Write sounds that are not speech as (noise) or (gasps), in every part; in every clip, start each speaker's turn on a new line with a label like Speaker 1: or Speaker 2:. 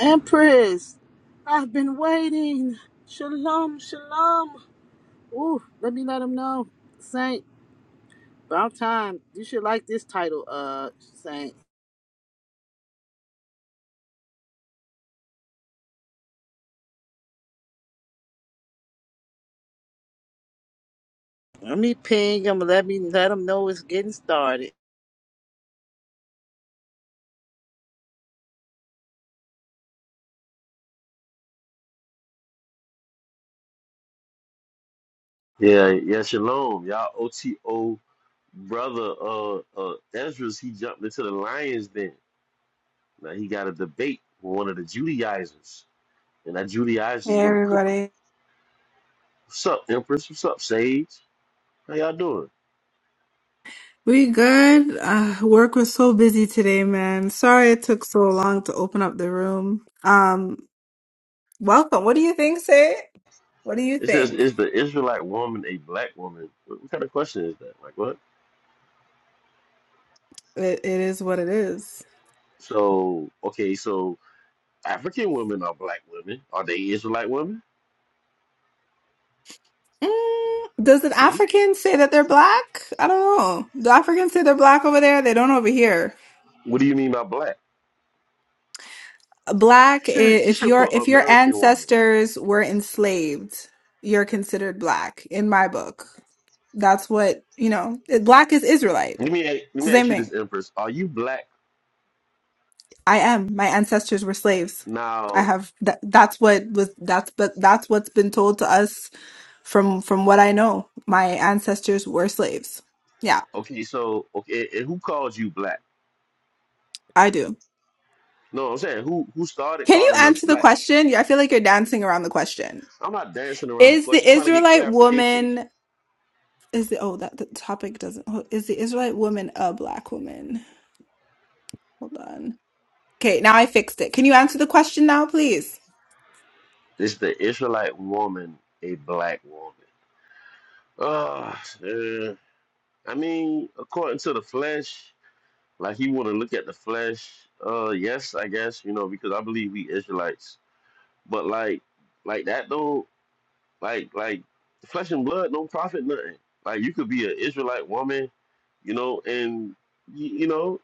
Speaker 1: Empress, I've been waiting. Shalom, shalom. Ooh, let me let him know. Saint, about time. You should like this title, uh, Saint. Let me ping him. Let me let him know it's getting started.
Speaker 2: Yeah, yeah, shalom. Y'all OTO brother uh uh Ezra's he jumped into the lion's den. Now he got a debate with one of the Judaizers. And that
Speaker 3: Hey
Speaker 2: Judaizer's gonna cook him.
Speaker 3: everybody.
Speaker 2: What's up, Empress? What's up, Sage? How y'all doing?
Speaker 3: We good? Uh, work was so busy today, man. Sorry it took so long to open up the room. Um, welcome. What do you think, Say? What do you
Speaker 2: It says,
Speaker 3: think?
Speaker 2: is the Israelite woman a black woman? What, what kind of question is that? Like what?
Speaker 3: It, it is what it is.
Speaker 2: So okay, so African women are black women. Are they Israelite women?
Speaker 3: Mm, does an
Speaker 2: See?
Speaker 3: African say that they're black? I don't know. Do Africans say they're black over there? They don't over here.
Speaker 2: What do you mean by black? You
Speaker 3: Black, i-
Speaker 2: should you
Speaker 3: if
Speaker 2: should
Speaker 3: your
Speaker 2: put
Speaker 3: if your
Speaker 2: American woman.
Speaker 3: ancestors were enslaved, you're considered black in my book. That's what, you know, it- black is Israelite.
Speaker 2: Let me a- let
Speaker 3: It's the
Speaker 2: me
Speaker 3: same
Speaker 2: ask you
Speaker 3: thing.
Speaker 2: this, Empress. Are you black
Speaker 3: I am. My ancestors were slaves. I
Speaker 2: now?
Speaker 3: have that, that's what was that's but that's what's been told to us from from what I know. My ancestors were slaves. Yeah,
Speaker 2: Okay, so okay, and who called you black?
Speaker 3: I do.
Speaker 2: No, I'm saying who who started
Speaker 3: Can you
Speaker 2: calling us
Speaker 3: answer the
Speaker 2: black?
Speaker 3: question? Yeah, I feel like you're dancing around the question.
Speaker 2: I'm not dancing around the
Speaker 3: Is the
Speaker 2: question. I'm trying to get
Speaker 3: Israelite
Speaker 2: clarification.
Speaker 3: woman is the oh that the topic doesn't oh, is the Israelite woman a black woman? Hold on. Okay, now I fixed it. Can you answer the question now, please?
Speaker 2: Is the Israelite woman a black woman? Uh, uh I mean, according to the flesh, like you want to look at the flesh. Uh, yes, I guess you know because I believe we Israelites, but like like that though. Like like flesh and blood don't profit nothing. Like you could be an Israelite woman, you know, and you, you know,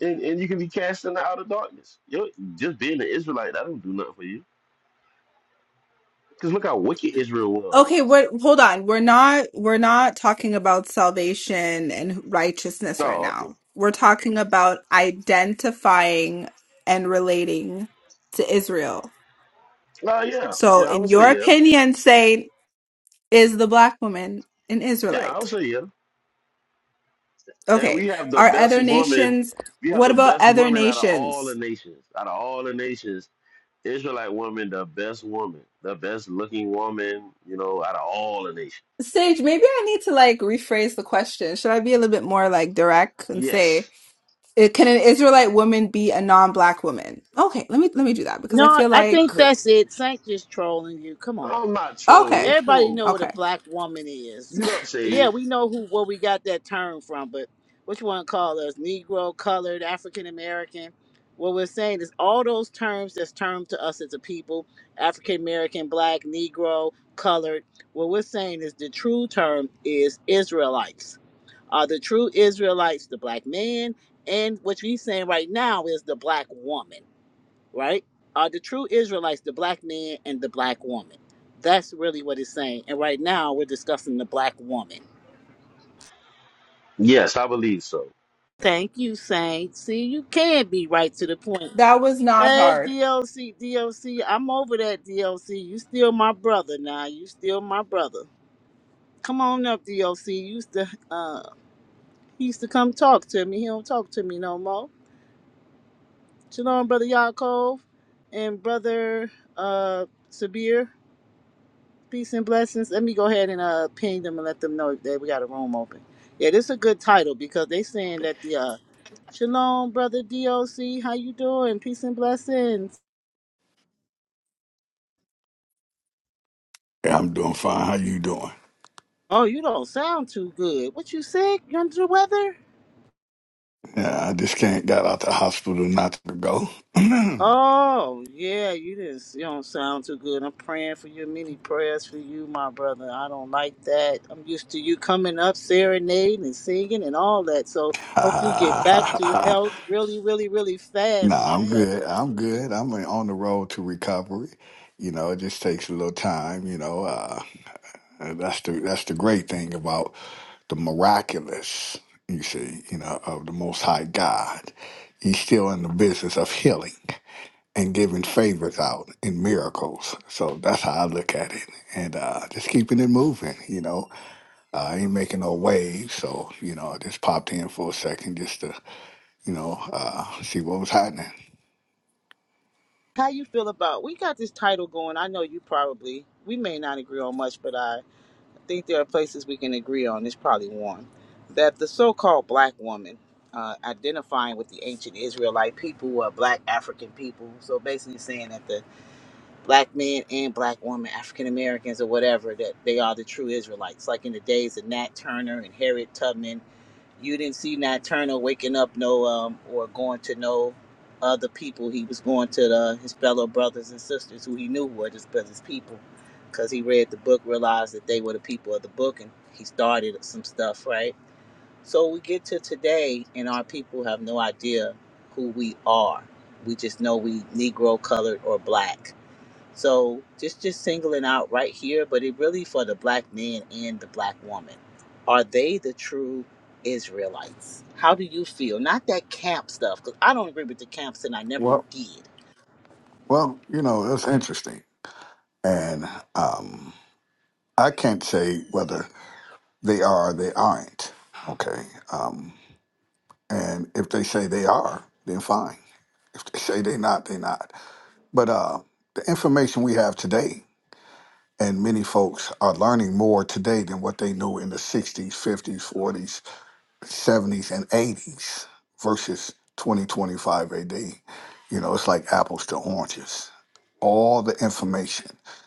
Speaker 2: and, and you can be cast in the outer darkness. You just being an Israelite, that don't do nothing for you. Cause look how wicked Israel
Speaker 3: Okay,
Speaker 2: was.
Speaker 3: what hold on. We're not we're not talking about salvation and righteousness right
Speaker 2: Oh, okay.
Speaker 3: now. We're talking about identifying and relating to Israel.
Speaker 2: Oh yeah,
Speaker 3: So
Speaker 2: yeah. I
Speaker 3: in
Speaker 2: would say
Speaker 3: your
Speaker 2: yeah.
Speaker 3: opinion, say is the black woman an
Speaker 2: Yeah, I
Speaker 3: Israelite?
Speaker 2: would say yeah. And
Speaker 3: Okay.
Speaker 2: we have the
Speaker 3: Are
Speaker 2: best
Speaker 3: other
Speaker 2: woman.
Speaker 3: nations
Speaker 2: We have
Speaker 3: what
Speaker 2: the
Speaker 3: about
Speaker 2: best
Speaker 3: other
Speaker 2: woman out of all the
Speaker 3: nations?
Speaker 2: nations. Out of all the nations, Israelite woman, the best woman, the best looking woman. You know, out of all the nations.
Speaker 3: Sage, maybe I need to like rephrase the question. Should I be a little bit more like direct and say
Speaker 2: Yes.
Speaker 3: It, can an Israelite woman be a non-black woman? Okay, let me let me do that because I
Speaker 1: No,
Speaker 3: feel
Speaker 1: I
Speaker 3: like
Speaker 1: think that's it. Saint just trolling you. Come on.
Speaker 2: I'm not trolling.
Speaker 3: okay,
Speaker 2: Come
Speaker 1: Everybody
Speaker 2: on.
Speaker 1: know what a
Speaker 3: okay,
Speaker 1: black woman is.
Speaker 2: Mute up,
Speaker 1: Yeah,
Speaker 2: Sage.
Speaker 1: we know who where we got that term from, but what you want to call us? Negro, colored, African American. What we're saying is all those terms that's termed to us as a people, African American, black, Negro, colored. What we're saying is the true term is Israelites. Are the true Israelites the black man? And what we're saying right now is the black woman right, are the true Israelites the black man and the black woman. That's really what it's saying. And right now we're discussing the black woman.
Speaker 2: Yes, I believe so.
Speaker 1: Thank you, Saint. See, you can be right to the point.
Speaker 3: that was not
Speaker 1: Hey,
Speaker 3: hard.
Speaker 1: DLC, DLC, I'm over that DLC. You still my brother now. You still my brother. Come on up, DLC. You used to uh he used to come talk to me. He don't talk to me no more. Shalom, brother Yaakov and brother uh Sabir. Peace and blessings. Let me go ahead and uh ping them and let them know that we got a room open. Yeah, this is a good title because they saying that the uh Shalom, brother DOC, how you doing? Peace and blessings.
Speaker 4: Hey, I'm doing fine. How you doing?
Speaker 1: Oh, you don't sound too good. What you sick? You under the weather?
Speaker 4: Yeah, I just can't got out the hospital not to go. (laughs) (clears throat) nah,
Speaker 1: Oh, yeah, you just you don't sound too good. I'm praying for you. Many prayers for you, my brother. I don't like that. I'm used to you coming up, serenading and singing and all that. So hope you get back to health really, really, really fast, my
Speaker 4: I'm
Speaker 1: brother.
Speaker 4: good. I'm good. I'm on the road to recovery. You know, it just takes a little time. You know, uh, that's the that's the great thing about the miraculous. You see, you know, of the Most High God. He's still in the business of healing and giving favors out and miracles. So that's how I look at it, and uh, just keeping it moving. You know I ain't making no waves, so you know, I just popped in for a second just to, you know, uh, see what was happening.
Speaker 1: how you feel about we got this title going i know you probably we may not agree on much but i think there are places we can agree on there's probably one that the so-called black woman uh, identifying with the ancient israelite people who black african people so basically saying that the black men and black women african americans or whatever that they are the true israelites like in the days of nat turner and harriet tubman you didn't see Nat Turner waking up no um or going to no other people. He was going to the, his fellow brothers and sisters who he knew were just his his people, because he read the book, realized that they were the people of the book, and he started some stuff right. So we get to today, and our people have no idea who we are. We just know we Negro, colored, or black so just just singling out right here, but it really for the black man and the black woman. Are they the true Israelites? How do you feel? Not that camp stuff, because I don't agree with the camps, and I never
Speaker 4: Well,
Speaker 1: did.
Speaker 4: well, you know, it's interesting, and um, I can't say whether they are or they aren't. Okay, um, and if they say they are, then fine. If they say they not, they not. But uh, the information we have today, and many folks are learning more today than what they knew in the '60s, '50s, '40s, 70s and 80s versus 2025 AD. You know, it's like apples to oranges all the information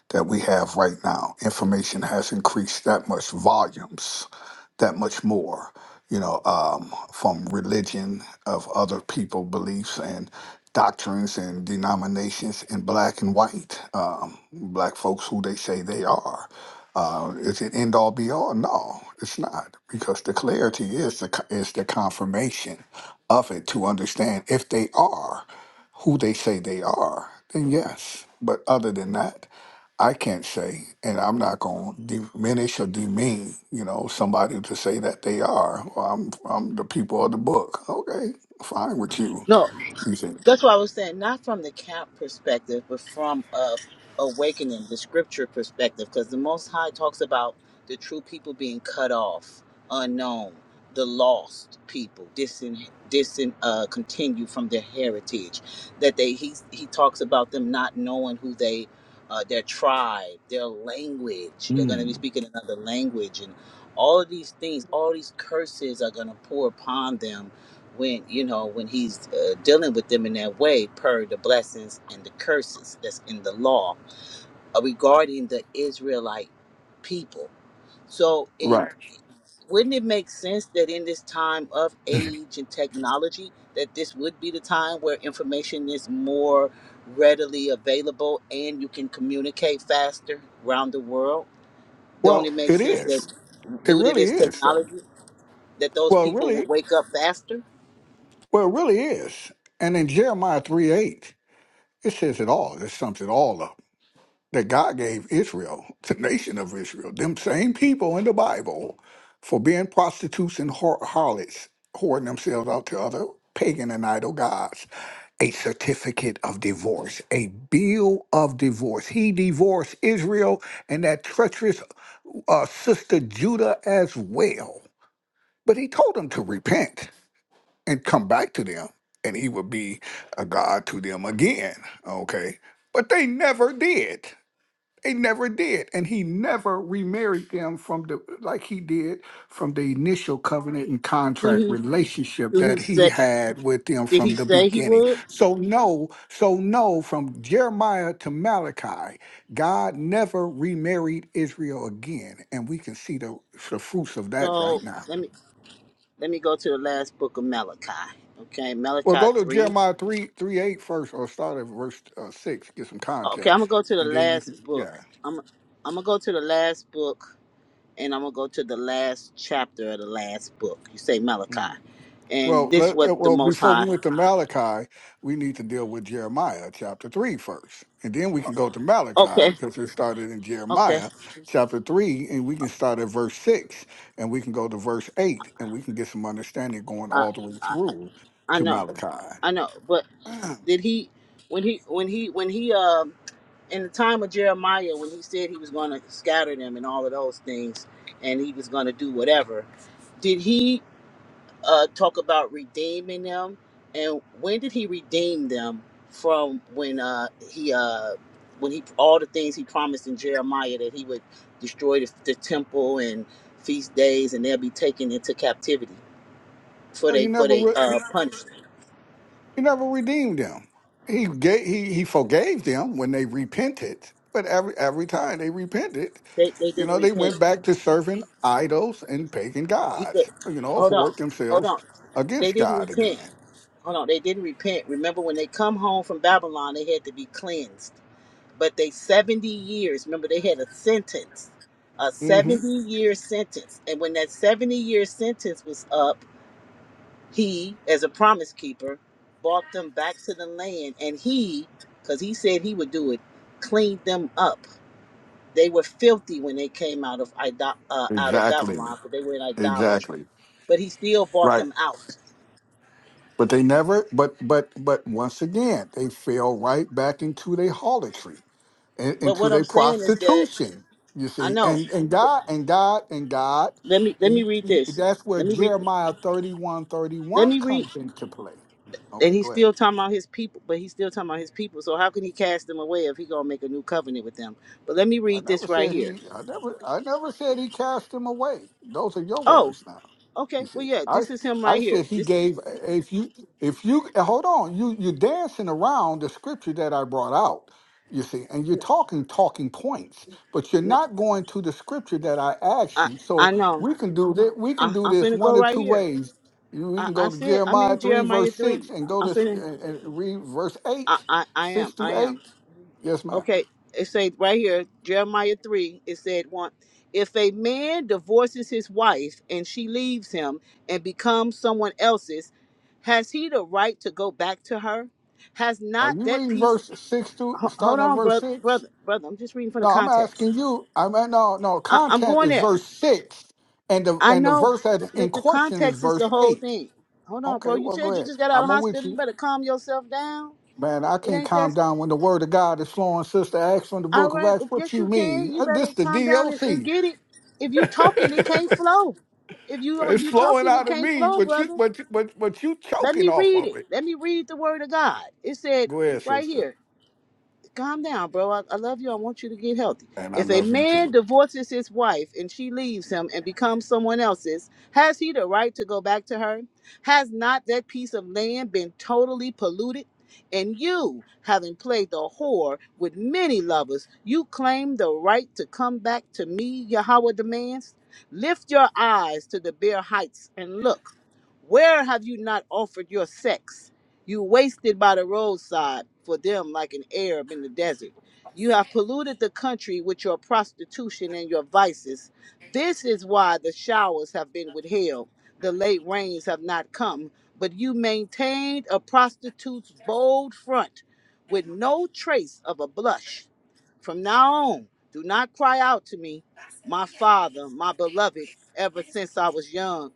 Speaker 4: that we have right now. Information has increased that much volumes, that much more, you know, um, from religion of other people beliefs and doctrines and denominations in black and white, um, black folks who they say they are. Uh, is it end all be all? No, it's not, because the clarity is the co- is the confirmation of it to understand if they are who they say they are, then yes. But other than that, I can't say, and I'm not going to diminish or demean, you know, somebody to say that they are. Well, I'm, I'm the people of the book. Okay, fine with you.
Speaker 1: No,
Speaker 4: You think,
Speaker 1: That's why I was saying, not from the camp perspective, but from a awakening, the scripture perspective, because the Most High talks about the true people being cut off, unknown, the lost people, disin, disin, uh, continue from their heritage. That they he he talks about them not knowing who they, uh, their tribe, their language. They're going to be
Speaker 4: mm,
Speaker 1: speaking another language, and all of these things, all these curses are going to pour upon them when you know when he's uh, dealing with them in that way per the blessings and the curses that's in the law uh, regarding the israelite people so in
Speaker 4: right?
Speaker 1: wouldn't it make sense that in this time of age and technology that this would be the time where information is more readily available and you can communicate faster around the world don't
Speaker 4: Well,
Speaker 1: it make
Speaker 4: it
Speaker 1: sense
Speaker 4: is.
Speaker 1: that
Speaker 4: It
Speaker 1: due to
Speaker 4: really
Speaker 1: this
Speaker 4: is, though.
Speaker 1: technology that those
Speaker 4: Well, it
Speaker 1: people
Speaker 4: really,
Speaker 1: would wake up faster
Speaker 4: well, it really is. And in Jeremiah three eight, it says it all. It sums it all up that God gave Israel, the nation of Israel, them same people in the Bible, for being prostitutes and har- harlots, whoring themselves out to other pagan and idol gods, a certificate of divorce, a bill of divorce. He divorced Israel and that treacherous uh, sister Judah as well. But he told them to repent and come back to them, and he would be a God to them again. Okay. But they never did. They never did, and he never remarried them from the like he did from the initial covenant and
Speaker 1: do
Speaker 4: contract
Speaker 1: he
Speaker 4: relationship
Speaker 1: do he
Speaker 4: that he
Speaker 1: say
Speaker 4: had with them
Speaker 1: Did he
Speaker 4: from the
Speaker 1: say he
Speaker 4: beginning.
Speaker 1: would?
Speaker 4: So no, so no, from Jeremiah to Malachi, God never remarried Israel again, and we can see the, the fruits of that
Speaker 1: So
Speaker 4: right now.
Speaker 1: let me let me go to the last book of Malachi. Okay,
Speaker 4: Well, go
Speaker 1: Malachi
Speaker 4: to
Speaker 1: three.
Speaker 4: Jeremiah 3 3 8 first, or start at verse uh, six, get some
Speaker 1: Okay, I'm
Speaker 4: context,
Speaker 1: gonna go to the
Speaker 4: and then you can
Speaker 1: last book.
Speaker 4: yeah.
Speaker 1: I'm I'm gonna go to the last book, and I'm gonna go to the last chapter of the last book. You say
Speaker 4: mm.
Speaker 1: Malachi, and
Speaker 4: Well,
Speaker 1: this
Speaker 4: let,
Speaker 1: what
Speaker 4: uh,
Speaker 1: the
Speaker 4: well,
Speaker 1: Most
Speaker 4: before we
Speaker 1: High.
Speaker 4: went to Malachi, we need to deal with Jeremiah chapter 3 first, And then we can go to Malachi
Speaker 1: Okay,
Speaker 4: because it started in
Speaker 1: okay.
Speaker 4: Jeremiah chapter 3, and we can start at verse 6, and we can go to verse 8, and we can get some understanding going
Speaker 1: I
Speaker 4: all the way
Speaker 1: I,
Speaker 4: through
Speaker 1: I
Speaker 4: to
Speaker 1: know,
Speaker 4: Malachi.
Speaker 1: I know. But
Speaker 4: (clears throat)
Speaker 1: did he when he when he when he um in the time of Jeremiah when he said he was going to scatter them and all of those things and he was going to do whatever, did he uh, talk about redeeming them? And when did he redeem them from when uh, he uh, when he all the things he promised in Jeremiah that he would destroy the, the temple and feast days and they'll be taken into captivity for
Speaker 4: Wow. Well, he
Speaker 1: they for
Speaker 4: never
Speaker 1: they
Speaker 4: re-
Speaker 1: uh, punishment.
Speaker 4: he never redeemed them. He gave, he he forgave them when they repented, but every every time they repented,
Speaker 1: They they
Speaker 4: You
Speaker 1: didn't
Speaker 4: know, they
Speaker 1: repent.
Speaker 4: went back to serving idols and pagan
Speaker 1: He said,
Speaker 4: gods, you know,
Speaker 1: hold on,
Speaker 4: hoard
Speaker 1: hold
Speaker 4: themselves
Speaker 1: on. They
Speaker 4: against
Speaker 1: didn't
Speaker 4: God
Speaker 1: repent
Speaker 4: again.
Speaker 1: Hold on, they didn't repent. Remember when they come home from Babylon, they had to be cleansed. But they 70 years, remember they had a sentence, a
Speaker 4: hmm
Speaker 1: 70 year sentence. And when that 70 year sentence was up, he, as a promise keeper, brought them back to the land. And he, because he said he would do it, cleaned them up. They were filthy when they came out of Ido- uh, out of Babylon,
Speaker 4: Exactly.
Speaker 1: because they were in idolatry.
Speaker 4: Exactly.
Speaker 1: But he still brought
Speaker 4: Right.
Speaker 1: them out.
Speaker 4: But they never, but, but, but once again, they fell right back into their harlotry, in-
Speaker 1: But
Speaker 4: into
Speaker 1: what I'm
Speaker 4: their
Speaker 1: saying is that
Speaker 4: prostitution, you
Speaker 1: I
Speaker 4: see.
Speaker 1: know.
Speaker 4: And, and God, and God, and God,
Speaker 1: Let me let me
Speaker 4: he,
Speaker 1: read
Speaker 4: he,
Speaker 1: this.
Speaker 4: that's where
Speaker 1: Let me read this.
Speaker 4: Jeremiah 31 thirty
Speaker 1: Let
Speaker 4: one
Speaker 1: me read.
Speaker 4: comes into play.
Speaker 1: And
Speaker 4: Okay,
Speaker 1: he's
Speaker 4: go ahead.
Speaker 1: still talking about his people, but he's still talking about his people. So how can he cast them away if he gonna make a new covenant with them? But let me
Speaker 4: I
Speaker 1: read
Speaker 4: never
Speaker 1: this right
Speaker 4: said
Speaker 1: here.
Speaker 4: he. I never. I never said he cast him away. Those are your
Speaker 1: Oh,
Speaker 4: words now. You
Speaker 1: okay.
Speaker 4: see,
Speaker 1: Well, yeah,
Speaker 4: I.
Speaker 1: this is him
Speaker 4: I
Speaker 1: right here.
Speaker 4: said he
Speaker 1: This
Speaker 4: gave. If you. If you hold on, you you're dancing around the scripture that I brought out. You see, and you're
Speaker 1: n-
Speaker 4: talking talking points, but you're
Speaker 1: no,
Speaker 4: not going to the scripture that I asked
Speaker 1: I
Speaker 4: you.
Speaker 1: I
Speaker 4: So
Speaker 1: know.
Speaker 4: we can do that. We can
Speaker 1: I
Speaker 4: do
Speaker 1: I'm
Speaker 4: this
Speaker 1: finna go
Speaker 4: one or
Speaker 1: right
Speaker 4: two
Speaker 1: here.
Speaker 4: ways. You- We
Speaker 1: I
Speaker 4: can go
Speaker 1: I
Speaker 4: to
Speaker 1: said I'm
Speaker 4: Jeremiah
Speaker 1: in
Speaker 4: three
Speaker 1: Jeremiah
Speaker 4: verse
Speaker 1: three.
Speaker 4: six and go to
Speaker 1: I
Speaker 4: s-
Speaker 1: finna.
Speaker 4: and and read verse
Speaker 1: I
Speaker 4: eight,
Speaker 1: I I
Speaker 4: six
Speaker 1: am. I
Speaker 4: through
Speaker 1: am.
Speaker 4: eight. Yes, ma'am.
Speaker 1: Okay, it says right here, Jeremiah 3, it said one, if a man divorces his wife and she leaves him and becomes someone else's, has he the right to go back to her? Has
Speaker 4: Are
Speaker 1: not
Speaker 4: you
Speaker 1: that
Speaker 4: reading
Speaker 1: piece
Speaker 4: verse six to
Speaker 1: ho- hold
Speaker 4: starting at
Speaker 1: on,
Speaker 4: verse
Speaker 1: brother,
Speaker 4: six?
Speaker 1: brother, brother, I'm just reading from the
Speaker 4: No, I'm
Speaker 1: context.
Speaker 4: asking you. I mean, no, no.
Speaker 1: I, I'm
Speaker 4: Content
Speaker 1: going
Speaker 4: is
Speaker 1: there.
Speaker 4: verse six, and the
Speaker 1: I
Speaker 4: and the
Speaker 1: know
Speaker 4: verse that's
Speaker 1: the,
Speaker 4: in
Speaker 1: the
Speaker 4: question is
Speaker 1: context is
Speaker 4: verse
Speaker 1: the whole
Speaker 4: eight.
Speaker 1: thing. Hold on,
Speaker 4: Okay,
Speaker 1: bro. You
Speaker 4: well, go
Speaker 1: said you
Speaker 4: ahead.
Speaker 1: just got out
Speaker 4: I'm
Speaker 1: of
Speaker 4: a with
Speaker 1: hospital. You
Speaker 4: you,
Speaker 1: better calm yourself down.
Speaker 4: man. I
Speaker 1: It
Speaker 4: can't
Speaker 1: ain't
Speaker 4: calm
Speaker 1: that
Speaker 4: down when the word of God is flowing. Sister Acts from the
Speaker 1: All
Speaker 4: book of
Speaker 1: right,
Speaker 4: Acts.
Speaker 1: well,
Speaker 4: What
Speaker 1: yes, you
Speaker 4: you
Speaker 1: can.
Speaker 4: mean?
Speaker 1: You
Speaker 4: Uh,
Speaker 1: better
Speaker 4: This the
Speaker 1: calm down and, and
Speaker 4: DOC.
Speaker 1: get it. If you talking, it can't
Speaker 4: (laughs)
Speaker 1: flow. If you if
Speaker 4: It's
Speaker 1: you
Speaker 4: flowing
Speaker 1: talking, it
Speaker 4: out of
Speaker 1: can't
Speaker 4: me,
Speaker 1: flow,
Speaker 4: but you,
Speaker 1: brother.
Speaker 4: but you, but but you
Speaker 1: Let
Speaker 4: choking
Speaker 1: me
Speaker 4: off
Speaker 1: read
Speaker 4: of
Speaker 1: it.
Speaker 4: it.
Speaker 1: Let me read the word of God. It said
Speaker 4: Go ahead,
Speaker 1: right
Speaker 4: sister.
Speaker 1: here calm down, bro. I, I love you. I want you to get healthy.
Speaker 4: And I
Speaker 1: If a
Speaker 4: love you
Speaker 1: man
Speaker 4: too.
Speaker 1: divorces his wife and she leaves him and becomes someone else's, has he the right to go back to her? Has not that piece of land been totally polluted? And you, having played the whore with many lovers, you claim the right to come back to me, Yahweh demands. Lift your eyes to the bare heights and look. Where have you not offered your sex? You wasted by the roadside for them like an Arab in the desert. You have polluted the country with your prostitution and your vices. This is why the showers have been withheld, the late rains have not come, but you maintained a prostitute's bold front with no trace of a blush. From now on, do not cry out to me, my father, my beloved, ever since I was young.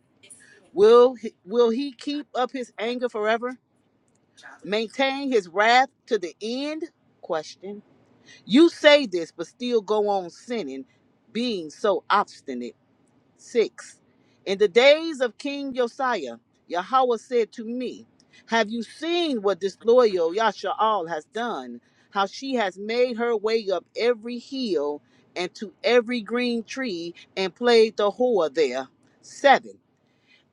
Speaker 1: Will he, will he keep up his anger forever? maintain his wrath to the end? Question. You say this, but still go on sinning, being so obstinate. Six. In the days of King Josiah, Yahweh said to me, Have you seen what this loyal Yasha'al has done? How she has made her way up every hill and to every green tree and played the whore there. Seven.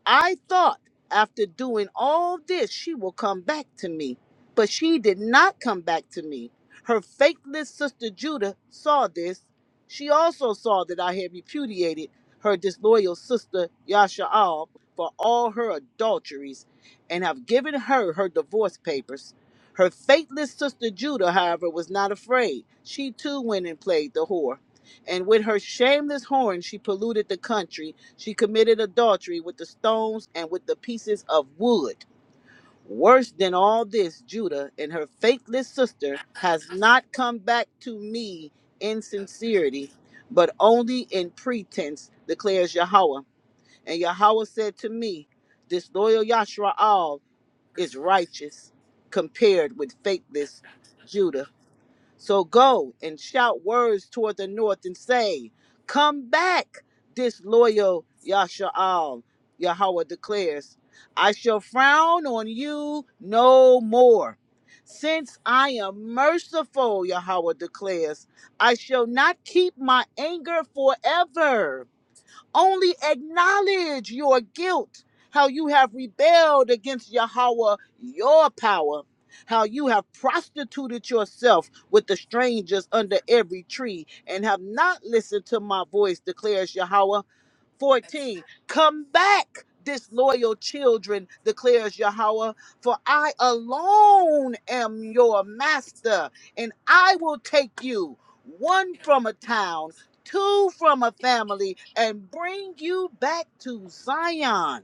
Speaker 1: I thought after doing all this, she will come back to me. But she did not come back to me. Her faithless sister Judah saw this. She also saw that I had repudiated her disloyal sister Yasha'al for all her adulteries and have given her her divorce papers. Her faithless sister Judah, however, was not afraid. She too went and played the whore. And with her shameless whoring, she polluted the country she committed adultery with the stones and with the pieces of wood. Worse than all this, Judah and her faithless sister has not come back to me in sincerity, but only in pretense, declares Yahweh. And Yahweh said to me, Disloyal Yashraal is righteous compared with faithless Judah. So go and shout words toward the north and say, Come back, disloyal Yasha'al, Yahweh declares. I shall frown on you no more. Since I am merciful, Yahweh declares, I shall not keep my anger forever. Only acknowledge your guilt, how you have rebelled against Yahweh, your power, how you have prostituted yourself with the strangers under every tree and have not listened to my voice, declares Yahweh. 14. Come back, disloyal children, declares Yahweh, for I alone am your master, and I will take you, one from a town, two from a family, and bring you back to Zion.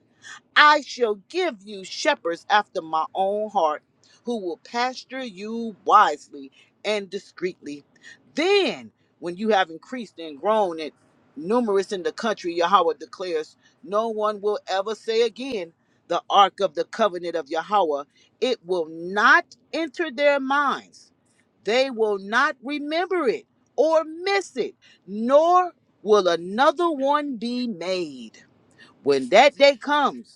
Speaker 1: I shall give you shepherds after my own heart, who will pasture you wisely and discreetly. Then, when you have increased and grown and numerous in the country, Yahweh declares, no one will ever say again, the ark of the covenant of Yahweh. It will not enter their minds. They will not remember it or miss it, nor will another one be made. When that day comes,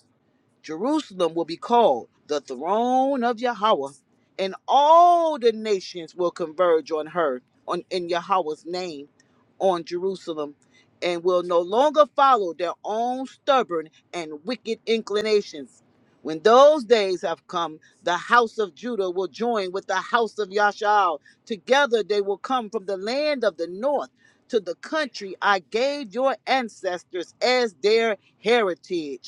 Speaker 1: Jerusalem will be called the throne of Yahweh, and all the nations will converge on her, on in Yahweh's name, on Jerusalem, and will no longer follow their own stubborn and wicked inclinations. When those days have come, the house of Judah will join with the house of Yashal. Together they will come from the land of the north to the country I gave your ancestors as their heritage.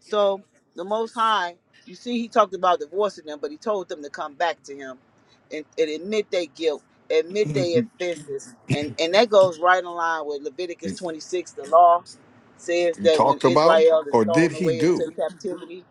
Speaker 1: So the Most High, you see, he talked about divorcing them, but he told them to come back to him and, and admit their guilt, admit their offenses, and and that goes right in line with
Speaker 4: (clears throat) you
Speaker 1: Leviticus 26. The law says that when
Speaker 4: talked about,
Speaker 1: Israel is
Speaker 4: or did
Speaker 1: thrown
Speaker 4: he
Speaker 1: away
Speaker 4: do?
Speaker 1: into captivity,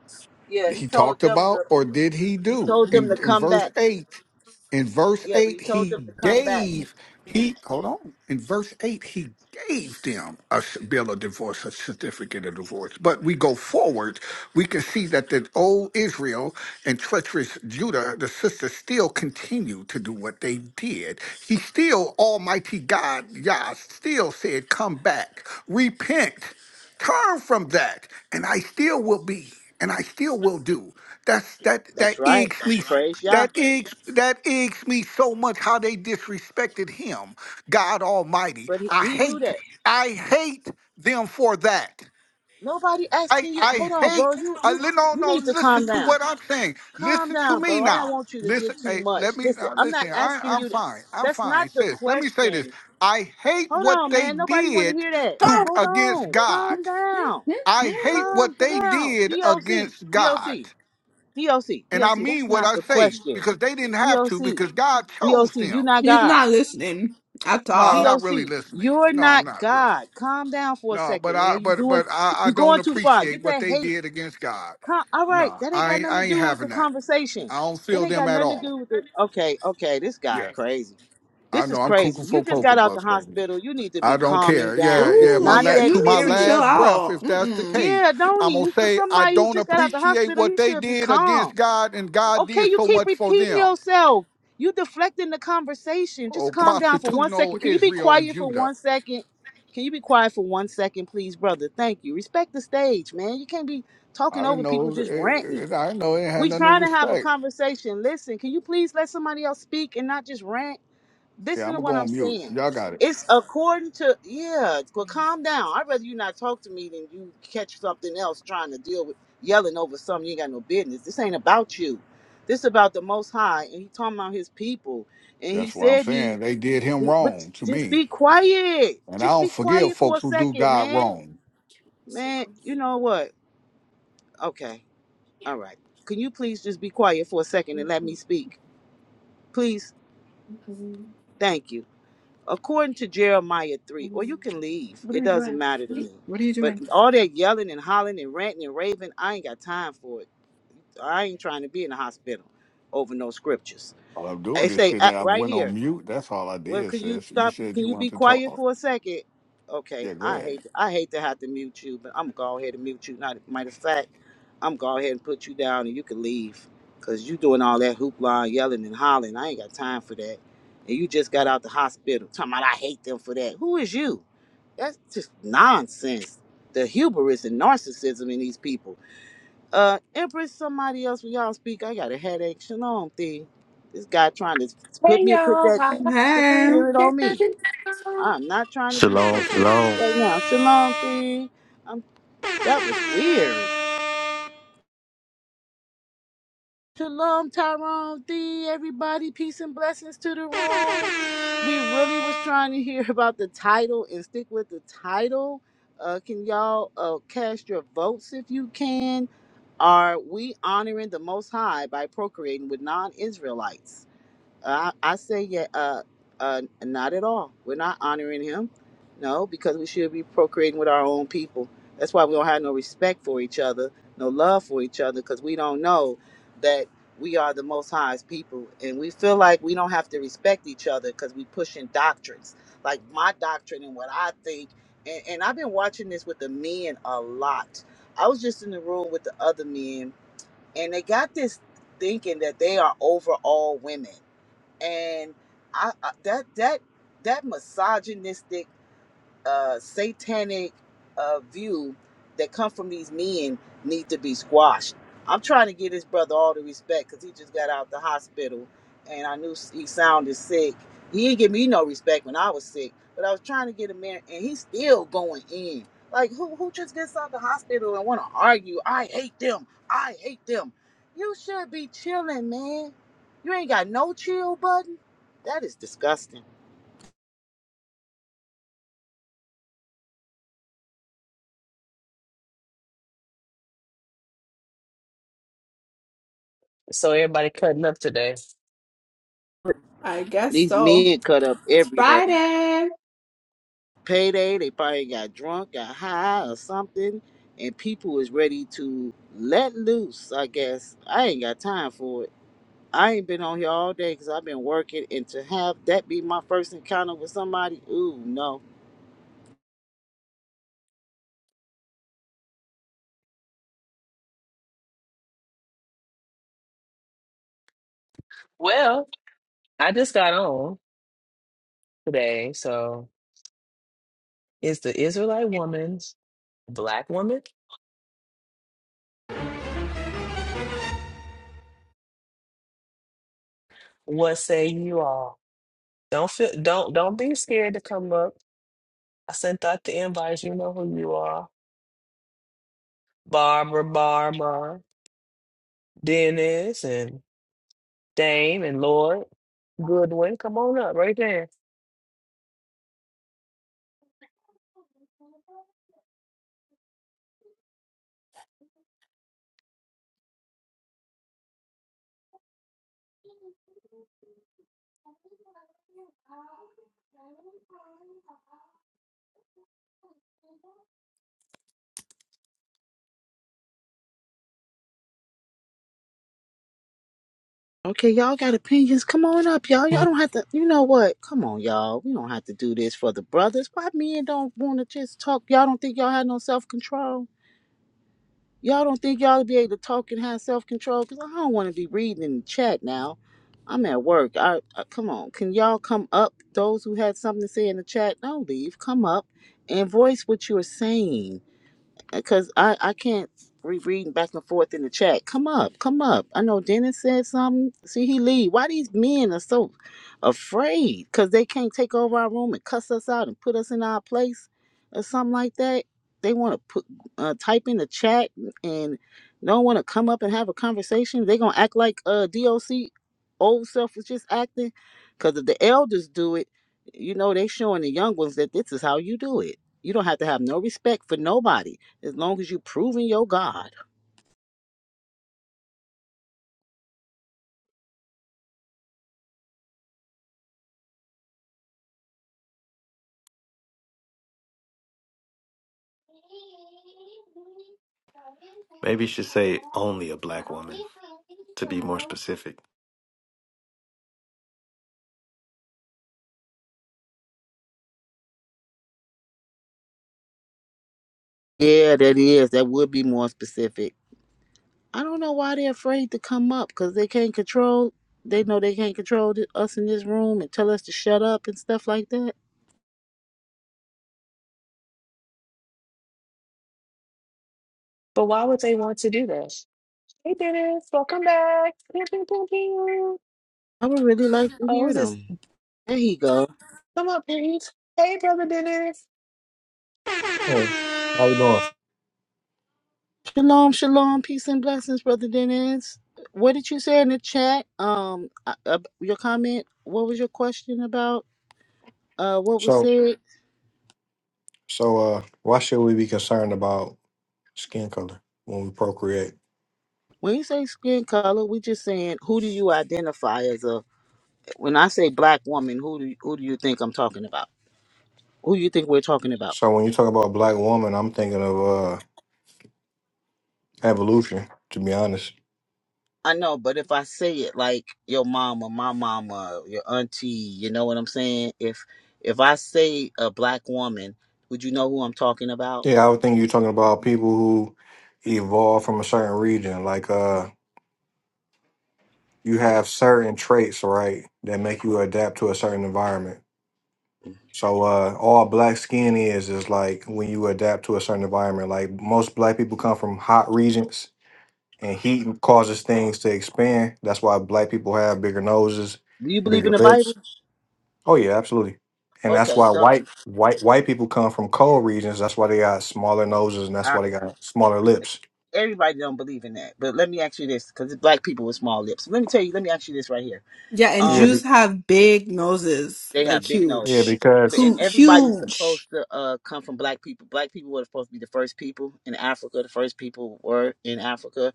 Speaker 1: yeah, he
Speaker 4: he
Speaker 1: told
Speaker 4: talked
Speaker 1: them to
Speaker 4: about or did he
Speaker 1: he
Speaker 4: do
Speaker 1: told them
Speaker 4: in,
Speaker 1: to
Speaker 4: in
Speaker 1: come
Speaker 4: verse
Speaker 1: back.
Speaker 4: 8 in verse
Speaker 1: Yeah, but
Speaker 4: 8,
Speaker 1: he told them
Speaker 4: he
Speaker 1: to come back.
Speaker 4: gave, he, hold on. In verse 8, he gave them a s- bill of divorce, a certificate of divorce. But we go forward, we can see that the old Israel and treacherous Judah, the sisters, still continue to do what they did. He still, Almighty God, Yah, still said, Come back, repent, turn from that, and I still will be, and I still will do. That's that, that
Speaker 1: That's right.
Speaker 4: eggs me.
Speaker 1: Praise Yah.
Speaker 4: That aches, that aches me so much how they disrespected him, God Almighty.
Speaker 1: But he,
Speaker 4: I
Speaker 1: he knew
Speaker 4: hate,
Speaker 1: that.
Speaker 4: I hate them for that.
Speaker 1: Nobody
Speaker 4: I,
Speaker 1: asking you.
Speaker 4: I
Speaker 1: Hold on, bro.
Speaker 4: hate,
Speaker 1: You
Speaker 4: I,
Speaker 1: you
Speaker 4: li- no,
Speaker 1: you
Speaker 4: no,
Speaker 1: need to
Speaker 4: listen
Speaker 1: calm
Speaker 4: to
Speaker 1: down.
Speaker 4: what I'm saying.
Speaker 1: Calm
Speaker 4: Listen to
Speaker 1: down,
Speaker 4: me
Speaker 1: bro. I don't
Speaker 4: now.
Speaker 1: want you to
Speaker 4: Listen,
Speaker 1: get too
Speaker 4: hey,
Speaker 1: much.
Speaker 4: let me,
Speaker 1: Listen,
Speaker 4: uh,
Speaker 1: I'm not
Speaker 4: listen, I,
Speaker 1: asking
Speaker 4: I'm
Speaker 1: you. To,
Speaker 4: fine. I'm
Speaker 1: that's
Speaker 4: fine,
Speaker 1: not the
Speaker 4: sis. Let me say this.
Speaker 1: question.
Speaker 4: I hate
Speaker 1: Hold
Speaker 4: what
Speaker 1: on,
Speaker 4: they
Speaker 1: man. Nobody want to
Speaker 4: did
Speaker 1: hear that.
Speaker 4: to
Speaker 3: (laughs)
Speaker 1: Hold
Speaker 4: against
Speaker 1: on.
Speaker 4: God.
Speaker 1: Calm down.
Speaker 4: I hate
Speaker 1: Calm
Speaker 4: what they
Speaker 1: down.
Speaker 4: did
Speaker 1: DOC.
Speaker 4: against God.
Speaker 1: DOC. DOC.
Speaker 4: And I
Speaker 1: DOC.
Speaker 4: mean
Speaker 1: That's
Speaker 4: what
Speaker 1: not
Speaker 4: I
Speaker 1: the
Speaker 4: say
Speaker 1: question.
Speaker 4: because they didn't have to
Speaker 1: DOC.
Speaker 4: because God chose
Speaker 1: DOC. You
Speaker 4: them.
Speaker 1: not
Speaker 3: He's
Speaker 1: God.
Speaker 3: not listening at
Speaker 4: No, I'm
Speaker 3: all.
Speaker 4: not really
Speaker 1: DOC.
Speaker 4: listening.
Speaker 1: You're
Speaker 4: No, I'm
Speaker 1: not
Speaker 4: not really.
Speaker 1: God. Calm down for a
Speaker 4: No, but
Speaker 1: second,
Speaker 4: I
Speaker 1: man. You
Speaker 4: but
Speaker 1: doing.
Speaker 4: but I, I
Speaker 1: You
Speaker 4: don't
Speaker 1: going too far.
Speaker 4: appreciate
Speaker 1: Get
Speaker 4: what
Speaker 1: that
Speaker 4: they
Speaker 1: hate.
Speaker 4: did against God.
Speaker 1: Con- all right,
Speaker 4: No,
Speaker 1: that ain't
Speaker 4: I
Speaker 1: got
Speaker 4: ain't-
Speaker 1: nothing
Speaker 4: I
Speaker 1: to
Speaker 4: ain't
Speaker 1: do with
Speaker 4: having
Speaker 1: the
Speaker 4: that.
Speaker 1: conversation.
Speaker 4: I don't
Speaker 1: That
Speaker 4: feel
Speaker 1: ain't
Speaker 4: them
Speaker 1: got
Speaker 4: at
Speaker 1: nothing to
Speaker 4: all.
Speaker 1: do with the. Okay, okay, this guy
Speaker 4: Yeah,
Speaker 1: crazy.
Speaker 4: I
Speaker 1: This is
Speaker 4: know I'm
Speaker 1: crazy.
Speaker 4: cuckoo
Speaker 1: You
Speaker 4: for
Speaker 1: just
Speaker 4: cocoa
Speaker 1: got out the
Speaker 4: puffs, baby.
Speaker 1: hospital. You need to
Speaker 4: I
Speaker 1: be
Speaker 4: don't
Speaker 1: calming
Speaker 4: care. Yeah,
Speaker 1: down. It's
Speaker 4: yeah.
Speaker 3: Ooh,
Speaker 4: My
Speaker 1: not
Speaker 3: yeah,
Speaker 4: la-
Speaker 1: that
Speaker 4: to
Speaker 3: you
Speaker 4: my
Speaker 3: need to chill
Speaker 1: serious.
Speaker 4: last breath,
Speaker 3: out.
Speaker 4: if that's the
Speaker 3: Mm-mm.
Speaker 4: case,
Speaker 1: Yeah, don't
Speaker 4: I'm gonna
Speaker 1: he? For
Speaker 4: say I
Speaker 1: somebody who
Speaker 4: don't
Speaker 1: just got out the
Speaker 4: appreciate
Speaker 1: hospital,
Speaker 4: what
Speaker 1: he
Speaker 4: they
Speaker 1: should be
Speaker 4: did against
Speaker 1: calm.
Speaker 4: God, and God
Speaker 1: Okay,
Speaker 4: did
Speaker 1: you
Speaker 4: so
Speaker 1: keep
Speaker 4: much for
Speaker 1: repeating
Speaker 4: them.
Speaker 1: yourself. You deflecting the conversation.
Speaker 4: Oh,
Speaker 1: Just calm down for
Speaker 4: prostitute,
Speaker 1: one
Speaker 4: no
Speaker 1: second. Can you be
Speaker 4: Israel and
Speaker 1: quiet for
Speaker 4: Judah.
Speaker 1: one second? Can you be quiet for one second, please, brother? Thank you. Respect the stage, man. You can't be
Speaker 4: I
Speaker 1: talking
Speaker 4: didn't
Speaker 1: over people
Speaker 4: know.
Speaker 1: just
Speaker 4: It,
Speaker 1: ranting.
Speaker 4: it, I didn't know it had
Speaker 1: We
Speaker 4: nothing to
Speaker 1: trying to have a
Speaker 4: respect.
Speaker 1: conversation. Listen, can you please let somebody else speak and not just rant?
Speaker 4: Yeah,
Speaker 1: Listen
Speaker 4: I'm
Speaker 1: to
Speaker 4: gonna
Speaker 1: what
Speaker 4: go
Speaker 1: I'm
Speaker 4: on mute.
Speaker 1: saying.
Speaker 4: Y'all got it.
Speaker 1: It's according to yeah. Well, calm down. I'd rather you not talk to me than you catch something else trying to deal with yelling over something you ain't got no business. This ain't about you. This about the Most High, and he talking about his people. And he
Speaker 4: That's what I'm
Speaker 1: said he,
Speaker 4: saying. They did him
Speaker 1: he but
Speaker 4: wrong to
Speaker 1: just
Speaker 4: me,
Speaker 1: be quiet.
Speaker 4: and I
Speaker 1: Just
Speaker 4: don't
Speaker 1: be
Speaker 4: forgive
Speaker 1: quiet for
Speaker 4: folks
Speaker 1: a
Speaker 4: who do
Speaker 1: second,
Speaker 4: God
Speaker 1: man.
Speaker 4: wrong.
Speaker 1: Man, you know what? Okay, all right. Can you please just be quiet for a second and let me speak? Please, thank you. According to Jeremiah 3, or you can leave.
Speaker 3: What
Speaker 1: It
Speaker 3: are you
Speaker 1: doesn't
Speaker 3: doing?
Speaker 1: matter to me.
Speaker 3: What are you
Speaker 1: But
Speaker 3: doing?
Speaker 1: all that yelling and hollering and ranting and raving, I ain't got time for it. I ain't trying to be in the hospital over no scriptures.
Speaker 4: All I'm doing
Speaker 1: It
Speaker 4: is
Speaker 1: say
Speaker 4: sitting.
Speaker 1: uh,
Speaker 4: there. I
Speaker 1: right
Speaker 4: went
Speaker 1: here.
Speaker 4: on mute. That's all I
Speaker 1: Well,
Speaker 4: did.
Speaker 1: could you
Speaker 4: Sis, you
Speaker 1: stop?
Speaker 4: said
Speaker 1: Can
Speaker 4: you
Speaker 1: you be
Speaker 4: wanted to
Speaker 1: quiet
Speaker 4: talk.
Speaker 1: for a second? Okay,
Speaker 4: Yeah, go
Speaker 1: I
Speaker 4: ahead.
Speaker 1: hate I hate to have to mute you, but I'm gonna go ahead and mute you. Not matter of fact, I'm gonna go ahead and put you down, and you can leave, cause you doing all that hoopla, and yelling and hollering. I ain't got time for that. And you just got out the hospital. Talking about I hate them for that. Who is you? That's just nonsense. The hubris and narcissism in these people. Uh, Empress, somebody else when y'all speak. I got a headache. Shalom thing. This guy trying to put
Speaker 5: Hey
Speaker 1: me put
Speaker 5: y'all,
Speaker 1: that
Speaker 5: how
Speaker 1: sick
Speaker 3: Hey,
Speaker 1: spirit on me. I'm not trying to be
Speaker 6: Shalom,
Speaker 1: sick right
Speaker 6: shalom.
Speaker 1: right now. Shalom thing. Um, that was weird. Shalom Tyrone thing. Everybody, peace and blessings to the room. we really was trying to hear (laughs) about the title and stick with the title. Uh, can y'all uh, cast your votes if you can? Are we honoring the Most High by procreating with non Israelites? I, I say, yeah, uh, uh, not at all. We're not honoring him. No, because we should be procreating with our own people. That's why we don't have no respect for each other, no love for each other, because we don't know that we are the most highest people. And we feel like we don't have to respect each other because we pushing doctrines. Like my doctrine and what I think. And, and I've been watching this with the men a lot. I was just in the room with the other men, and they got this thinking that they are over all women and I, I that that that misogynistic uh, satanic uh, view that come from these men need to be squashed. I'm trying to give this brother all the respect because he just got out the hospital, and I knew he sounded sick. He didn't give me no respect when I was sick, but I was trying to get him in, and he's still going in. Like who who just gets out the hospital and want to argue? I hate them. I hate them. You should be chilling, man. You ain't got no chill button. That is disgusting.
Speaker 5: So everybody cutting up today.
Speaker 3: I guess
Speaker 1: These
Speaker 3: so.
Speaker 1: men cut up
Speaker 3: It's
Speaker 1: every day.
Speaker 3: Friday.
Speaker 1: payday. They probably got drunk, got high or something, and people is ready to let loose. I guess I ain't got time for it. I ain't been on here all day because I've been working, and to have that be my first encounter with somebody, ooh no.
Speaker 5: Well, I just got on today, so it's the Israelite woman's black woman. What say you all? Don't feel don't don't be scared to come up. I sent out the invites, you know who you are. Barbara Barbara, Dennis and Dame and Lord Goodwin. Come on up right there.
Speaker 1: Okay, y'all got opinions. Come on up, y'all. Y'all don't have to. You know what? Come on, y'all. We don't have to do this for the brothers. Why men don't want to just talk? Y'all don't think y'all have no self control? Y'all don't think y'all be able to talk and have self control? Cause I don't want to be reading in the chat now. I'm at work. I, I come on. Can y'all come up? Those who had something to say in the chat, don't leave. Come up and voice what you're saying because I, I can't be reading back and forth in the chat. Come up, come up. I know Dennis said something. See, he leave. Why these men are so afraid? Because they can't take over our room and cuss us out and put us in our place or something like that. They want to put uh, type in the chat and don't want to come up and have a conversation. they going to act like uh, DOC old self was just acting. Because if the elders do it, you know, they showing the young ones that this is how you do it. You don't have to have no respect for nobody as long as you proving your God.
Speaker 6: Maybe you should say only a black woman to be more specific.
Speaker 1: Yeah, that is. That would be more specific. I don't know why they're afraid to come up because they can't control. They know they can't control th- us in this room and tell us to shut up and stuff like that.
Speaker 5: But why would they want to do that? Hey Dennis, welcome back. Pew, pew, pew, pew.
Speaker 1: I would really like to
Speaker 5: Oh,
Speaker 1: hear
Speaker 5: who's this?
Speaker 1: them. There you go.
Speaker 5: Come up, please. Hey, brother Dennis.
Speaker 7: Oh, how you doing?
Speaker 1: Shalom, shalom, peace and blessings, brother Dennis. What did you say in the chat? Um, uh, uh, your comment. What was your question about? Uh, what was
Speaker 7: So,
Speaker 1: said?
Speaker 7: so uh, why should we be concerned about skin color when we procreate?
Speaker 1: When you say skin color, we just saying who do you identify as a When I say black woman, who do you, who do you think I'm talking about? Who do you think we're talking about?
Speaker 7: So, when you talk about black woman, I'm thinking of uh, evolution. To be honest,
Speaker 1: I know, but if I say it like your mama, my mama, your auntie, you know what I'm saying? If if I say a black woman, would you know who I'm talking about?
Speaker 7: yeah, I would think you're talking about people who evolve from a certain region. Like, uh, you have certain traits, right, that make you adapt to a certain environment. So, uh, all black skin is is like when you adapt to a certain environment. Like most black people come from hot regions. and heat causes things to expand. That's why black people have bigger noses,
Speaker 1: Do you believe in
Speaker 7: bigger
Speaker 1: the Bible?
Speaker 7: lips. Oh yeah, absolutely. And that's
Speaker 1: Okay,
Speaker 7: why
Speaker 1: so
Speaker 7: white white white people come from cold regions. That's why they got smaller noses and that's
Speaker 1: uh,
Speaker 7: why they got smaller lips.
Speaker 1: everybody don't believe in that. But let me ask you this, because black people with small lips. Let me tell you. Let me ask you this right here.
Speaker 3: Yeah, and
Speaker 1: Um,
Speaker 7: Yeah, be,
Speaker 3: Jews have big noses,
Speaker 1: they
Speaker 3: like
Speaker 1: have big nose.
Speaker 7: yeah,
Speaker 3: huge,
Speaker 1: But-
Speaker 7: because
Speaker 1: and
Speaker 3: Hu
Speaker 1: everybody's
Speaker 3: huge.
Speaker 1: supposed to uh come from black people black people were supposed to be the first people in africa the first people were in africa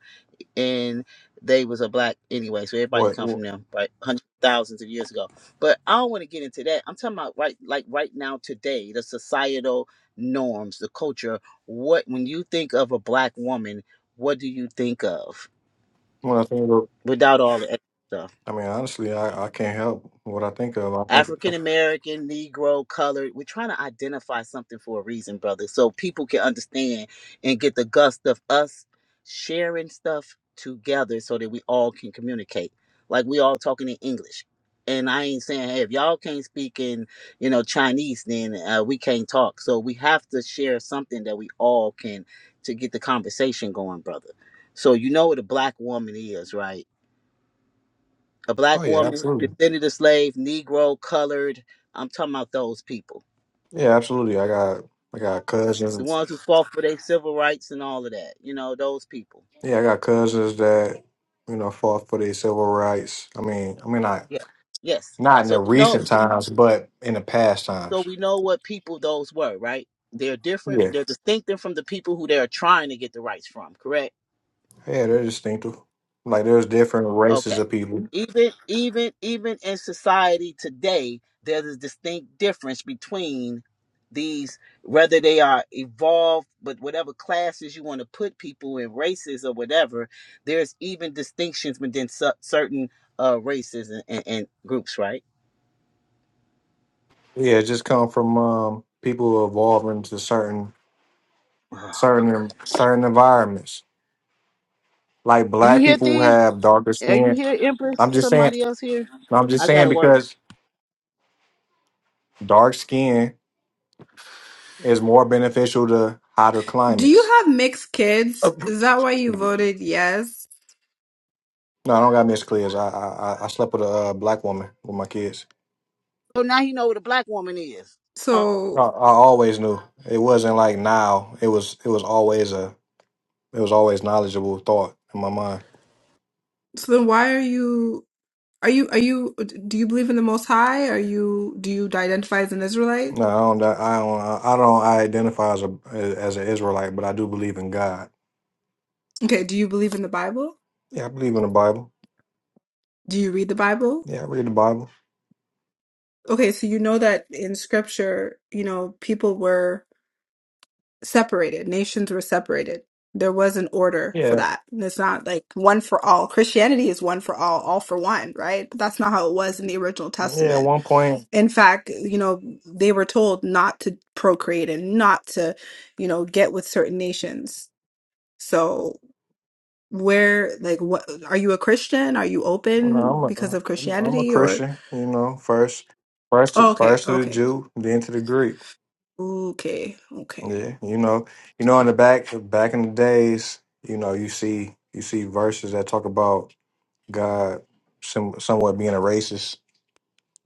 Speaker 1: and they was a black anyway so everybody
Speaker 7: what
Speaker 1: come from
Speaker 7: wh-
Speaker 1: them right hundreds of thousands of years ago but i don't want to get into that i'm talking about right like right now today the societal norms the culture what when you think of a black woman what do you think of
Speaker 7: when I think of,
Speaker 1: without all the extra stuff.
Speaker 7: I mean, honestly, I, I can't help what I think of. I think,
Speaker 1: African American, Negro, colored. We're trying to identify something for a reason, brother, so people can understand and get the gust of us sharing stuff together so that we all can communicate. Like we all talking in English. And I ain't saying, hey, if y'all can't speak in, you know, Chinese, then uh, we can't talk. So we have to share something that we all can to get the conversation going, brother. So you know what a black woman is, right? a black woman, descended of slave, Negro, colored. I'm talking about those people,
Speaker 7: yeah, absolutely. I got I got
Speaker 1: the
Speaker 7: cousins.
Speaker 1: ones who fought for their civil rights and all of that. You know, those people.
Speaker 7: Yeah, I got cousins that you know fought for their civil rights. I mean, I mean, I
Speaker 1: Yeah. Yes.
Speaker 7: Not in
Speaker 1: So
Speaker 7: the
Speaker 1: we know.
Speaker 7: recent times, but in the past
Speaker 1: So
Speaker 7: times.
Speaker 1: we know what people those were, right? They're different.
Speaker 7: Yeah.
Speaker 1: They're distinctive from the people who they are trying to get the rights from. Correct.
Speaker 7: Yeah, they're distinctive. Like there's different races
Speaker 1: Okay.
Speaker 7: of people.
Speaker 1: Even even even in society today, there's a distinct difference between these whether they are evolved but whatever classes you want to put people in races or whatever there's even distinctions within su- certain uh races and, and, and groups right
Speaker 7: Yeah, it just come from um people evolving to certain
Speaker 1: oh my god
Speaker 7: certain certain environments. Like
Speaker 1: are you
Speaker 7: black
Speaker 1: here
Speaker 7: people
Speaker 1: thee
Speaker 7: have darker
Speaker 1: are you
Speaker 7: skin.
Speaker 1: here empress
Speaker 7: I'm just saying
Speaker 1: somebody else here
Speaker 7: I'm just
Speaker 1: i
Speaker 7: saying
Speaker 1: gotta work
Speaker 7: because dark skin is more beneficial to hotter
Speaker 3: Do you
Speaker 7: climates.
Speaker 3: have mixed kids?
Speaker 6: Uh,
Speaker 3: Is that why you voted yes?
Speaker 7: No, I don't got Miss Clears. I I I I slept with a uh, black woman with my kids.
Speaker 1: oh now he know what a black woman is Oh.
Speaker 7: I,
Speaker 3: So,
Speaker 7: I always knew it wasn't like now. It was it was always a It was always knowledgeable thought in my mind.
Speaker 3: so then why are you, are you, are you, do you believe in the Most High? Are you, do you identify as an Israelite?
Speaker 7: No, I don't. I don't. I don't identify as a as an Israelite, but I do believe in God.
Speaker 3: Okay, do you believe in the Bible?
Speaker 7: Yeah, I believe in the Bible.
Speaker 3: Do you read the Bible?
Speaker 7: Yeah, I read the Bible.
Speaker 3: Okay, so you know that in scripture, you know, people were separated, nations were separated. There was an order for
Speaker 7: Yeah,
Speaker 3: that. And it's not like one for all. Christianity is one for all, all for one, right? But that's not how it was in the original
Speaker 7: yeah. At
Speaker 3: Testament
Speaker 7: one point,
Speaker 3: in fact, you know, they were told not to procreate and not to, you know, get with certain nations. So, where, like, what are you a Christian? Are you
Speaker 7: you
Speaker 3: open because
Speaker 7: know,
Speaker 3: of
Speaker 7: I'm a I'm a
Speaker 3: Christianity or?
Speaker 7: Christian. You know, first, first,
Speaker 3: Oh, okay,
Speaker 7: first to the
Speaker 3: okay,
Speaker 7: Jew, then to the Greek.
Speaker 3: okay, okay.
Speaker 7: Yeah, you know, you know, in the back back in the days, you know, you see you see verses that talk about God some, somewhat being a racist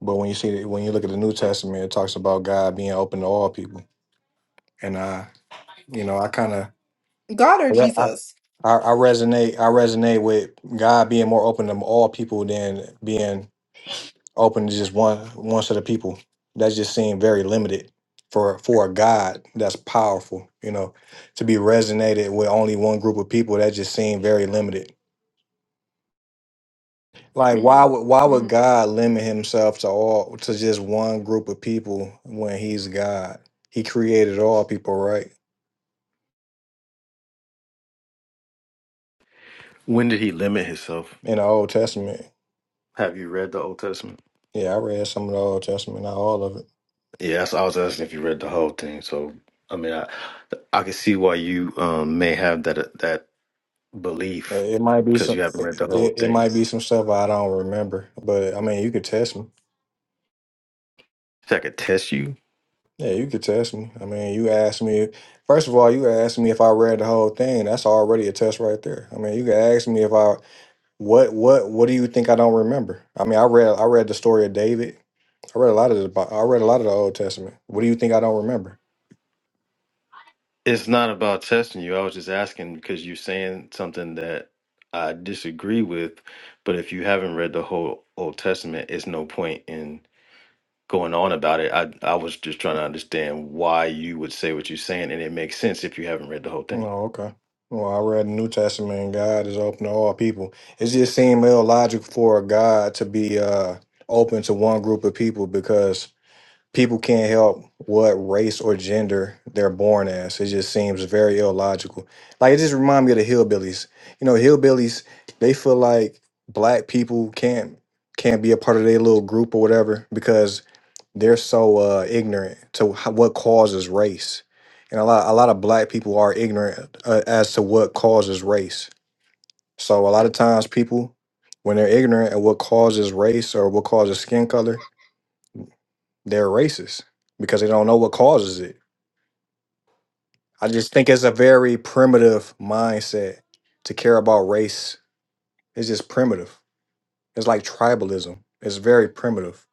Speaker 7: But when you see that, when you look at the New Testament, it talks about God being open to all people, and I, you know, I kind of,
Speaker 3: God or
Speaker 7: I, I
Speaker 3: Jesus?
Speaker 7: I resonate, I resonate with God being more open to all people than being open to just one one set of people. That just seemed very limited for for a God that's powerful, you know, to be resonated with only one group of people. That just seemed very limited. Like why would why would
Speaker 3: hmm
Speaker 7: God limit himself to all to just one group of people when he's God? He created all people, right?
Speaker 6: When did he limit himself?
Speaker 7: In the Old Testament.
Speaker 6: Have you read the Old Testament?
Speaker 7: Yeah, I read some of the Old Testament, not all of it.
Speaker 6: Yeah, that's I was asking if you read the whole thing. So I mean, I I can see why you um, may have that that belief
Speaker 7: It it might be
Speaker 6: because
Speaker 7: some
Speaker 6: you haven't read
Speaker 7: it,
Speaker 6: the whole
Speaker 7: it it
Speaker 6: thing.
Speaker 7: might be some stuff I don't remember, but I mean, you could test me.
Speaker 6: So I could test you.
Speaker 7: Yeah, you could test me. I mean, you asked me First of all, you asked me if I read the whole thing. That's already a test right there. I mean, you could ask me if I What what what do you think I don't remember? I mean, I read I read the story of David. I read a lot of the Bi- I read a lot of the Old Testament. What do you think I don't remember?
Speaker 6: It's not about testing you. I was just asking because you're saying something that I disagree with. But if you haven't read the whole Old Testament, it's no point in. going on about it. I I was just trying to understand why you would say what you're saying, and it makes sense if you haven't read the whole
Speaker 7: No,
Speaker 6: thing.
Speaker 7: okay. Well, I read the New Testament and God is open to all people. It just seemed illogical for a God to be uh open to one group of people because people can't help what race or gender they're born as. It just seems very illogical. Like it just reminds me of the hillbillies. You know, hillbillies they feel like black people can't can't be a part of their little group or whatever because they're so uh, ignorant to ho- what causes race. And a lot a lot of black people are ignorant uh, as to what causes race. So a lot of times people when they're ignorant at what causes race or what causes skin color, they're racist because they don't know what causes it. I just think it's a very primitive mindset to care about race. It's just primitive. It's like tribalism. It's very primitive.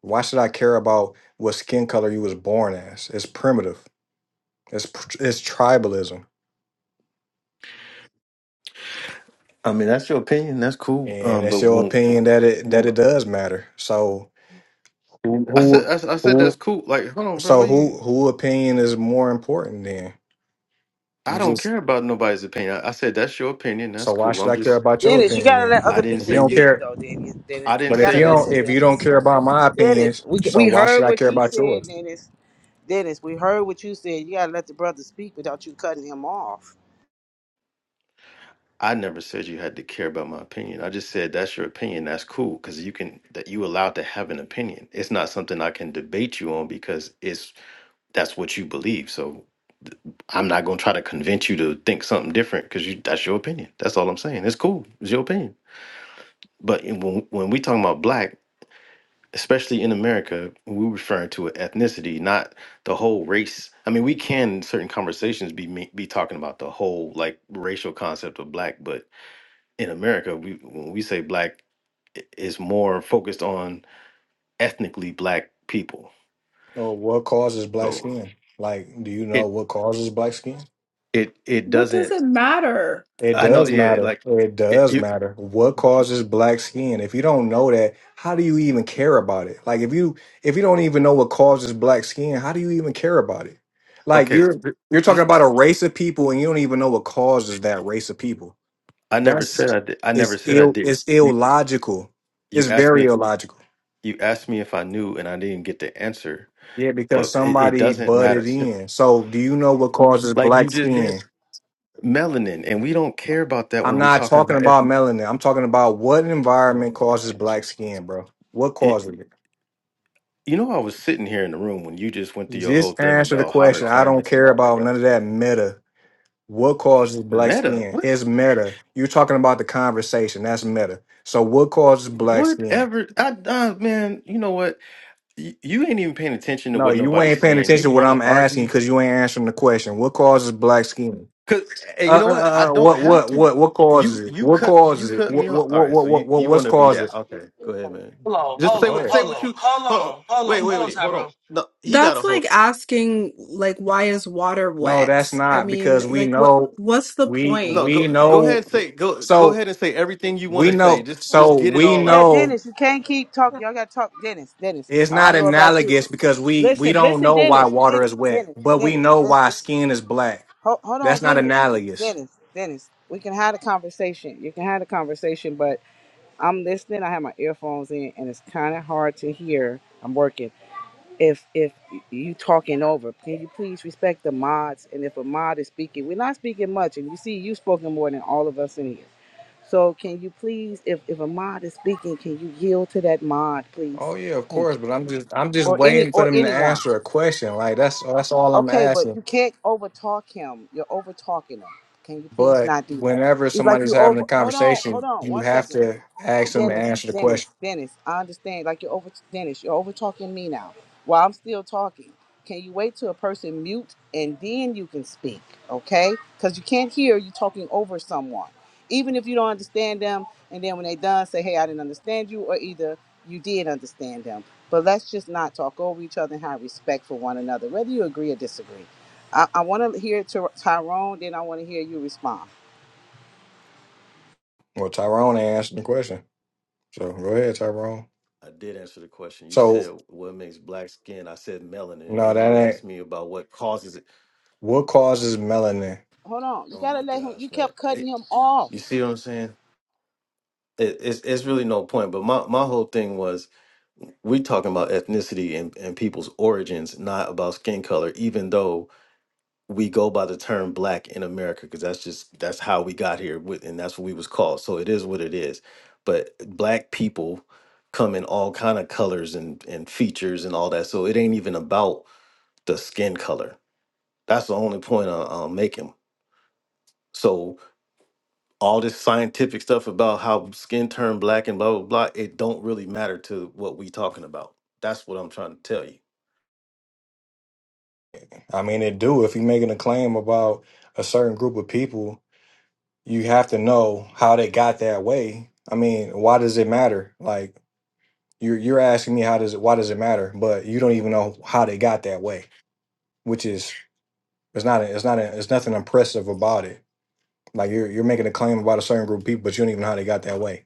Speaker 7: Why should I care about what skin color you was born as? It's primitive. It's pr- it's tribalism,
Speaker 6: I mean, that's your opinion. That's cool.
Speaker 7: and
Speaker 6: Um, but
Speaker 7: it's your
Speaker 6: when,
Speaker 7: opinion that it that it
Speaker 6: well,
Speaker 7: does matter. So who
Speaker 6: I said
Speaker 7: who
Speaker 6: I, said I said that's
Speaker 7: who
Speaker 6: cool. Like, hold on, bro.
Speaker 7: so
Speaker 6: What
Speaker 7: who
Speaker 6: you?
Speaker 7: who opinion is more important then?
Speaker 6: I
Speaker 7: You
Speaker 6: don't
Speaker 7: just
Speaker 6: care about nobody's opinion. I, I said that's your opinion.
Speaker 7: so
Speaker 6: That's
Speaker 7: why
Speaker 6: cool.
Speaker 7: should
Speaker 6: I'm
Speaker 7: I care
Speaker 6: just.
Speaker 7: about your
Speaker 1: Dennis, you
Speaker 7: opinion
Speaker 1: gotta
Speaker 7: then?
Speaker 1: let
Speaker 6: I
Speaker 1: other
Speaker 6: didn't
Speaker 7: If
Speaker 1: people
Speaker 7: you
Speaker 6: say
Speaker 7: don't
Speaker 6: you.
Speaker 1: speak
Speaker 7: care,
Speaker 1: though, Dennis. Dennis,
Speaker 6: I didn't
Speaker 1: you
Speaker 7: But if
Speaker 6: say
Speaker 1: gotta
Speaker 7: you don't,
Speaker 6: you.
Speaker 1: listen,
Speaker 7: if you don't
Speaker 1: Dennis.
Speaker 7: care about my
Speaker 1: Dennis,
Speaker 7: opinions,
Speaker 1: we
Speaker 7: so
Speaker 1: we
Speaker 7: why should
Speaker 1: heard
Speaker 7: I
Speaker 1: what
Speaker 7: care
Speaker 1: you
Speaker 7: about
Speaker 1: said,
Speaker 7: yours?
Speaker 1: Dennis. Dennis, we heard what you said. You gotta let the brother speak without you cutting him off.
Speaker 6: I never said you had to care about my opinion. I just said that's your opinion. That's cool because you can that you allowed to have an opinion. It's not something I can debate you on because it's that's what you believe. So I'm not gonna try to convince you to think something different because you that's your opinion. That's all I'm saying. It's cool. It's your opinion. But in- when when we talking about black, especially in America, we're referring to an ethnicity, not the whole race. I mean, we can in certain conversations be me- be talking about the whole like racial concept of black, but in America, we when we say black, i- it's more focused on ethnically black people.
Speaker 7: Or what causes black
Speaker 6: So
Speaker 7: skin? Like, do you know
Speaker 6: it
Speaker 7: what causes black skin?
Speaker 6: it it
Speaker 3: What does it
Speaker 6: doesn't.
Speaker 3: matter?
Speaker 7: It
Speaker 6: I know.
Speaker 7: does
Speaker 6: Yeah,
Speaker 7: matter.
Speaker 6: like
Speaker 7: It
Speaker 6: it,
Speaker 7: does
Speaker 6: you.
Speaker 7: matter. What causes black skin? If you don't know that, how do you even care about it? Like, if you if you don't even know what causes black skin, how do you even care about it? Like,
Speaker 6: Okay,
Speaker 7: you're you're talking
Speaker 6: this.
Speaker 7: about a race of people, and you don't even know what causes that race of people.
Speaker 6: I never said
Speaker 7: That's
Speaker 6: I did. I never
Speaker 7: it's
Speaker 6: said I
Speaker 7: ill.
Speaker 6: did.
Speaker 7: It's
Speaker 6: You,
Speaker 7: illogical.
Speaker 6: you
Speaker 7: It's
Speaker 6: asked
Speaker 7: very
Speaker 6: me.
Speaker 7: illogical.
Speaker 6: You asked me if I knew, and I didn't get the answer.
Speaker 7: Yeah, because
Speaker 6: But it, it
Speaker 7: somebody
Speaker 6: doesn't matter.
Speaker 7: butted in. So, do you know what causes
Speaker 6: Like you
Speaker 7: black
Speaker 6: just did,
Speaker 7: skin?
Speaker 6: melanin, and we don't care about that when
Speaker 7: I'm
Speaker 6: we're
Speaker 7: not
Speaker 6: talking
Speaker 7: talking
Speaker 6: about.
Speaker 7: about
Speaker 6: ethnic-
Speaker 7: melanin. I'm talking about what
Speaker 6: Oh
Speaker 7: environment
Speaker 6: my
Speaker 7: causes
Speaker 6: gosh!
Speaker 7: black skin, bro. What
Speaker 6: It,
Speaker 7: causes it?
Speaker 6: you know, I was sitting here in the room when you just went through your whole
Speaker 7: Just
Speaker 6: thing
Speaker 7: answer the
Speaker 6: about hotter
Speaker 7: question. I don't
Speaker 6: climates and
Speaker 7: care
Speaker 6: all that,
Speaker 7: about
Speaker 6: right?
Speaker 7: none of that meta. What causes black
Speaker 6: Meta,
Speaker 7: skin?
Speaker 6: what?
Speaker 7: It's meta. You're talking about the conversation. That's meta. So, what causes black skin?
Speaker 6: Whatever, I uh, man, you know what? You, you ain't even paying attention to
Speaker 7: No,
Speaker 6: what
Speaker 7: you
Speaker 6: nobody's
Speaker 7: ain't paying
Speaker 6: saying. You
Speaker 7: attention to what
Speaker 6: want to
Speaker 7: I'm
Speaker 6: argue
Speaker 7: asking because you ain't answering the question. What causes black skin?
Speaker 6: Cause hey, you
Speaker 7: Uh,
Speaker 6: know
Speaker 7: uh,
Speaker 6: what? I
Speaker 7: uh, uh,
Speaker 6: don't
Speaker 7: what,
Speaker 6: have
Speaker 7: what,
Speaker 6: to.
Speaker 7: what, what causes
Speaker 6: You
Speaker 7: it?
Speaker 6: you
Speaker 7: What
Speaker 6: cut you
Speaker 7: causes it?
Speaker 6: cut me
Speaker 7: What,
Speaker 6: off.
Speaker 7: what,
Speaker 6: All
Speaker 7: what,
Speaker 6: right,
Speaker 7: what,
Speaker 6: so
Speaker 7: what,
Speaker 6: you
Speaker 7: what
Speaker 6: you want
Speaker 7: what's
Speaker 6: to be
Speaker 7: caused
Speaker 6: that?
Speaker 7: it?
Speaker 6: Okay, go ahead, man.
Speaker 5: Hello,
Speaker 6: Just say
Speaker 7: Go
Speaker 6: what
Speaker 7: ahead.
Speaker 6: say what you. Hold on. Wait
Speaker 3: Mm,
Speaker 6: wait wait. Hold on.
Speaker 5: Tyrone.
Speaker 6: No, he got a
Speaker 3: That's like
Speaker 6: hold.
Speaker 3: asking like why is water
Speaker 7: No, that's
Speaker 3: wet? I
Speaker 7: not because
Speaker 3: mean,
Speaker 7: we
Speaker 3: like what
Speaker 7: know,
Speaker 3: what's the
Speaker 7: we,
Speaker 6: No,
Speaker 3: point?
Speaker 7: we
Speaker 6: go go
Speaker 3: Like
Speaker 6: ahead
Speaker 7: know.
Speaker 6: and say go go
Speaker 7: So
Speaker 6: ahead and say everything you want
Speaker 7: we
Speaker 6: to say.
Speaker 7: know.
Speaker 6: Just just
Speaker 7: So
Speaker 6: get it
Speaker 7: we
Speaker 6: all
Speaker 1: Yeah,
Speaker 6: out.
Speaker 7: know
Speaker 1: Dennis, you can't keep talking. Y'all gotta talk, Dennis. Dennis,
Speaker 7: it's
Speaker 1: I don't
Speaker 7: not
Speaker 1: know about you,
Speaker 7: analogous
Speaker 1: but
Speaker 7: because we we
Speaker 1: listen,
Speaker 7: don't
Speaker 1: listen,
Speaker 7: know why
Speaker 1: Dennis,
Speaker 7: water
Speaker 1: Dennis,
Speaker 7: is wet,
Speaker 1: Dennis,
Speaker 7: but we
Speaker 1: Dennis.
Speaker 7: know
Speaker 1: Listen,
Speaker 7: why skin is black.
Speaker 1: hold, hold on,
Speaker 7: That's not
Speaker 1: Dennis,
Speaker 7: analogous.
Speaker 1: Dennis, Dennis. We can have a conversation. You can have a conversation, but I'm listening. I have my earphones in, and it's kind of hard to hear. I'm working. if if you talking over, can you please respect the mods? And if a mod is speaking, we're not speaking much, and you see, you spoken more than all of us in here. So can you please, if if a mod is speaking, can you yield to that mod, please?
Speaker 7: Oh yeah, of
Speaker 1: Thank
Speaker 7: course.
Speaker 1: you.
Speaker 7: But I'm just I'm just
Speaker 1: Or any
Speaker 7: waiting for
Speaker 1: or
Speaker 7: them to
Speaker 1: anyone.
Speaker 7: answer a question. Like that's that's all I'm
Speaker 1: Okay, but
Speaker 7: asking.
Speaker 1: you can't over talk him. You're over talking him. Can you please
Speaker 7: But
Speaker 1: not do that?
Speaker 7: whenever
Speaker 1: He's like
Speaker 7: somebody's
Speaker 1: you
Speaker 7: having
Speaker 1: over.
Speaker 7: a
Speaker 1: Hold on, hold
Speaker 7: conversation,
Speaker 1: on,
Speaker 7: you
Speaker 1: one
Speaker 7: have
Speaker 1: second.
Speaker 7: to ask them to
Speaker 1: Dennis,
Speaker 7: answer the
Speaker 1: Dennis,
Speaker 7: question.
Speaker 1: Dennis, I understand. Like you're over, Dennis, you're over talking me now while I'm still talking. Can you wait till a person mute and then you can speak, okay? Because you can't hear you talking over someone, even if you don't understand them. And then when they done, say, "Hey, I didn't understand you," or either you did understand them. But let's just not talk over each other and have respect for one another, whether you agree or disagree. I, I want to hear Ty- Tyrone, then I want to hear you respond.
Speaker 7: Well, Tyrone answered the question. So go ahead, Tyrone.
Speaker 6: I did answer the question. You
Speaker 7: So
Speaker 6: said what makes black skin. I said melanin, and
Speaker 7: no,
Speaker 6: then
Speaker 7: that
Speaker 6: you
Speaker 7: ain't
Speaker 6: asked me about what causes it.
Speaker 7: what causes melanin.
Speaker 1: Hold on, you
Speaker 6: Oh
Speaker 1: gotta
Speaker 6: my
Speaker 1: let him. You
Speaker 6: gosh, man!
Speaker 1: kept cutting
Speaker 6: Hey,
Speaker 1: him off.
Speaker 6: you see what I'm saying? It, it's it's really no point. But my my whole thing was we talking about ethnicity and, and people's origins, not about skin color, even though we go by the term black in America, because that's just that's how we got here with and that's what we was called. So it is what it is. But black people come in all kind of colors and, and features and all that. So it ain't even about the skin color. That's the only point I, I'm making. So all this scientific stuff about how skin turned black and blah blah blah, it don't really matter to what we talking about. That's what I'm trying to tell you.
Speaker 7: I mean, it do. If you're making a claim about a certain group of people, you have to know how they got that way. I mean, why does it matter? Like you're you're asking me how does it why does it matter? But you don't even know how they got that way, which is it's not it's not it's nothing impressive about it Like you're you're making a claim about a certain group of people, but you don't even know how they got that way.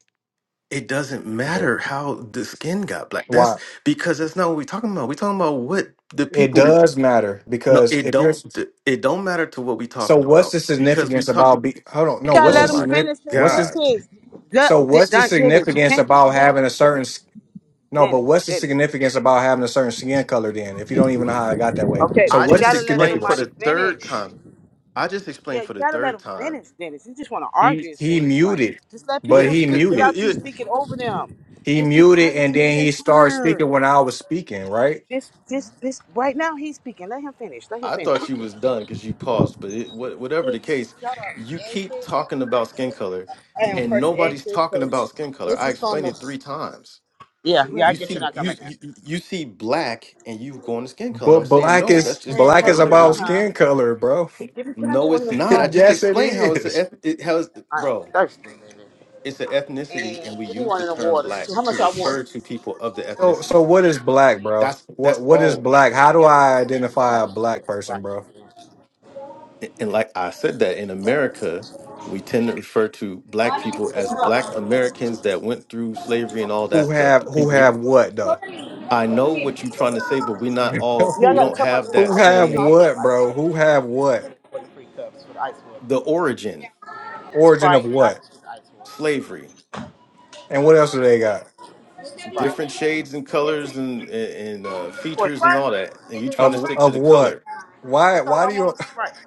Speaker 6: it doesn't
Speaker 7: But
Speaker 6: matter how the skin got black. That's
Speaker 7: why?
Speaker 6: because that's not what we're talking about. We're talking about what the
Speaker 7: It
Speaker 6: people.
Speaker 7: does matter
Speaker 6: No,
Speaker 7: because
Speaker 6: it
Speaker 7: if you're
Speaker 6: don't. It don't matter to what we're
Speaker 7: so,
Speaker 6: talking
Speaker 7: what's
Speaker 6: about
Speaker 7: the
Speaker 6: because we
Speaker 7: significance
Speaker 6: talking.
Speaker 7: about be? Hold on,
Speaker 1: You
Speaker 7: no.
Speaker 1: gotta
Speaker 7: What's
Speaker 6: Oh
Speaker 7: the
Speaker 1: let him
Speaker 6: my
Speaker 7: signif?
Speaker 1: finish his
Speaker 7: What's this?
Speaker 6: god!
Speaker 1: sentence. Don,
Speaker 7: So what's the
Speaker 1: Don Dennis, you
Speaker 7: significance
Speaker 1: can't keep
Speaker 7: about
Speaker 1: doing
Speaker 7: having
Speaker 1: this,
Speaker 7: a certain?
Speaker 1: Dennis.
Speaker 7: s- No, but
Speaker 1: Dennis,
Speaker 7: what's the
Speaker 1: Dennis.
Speaker 7: significance about having a certain skin color then? If you don't even know how I got that way,
Speaker 1: Okay,
Speaker 7: so
Speaker 6: I
Speaker 1: but you
Speaker 7: what's the
Speaker 6: just
Speaker 1: gotta let
Speaker 6: explained for
Speaker 1: somebody
Speaker 7: significance?
Speaker 6: the third
Speaker 1: finish.
Speaker 6: time. I just
Speaker 1: Yeah,
Speaker 6: explained
Speaker 1: you
Speaker 6: for the
Speaker 1: gotta let
Speaker 6: third
Speaker 1: him
Speaker 6: time.
Speaker 1: finish, Dennis. You just wanna
Speaker 7: He
Speaker 1: argue, it
Speaker 7: he
Speaker 1: seems like.
Speaker 7: muted,
Speaker 1: Just let
Speaker 7: but
Speaker 6: Yeah,
Speaker 1: people
Speaker 7: he
Speaker 1: speak
Speaker 6: because you.
Speaker 7: muted.
Speaker 1: without you
Speaker 6: you
Speaker 1: speaking over them.
Speaker 7: He
Speaker 1: Just be
Speaker 7: muted,
Speaker 1: quiet
Speaker 7: and
Speaker 1: till it's
Speaker 7: then
Speaker 1: your
Speaker 7: he started
Speaker 1: turn.
Speaker 7: speaking when I was speaking, right?
Speaker 1: Just, just, this. Right now, he's speaking. Let him finish. Let him
Speaker 6: I
Speaker 1: finish.
Speaker 6: thought you was done because you paused. But it, wha- whatever the case, you keep talking about skin color,
Speaker 1: I am
Speaker 6: and
Speaker 1: first egg.
Speaker 6: nobody's talking about skin color.
Speaker 1: This
Speaker 6: I
Speaker 1: is phone
Speaker 6: explained
Speaker 1: number.
Speaker 6: it three times.
Speaker 1: Yeah, yeah, I
Speaker 6: You (laughs)
Speaker 1: get
Speaker 6: see,
Speaker 1: you not
Speaker 6: you,
Speaker 1: coming
Speaker 6: you
Speaker 1: in.
Speaker 6: you see black, and you go into skin color. And I'm
Speaker 7: But
Speaker 6: saying
Speaker 7: black
Speaker 6: no, that's
Speaker 7: is
Speaker 6: just the
Speaker 1: Hey,
Speaker 7: black
Speaker 1: how
Speaker 7: is
Speaker 6: term
Speaker 1: you
Speaker 6: that
Speaker 1: doing,
Speaker 6: we
Speaker 7: about
Speaker 6: use.
Speaker 1: huh?
Speaker 7: skin color, bro.
Speaker 1: Give me, can I get
Speaker 6: No,
Speaker 1: one
Speaker 6: it's
Speaker 1: of those
Speaker 7: (laughs)
Speaker 6: not. I just
Speaker 1: spikes?
Speaker 7: yes, it
Speaker 6: explained how it's a
Speaker 7: is.
Speaker 6: eth- it, how it's,
Speaker 1: I. don't know.
Speaker 6: bro. It's an
Speaker 1: And
Speaker 6: ethnicity, and we
Speaker 1: give me
Speaker 6: use
Speaker 1: one
Speaker 6: the
Speaker 1: of the
Speaker 6: term
Speaker 1: waters.
Speaker 6: black
Speaker 1: too. How
Speaker 6: to
Speaker 1: much y'all water?
Speaker 6: refer to people of the
Speaker 7: So, so
Speaker 6: ethnicity.
Speaker 7: what is black, bro?
Speaker 6: That's
Speaker 7: What
Speaker 6: that's
Speaker 7: what is
Speaker 6: all.
Speaker 7: black?
Speaker 1: No,
Speaker 7: How
Speaker 1: I
Speaker 7: do
Speaker 1: got it.
Speaker 7: I identify a black
Speaker 1: Right.
Speaker 7: person, bro?
Speaker 6: A- And like I said, that in America, we tend to refer to black
Speaker 1: Why don't
Speaker 6: people as black Americans that went through slavery and all that
Speaker 7: Who
Speaker 6: stuff.
Speaker 7: have
Speaker 6: The
Speaker 7: who
Speaker 6: people who
Speaker 7: have what though?
Speaker 6: I
Speaker 1: come
Speaker 6: know
Speaker 1: here?
Speaker 6: what you're trying to say, but we're
Speaker 7: (laughs)
Speaker 6: not all.
Speaker 1: Y'all
Speaker 6: We
Speaker 7: who
Speaker 1: got a
Speaker 6: don't
Speaker 1: cup of this
Speaker 6: have
Speaker 1: of
Speaker 6: that
Speaker 7: who
Speaker 1: ice water?
Speaker 7: have
Speaker 1: No,
Speaker 6: same
Speaker 1: I just
Speaker 7: what,
Speaker 1: ice
Speaker 7: bro?
Speaker 1: water.
Speaker 7: Who
Speaker 1: Give me
Speaker 7: have what?
Speaker 1: one of the three cups for the ice water.
Speaker 6: the origin.
Speaker 1: Yeah.
Speaker 7: Origin of
Speaker 1: Sprite, I
Speaker 7: what?
Speaker 1: just use ice water.
Speaker 6: slavery,
Speaker 7: And what else do they got?
Speaker 6: different
Speaker 1: Sprite.
Speaker 6: shades and
Speaker 1: Get
Speaker 6: colors
Speaker 1: to
Speaker 6: and and uh,
Speaker 1: For
Speaker 6: features and
Speaker 1: Sprite?
Speaker 6: all that, and
Speaker 1: it
Speaker 6: you
Speaker 1: is
Speaker 6: trying to
Speaker 7: Of
Speaker 6: stick
Speaker 1: hard
Speaker 6: to
Speaker 7: of
Speaker 6: the
Speaker 7: what?
Speaker 6: color.
Speaker 7: Why
Speaker 1: That's all
Speaker 7: why do
Speaker 1: I want
Speaker 7: you
Speaker 1: is Sprite.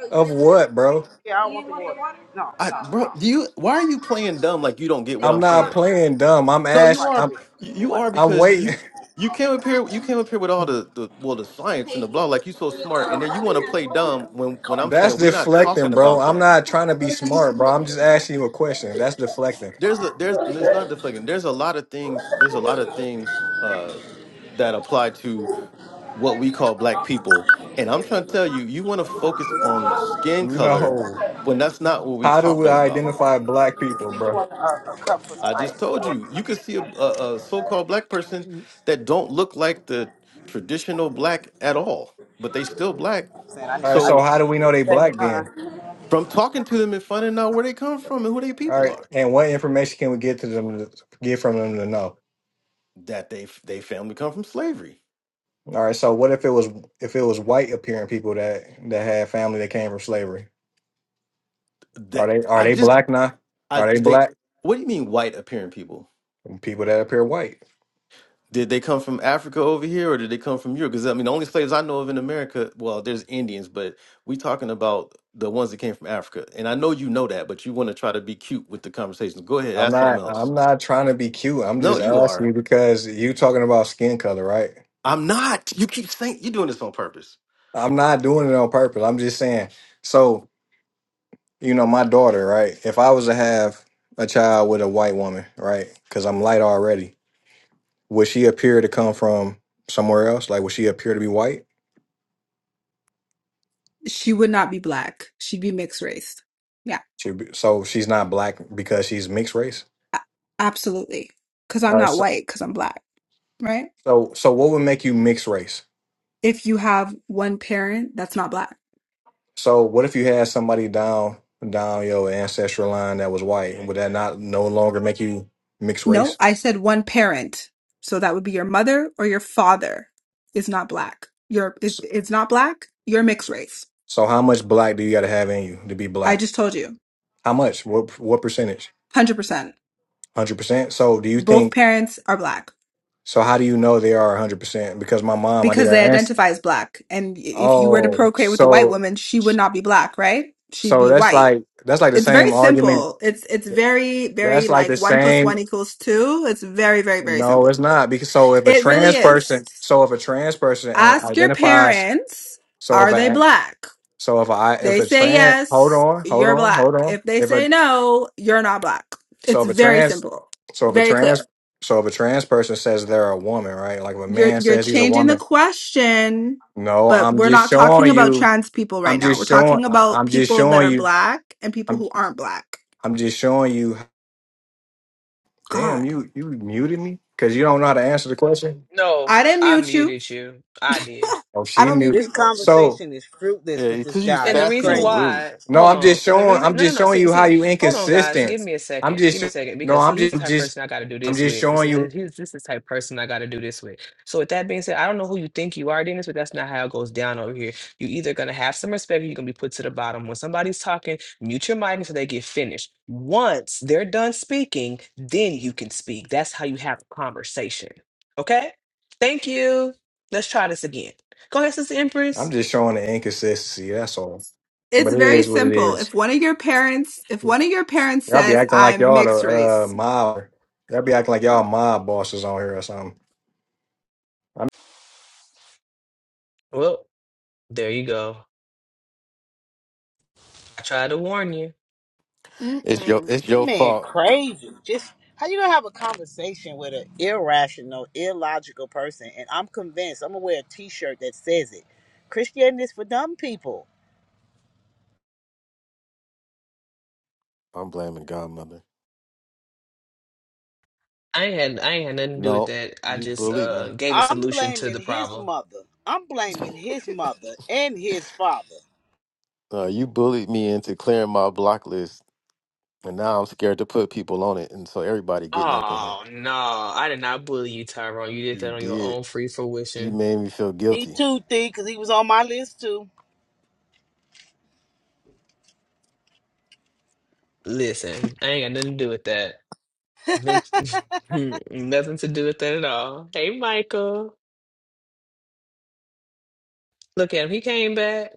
Speaker 1: Oh, you
Speaker 7: of
Speaker 1: just
Speaker 7: what, bro?
Speaker 1: Yeah, I don't you want the want water. the water.
Speaker 6: I
Speaker 1: No, no, Oh,
Speaker 6: bro,
Speaker 1: no,
Speaker 6: do
Speaker 1: no.
Speaker 6: you why are you playing dumb like you don't get
Speaker 1: so you
Speaker 6: what
Speaker 7: I'm
Speaker 6: I'm
Speaker 1: want the
Speaker 7: not
Speaker 6: saying?
Speaker 1: bottle, right?
Speaker 7: playing dumb. I'm
Speaker 6: No, you
Speaker 7: ash.
Speaker 1: Sprite,
Speaker 6: are
Speaker 7: I'm
Speaker 1: yeah. The
Speaker 6: you
Speaker 1: white
Speaker 6: are
Speaker 7: I'm
Speaker 6: because
Speaker 7: waiting.
Speaker 6: you
Speaker 7: (laughs)
Speaker 6: you came up here you came up here with all the, the well the science and
Speaker 1: Okay,
Speaker 6: the
Speaker 1: it
Speaker 6: blah
Speaker 1: took us
Speaker 6: like you so
Speaker 1: three
Speaker 6: smart and then you want to play
Speaker 1: o'clock.
Speaker 6: dumb when when
Speaker 1: card.
Speaker 6: I'm
Speaker 7: That's
Speaker 6: saying we're not talking
Speaker 7: deflecting, bro.
Speaker 6: about
Speaker 7: I'm
Speaker 6: that.
Speaker 7: not trying to be
Speaker 1: You
Speaker 7: smart, bro. I'm just asking you a question. That's deflecting.
Speaker 6: There's a there's it's not deflecting. There's a lot of things there's a lot of things uh that apply to what we call black people. And I'm trying to tell you, you want to focus on skin color
Speaker 7: No.
Speaker 6: when that's not what we're
Speaker 7: How do we
Speaker 6: talking about.
Speaker 7: identify black people, bro?
Speaker 1: want a, a cup of
Speaker 6: I just
Speaker 1: ice
Speaker 6: told
Speaker 1: or a
Speaker 6: you,
Speaker 1: cup
Speaker 6: you
Speaker 1: of
Speaker 6: could see a,
Speaker 1: ice.
Speaker 6: a, a so-called black person that don't look like the traditional black at all, but they still black.
Speaker 1: I'm saying I need
Speaker 7: All
Speaker 1: the
Speaker 7: right,
Speaker 1: ice.
Speaker 7: so
Speaker 6: So
Speaker 7: how do we know they
Speaker 1: Same
Speaker 7: black then?
Speaker 1: time.
Speaker 6: from talking to them and finding out where they come from and who they
Speaker 7: All
Speaker 6: people
Speaker 7: right,
Speaker 6: are,
Speaker 7: and what information can we get to them to get from them to know?
Speaker 6: that they they family come from slavery.
Speaker 7: All right, so what if it was if it was white appearing people that that had family that came from slavery? Are
Speaker 6: That
Speaker 7: they are
Speaker 6: I
Speaker 7: they
Speaker 6: just
Speaker 7: black now?
Speaker 6: I
Speaker 7: Are they
Speaker 6: they
Speaker 7: black?
Speaker 6: what do you mean white appearing people?
Speaker 7: People that appear white.
Speaker 6: Did they come from Africa over here, or did they come from Europe? Because I mean, the only slaves I know of in America, well, there's Indians, but we talking about the ones that came from Africa. And I know you know that, but you want to try to be cute with the conversation. Go ahead,
Speaker 7: I'm
Speaker 6: ask something
Speaker 7: not
Speaker 6: else.
Speaker 7: I'm not trying to be cute. I'm
Speaker 6: No,
Speaker 7: just
Speaker 6: you
Speaker 7: asking
Speaker 6: are.
Speaker 7: you because you talking about skin color, right?
Speaker 6: I'm not. You keep saying you're doing this on purpose.
Speaker 7: I'm not doing it on purpose. I'm just saying. So you know, my daughter, right? If I was to have a child with a white woman, right? Because I'm light already, would she appear to come from somewhere else? Like, would she appear to be white?
Speaker 3: she would not be black. She'd be mixed race. Yeah.
Speaker 7: She'd be, so she's not black because she's mixed race.
Speaker 3: A- Absolutely. Because I'm
Speaker 7: All right.
Speaker 3: not
Speaker 7: So,
Speaker 3: white, because I'm black, right?
Speaker 7: so, so what would make you mixed race?
Speaker 3: If you have one parent that's not black.
Speaker 7: So, what if you had somebody down down your ancestral line that was white? Would that not no longer make you mixed
Speaker 3: No,
Speaker 7: race?
Speaker 3: I said one parent. So that would be your mother or your father is not black. Your is
Speaker 7: So,
Speaker 3: it's not black, you're mixed race.
Speaker 7: so how much black do you got to have in you to be
Speaker 3: I
Speaker 7: black?
Speaker 3: just told you.
Speaker 7: How much? What what percentage?
Speaker 3: 100%.
Speaker 7: Hundred percent. So, do you
Speaker 3: Both
Speaker 7: think?
Speaker 3: parents are black
Speaker 7: So how do you know they are 100%? Because my mom, I did
Speaker 3: because
Speaker 7: an
Speaker 3: they
Speaker 7: answer.
Speaker 3: identify as black. And i- if you were to
Speaker 7: Oh,
Speaker 3: procreate with a white
Speaker 7: so
Speaker 3: woman, she would not be black, right? She'd
Speaker 7: so
Speaker 3: be
Speaker 7: that's
Speaker 3: white
Speaker 7: like that's like the
Speaker 3: it's very
Speaker 7: same argument.
Speaker 3: simple. It's it's very very
Speaker 7: That's like
Speaker 3: like
Speaker 7: the
Speaker 3: one plus
Speaker 7: same.
Speaker 3: one equals two. It's very very very
Speaker 7: No,
Speaker 3: simple.
Speaker 7: it's not. Because so if a
Speaker 3: It really
Speaker 7: trans
Speaker 3: is.
Speaker 7: person, so if a trans person and
Speaker 3: Ask your
Speaker 7: identifies,
Speaker 3: parents,
Speaker 7: so if
Speaker 3: are they
Speaker 7: a
Speaker 3: black?
Speaker 7: so if I if
Speaker 3: They
Speaker 7: a
Speaker 3: say
Speaker 7: trans, hold
Speaker 3: yes,
Speaker 7: on, hold
Speaker 3: you're
Speaker 7: on,
Speaker 3: black.
Speaker 7: hold on.
Speaker 3: If they
Speaker 7: If a
Speaker 3: say no, you're not black.
Speaker 7: so
Speaker 3: It's
Speaker 7: if a
Speaker 3: very
Speaker 7: trans,
Speaker 3: simple,
Speaker 7: so if a
Speaker 3: very clear.
Speaker 7: trans, so if a trans person says they're a woman, right? Like if a
Speaker 3: You're
Speaker 7: man
Speaker 3: you're
Speaker 7: says he's a
Speaker 3: changing the
Speaker 7: woman,
Speaker 3: question,
Speaker 7: No,
Speaker 3: but
Speaker 7: I'm
Speaker 3: we're
Speaker 7: just
Speaker 3: not talking
Speaker 7: showing
Speaker 3: about
Speaker 7: you.
Speaker 3: trans people right
Speaker 7: I'm
Speaker 3: now. We're
Speaker 7: just showing.
Speaker 3: talking
Speaker 7: I-
Speaker 3: about
Speaker 7: I'm just
Speaker 3: people that
Speaker 7: showing
Speaker 3: are
Speaker 7: you.
Speaker 3: black and people
Speaker 7: I'm.
Speaker 3: who aren't black.
Speaker 7: I'm just showing you. Damn,
Speaker 3: God,
Speaker 7: you you muted me because you don't know how to answer the question.
Speaker 5: No,
Speaker 3: I didn't
Speaker 5: I
Speaker 3: mute you.
Speaker 5: muted you. I did.
Speaker 7: Oh,
Speaker 3: (laughs) I
Speaker 7: she
Speaker 3: don't mute
Speaker 7: muted.
Speaker 1: This
Speaker 3: people.
Speaker 7: So
Speaker 1: conversation is fruitless
Speaker 6: Yeah,
Speaker 1: with this
Speaker 6: because you
Speaker 1: guy.
Speaker 5: And the
Speaker 1: He's
Speaker 6: sassy
Speaker 5: reason
Speaker 6: and
Speaker 1: crazy.
Speaker 6: rude.
Speaker 5: why,
Speaker 7: no,
Speaker 5: hold
Speaker 7: I'm
Speaker 5: on.
Speaker 7: just
Speaker 5: And the
Speaker 7: showing.
Speaker 5: reason,
Speaker 7: I'm
Speaker 5: no, no,
Speaker 7: just
Speaker 5: no.
Speaker 7: showing
Speaker 5: See,
Speaker 7: you how
Speaker 5: see,
Speaker 7: you
Speaker 5: hold on, guys. Give
Speaker 7: inconsistent.
Speaker 5: me a
Speaker 7: I'm
Speaker 5: second.
Speaker 7: just.
Speaker 5: Give me a
Speaker 7: sho-
Speaker 5: second
Speaker 7: No,
Speaker 5: because see,
Speaker 7: I'm
Speaker 5: he's
Speaker 7: just.
Speaker 5: the
Speaker 7: I'm
Speaker 5: type of
Speaker 7: just.
Speaker 5: person I got to do
Speaker 7: I'm
Speaker 5: this
Speaker 7: just
Speaker 5: with. This
Speaker 7: showing
Speaker 5: is
Speaker 7: you.
Speaker 5: he's, this is the type of person I got to do this with. So with that being said, I don't know who you think you are, Dennis, but that's not how it goes down over here. You either gonna have some respect, or you're gonna be put to the bottom. When somebody's talking, mute your mic until they get finished. Once they're done speaking, then you can speak. That's how you have a conversation. Okay? Thank you. Let's try this again. Go ahead, Sister Empress.
Speaker 7: I'm just showing the inconsistency. That's all.
Speaker 3: It's
Speaker 7: But it
Speaker 3: very
Speaker 7: is what it
Speaker 3: simple.
Speaker 7: is.
Speaker 3: If one of your parents, if one of your parents
Speaker 7: Y'all be
Speaker 3: says
Speaker 7: acting like
Speaker 3: I'm
Speaker 7: y'all
Speaker 3: mixed
Speaker 7: the uh
Speaker 3: race,
Speaker 7: mob. Y'all be acting like y'all
Speaker 3: Oh,
Speaker 7: mob bosses on here or something.
Speaker 5: Well, there you go. I tried to warn you.
Speaker 6: It's your
Speaker 3: Mm-mm.
Speaker 6: it's
Speaker 1: That
Speaker 6: your
Speaker 1: man
Speaker 6: fault.
Speaker 1: crazy. Just how you gonna have a conversation with an irrational, illogical person? And I'm convinced. I'm gonna wear a T-shirt that says it. Christianity is for dumb people.
Speaker 6: I'm blaming Godmother.
Speaker 5: I ain't had I ain't had nothing to do with
Speaker 6: No,
Speaker 5: that. I
Speaker 6: you
Speaker 5: just
Speaker 6: bullied
Speaker 5: uh
Speaker 6: me.
Speaker 5: gave a
Speaker 1: I'm
Speaker 5: solution to
Speaker 1: blaming
Speaker 5: the
Speaker 1: his
Speaker 5: problem.
Speaker 1: mother. I'm
Speaker 6: (laughs)
Speaker 1: blaming his mother and his father.
Speaker 6: Uh, you bullied me into clearing my block list, and now I'm scared to put people on it, and so everybody getting up in here.
Speaker 5: Oh no, I did not bully you, Tyrone. You did
Speaker 6: You
Speaker 5: that on your
Speaker 6: did.
Speaker 5: own free
Speaker 6: You
Speaker 5: fruition.
Speaker 6: made me feel
Speaker 1: He
Speaker 6: guilty.
Speaker 1: too thick because he was on my list too.
Speaker 5: Listen, I ain't got nothing to do with that. Them- (laughs) nothing to do with that at all. Hey, Michael. Look at him. He came back.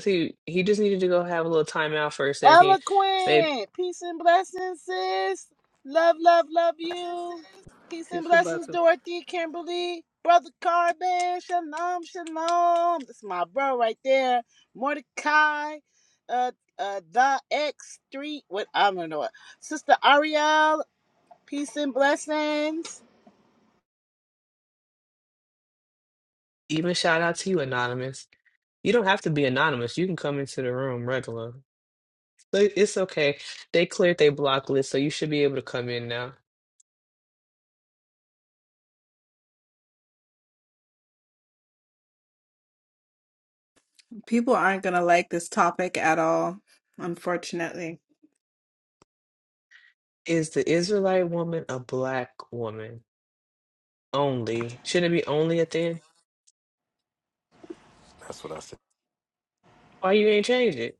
Speaker 5: See, he just needed to go have a little time out for a second. Babe,
Speaker 1: Eloquent. Peace and blessings, sis. Love, love, love you. Peace and
Speaker 8: Peace and
Speaker 1: blessings,
Speaker 8: blessings.
Speaker 1: Dorothy, Kimberly, Brother Carbon. Shalom, shalom. That's my bro right there. Mordecai. Uh, uh, the X Street. What I don't know. Sister Ariel. Peace and blessings.
Speaker 5: even shout out to you, Anonymous. You don't have to be anonymous. You can come into the room regular. But It's okay. They cleared their block list, so you should be able to come in now.
Speaker 3: People aren't going to like this topic at all, unfortunately.
Speaker 5: Is the Israelite woman a black woman only? Shouldn't it be only at the end?
Speaker 6: That's what I said.
Speaker 5: Why you ain't change it?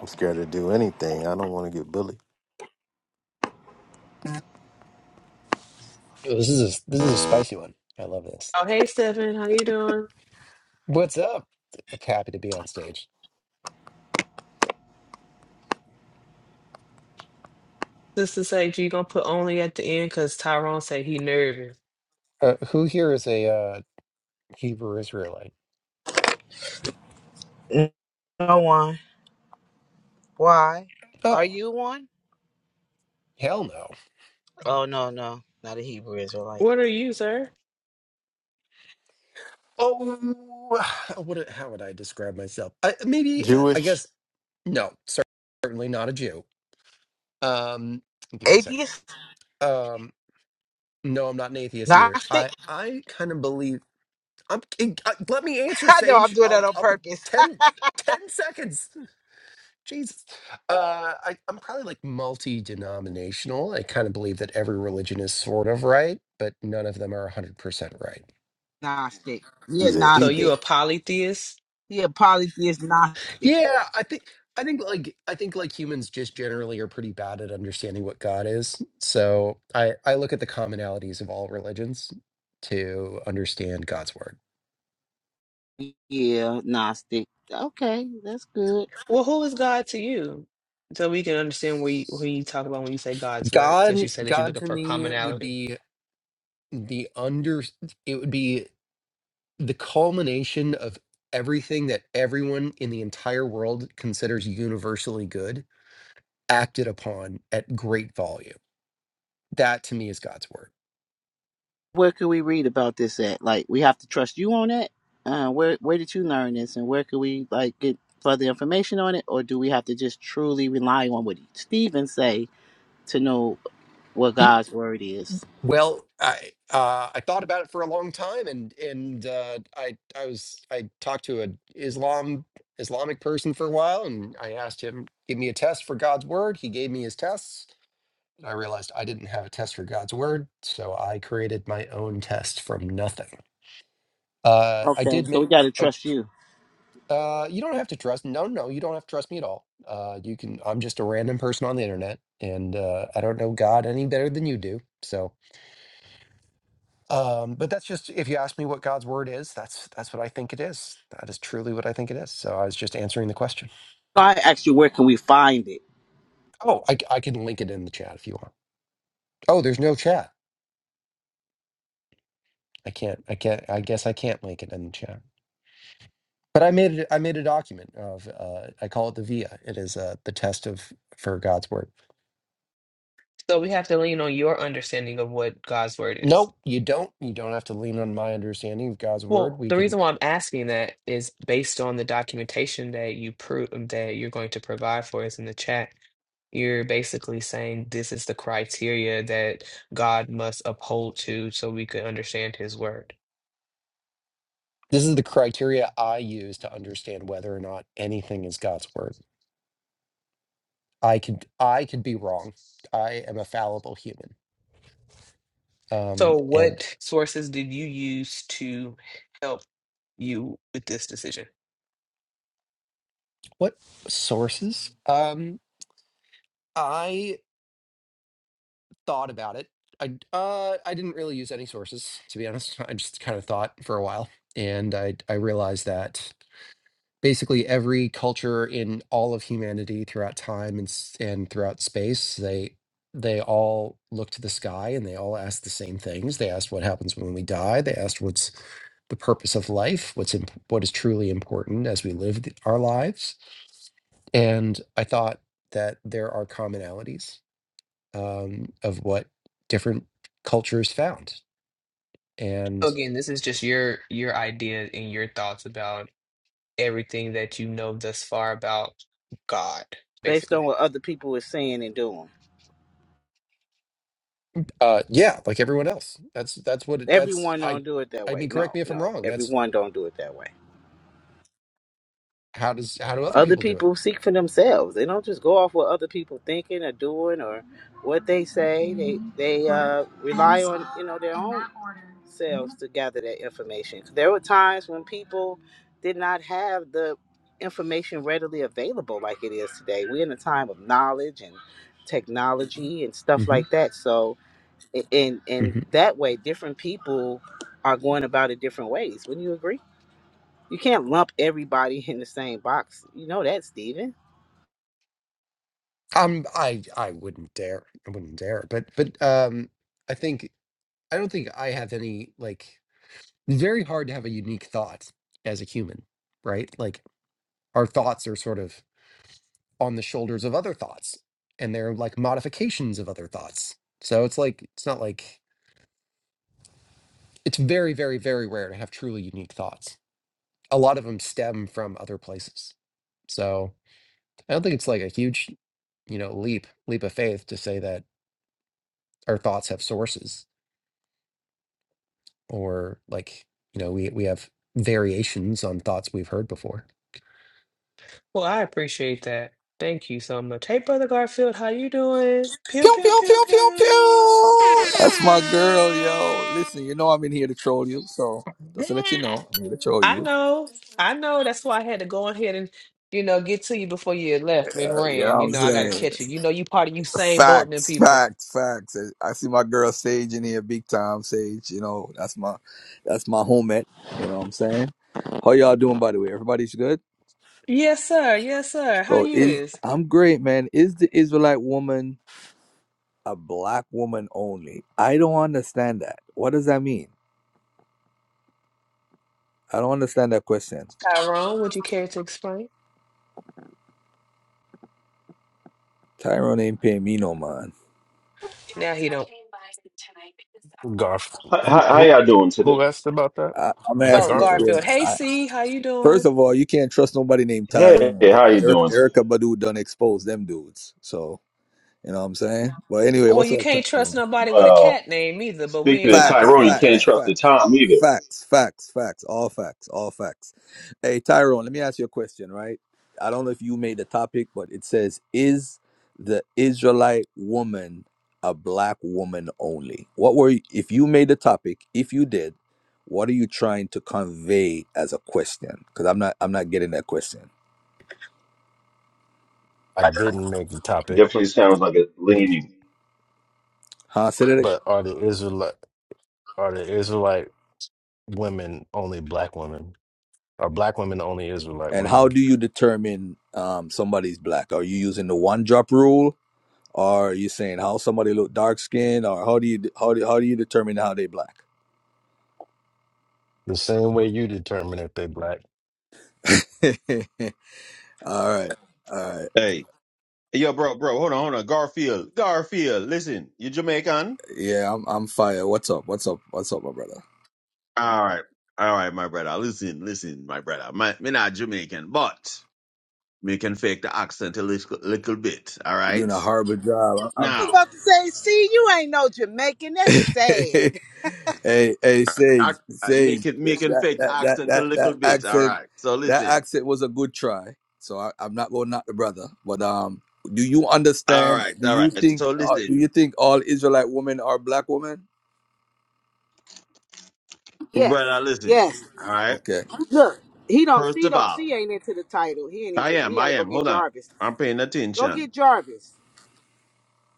Speaker 6: I'm scared to do anything. I don't want to get bullied.
Speaker 9: Oh, This is a, this is a spicy one. I love this.
Speaker 5: Oh, hey, Stephen, how you doing?
Speaker 9: What's up? I'm happy to be on stage.
Speaker 5: Sister say you gonna put only at the end because Tyrone say he nervous.
Speaker 9: Uh, who here is a uh, Hebrew Israelite?
Speaker 1: No one. Why? Are
Speaker 9: Oh,
Speaker 1: you one?
Speaker 9: hell no.
Speaker 1: Oh no, no, not a Hebrew Israelite.
Speaker 5: What are you, sir?
Speaker 9: Oh, (sighs) what? How would I describe myself? I, maybe uh, I
Speaker 6: Jewish.
Speaker 9: guess no. cer- Certainly not a Jew. Um, give me a second.
Speaker 1: Atheist,
Speaker 9: Um, no, I'm not an atheist either.
Speaker 1: Gnostic.
Speaker 9: I I kind of believe. I'm, eh, uh, let me
Speaker 1: (laughs)
Speaker 9: answer,
Speaker 1: I know I'm
Speaker 9: Sage.
Speaker 1: doing
Speaker 9: I'll
Speaker 1: that on
Speaker 9: I'll be
Speaker 1: purpose.
Speaker 9: 10 10 seconds. Jesus. Uh, I, I'm probably like multi denominational. I kind of believe that every religion is sort of right, but none of them are 100% right.
Speaker 1: Gnostic. He a
Speaker 6: He's a
Speaker 5: So you
Speaker 1: Gnostic.
Speaker 6: heathen.
Speaker 5: a polytheist?
Speaker 1: He a polytheist Gnostic.
Speaker 9: Yeah, I think. I think like I think like humans just generally are pretty bad at understanding what God is. So I I look at the commonalities of all religions to understand God's word.
Speaker 1: Yeah, Gnostic. Okay, that's good.
Speaker 5: Well, who is God to you? So we can understand what you, what you talk about when you say God's word, since
Speaker 9: God
Speaker 5: you said that you're
Speaker 9: God
Speaker 5: looking
Speaker 9: to
Speaker 5: for
Speaker 9: me would
Speaker 5: commonality.
Speaker 9: be the under it would be the culmination of everything that everyone in the entire world considers universally good acted upon at great volume. That to me is God's word.
Speaker 1: Where can we read about this at? Like, we have to trust you on it. Uh, where Where did you learn this, and where can we like get further information on it, or do we have to just truly rely on what Stephen say to know what
Speaker 9: Y-
Speaker 1: God's word is?
Speaker 9: Well, I uh, I thought about it for a long time, and and uh, I I was I talked to an Islam Islamic person for a while, and I asked him give me a test for God's word. He gave me his tests, and I realized I didn't have a test for God's word, so I created my own test from nothing. Uh, I
Speaker 1: Okay,
Speaker 9: did
Speaker 1: so we
Speaker 9: make.
Speaker 1: got to trust you.
Speaker 9: Uh, you don't have to trust. No, no, you don't have to trust me at all. Uh, you can. I'm just a random person on the internet, and uh, I don't know God any better than you do. So, um, but that's just if you ask me what God's word is, that's that's what I think it is. That is truly what I think it is. So I was just answering the question.
Speaker 1: So I asked you, where can we find it?
Speaker 9: Oh, I, c- I can link it in the chat if you want. Oh, there's no chat. I can't. I can't. I guess I can't link it in the chat. But I made it. I made a document of. Uh, I call it the Via. It is uh, the test of for God's word.
Speaker 5: So we have to lean on your understanding of what God's word is.
Speaker 9: Nope, you don't. You don't have to lean on my understanding of God's word.
Speaker 5: Well,
Speaker 9: We
Speaker 5: the
Speaker 9: can.
Speaker 5: reason why I'm asking that is based on the documentation that you prove um, that you're going to provide for us in the chat. You're basically saying this is the criteria that God must uphold to so we could understand his word.
Speaker 9: This is the criteria I use to understand whether or not anything is God's word. I could. I could be wrong. I am a fallible human. Um,
Speaker 5: So
Speaker 9: and
Speaker 5: what sources did you use to help you with this decision?
Speaker 9: what sources? Um, I thought about it. I uh, I didn't really use any sources to be honest. (laughs) I just kind of thought for a while, and I I realized that. basically every culture in all of humanity throughout time and s- and throughout space they they all look to the sky and they all ask the same things they asked what happens when we die they asked what's the purpose of life what's imp- what is truly important as we live th- our lives and i thought that there are commonalities um, of what different cultures found and
Speaker 5: Again, this is just your your idea and your thoughts about everything that you know thus far about God,
Speaker 1: Based
Speaker 5: basically.
Speaker 1: on what other people are saying and doing.
Speaker 9: uh yeah like everyone else that's that's what it, that's
Speaker 1: Everyone
Speaker 9: i
Speaker 1: don't do it that
Speaker 9: i
Speaker 1: way.
Speaker 9: mean correct
Speaker 1: No,
Speaker 9: me if i'm
Speaker 1: no,
Speaker 9: wrong That's
Speaker 1: everyone don't do it that way.
Speaker 9: How does how do other
Speaker 1: Other
Speaker 9: people do it?
Speaker 1: people seek for themselves. They don't just go off what other people thinking or doing or what they say. They they uh, rely on you know their own selves to gather that information. There were times when people did not have the information readily available like it is today. We're in a time of knowledge and technology and stuff
Speaker 9: hmm
Speaker 1: like that. So in in
Speaker 9: hmm
Speaker 1: that way, different people are going about it different ways. Wouldn't you agree? You can't lump everybody in the same box. You know that, Steven.
Speaker 9: Um, I I wouldn't dare. I wouldn't dare. But but um, I think I don't think I have any like. It's very hard to have a unique thought as a human, right? Like our thoughts are sort of on the shoulders of other thoughts, and they're like modifications of other thoughts. So it's like it's not like it's very very very rare to have truly unique thoughts. A lot of them stem from other places. So. I don't think it's like a huge, you know, leap leap of faith to say that our thoughts have sources or like, you know, we we have variations on thoughts we've heard before.
Speaker 5: Well, I appreciate that. Thank you so much. Hey, Brother Garfield, how you doing? Pew,
Speaker 10: Pew,
Speaker 5: pew,
Speaker 10: pew,
Speaker 5: pew,
Speaker 10: pew, pew,
Speaker 5: pew.
Speaker 10: pew. That's
Speaker 5: (laughs)
Speaker 10: my girl, yo. Listen, you know I'm in here to troll you, so just to let you
Speaker 5: Yeah.
Speaker 10: know, I'm here to troll
Speaker 5: I
Speaker 10: you.
Speaker 5: know. I know. That's why I had to go ahead and, you know, get to you before you had left and
Speaker 10: Uh, you
Speaker 5: ran.
Speaker 10: know what
Speaker 5: You
Speaker 10: I'm
Speaker 5: know, I got to
Speaker 10: saying?
Speaker 5: catch you. You know, you part of Usain Bolt and them
Speaker 10: Facts,
Speaker 5: people.
Speaker 10: facts, facts. I I see my girl Sage in here, big time Sage. You know, that's my that's my homie. You know what I'm saying? How y'all doing by the way? Everybody's good?
Speaker 5: Yes, sir. Yes, sir. How
Speaker 10: So
Speaker 5: you
Speaker 10: is
Speaker 5: is?
Speaker 10: I'm great, man. Is the Israelite woman a black woman only? I don't understand that. What does that mean? I don't understand that question.
Speaker 5: Tyrone, would you care to explain?
Speaker 10: Tyrone ain't paying me no mind.
Speaker 5: Now he don't.
Speaker 6: Garfield.
Speaker 11: How, how,
Speaker 6: Who
Speaker 11: how
Speaker 6: who
Speaker 11: y'all doing
Speaker 6: who
Speaker 11: today?
Speaker 6: asked about that?
Speaker 10: I, I'm
Speaker 6: Was that
Speaker 5: Oh,
Speaker 10: asking.
Speaker 6: Garfield?
Speaker 10: Yeah.
Speaker 5: Garfield. Hey,
Speaker 10: I,
Speaker 5: C, how you
Speaker 10: first
Speaker 5: doing?
Speaker 10: of all, you can't trust nobody named
Speaker 11: Hey,
Speaker 10: Tyrone.
Speaker 11: how you
Speaker 10: Eric,
Speaker 11: doing today?
Speaker 10: Erica Badu done exposed them dudes. So you know what I'm saying. But anyway,
Speaker 5: Well,
Speaker 10: what's
Speaker 5: you
Speaker 10: up,
Speaker 5: can't trust
Speaker 10: Tyrone?
Speaker 5: nobody with a
Speaker 11: Well,
Speaker 5: cat name either, but we
Speaker 11: speaking
Speaker 5: ain't
Speaker 11: of
Speaker 5: talking
Speaker 10: Facts,
Speaker 11: Tyrone, you
Speaker 5: about
Speaker 11: can't
Speaker 10: facts,
Speaker 5: that.
Speaker 11: trust the
Speaker 10: facts.
Speaker 11: Tom either.
Speaker 10: Facts, facts, facts, all facts, all facts. Hey, Tyrone, let me ask you a question, right? I don't know if you made the topic, but it says, Is the Israelite woman a black woman only? What were, if you made the topic, if you did, what are you trying to convey as a question? Because I'm not, I'm not getting that question.
Speaker 6: I didn't make the topic,
Speaker 11: Definitely sounds like a leaning.
Speaker 10: Huh? Say that ag-
Speaker 6: but are the Israelite are the Israelite women only black women? Are black women only Israelite
Speaker 10: And how
Speaker 6: women?
Speaker 10: do you determine um, somebody's black? Are you using the one drop rule? Or are you saying how somebody look dark skinned or how do you how do, how do you determine how they black?
Speaker 6: The same way you determine if they black.
Speaker 10: (laughs) all right. All right.
Speaker 11: Hey, yo, bro, bro, hold on, hold on. Garfield, Garfield, listen, you Jamaican?
Speaker 10: Yeah, I'm I'm fire. What's up? What's up? What's up, my brother?
Speaker 11: All right, all right, my brother. Listen, listen, my brother. My, me not Jamaican, but me can fake the accent a little, little bit, all
Speaker 10: You're doing
Speaker 11: right?
Speaker 10: a horrible job. I'm,
Speaker 1: I was
Speaker 11: Now,
Speaker 1: about to say, see, you ain't no Jamaican. That's
Speaker 10: I'm... (laughs)
Speaker 1: sad.
Speaker 10: hey, hey, Sage,
Speaker 11: I, I
Speaker 10: Sage,
Speaker 11: make it, me can
Speaker 10: that
Speaker 11: fake the
Speaker 10: that that
Speaker 11: accent a
Speaker 10: that
Speaker 11: little
Speaker 10: that
Speaker 11: bit, all
Speaker 10: accent,
Speaker 11: right? So
Speaker 10: that
Speaker 11: listen,
Speaker 10: accent was a good try. So I, I'm not going to knock the brother, but um, do you
Speaker 11: all
Speaker 10: understand?
Speaker 11: right,
Speaker 10: Do
Speaker 11: all
Speaker 10: you
Speaker 11: right.
Speaker 10: think?
Speaker 11: So
Speaker 10: Uh,
Speaker 11: listen.
Speaker 10: do you think all Israelite women are black women?
Speaker 1: Yes,
Speaker 11: Brother, now listen.
Speaker 1: yes.
Speaker 11: All right.
Speaker 10: Okay.
Speaker 1: Look, he don't.
Speaker 11: First
Speaker 1: She
Speaker 11: of
Speaker 1: don't.
Speaker 11: all,
Speaker 1: She ain't into the title. He ain't
Speaker 11: I
Speaker 1: into. He
Speaker 11: am.
Speaker 1: got
Speaker 11: I
Speaker 1: to go
Speaker 11: am.
Speaker 1: get
Speaker 11: Hold on.
Speaker 1: Jarvis.
Speaker 11: I'm paying
Speaker 1: Go
Speaker 11: attention.
Speaker 1: get Jarvis.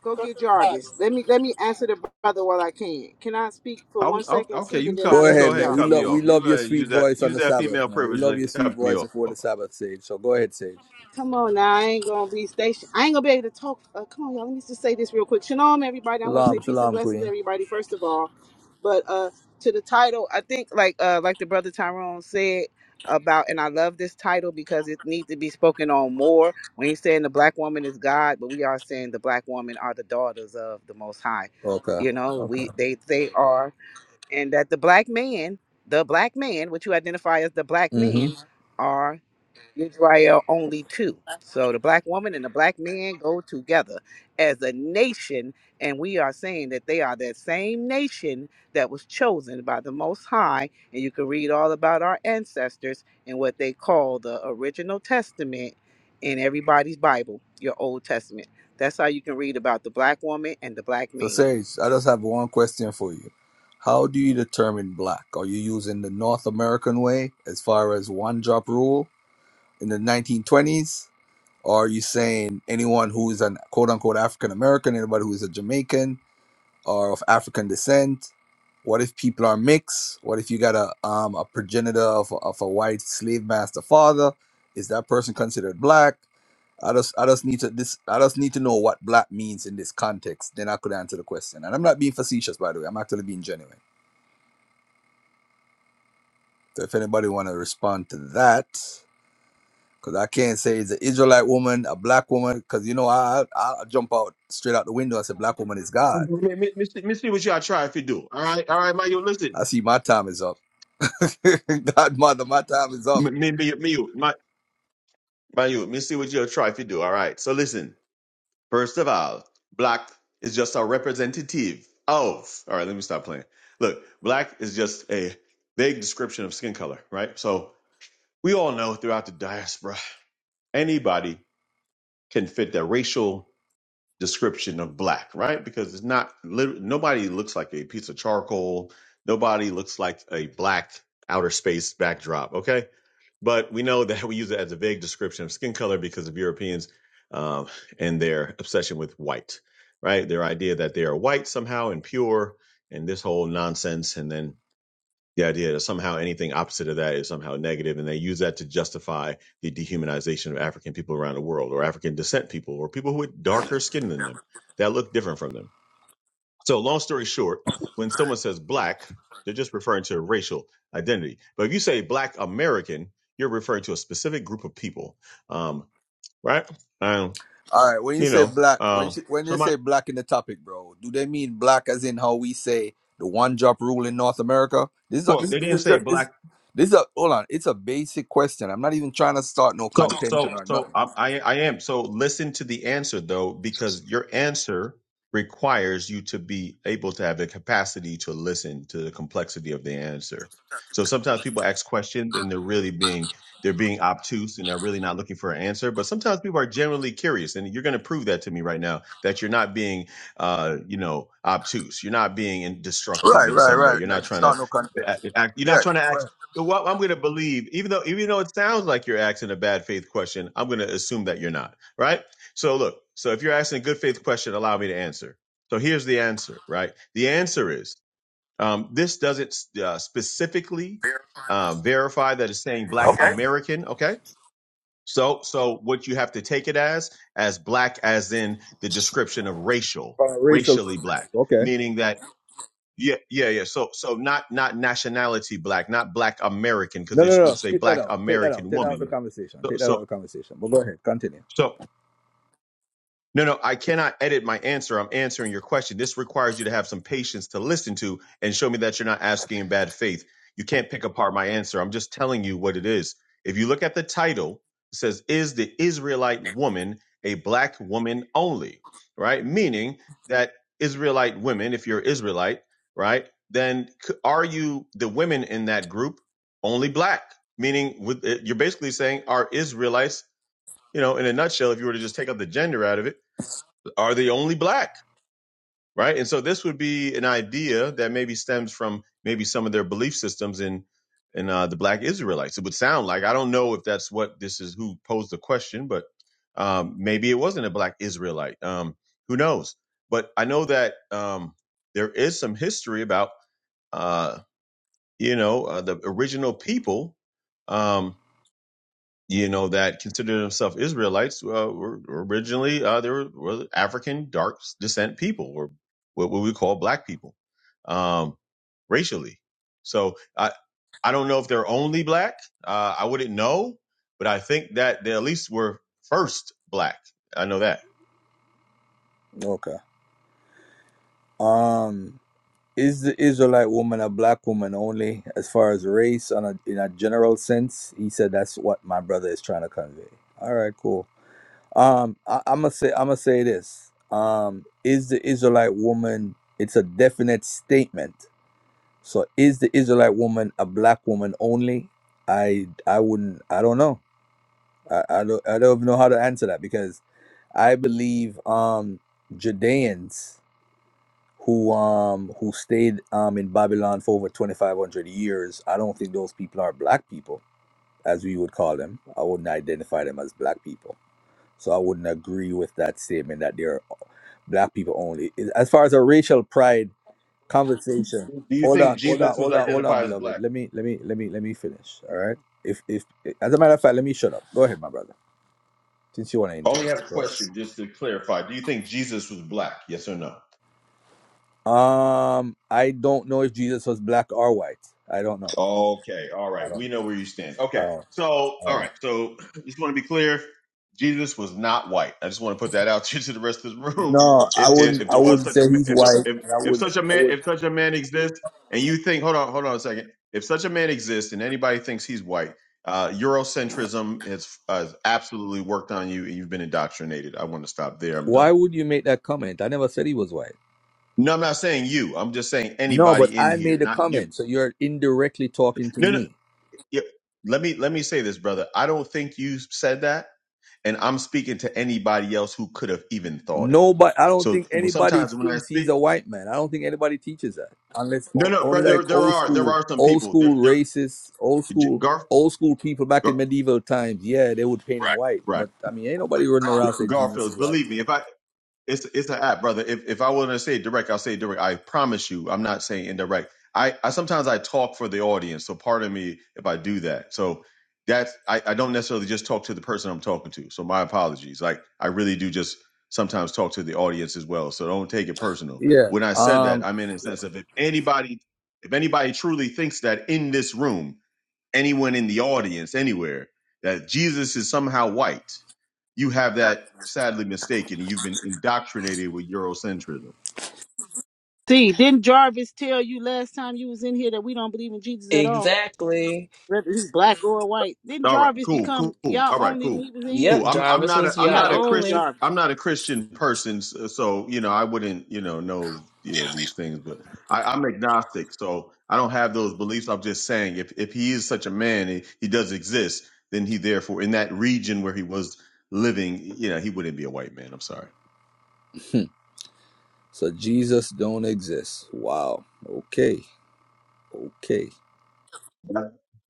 Speaker 1: Go get Jarvis. Let me let me answer the brother while I can. Can I speak for
Speaker 11: I,
Speaker 1: one
Speaker 11: I,
Speaker 1: second,
Speaker 11: okay,
Speaker 1: see, and
Speaker 11: you
Speaker 1: then
Speaker 11: cut.
Speaker 1: I'll
Speaker 10: Go
Speaker 11: You
Speaker 1: let
Speaker 11: go
Speaker 10: ahead,
Speaker 1: you
Speaker 11: ahead and
Speaker 10: man.
Speaker 1: go.
Speaker 10: We
Speaker 11: cut me
Speaker 10: love we
Speaker 11: off. You
Speaker 10: love
Speaker 11: uh,
Speaker 10: your sweet
Speaker 11: use that
Speaker 10: voice on
Speaker 11: use
Speaker 10: the
Speaker 11: that
Speaker 10: Sabbath,
Speaker 11: female
Speaker 10: man. We
Speaker 11: privilege
Speaker 10: love
Speaker 11: and
Speaker 10: your sweet
Speaker 11: cut me
Speaker 10: voice
Speaker 11: off.
Speaker 10: before the Sabbath, Sage. So go ahead, Sage.
Speaker 1: Come on now, I ain't gonna be station. I ain't gonna be able to talk. Uh, come on, y'all. Let me just say this real quick. Shalom, everybody. I want to say
Speaker 10: Shalom,
Speaker 1: peace and
Speaker 10: shalom,
Speaker 1: blessings,
Speaker 10: Queen.
Speaker 1: everybody. First of all, but uh, to the title, I think like uh, like the brother Tyrone said about, and I love this title because it needs to be spoken on more. When he's saying the black woman is God, but we are saying the black woman are the daughters of the Most High.
Speaker 10: Okay,
Speaker 1: You know,
Speaker 10: okay.
Speaker 1: we they they are, and that the black man, the black man, which you identify as the black
Speaker 10: hmm
Speaker 1: man, are Israel only two. So the black woman and the black man go together as a nation, and we are saying that they are that same nation that was chosen by the Most High. And you can read all about our ancestors and what they call the original testament in everybody's Bible, your Old Testament. That's how you can read about the black woman and the black
Speaker 10: So
Speaker 1: man.
Speaker 10: Sage, I just have one question for you. How do you determine black? Are you using the North American way as far as one drop rule in the 1920s? Or are you saying anyone who is an quote unquote African American, anybody who is a Jamaican, are of African descent? What if people are mixed? What if you got a um, a progenitor of, of a white slave master father? Is that person considered black? I just I just need to this I just need to know what black means in this context. Then I could answer the question. And I'm not being facetious, by the way. I'm actually being genuine. So if anybody want to respond to that, because I can't say it's an Israelite woman, a black woman, because you know I I will jump out straight out the window and say black woman is God.
Speaker 11: Me, me, me see me see what y'all try if you do. All right. All right, my you listen.
Speaker 10: I see my time is up. (laughs) God mother, my time is up.
Speaker 11: Me, me, me, me you, my, my you. Me see what you'll try if you do. All right. So listen. First of all, black is just a representative of. All right. Let me stop playing. Look, black is just a vague description of skin color, right? So We all know throughout the diaspora, anybody can fit the racial description of black, right? Because it's not, lit- nobody looks like a piece of charcoal. Nobody looks like a black outer space backdrop, okay? But we know (laughs) that we use it as a vague description of skin color because of Europeans um, and their obsession with white, right? Their idea that they are white somehow and pure and this whole nonsense. And then the idea that somehow anything opposite of that is somehow negative, and they use that to justify the dehumanization of African people around the world, or African descent people, or people with darker skin than them that look different from them. So, long story short, when someone says black, they're just referring to racial identity. But if you say black American, you're referring to a specific group of people, um, right? Um,
Speaker 10: All right. When you
Speaker 11: you
Speaker 10: say
Speaker 11: know,
Speaker 10: black, when
Speaker 11: um,
Speaker 10: she, when they
Speaker 11: somebody.
Speaker 10: say black in the topic, bro, do they mean black as in how we say the one drop rule in North America? This is a,
Speaker 11: Well,
Speaker 10: this,
Speaker 11: they
Speaker 10: this,
Speaker 11: didn't say
Speaker 10: this,
Speaker 11: black.
Speaker 10: this, this is a hold on. It's a basic question. I'm not even trying to start no
Speaker 11: So,
Speaker 10: contention
Speaker 11: so,
Speaker 10: or
Speaker 11: so
Speaker 10: nothing.
Speaker 11: um, I, I am. So listen to the answer though, because your answer requires you to be able to have the capacity to listen to the complexity of the answer. So sometimes people ask questions and they're really being they're being obtuse and they're really not looking for an answer. But sometimes people are generally curious, and you're going to prove that to me right now that you're not being, uh, you know, obtuse. You're not being in- destructive
Speaker 10: Right,
Speaker 11: in
Speaker 10: right,
Speaker 11: some way.
Speaker 10: right.
Speaker 11: You're not
Speaker 10: Not-
Speaker 11: trying to.
Speaker 10: Start no contention.
Speaker 11: act, You're
Speaker 10: Yeah.
Speaker 11: not trying to
Speaker 10: go
Speaker 11: act.
Speaker 10: ahead.
Speaker 11: Well, I'm going to believe, even though even though it sounds like you're asking a bad faith question, I'm going to assume that you're not, right? So look, so if you're asking a good faith question, allow me to answer. So here's the answer, right? The answer is um, this doesn't uh, specifically uh, verify that it's saying Black
Speaker 10: Okay.
Speaker 11: American, okay? So so what you have to take it as as Black as in the description of racial, racially Black,
Speaker 10: Okay.
Speaker 11: meaning that yeah, yeah, yeah. So, so not not nationality black, not black American, because
Speaker 10: No,
Speaker 11: it
Speaker 10: no, no.
Speaker 11: would say
Speaker 10: Skip that
Speaker 11: black
Speaker 10: out. Take that out.
Speaker 11: American
Speaker 10: Take that out of the
Speaker 11: woman.
Speaker 10: conversation.
Speaker 11: So,
Speaker 10: Take that out of
Speaker 11: so,
Speaker 10: the conversation. But go ahead. Continue.
Speaker 11: so, no, no, I cannot edit my answer. I'm answering your question. This requires you to have some patience to listen to and show me that you're not asking in bad faith. You can't pick apart my answer. I'm just telling you what it is. If you look at the title, it says, Is the Israelite woman a black woman only? Right? Meaning that Israelite women, if you're Israelite, right, then c- are you the women in that group only black? Meaning, with, eh, you're basically saying, Are Israelites, you know, in a nutshell, if you were to just take out the gender out of it, are the only black, right? And so this would be an idea that maybe stems from maybe some of their belief systems in in uh, the black Israelites. It would sound like I don't know if that's what this is who posed the question, but um, maybe it wasn't a black Israelite. Um, who knows? But I know that um, there is some history about uh, you know uh, the original people. Um, you know, that considered themselves Israelites uh, were originally uh, they were, were African dark descent people, or what, what we call black people, um, racially. So I I don't know if they're only black. Uh, I wouldn't know, but I think that they at least were first black. I know that.
Speaker 10: Okay. Um. Is the Israelite woman a black woman only as far as race on a, in a general sense? He said that's what my brother is trying to convey. All right, cool. Um, I, I'm gonna say I'm gonna say this. Um, is the Israelite woman? It's a definite statement. So is the Israelite woman a black woman only? I I wouldn't. I don't know. I, I don't. I don't even know how to answer that because I believe um Judeans who um who stayed um in Babylon for over 2500 years I don't think those people are black people as we would call them I wouldn't identify them as black people so I wouldn't agree with that statement that they're black people only as far as a racial pride conversation
Speaker 11: Do you
Speaker 10: hold
Speaker 11: think
Speaker 10: on hold on
Speaker 11: Jesus was
Speaker 10: hold on hold on
Speaker 11: identified as
Speaker 10: beloved
Speaker 11: black?
Speaker 10: let me let me let me let me finish all right if if as a matter of fact let me shut up go ahead my brother since you want to
Speaker 11: I only
Speaker 10: interrupt
Speaker 11: have a
Speaker 10: go ahead.
Speaker 11: question just to clarify. Do you think Jesus was black? Yes or no?
Speaker 10: Um, I don't know if Jesus was black or white. I don't know.
Speaker 11: Okay. All
Speaker 10: I
Speaker 11: right.
Speaker 10: don't.
Speaker 11: We know where you stand.
Speaker 10: I
Speaker 11: Okay.
Speaker 10: don't.
Speaker 11: So,
Speaker 10: I
Speaker 11: all
Speaker 10: don't
Speaker 11: right.
Speaker 10: know.
Speaker 11: So, (clears throat) just want to be clear Jesus was not white. I just want to put that out (laughs) to the rest of the room.
Speaker 10: No, I
Speaker 11: If, if, if
Speaker 10: wouldn't. I
Speaker 11: there was
Speaker 10: wouldn't
Speaker 11: such a
Speaker 10: say
Speaker 11: ma-
Speaker 10: he's
Speaker 11: if, there-
Speaker 10: white,
Speaker 11: if
Speaker 10: and I
Speaker 11: if
Speaker 10: wouldn't.
Speaker 11: such a
Speaker 10: I
Speaker 11: man
Speaker 10: would.
Speaker 11: if such a man exists and you think hold on hold on a second if such a man exists and anybody thinks he's white uh, Eurocentrism has has absolutely worked on you and you've been indoctrinated. I want to stop there. I'm done.
Speaker 10: Why would you make that comment? I never said he was white.
Speaker 11: No, I'm not saying you. I'm just saying
Speaker 10: No, but
Speaker 11: anybody in
Speaker 10: I
Speaker 11: here,
Speaker 10: made a
Speaker 11: not you.
Speaker 10: comment, so you're indirectly talking to
Speaker 11: No. no.
Speaker 10: me.
Speaker 11: Yep. Let me let me say this, brother. I don't think you said that, and I'm speaking to anybody else who could have even thought it.
Speaker 10: Nobody. I don't
Speaker 11: So
Speaker 10: think
Speaker 11: well,
Speaker 10: anybody
Speaker 11: sometimes when I
Speaker 10: thinks
Speaker 11: speak,
Speaker 10: he's a white man. I don't think anybody teaches that, unless
Speaker 11: no,
Speaker 10: o-
Speaker 11: no,
Speaker 10: only
Speaker 11: brother,
Speaker 10: like
Speaker 11: there
Speaker 10: old
Speaker 11: are there
Speaker 10: school,
Speaker 11: are some
Speaker 10: old
Speaker 11: people. There,
Speaker 10: school
Speaker 11: there,
Speaker 10: racists, old
Speaker 11: J-
Speaker 10: school,
Speaker 11: Gar,
Speaker 10: old school people back
Speaker 11: Gar
Speaker 10: in medieval times. Yeah, they would paint him Right. white,
Speaker 11: right,
Speaker 10: but I mean, ain't nobody running around saying Jesus is
Speaker 11: Garfield.
Speaker 10: white.
Speaker 11: Believe me, if I It's it's an app, brother. If if I want to say it direct, I'll say it direct. I promise you, I'm not saying indirect. I, I sometimes I talk for the audience, so pardon me if I do that. So that's I, I don't necessarily just talk to the person I'm talking to. So my apologies. Like I really do just sometimes talk to the audience as well. So don't take it personal.
Speaker 10: Yeah.
Speaker 11: When I said that,
Speaker 10: Um.
Speaker 11: I meant in the sense of if anybody if anybody truly thinks that in this room, anyone in the audience anywhere that Jesus is somehow white, you have that sadly mistaken. You've been indoctrinated with Eurocentrism.
Speaker 1: See, didn't Jarvis tell you last time you was in here that we don't believe in Jesus at all?
Speaker 5: Exactly.
Speaker 1: Whether he's black or white. Didn't
Speaker 11: All right,
Speaker 1: Jarvis
Speaker 11: cool,
Speaker 1: become
Speaker 11: cool, cool.
Speaker 1: y'all
Speaker 11: All right,
Speaker 1: only when
Speaker 11: cool,
Speaker 1: he was in here?
Speaker 11: cool.
Speaker 5: Yep,
Speaker 11: I'm I'm
Speaker 5: Jarvis
Speaker 11: not a
Speaker 5: was
Speaker 1: You
Speaker 11: I'm
Speaker 1: gotta
Speaker 5: y'all
Speaker 11: not a
Speaker 1: go get
Speaker 11: Christian
Speaker 5: only.
Speaker 1: Jarvis.
Speaker 11: I'm not a Christian person, so, so you know I wouldn't you know know you know these things, but I, I'm agnostic, so I don't have those beliefs. I'm just saying if if he is such a man, he, he does exist, then he therefore in that region where he was living, you know, he wouldn't be a white man. I'm sorry.
Speaker 10: hmm, So Jesus don't exist. Wow. Okay. Okay.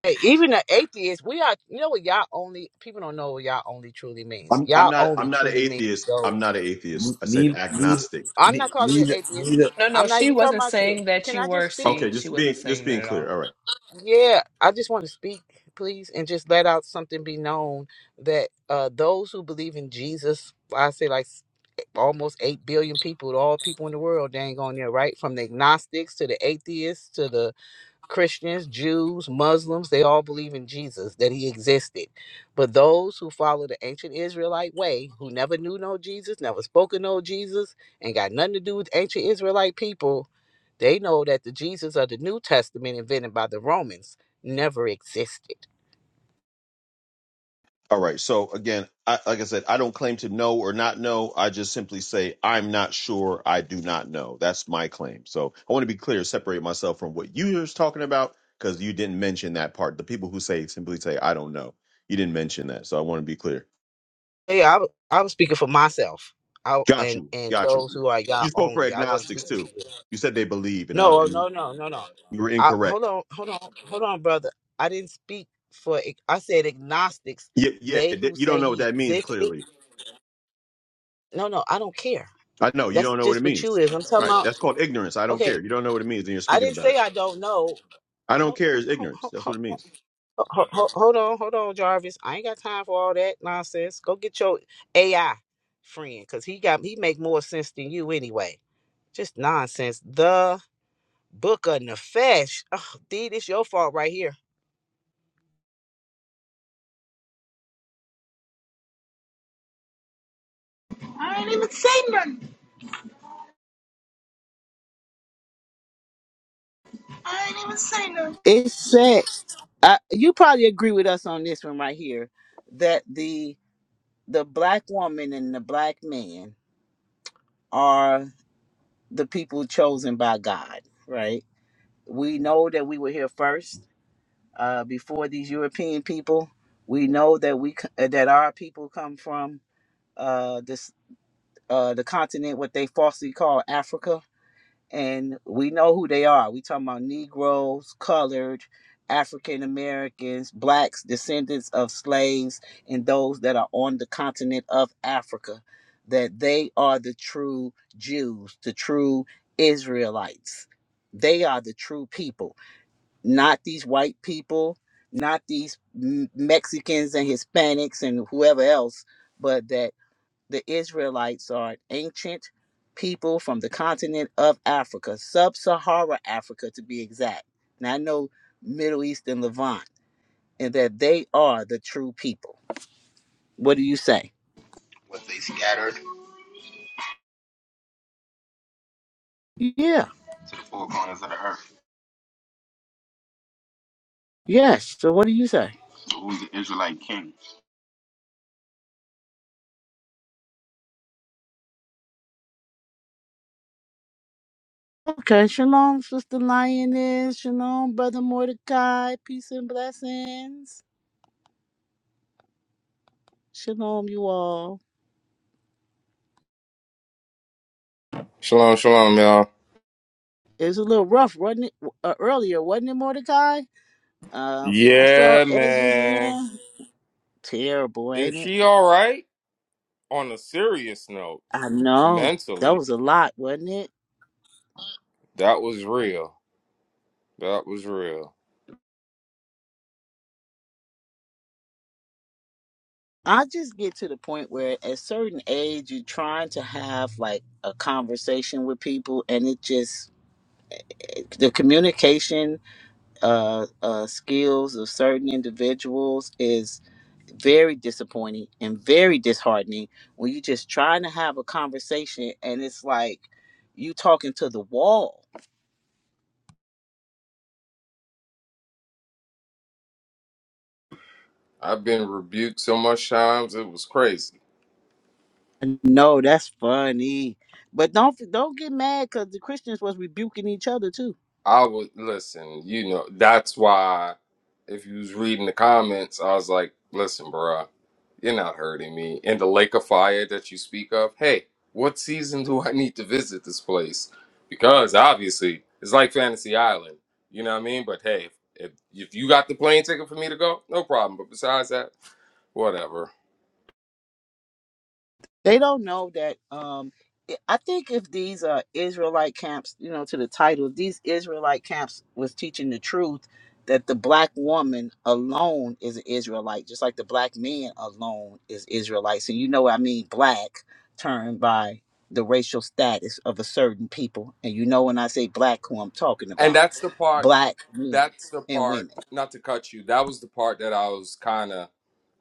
Speaker 1: Hey, even the atheists, we are, you know what y'all only, people don't know what y'all only truly means.
Speaker 11: I'm I'm
Speaker 1: Y'all
Speaker 11: not
Speaker 1: only
Speaker 11: I'm not an
Speaker 1: truly means
Speaker 11: atheist. I'm
Speaker 1: those.
Speaker 11: not an atheist. I said
Speaker 10: Neither,
Speaker 11: agnostic.
Speaker 1: I'm
Speaker 10: neither,
Speaker 1: not calling you
Speaker 10: neither,
Speaker 1: an atheist.
Speaker 10: neither,
Speaker 5: No, no,
Speaker 1: I'm not
Speaker 5: she
Speaker 1: even talking
Speaker 5: wasn't
Speaker 1: about you.
Speaker 5: saying that
Speaker 1: Can
Speaker 5: you
Speaker 1: I just
Speaker 5: were.
Speaker 1: speak?
Speaker 11: Okay,
Speaker 5: See, she
Speaker 11: just
Speaker 5: wasn't
Speaker 11: being just
Speaker 5: saying that
Speaker 11: being
Speaker 5: at
Speaker 11: clear.
Speaker 5: all.
Speaker 11: All right.
Speaker 1: Yeah, I just want to speak, please, and just let out something be known that uh, those who believe in Jesus, I say like s- almost 8 billion people, all people in the world, dang on there, right? From the agnostics to the atheists to the Christians, Jews, Muslims, they all believe in Jesus, that he existed. But those who follow the ancient Israelite way, who never knew no Jesus, never spoke of no Jesus, and got nothing to do with ancient Israelite people, they know that the Jesus of the New Testament invented by the Romans never existed.
Speaker 11: All right. So again, I, like I said, I don't claim to know or not know. I just simply say I'm not sure. I do not know. That's my claim. So I want to be clear, separate myself from what you were talking about because you didn't mention that part. The people who say simply say I don't know. You didn't mention that, so I want to be clear.
Speaker 1: Hey, I, w- I was speaking for myself. I,
Speaker 11: Got
Speaker 1: and
Speaker 11: you.
Speaker 1: and
Speaker 11: Got you.
Speaker 1: those who are God
Speaker 11: You spoke for
Speaker 1: only. I wasn't
Speaker 11: agnostics
Speaker 1: speaking for
Speaker 11: too.
Speaker 1: you.
Speaker 11: You said they believe, and I,
Speaker 1: No,
Speaker 11: and
Speaker 1: no, no, no, no.
Speaker 11: you were
Speaker 1: I,
Speaker 11: incorrect.
Speaker 1: hold on, hold on, hold on, brother. I didn't speak for. ag- I said agnostics.
Speaker 11: Yeah, yeah.
Speaker 1: They
Speaker 11: th-
Speaker 1: who
Speaker 11: You don't
Speaker 1: say
Speaker 11: know what
Speaker 1: he
Speaker 11: that means.
Speaker 1: existed.
Speaker 11: Clearly,
Speaker 1: No, no, I don't care.
Speaker 11: I know you
Speaker 1: That's
Speaker 11: don't know what
Speaker 1: just
Speaker 11: it
Speaker 1: what you
Speaker 11: means.
Speaker 1: is. I'm talking
Speaker 11: Right.
Speaker 1: about.
Speaker 11: That's called ignorance. I don't
Speaker 1: Okay,
Speaker 11: care. You don't know what it means, and you're
Speaker 1: I
Speaker 11: speaking
Speaker 1: didn't
Speaker 11: about
Speaker 1: say
Speaker 11: it.
Speaker 1: I don't know.
Speaker 11: I don't
Speaker 1: Hold,
Speaker 11: care is
Speaker 1: hold,
Speaker 11: ignorance.
Speaker 1: hold,
Speaker 11: That's what it means.
Speaker 1: hold, hold on, hold on, Jarvis. I ain't got time for all that nonsense. Go get your AI friend, cause he got he make more sense than you anyway. Just nonsense. The book of Nefesh. Oh, D, this your fault right here.
Speaker 12: I ain't even saying nothing. I ain't even saying nothing.
Speaker 1: It said, uh, you probably agree with us on this one right here, that the the black woman and the black man are the people chosen by God, right? We know that we were here first, uh, before these European people. We know that we c- uh, that our people come from uh, this uh, the continent what they falsely call Africa and we know who they are. We talking about Negroes, colored, African Americans, blacks, descendants of slaves, and those that are on the continent of Africa. That they are the true Jews, the true Israelites. They are the true people, not these white people, not these M- Mexicans and Hispanics and whoever else, but that the Israelites are an ancient people from the continent of Africa, sub Sahara Africa to be exact. And I know Middle East and Levant, and that they are the true people. What do you say?
Speaker 12: was they scattered to
Speaker 1: Yeah,
Speaker 12: the four corners of the earth.
Speaker 1: yes. So what do you say?
Speaker 12: So who's the Israelite king?
Speaker 1: Okay, shalom, Sister Lioness. Shalom, Brother Mordecai. Peace and blessings. Shalom, you all.
Speaker 13: Shalom, shalom, y'all.
Speaker 1: It was a little rough, wasn't it? Uh, earlier, wasn't it, Mordecai? Uh, I saw
Speaker 13: Yeah,
Speaker 1: Ezra's in
Speaker 13: man.
Speaker 1: there. Terrible, ain't
Speaker 13: Is
Speaker 1: it?
Speaker 13: she all right? On a serious note,
Speaker 1: I know that
Speaker 13: mentally,
Speaker 1: was a lot, wasn't it?
Speaker 13: that was real. That was real.
Speaker 1: I just get to the point where at certain age you're trying to have like a conversation with people and it just the communication uh, uh skills of certain individuals is very disappointing and very disheartening when you're just trying to have a conversation and it's like you talking to the wall.
Speaker 13: I've been rebuked so much times, it was crazy.
Speaker 1: No, that's funny. But don't don't get mad because the Christians was rebuking each other too.
Speaker 13: I would listen, you know, that's why if you was reading the comments, I was like, listen, bro. You're not hurting me. And the lake of fire that you speak of, hey, what season do I need to visit this place? Because obviously, it's like Fantasy Island. You know what I mean? But hey, if, if you got the plane ticket for me to go, no problem. But besides that, whatever.
Speaker 1: They don't know that. Um, I I think if these uh, Israelite camps, you know, to the title, these Israelite camps was teaching the truth that the black woman alone is an Israelite, just like the black man alone is Israelites. And you know what I mean, black turned by the racial status of a certain people. And you know when I say black who I'm talking
Speaker 13: And
Speaker 1: about,
Speaker 13: that's the part.
Speaker 1: black men
Speaker 13: That's the
Speaker 1: and
Speaker 13: part.
Speaker 1: women.
Speaker 13: Not to cut you. That was the part that I was kind of.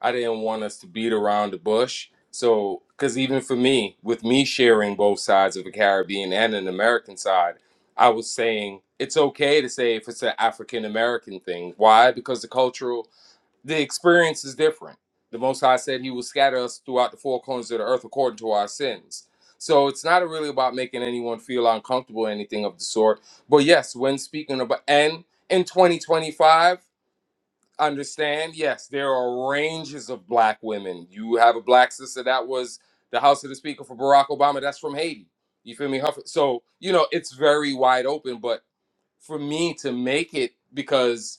Speaker 13: I didn't want us to beat around the bush. So, because even for me, with me sharing both sides of the Caribbean and an American side, I was saying it's okay to say if it's an African American thing. Why? Because the cultural the experience is different. The Most High said He will scatter us throughout the four corners of the earth according to our sins. So it's not really about making anyone feel uncomfortable or anything of the sort. But yes, when speaking about and in 2025, understand yes, there are ranges of black women. You have a black sister that was the House of the Speaker for Barack Obama. That's from Haiti. You feel me? Huff- So you know it's very wide open. But for me to make it because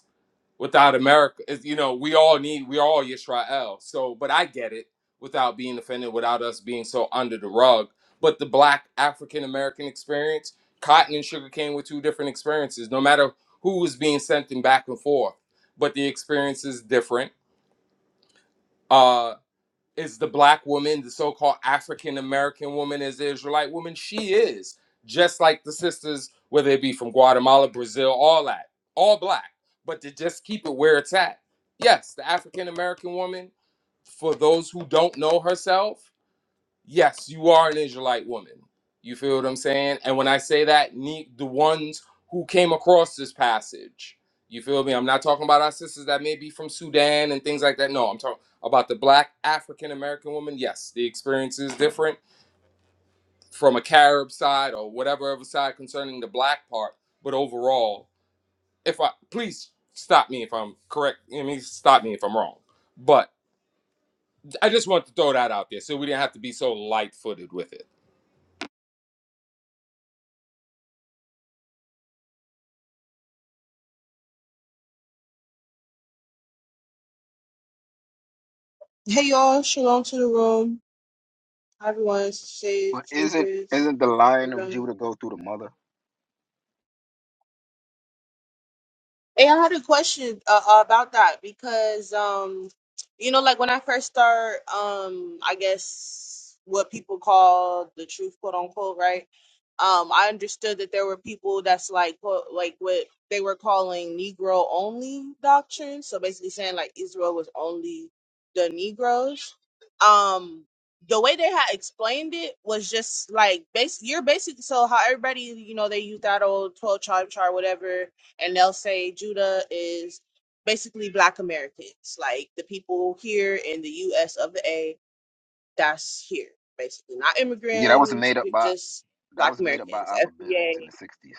Speaker 13: without America, it's, you know, we all need, we all Yisrael. So, but I get it without being offended, without us being so under the rug. But the Black African American experience, cotton and sugar cane, were two different experiences, no matter who was being sent them back and forth. But the experience is different. Uh, is the black woman, the so-called African American woman, is the Israelite woman. She is just like the sisters, whether it be from Guatemala, Brazil, all that, all black. But to just keep it where it's at, yes, the African American woman, for those who don't know herself, yes, you are an Israelite woman. You feel what I'm saying? And when I say that, ne- the ones who came across this passage, you feel me? I'm not talking about our sisters that may be from Sudan and things like that. No, I'm talking about the black African American woman. Yes, the experience is different from a Carib side or whatever other side concerning the black part. But overall, if I please stop me if I'm correct, I mean, stop me if I'm wrong. But I just want to throw that out there so we didn't have to be so light footed with it.
Speaker 14: Hey y'all, shalom to the room. Hi Everyone says
Speaker 12: But isn't
Speaker 14: Empress,
Speaker 12: isn't the lion of
Speaker 14: everyone.
Speaker 12: Judah go through the mother?
Speaker 14: Hey, I had a question uh, uh, about that because, um, you know, like when I first start, um, I guess what people call the truth, quote unquote, right? Um, I understood that there were people that's like, quote, like what they were calling Negro only doctrine. So basically saying like Israel was only the Negroes. Um, the way they had explained it was just like, base, you're basically, so how everybody, you know, they use that old 12 tribe chart, whatever and they'll say Judah is basically black Americans, like the people here in the US of the A, that's here, basically. Not
Speaker 12: Yeah, that was
Speaker 14: immigrants,
Speaker 12: made up
Speaker 14: but
Speaker 12: by
Speaker 14: just
Speaker 12: that
Speaker 14: black
Speaker 12: was made up by
Speaker 14: Americans.
Speaker 12: Abba Bivens
Speaker 14: FBA.
Speaker 12: in the sixties.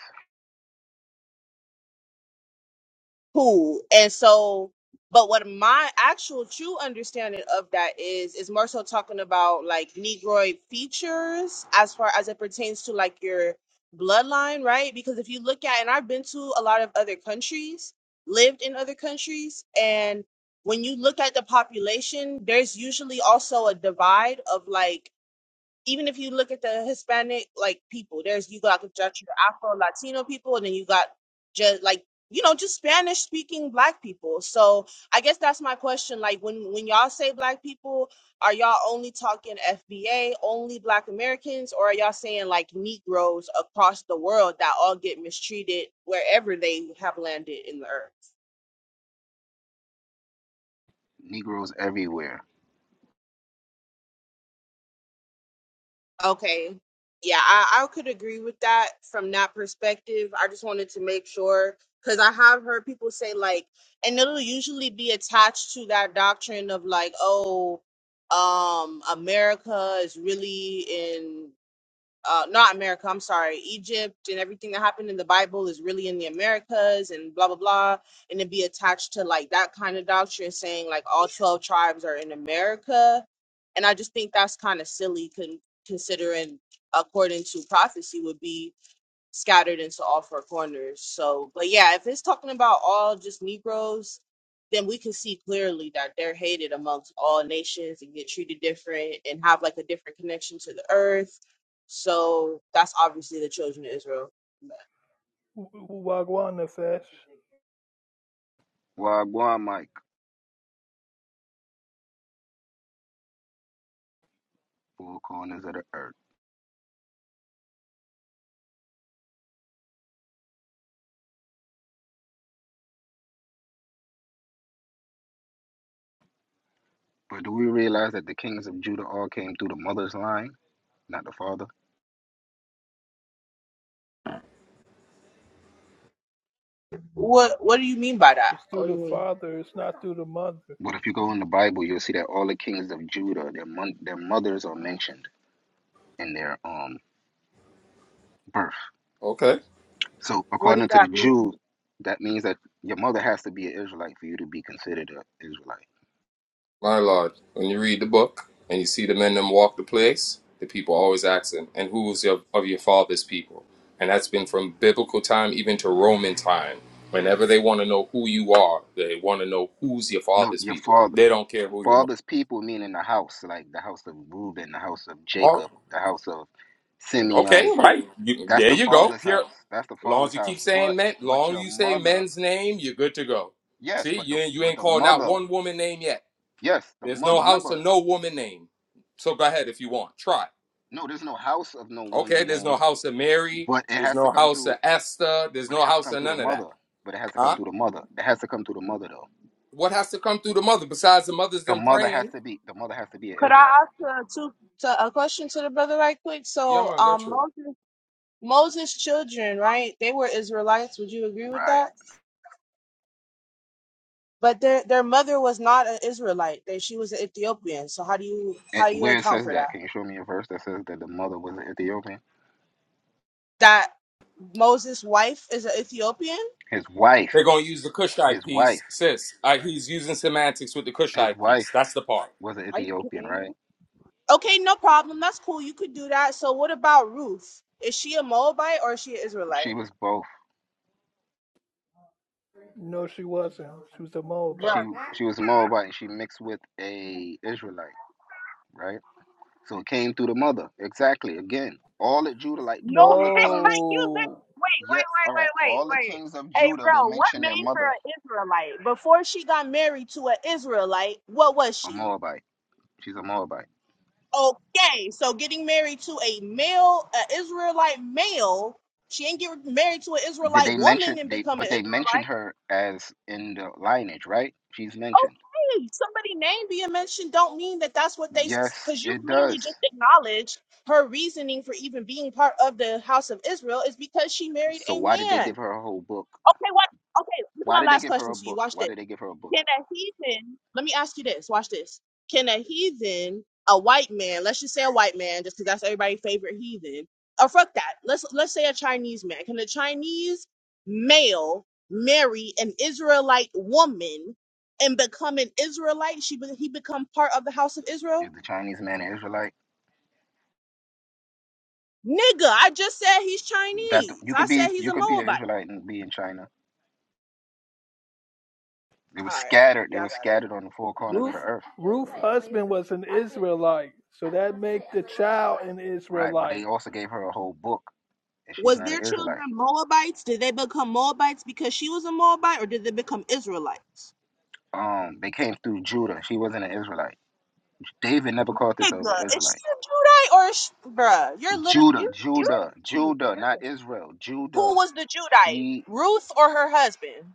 Speaker 14: cool. And so, but what my actual true understanding of that is, is more so talking about like Negroid features as far as it pertains to like your bloodline, right? Because if you look at, and I've been to a lot of other countries, lived in other countries, and when you look at the population, there's usually also a divide of like even if you look at the Hispanic like people, there's you got just your Afro Latino people, and then you got just like you know just Spanish speaking Black people. So I guess that's my question. Like when when y'all say Black people, are y'all only talking FBA, only Black Americans, or are y'all saying like Negroes across the world that all get mistreated wherever they have landed in the earth?
Speaker 12: Negroes everywhere.
Speaker 14: Okay. Yeah, I, I could agree with that from that perspective. I just wanted to make sure because I have heard people say like, and it'll usually be attached to that doctrine of like, oh, um, America is really in uh, not America, I'm sorry, Egypt and everything that happened in the Bible is really in the Americas and blah, blah, blah. And it'd be attached to like that kind of doctrine saying like all 12 tribes are in America. And I just think that's kind of silly con- considering according to prophecy would be scattered into all four corners. So, but yeah, if it's talking about all just Negroes, then we can see clearly that they're hated amongst all nations and get treated different and have like a different connection to the earth. So that's obviously the children of Israel.
Speaker 8: W- Wagwan Nefesh.
Speaker 12: Wagwan Mike, four corners of the earth. But do we realize that the kings of Judah all came through the mother's line, not the father?
Speaker 14: What What do you mean by that?
Speaker 8: It's through
Speaker 14: What do
Speaker 8: the
Speaker 14: you mean?
Speaker 8: father, it's not through the mother.
Speaker 12: But if you go in the Bible, you'll see that all the kings of Judah, their mon- their mothers are mentioned in their um birth.
Speaker 13: Okay.
Speaker 12: So
Speaker 14: What does
Speaker 12: according to the
Speaker 14: that mean?
Speaker 12: Jews, that means that your mother has to be an Israelite for you to be considered an Israelite.
Speaker 13: My Lord, when you read the book and you see the men them walk the place, the people always asking, and who's your, of your father's people? And that's been from biblical time even to Roman time. Whenever they want to know who you are, they want to know who's your
Speaker 12: No,
Speaker 13: father's
Speaker 12: your
Speaker 13: people.
Speaker 12: father
Speaker 13: They don't care who your mom.
Speaker 12: father's people meaning the house, like the house of Reuben, the house of
Speaker 13: Oh,
Speaker 12: Jacob, the house of
Speaker 13: okay,
Speaker 12: Simeon.
Speaker 13: right. You,
Speaker 12: That's
Speaker 13: there
Speaker 12: the
Speaker 13: you go.
Speaker 12: father's
Speaker 13: Pure.
Speaker 12: house. That's the
Speaker 13: Long
Speaker 12: father's
Speaker 13: as you
Speaker 12: house.
Speaker 13: keep saying
Speaker 12: But
Speaker 13: men,
Speaker 12: but
Speaker 13: long
Speaker 12: your
Speaker 13: you say
Speaker 12: mother,
Speaker 13: men's name, you're good to go.
Speaker 12: yes,
Speaker 13: See,
Speaker 12: but
Speaker 13: you
Speaker 12: the
Speaker 13: ain't, you
Speaker 12: but
Speaker 13: ain't
Speaker 12: the
Speaker 13: calling out
Speaker 12: mother,
Speaker 13: one woman name yet.
Speaker 12: yes, the
Speaker 13: There's
Speaker 12: mother,
Speaker 13: no house
Speaker 12: remember,
Speaker 13: of no woman name. So go ahead if you want. Try.
Speaker 12: no, there's no house of no
Speaker 13: Okay,
Speaker 12: woman
Speaker 13: there's no
Speaker 12: name.
Speaker 13: house of Mary.
Speaker 12: But it
Speaker 13: There's
Speaker 12: has to
Speaker 13: no
Speaker 12: come
Speaker 13: house of
Speaker 12: through
Speaker 13: Esther. There's
Speaker 12: but it
Speaker 13: no
Speaker 12: has to
Speaker 13: house
Speaker 12: come
Speaker 13: of
Speaker 12: through the
Speaker 13: none of that.
Speaker 12: mother. But it has to come
Speaker 13: Huh?
Speaker 12: through the mother. It has to come through the mother though.
Speaker 13: What has to come through the mother besides the mother's
Speaker 12: The
Speaker 13: them
Speaker 12: mother has
Speaker 13: praying?
Speaker 12: to be the mother has to be an
Speaker 14: Could I
Speaker 12: Israelite,
Speaker 14: ask a, to, to a question to the brother right quick?
Speaker 13: Yeah,
Speaker 14: So,
Speaker 13: man, go
Speaker 14: um,
Speaker 13: true.
Speaker 14: Moses, Moses' children, right? They were Israelites. Would you agree with
Speaker 12: right?
Speaker 14: that? But their their mother was not an Israelite; they, she was an Ethiopian. So how do you
Speaker 12: And
Speaker 14: how do you
Speaker 12: where it
Speaker 14: account
Speaker 12: says
Speaker 14: for
Speaker 12: that,
Speaker 14: that?
Speaker 12: can you show me a verse that says that the mother was an Ethiopian?
Speaker 14: That Moses' wife is an Ethiopian?
Speaker 12: His wife,
Speaker 13: They're gonna use the Cushite
Speaker 12: his wife,
Speaker 13: piece, sis. Uh, he's using semantics with the
Speaker 12: his
Speaker 13: Cushite
Speaker 12: wife
Speaker 13: piece. That's the part.
Speaker 12: was an
Speaker 14: Are you
Speaker 12: Ethiopian,
Speaker 14: kidding
Speaker 12: right?
Speaker 14: me? Okay, no problem. That's cool. You could do that. So what about Ruth? Is she a Moabite or is she an
Speaker 12: She
Speaker 14: Israelite?
Speaker 12: was both.
Speaker 8: No, she wasn't. She was a
Speaker 14: Bruh.
Speaker 8: Moabite.
Speaker 12: She she was Moabite and she mixed with a Israelite, right? So it came through the mother. Exactly. Again, all the Judah, like
Speaker 14: No,
Speaker 12: all the kings,
Speaker 14: (laughs) you li-
Speaker 8: No.
Speaker 14: wait,
Speaker 12: yeah,
Speaker 14: wait, wait,
Speaker 12: all right,
Speaker 14: wait, wait,
Speaker 12: all the
Speaker 14: wait.
Speaker 12: kings of
Speaker 14: Hey,
Speaker 12: Judah, they
Speaker 14: bro, what
Speaker 12: mention
Speaker 14: made
Speaker 12: their mother,
Speaker 14: her an Israelite? Before she got married to an Israelite, what was
Speaker 12: a
Speaker 14: she?
Speaker 12: Moabite. She's a Moabite.
Speaker 14: Okay, so getting married to a male, an Israelite male, she ain't get married to an
Speaker 12: Did
Speaker 14: Israelite
Speaker 12: they
Speaker 14: woman
Speaker 12: mention
Speaker 14: and
Speaker 12: they?
Speaker 14: become an
Speaker 12: But they mention
Speaker 14: Israelite.
Speaker 12: her as in the lineage, right? She's mentioned.
Speaker 14: Okay, somebody name being mentioned don't mean that that's what they,
Speaker 12: Yes,
Speaker 14: because you
Speaker 12: it
Speaker 14: literally
Speaker 12: does.
Speaker 14: just acknowledged her reasoning for even being part of the house of Israel is because she married
Speaker 12: So
Speaker 14: a
Speaker 12: why did they
Speaker 14: man.
Speaker 12: give her a whole book?
Speaker 14: Okay, what? Okay, this is
Speaker 12: Why
Speaker 14: my
Speaker 12: did they
Speaker 14: last
Speaker 12: give her
Speaker 14: question
Speaker 12: a
Speaker 14: to you.
Speaker 12: book?
Speaker 14: Watch
Speaker 12: Why
Speaker 14: this.
Speaker 12: did they give her a book?
Speaker 14: Can a heathen, let me ask you this, watch this. Can a heathen, a white man, let's just say a white man, just because that's everybody's favorite heathen, or fuck that. Let's let's say a Chinese man. Can a Chinese male marry an Israelite woman and become an Israelite? She be- he become part of the house of
Speaker 12: Is
Speaker 14: Israel?
Speaker 12: the Chinese man an Israelite?
Speaker 14: Nigga, I just said he's
Speaker 12: That
Speaker 14: Chinese.
Speaker 12: you
Speaker 14: I
Speaker 12: could
Speaker 14: said
Speaker 12: be,
Speaker 14: he's
Speaker 12: you
Speaker 14: a
Speaker 12: could be an
Speaker 14: Moabite.
Speaker 12: Israelite and be in China. They were
Speaker 14: All right,
Speaker 12: scattered. They
Speaker 14: y'all
Speaker 12: were
Speaker 14: got it.
Speaker 12: scattered on the four corners of the
Speaker 8: Ruth
Speaker 12: earth,
Speaker 8: Ruth's husband was an Israelite. So that make the child an
Speaker 12: right? But they
Speaker 8: Israelite.
Speaker 12: also gave her a whole book, and she's
Speaker 14: Was
Speaker 12: not an
Speaker 14: their children
Speaker 12: Israelite.
Speaker 14: Moabites? Did they become Moabites because she was a Moabite, or did they become Israelites?
Speaker 12: Um, they came through Judah. She wasn't an Israelite. David never called herself
Speaker 14: nigga.
Speaker 12: an
Speaker 14: Is
Speaker 12: Israelite.
Speaker 14: she a Judite or is she, bruh? You're literally
Speaker 12: Judah,
Speaker 14: you you're
Speaker 12: Judah,
Speaker 14: confused.
Speaker 12: Judah,
Speaker 14: You're
Speaker 12: not
Speaker 14: confused.
Speaker 12: Israel. Judah.
Speaker 14: Who was the Judite?
Speaker 12: She,
Speaker 14: Ruth or her husband?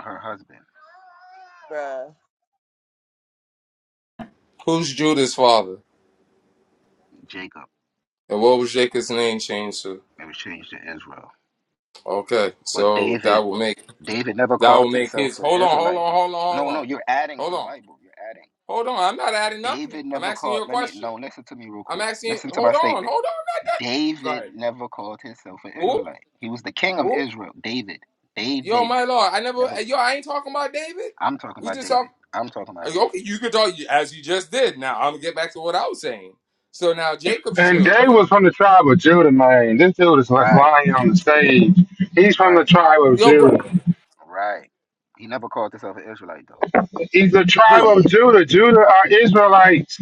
Speaker 12: her husband,
Speaker 14: Bruh.
Speaker 13: Who's Judah's father,
Speaker 12: Jacob.
Speaker 13: and what was Jacob's name changed to?
Speaker 12: It was changed to Israel.
Speaker 13: Okay,
Speaker 12: But
Speaker 13: so that
Speaker 12: David,
Speaker 13: will make
Speaker 12: David never
Speaker 13: that will
Speaker 12: called
Speaker 13: make
Speaker 12: himself
Speaker 13: his.
Speaker 12: an
Speaker 13: Hold on, hold
Speaker 12: Israelite,
Speaker 13: on,
Speaker 12: though.
Speaker 13: hold on, hold
Speaker 12: No,
Speaker 13: on,
Speaker 12: no, you're adding to
Speaker 13: hold
Speaker 12: the
Speaker 13: on,
Speaker 12: Bible. You're adding.
Speaker 13: hold on. I'm not adding
Speaker 12: David
Speaker 13: nothing. I'm
Speaker 12: never
Speaker 13: asking
Speaker 12: called.
Speaker 13: you a
Speaker 12: Let me
Speaker 13: question.
Speaker 12: no. Listen to me real
Speaker 13: I'm
Speaker 12: quick.
Speaker 13: asking.
Speaker 12: Listen to my
Speaker 13: Hold on, hold on.
Speaker 12: statement.
Speaker 13: Not that. Go
Speaker 12: David
Speaker 13: ahead.
Speaker 12: never called himself an
Speaker 13: Who?
Speaker 12: Israelite. He was the king of
Speaker 13: Who?
Speaker 12: Israel. David.
Speaker 13: Yo,
Speaker 12: David
Speaker 13: my lord, I never.
Speaker 12: never.
Speaker 13: eh, Yo, I ain't talking about David.
Speaker 12: I'm talking
Speaker 13: We
Speaker 12: about
Speaker 13: just
Speaker 12: David.
Speaker 13: talk.
Speaker 12: I'm talking about
Speaker 13: eh,
Speaker 12: David.
Speaker 13: Okay, you could talk as you just did. Now I'm gonna get back to what I was saying. So now Jacob's
Speaker 15: And Dave
Speaker 13: children.
Speaker 15: was from the tribe of Judah, man. This dude is what's
Speaker 12: Right.
Speaker 15: lying on the stage. He's from the
Speaker 12: Right.
Speaker 15: tribe of
Speaker 13: Yo, bro,
Speaker 15: Judah.
Speaker 12: Right. He never called himself an Israelite though.
Speaker 15: He's the tribe
Speaker 13: who?
Speaker 15: of
Speaker 12: David.
Speaker 15: Judah. Judah are Israelites.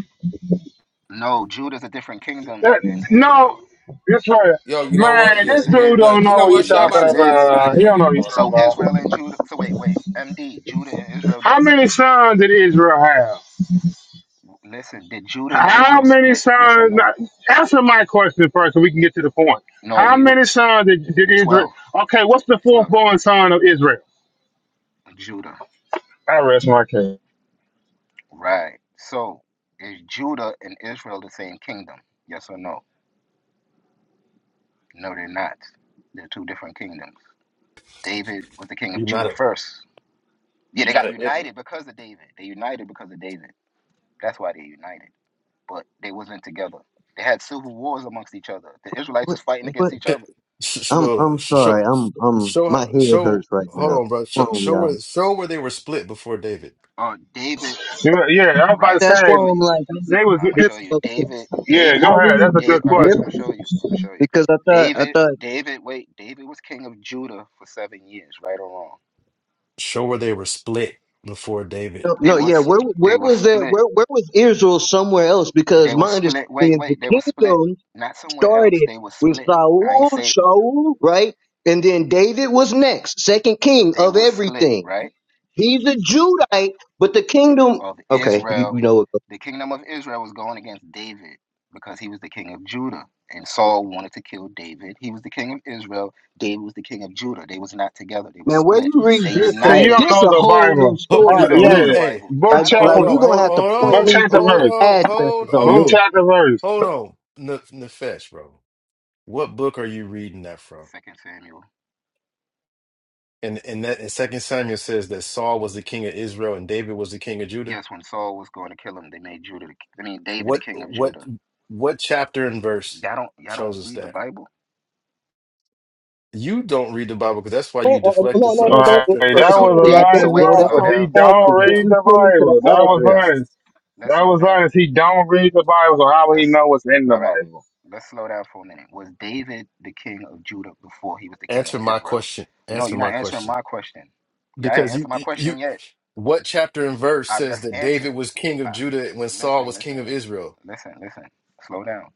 Speaker 12: No, Judah is a different kingdom
Speaker 15: That-
Speaker 12: than
Speaker 15: no,
Speaker 12: Israel.
Speaker 15: this right.
Speaker 13: Yo, you know what?
Speaker 15: Man,
Speaker 13: Yeah,
Speaker 15: this
Speaker 12: Yes, it
Speaker 13: yeah.
Speaker 15: dude
Speaker 12: is.
Speaker 13: No,
Speaker 15: don't
Speaker 13: you
Speaker 15: know
Speaker 13: know
Speaker 15: what
Speaker 13: what?
Speaker 15: he's
Speaker 12: Yes,
Speaker 15: talking
Speaker 12: it
Speaker 13: Shabbat's on this
Speaker 12: is.
Speaker 13: way. I
Speaker 15: about. He
Speaker 13: can't
Speaker 15: don't know
Speaker 13: get
Speaker 15: what he's
Speaker 13: caught
Speaker 15: talking
Speaker 13: up.
Speaker 12: So
Speaker 15: about.
Speaker 12: Israel and Judah. So wait, wait. MD, Judah and Israel
Speaker 15: How
Speaker 12: didn't
Speaker 15: many
Speaker 12: split.
Speaker 15: sons did Israel have?
Speaker 12: Listen, did Judah and
Speaker 15: How
Speaker 12: Israel
Speaker 15: many
Speaker 12: split? Yes or
Speaker 15: sons?
Speaker 12: no?
Speaker 15: now, Answer my question first, so we can get to the point.
Speaker 12: No,
Speaker 15: How
Speaker 12: you
Speaker 15: many sons did, did Israel?
Speaker 12: 12,
Speaker 15: Okay, what's the fourth
Speaker 12: 12,
Speaker 15: born
Speaker 12: 12.
Speaker 15: son of Israel?
Speaker 12: Judah.
Speaker 15: I rest my case.
Speaker 12: Right. So is Judah and Israel the same kingdom? Yes or no? No, they're not. They're two different kingdoms. David was the king of
Speaker 6: You're not
Speaker 12: Judah
Speaker 6: a
Speaker 12: first. Yeah,
Speaker 6: you're
Speaker 12: they
Speaker 6: not
Speaker 12: got
Speaker 6: a ethnic.
Speaker 12: united because of David. They united because of David. That's why they united. but they wasn't together. They had civil wars amongst each other. The Israelites
Speaker 16: What?
Speaker 12: was fighting against
Speaker 16: What?
Speaker 12: each
Speaker 6: It,
Speaker 12: other.
Speaker 6: sh- sh-
Speaker 16: I'm
Speaker 6: well,
Speaker 16: I'm
Speaker 6: sh- show,
Speaker 16: sorry. I'm I'm
Speaker 6: show,
Speaker 16: my head
Speaker 6: show.
Speaker 16: hurts right
Speaker 6: Hold
Speaker 16: now.
Speaker 6: on, bro. Show,
Speaker 16: Come on,
Speaker 6: show
Speaker 16: y'all.
Speaker 6: where, show where they were split before David.
Speaker 12: Uh, David,
Speaker 15: You- Yeah, I was
Speaker 12: all
Speaker 15: about to
Speaker 12: right, I'm
Speaker 16: That's
Speaker 12: gonna
Speaker 16: why
Speaker 15: say
Speaker 12: show
Speaker 16: I'm
Speaker 12: you.
Speaker 16: like I'm
Speaker 15: they was.
Speaker 12: I'm gonna show
Speaker 16: tripping
Speaker 12: you.
Speaker 16: up. here.
Speaker 12: David,
Speaker 15: Yeah, go
Speaker 12: David,
Speaker 16: I
Speaker 15: ahead.
Speaker 16: read
Speaker 15: That's a
Speaker 12: David.
Speaker 15: good
Speaker 12: All right, I'm
Speaker 16: different
Speaker 12: gonna
Speaker 15: question.
Speaker 12: show you. I'm gonna show you.
Speaker 16: because I thought I
Speaker 12: David,
Speaker 16: thought
Speaker 12: David. Wait, David was king of Judah for seven years, right or wrong.
Speaker 6: Show where they were split before David.
Speaker 16: oh,
Speaker 12: They
Speaker 16: no yeah
Speaker 12: was
Speaker 16: where
Speaker 12: they
Speaker 16: where
Speaker 12: was
Speaker 16: was there
Speaker 12: split.
Speaker 16: where where was Israel somewhere else because
Speaker 12: They was
Speaker 16: my understanding
Speaker 12: split. Wait,
Speaker 16: is the
Speaker 12: wait. They was split.
Speaker 16: kingdom
Speaker 12: Not somewhere else.
Speaker 16: started
Speaker 12: They was
Speaker 16: with
Speaker 12: split. I ain't
Speaker 16: Saul
Speaker 12: say
Speaker 16: Saul right and then David was next second king
Speaker 12: they
Speaker 16: of
Speaker 12: was split,
Speaker 16: everything
Speaker 12: right?
Speaker 16: he's a Judite but the kingdom
Speaker 12: of
Speaker 16: okay you, you
Speaker 12: Israel,
Speaker 16: know what
Speaker 12: the kingdom of Israel was going against David because he was the king of Judah. And Saul wanted to kill David. He was the king of Israel. David was the king of Judah. They was not together. They was
Speaker 16: Man, where
Speaker 12: split.
Speaker 16: you
Speaker 12: They
Speaker 16: read this
Speaker 15: So you
Speaker 16: at?
Speaker 15: don't
Speaker 12: united.
Speaker 16: This
Speaker 15: know
Speaker 16: a
Speaker 15: the
Speaker 16: whole new
Speaker 15: Bible?
Speaker 6: Hold,
Speaker 15: Huh,
Speaker 16: story
Speaker 12: You
Speaker 16: to
Speaker 12: don't
Speaker 6: hold on,
Speaker 12: know the
Speaker 15: yeah,
Speaker 16: me.
Speaker 6: hey,
Speaker 12: Bible.
Speaker 15: book
Speaker 16: Like,
Speaker 12: Y'all don't
Speaker 15: chapter,
Speaker 6: hold
Speaker 12: know
Speaker 16: like
Speaker 12: the
Speaker 16: you
Speaker 6: on,
Speaker 16: gonna
Speaker 6: hold on,
Speaker 16: have
Speaker 12: Bible.
Speaker 16: to
Speaker 6: hold
Speaker 16: point
Speaker 15: book
Speaker 6: on,
Speaker 16: me
Speaker 15: chapter
Speaker 16: to
Speaker 6: hold
Speaker 16: some
Speaker 15: verse,
Speaker 6: on, hold
Speaker 16: addresses on
Speaker 15: book
Speaker 16: this.
Speaker 6: on,
Speaker 15: chapter verse.
Speaker 6: hold on, N- Nefesh, bro. What book are you reading that from?
Speaker 12: Second Samuel.
Speaker 6: And and that and Second Samuel says that Saul was the king of Israel and David was the king of Judah.
Speaker 12: Yes, when Saul was going to kill him, they made Judah. The, I mean David the
Speaker 6: What
Speaker 12: king of
Speaker 6: what
Speaker 12: Judah.
Speaker 6: what chapter and verse
Speaker 12: Y'all don't. Y'all don't
Speaker 6: shows us
Speaker 12: read the
Speaker 6: that?
Speaker 12: Bible.
Speaker 6: You don't read the Bible because that's why
Speaker 16: Eh, uh,
Speaker 6: you
Speaker 16: uh, no,
Speaker 6: deflected
Speaker 16: no,
Speaker 6: from
Speaker 15: All
Speaker 6: the
Speaker 16: no, don't.
Speaker 15: right,
Speaker 6: chapter and
Speaker 16: Uh, uh,
Speaker 15: that
Speaker 6: verse.
Speaker 12: So
Speaker 15: was
Speaker 16: apparently, I
Speaker 12: Dave. So
Speaker 16: don't,
Speaker 15: Elias
Speaker 12: wait.
Speaker 16: bro. That's
Speaker 6: Doc,
Speaker 12: Slow
Speaker 15: Alpha.
Speaker 16: why
Speaker 15: He
Speaker 12: down.
Speaker 16: I'm
Speaker 15: don't
Speaker 12: Slow
Speaker 16: asking. Can
Speaker 12: down.
Speaker 15: read
Speaker 16: you
Speaker 15: the
Speaker 16: send me to the
Speaker 15: Bible. That
Speaker 12: Slow
Speaker 15: was
Speaker 16: address?
Speaker 12: down.
Speaker 15: honest.
Speaker 12: Let's
Speaker 15: That
Speaker 12: slow
Speaker 15: was
Speaker 12: down.
Speaker 15: honest. He don't read the Bible. So how would he
Speaker 12: Let's
Speaker 15: know what's in the
Speaker 12: all right.
Speaker 15: Bible?
Speaker 12: Let's slow down for a minute. Was David the king of Judah before he was the king of
Speaker 6: answer my
Speaker 12: Israel?
Speaker 6: question.
Speaker 12: No,
Speaker 6: Answer
Speaker 12: you're not
Speaker 6: my
Speaker 12: answering
Speaker 6: question.
Speaker 12: my question. Y'all ain't
Speaker 6: Because
Speaker 12: answered
Speaker 6: you
Speaker 12: my question
Speaker 6: you
Speaker 12: yet.
Speaker 6: what chapter and verse
Speaker 12: I've
Speaker 6: says
Speaker 12: just
Speaker 6: that
Speaker 12: answered.
Speaker 6: David was king
Speaker 12: Uh,
Speaker 6: of Judah when Saul
Speaker 12: listen,
Speaker 6: was king
Speaker 12: listen,
Speaker 6: of
Speaker 12: listen,
Speaker 6: Israel?
Speaker 12: listen, listen. Slow down.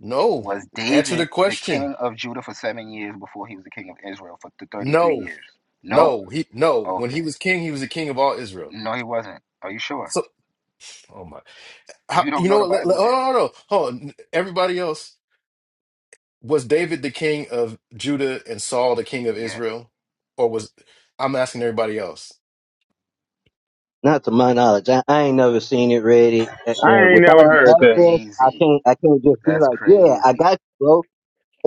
Speaker 6: No.
Speaker 12: Was
Speaker 6: Answer the
Speaker 12: David the
Speaker 6: question.
Speaker 12: king of Judah for seven years before he was the king of Israel for th- 33
Speaker 6: No.
Speaker 12: years? No?
Speaker 6: No. He no. When he
Speaker 12: Okay.
Speaker 6: was king, he was the king of all Israel.
Speaker 12: No, he wasn't. Are you sure?
Speaker 6: So, oh my. How,
Speaker 12: You don't
Speaker 6: you know
Speaker 12: know the
Speaker 6: what? Let, let,
Speaker 12: Bible
Speaker 6: hold
Speaker 12: then?
Speaker 6: on, hold on. Hold on. Everybody else, was David the king of Judah and Saul the king of
Speaker 12: Yes.
Speaker 6: Israel? Or was I'm asking everybody else.
Speaker 16: Not to my knowledge. I, I ain't never seen it ready. And
Speaker 15: I ain't never
Speaker 16: without an
Speaker 12: That's
Speaker 15: heard that.
Speaker 16: address, I
Speaker 12: crazy.
Speaker 16: can't. I can't just be
Speaker 12: That's
Speaker 16: like, yeah, I
Speaker 12: crazy.
Speaker 16: got you, bro.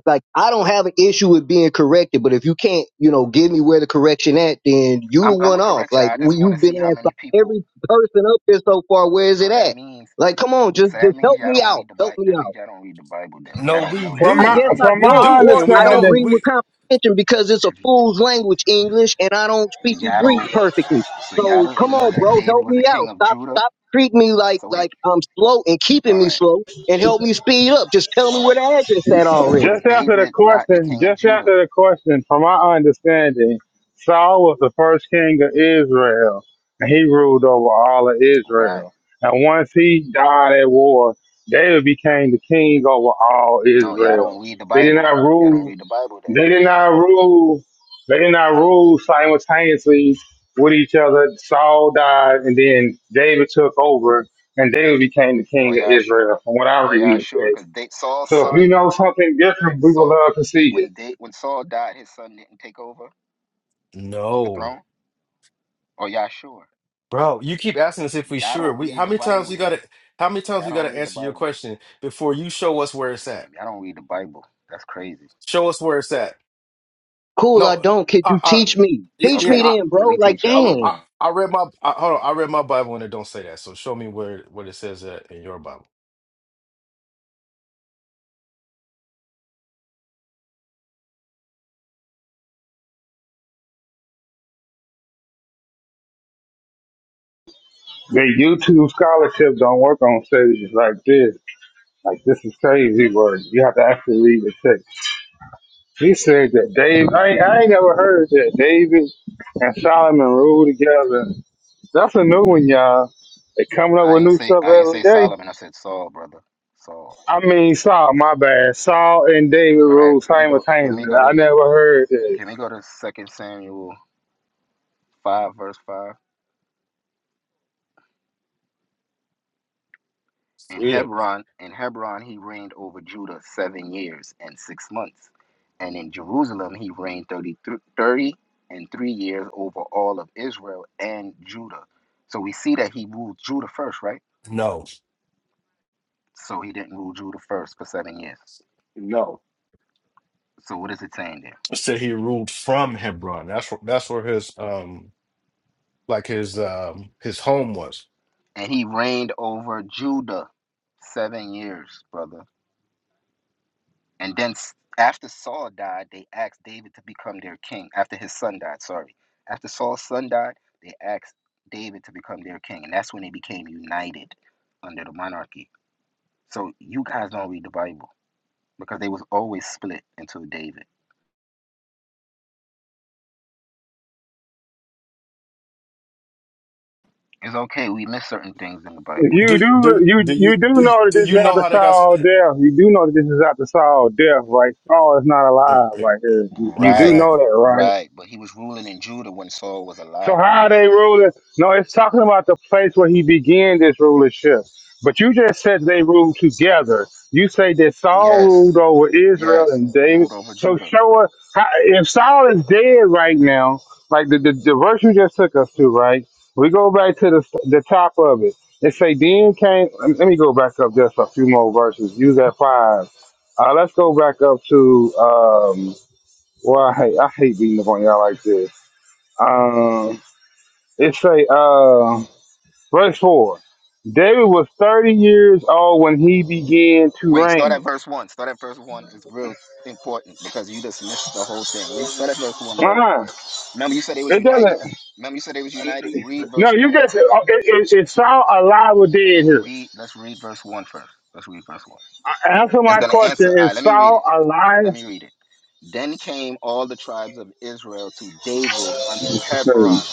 Speaker 16: like I don't have an issue with being corrected, but if you can't, you know, give me where the correction at, then you the
Speaker 12: I'm I'm
Speaker 16: one
Speaker 12: gonna
Speaker 16: off.
Speaker 12: correct you.
Speaker 16: Like
Speaker 12: all I
Speaker 16: we,
Speaker 12: just want to
Speaker 16: you've been
Speaker 12: see how
Speaker 16: asked by
Speaker 12: many people.
Speaker 16: every person up here so far, where is
Speaker 12: So
Speaker 16: it
Speaker 12: that
Speaker 16: at?
Speaker 12: means
Speaker 16: Like, come on, just
Speaker 12: so that
Speaker 16: just
Speaker 12: means
Speaker 16: help
Speaker 12: y'all
Speaker 16: me
Speaker 12: don't
Speaker 16: out,
Speaker 12: read the
Speaker 16: help
Speaker 12: Bible.
Speaker 16: me
Speaker 12: That means
Speaker 16: out.
Speaker 12: y'all don't read the Bible. Then if y'all
Speaker 6: No,
Speaker 12: don't
Speaker 6: we
Speaker 12: know that
Speaker 15: From
Speaker 16: I
Speaker 6: do.
Speaker 15: my
Speaker 16: guess
Speaker 12: David,
Speaker 16: I
Speaker 15: from
Speaker 6: We
Speaker 16: don't,
Speaker 15: my
Speaker 6: do.
Speaker 16: or
Speaker 6: And we
Speaker 16: I don't
Speaker 6: know
Speaker 15: understanding,
Speaker 16: read with
Speaker 6: we
Speaker 16: comprehension because it's a
Speaker 12: if y-
Speaker 16: fool's language, English, and I don't speak
Speaker 12: y'all
Speaker 16: Greek
Speaker 12: don't,
Speaker 16: perfectly.
Speaker 12: so y'all
Speaker 16: So come
Speaker 12: don't know
Speaker 16: on,
Speaker 12: that
Speaker 16: bro,
Speaker 12: David
Speaker 16: help
Speaker 12: was the
Speaker 16: me out.
Speaker 12: king of
Speaker 16: Stop,
Speaker 12: Judah.
Speaker 16: stop treating me like
Speaker 12: So wait,
Speaker 16: like I'm slow and keeping
Speaker 12: all
Speaker 16: me
Speaker 12: right,
Speaker 16: slow, and help me speed up. Just tell me
Speaker 12: all
Speaker 16: where
Speaker 12: right.
Speaker 16: the address at
Speaker 12: So
Speaker 16: already.
Speaker 12: was
Speaker 15: Just after the
Speaker 12: David not the
Speaker 15: question,
Speaker 12: king of
Speaker 15: just
Speaker 12: Judah?
Speaker 15: after the question, from my understanding, Saul was the first king of Israel, and he ruled over all of
Speaker 12: Right.
Speaker 15: Israel. And once he died at war, David became the king over all
Speaker 12: No, y'all don't
Speaker 15: Israel.
Speaker 12: read the
Speaker 15: They did
Speaker 12: Bible.
Speaker 15: not
Speaker 12: Y'all don't
Speaker 15: rule.
Speaker 12: read the Bible then.
Speaker 15: They did not rule. They did not rule simultaneously with each other. Saul died, and then David took over, and David became the
Speaker 12: Oh
Speaker 15: king of
Speaker 12: y'all sure?
Speaker 15: Israel. From what I
Speaker 12: Oh
Speaker 15: read
Speaker 12: y'all
Speaker 15: in the
Speaker 12: sure?
Speaker 15: text.
Speaker 12: Because Saul's
Speaker 15: So if you
Speaker 12: son.
Speaker 15: know something different, we would
Speaker 12: So
Speaker 15: love to see it.
Speaker 12: when they when Saul died, his son didn't take over the throne.
Speaker 6: No.
Speaker 12: Oh y'all sure?
Speaker 6: Bro, you keep asking us if we
Speaker 12: Y'all
Speaker 6: sure.
Speaker 12: don't
Speaker 6: We
Speaker 12: read
Speaker 6: how
Speaker 12: the
Speaker 6: many times
Speaker 12: Bible
Speaker 6: we
Speaker 12: then.
Speaker 6: gotta how many times
Speaker 12: Y'all
Speaker 6: we
Speaker 12: don't
Speaker 6: gotta
Speaker 12: read the
Speaker 6: answer your
Speaker 12: Bible.
Speaker 6: question before you show us where it's at?
Speaker 12: Damn, y'all don't read the Bible. That's crazy.
Speaker 6: Show us where it's at.
Speaker 16: Cool, I
Speaker 6: No,
Speaker 16: don't. Could
Speaker 6: I
Speaker 16: you teach me?
Speaker 6: yeah,
Speaker 16: Teach
Speaker 6: yeah,
Speaker 12: Okay,
Speaker 16: me
Speaker 6: I
Speaker 16: then,
Speaker 12: let
Speaker 16: bro.
Speaker 12: me
Speaker 16: Like,
Speaker 12: teach y'all.
Speaker 6: I
Speaker 12: Hold
Speaker 6: I
Speaker 12: on.
Speaker 16: dang.
Speaker 6: I read my I, hold on, I read my Bible and it don't say that. So show me where what it says that in your Bible.
Speaker 15: The YouTube scholarship don't work on stages like this. Like this is crazy work. You have to actually read the text. He said that David. I, ain't- I ain't never heard that David and Solomon ruled together. That's a new one, y'all. They coming up
Speaker 12: I
Speaker 15: with
Speaker 12: ain't
Speaker 15: new
Speaker 12: say
Speaker 15: stuff
Speaker 12: I ain't
Speaker 15: every
Speaker 12: say
Speaker 15: day.
Speaker 12: Solomon. I said Saul, brother. Saul.
Speaker 15: I mean Saul, my bad. Saul and David
Speaker 12: All right.
Speaker 15: ruled
Speaker 12: Can we go? Can
Speaker 15: simultaneously.
Speaker 12: we go
Speaker 15: I
Speaker 12: to?
Speaker 15: never heard that.
Speaker 12: Can we go to Second Samuel five verse five? In
Speaker 6: Yeah.
Speaker 12: Hebron, in Hebron, he reigned over Judah seven years and six months, and in Jerusalem he reigned 30 30 and three years over all of Israel and Judah. So we see that he ruled Judah first, right?
Speaker 6: No.
Speaker 12: So he didn't rule Judah first for seven years.
Speaker 6: No.
Speaker 12: So what is it saying there?
Speaker 6: It said he ruled from Hebron. That's where that's where his um like his um his home was.
Speaker 12: And he reigned over Judah seven years, brother. And then after Saul died, they asked David to become their king. After his son died, sorry. After Saul's son died, they asked David to become their king. And that's when they became united under the monarchy. So you guys don't read the Bible because they was always split until David. It's okay, we miss certain things in the
Speaker 15: If
Speaker 12: Bible.
Speaker 15: You
Speaker 6: Do
Speaker 15: do
Speaker 6: do
Speaker 15: you
Speaker 6: do you
Speaker 15: you do
Speaker 6: do
Speaker 15: know that
Speaker 6: do
Speaker 15: this is
Speaker 6: you know
Speaker 15: after
Speaker 6: how they got
Speaker 15: Saul
Speaker 6: split?
Speaker 15: death. You do know that this is after Saul death, right? Saul is not
Speaker 6: E-
Speaker 15: alive
Speaker 6: e-
Speaker 15: right here. You, you do
Speaker 12: Right,
Speaker 15: know
Speaker 6: Exactly.
Speaker 15: that, right?
Speaker 12: right. But he was ruling in Judah when Saul was
Speaker 15: So
Speaker 12: alive.
Speaker 15: how are they ruling? No, it's talking about the place where he began this rulership. But you just said they ruled together. You say that Saul
Speaker 12: Yes,
Speaker 15: ruled over Israel
Speaker 12: yes.
Speaker 15: and David.
Speaker 12: Ruled over
Speaker 15: So
Speaker 12: Judah.
Speaker 15: show us how, if Saul is dead right now, like the, the, the verse you just took us to, right? We go back to the the top of it. It say then came. Let me go back up just a few more verses. Use that five. Uh, let's go back up to um. Well, I hate, I hate beating up on y'all like this. Um, it say, uh, verse four. David was thirty years old when he began to
Speaker 12: Wait, start at
Speaker 15: reign.
Speaker 12: verse 1. Start at verse 1 is real important because you just missed the whole thing. Read, start at verse 1, brother.
Speaker 15: Uh-huh.
Speaker 12: Remember, you said they was
Speaker 15: It
Speaker 12: united.
Speaker 15: doesn't.
Speaker 12: Remember, you said they was united? Read
Speaker 15: No,
Speaker 12: verse
Speaker 15: you
Speaker 12: 1.
Speaker 15: just it, it, it Saul alive or dead here.
Speaker 12: Read, let's read verse one first. Let's read verse 1.
Speaker 15: Answer
Speaker 12: It's
Speaker 15: my
Speaker 12: going to answer.
Speaker 15: question:
Speaker 12: All right,
Speaker 15: Is
Speaker 12: let me read
Speaker 15: Saul
Speaker 12: it. Let
Speaker 15: alive?
Speaker 12: me read it. Then came all the tribes of Israel to David unto Hebron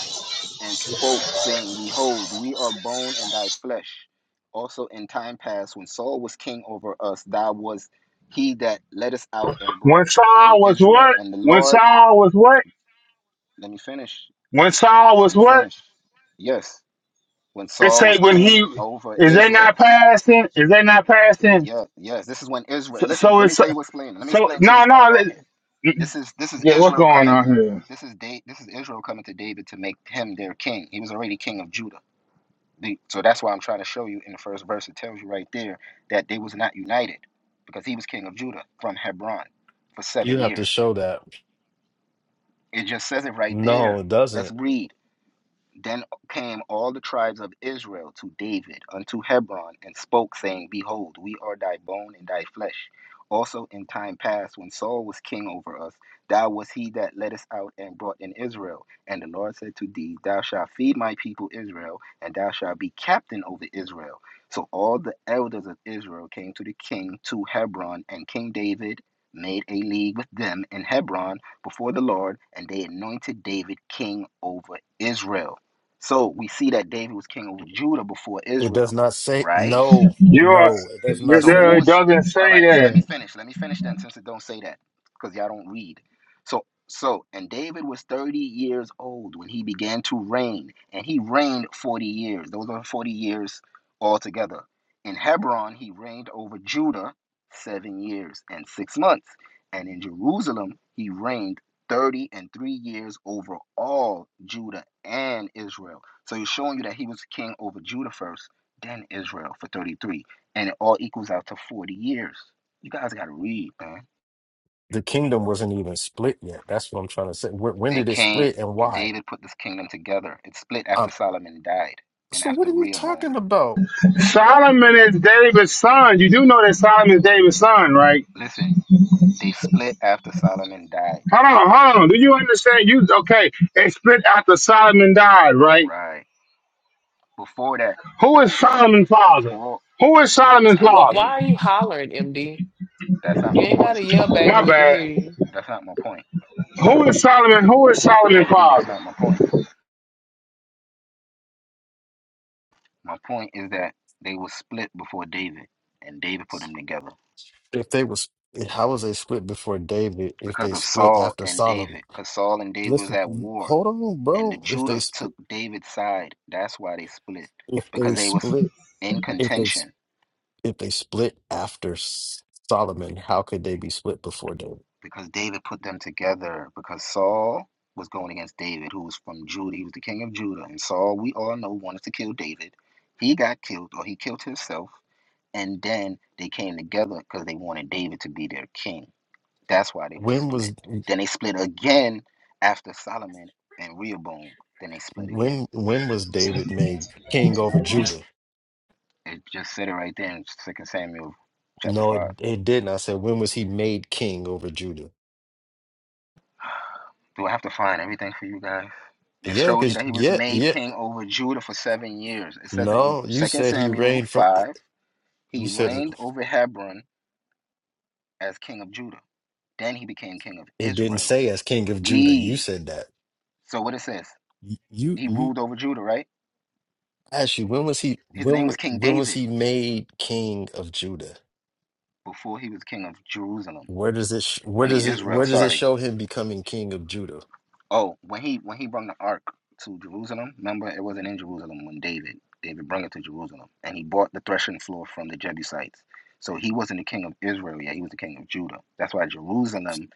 Speaker 12: and spoke, saying, Behold, we are bone and thy flesh. Also in time past, when Saul was king over us, thou was he that led us out and brought
Speaker 15: When
Speaker 12: in
Speaker 15: Saul was
Speaker 12: Israel.
Speaker 15: what?
Speaker 12: And the
Speaker 15: When
Speaker 12: Lord,
Speaker 15: Saul was what?
Speaker 12: let me finish.
Speaker 15: When Saul
Speaker 12: Let
Speaker 15: was
Speaker 12: me
Speaker 15: what?
Speaker 12: finish. Yes, when
Speaker 15: It
Speaker 12: Saul was
Speaker 15: say when he
Speaker 12: king over
Speaker 15: is they
Speaker 12: Israel.
Speaker 15: not passing? Is they not passing?
Speaker 12: Yeah, yes. This is when Israel.
Speaker 15: So,
Speaker 12: Listen,
Speaker 15: so
Speaker 12: let me
Speaker 15: it's
Speaker 12: tell you what's playing. Let me
Speaker 15: so
Speaker 12: explain to you
Speaker 15: no
Speaker 12: what's going
Speaker 15: no.
Speaker 12: on here.
Speaker 15: it-
Speaker 12: This is this is
Speaker 15: Yeah, what's
Speaker 12: Israel
Speaker 15: going
Speaker 12: coming.
Speaker 15: on here?
Speaker 12: This is da- this is Israel coming to David to make him their king. He was already king of Judah. The, so that's why I'm trying to show you in the first verse. It tells you right there that they was not united because he was king of Judah from Hebron for
Speaker 6: You
Speaker 12: seven
Speaker 6: have to
Speaker 12: years.
Speaker 6: show that.
Speaker 12: It just says it right
Speaker 6: No,
Speaker 12: there.
Speaker 6: it
Speaker 12: Let's
Speaker 6: doesn't.
Speaker 12: read. Then came all the tribes of Israel to David unto Hebron and spoke, saying, Behold, we are thy bone and thy flesh. Also in time past, when Saul was king over us, thou was he that led us out and brought in Israel. And the Lord said to thee, Thou shalt feed my people Israel, and thou shalt be captain over Israel. So all the elders of Israel came to the king to Hebron, and King David made a league with them in Hebron before the Lord, and they anointed David king over Israel. So we see that David was king over Judah before
Speaker 6: It does
Speaker 12: Israel,
Speaker 6: not say
Speaker 12: right?
Speaker 6: no.
Speaker 15: You are,
Speaker 6: No, it
Speaker 15: no,
Speaker 6: does
Speaker 15: no,
Speaker 6: not
Speaker 12: So
Speaker 6: say
Speaker 12: who
Speaker 15: no,
Speaker 6: that.
Speaker 15: it
Speaker 12: was
Speaker 15: doesn't
Speaker 12: all
Speaker 15: say
Speaker 12: right? So let me
Speaker 15: that.
Speaker 12: finish. Let me finish then, since it don't say that because y'all don't read. So so and David was thirty years old when he began to reign, and he reigned forty years. Those are forty years altogether. In Hebron, he reigned over Judah seven years and six months, and in Jerusalem he reigned. 30 and 3 years over all Judah and Israel. So he's showing you that he was king over Judah first, then Israel for 33 and it all equals out to 40 years. You guys got to read, man.
Speaker 6: The kingdom wasn't even split yet. That's what I'm trying to say. Wh- When
Speaker 12: It
Speaker 6: did it
Speaker 12: came,
Speaker 6: split and why?
Speaker 12: David put this kingdom together. It split after
Speaker 6: Um,
Speaker 12: Solomon died and
Speaker 6: so what
Speaker 12: after
Speaker 6: are you
Speaker 12: Rehoboam.
Speaker 6: talking about?
Speaker 15: Solomon is David's son. You do know that Solomon is David's son, right?
Speaker 12: Listen, they split after Solomon died.
Speaker 15: Hold on, hold on. Do you understand? You okay? It split after Solomon died, right?
Speaker 12: Right. Before that,
Speaker 15: Who is Solomon's father?
Speaker 12: before
Speaker 15: Who is
Speaker 12: da-
Speaker 15: Solomon's
Speaker 12: da-
Speaker 5: Why, why
Speaker 15: father?
Speaker 5: are
Speaker 12: David.
Speaker 5: you hollering, MD?
Speaker 12: That's not
Speaker 5: You
Speaker 12: my
Speaker 5: ain't
Speaker 12: point.
Speaker 5: gotta yell, baby.
Speaker 15: My
Speaker 5: We can hear
Speaker 15: bad.
Speaker 5: you.
Speaker 12: That's not my point.
Speaker 15: Who is Solomon? Who is Solomon's
Speaker 12: MD, that's
Speaker 15: father?
Speaker 12: not my point. My point is that they were split before David, and David put them together
Speaker 6: If they was how was they split before David? If
Speaker 12: because
Speaker 6: they
Speaker 12: of
Speaker 6: split
Speaker 12: Saul
Speaker 6: after
Speaker 12: and
Speaker 6: Solomon?
Speaker 12: David, because Saul and David was
Speaker 6: Listen,
Speaker 12: at war
Speaker 6: hold on,
Speaker 12: and the
Speaker 6: bro. If they
Speaker 12: Judah took
Speaker 6: split,
Speaker 12: David's side. That's why they split
Speaker 6: if
Speaker 12: because
Speaker 6: they
Speaker 12: they was
Speaker 6: split,
Speaker 12: in
Speaker 6: if they. split
Speaker 12: contention
Speaker 6: if they split after S- Solomon, how could they be split before David?
Speaker 12: because David put them together because Saul was going against David, who was from Judah. He was the king of Judah, and Saul, we all know, wanted to kill David. He got killed, or he killed himself, and then they came together because they wanted David to be their king. That's why they were
Speaker 6: When
Speaker 12: split.
Speaker 6: was
Speaker 12: Then they split again after Solomon and Rehoboam. Then they split again.
Speaker 6: when when was David made king over Judah?
Speaker 12: It just said it right there in Second Samuel chapter
Speaker 6: No, it,
Speaker 12: five.
Speaker 6: it didn't. I said when was he made king over Judah?
Speaker 12: Do I have to find everything for you guys? It
Speaker 6: Yeah,
Speaker 12: shows you
Speaker 6: cause
Speaker 12: that he was
Speaker 6: yeah,
Speaker 12: made
Speaker 6: yeah.
Speaker 12: king over Judah for seven years. It says in
Speaker 6: No, you
Speaker 12: Second
Speaker 6: said he
Speaker 12: Samuel
Speaker 6: reigned from. eh,
Speaker 12: 5.
Speaker 6: You
Speaker 12: He
Speaker 6: said it
Speaker 12: reigned over Hebron as king of Judah. Then he became king of
Speaker 6: it didn't
Speaker 12: Israel.
Speaker 6: say as king of Judah. You
Speaker 12: We.
Speaker 6: said that.
Speaker 12: So what it says?
Speaker 6: You
Speaker 12: He
Speaker 6: you
Speaker 12: ruled over Judah, right?
Speaker 6: actually when was he
Speaker 12: His
Speaker 6: when
Speaker 12: name was
Speaker 6: was
Speaker 12: King
Speaker 6: when was
Speaker 12: David
Speaker 6: he made king of Judah?
Speaker 12: before he was king of Jerusalem.
Speaker 6: Where does it sh-
Speaker 12: I
Speaker 6: where does
Speaker 12: mean,
Speaker 6: it
Speaker 12: Israel,
Speaker 6: where does it
Speaker 12: sorry.
Speaker 6: show him becoming king of Judah?
Speaker 12: Oh, when he when he brought the ark to Jerusalem, remember it wasn't in Jerusalem when David David brought it to Jerusalem, and he bought the threshing floor from the Jebusites. So he wasn't the king of Israel yet; he was the king of Judah. That's why Jerusalem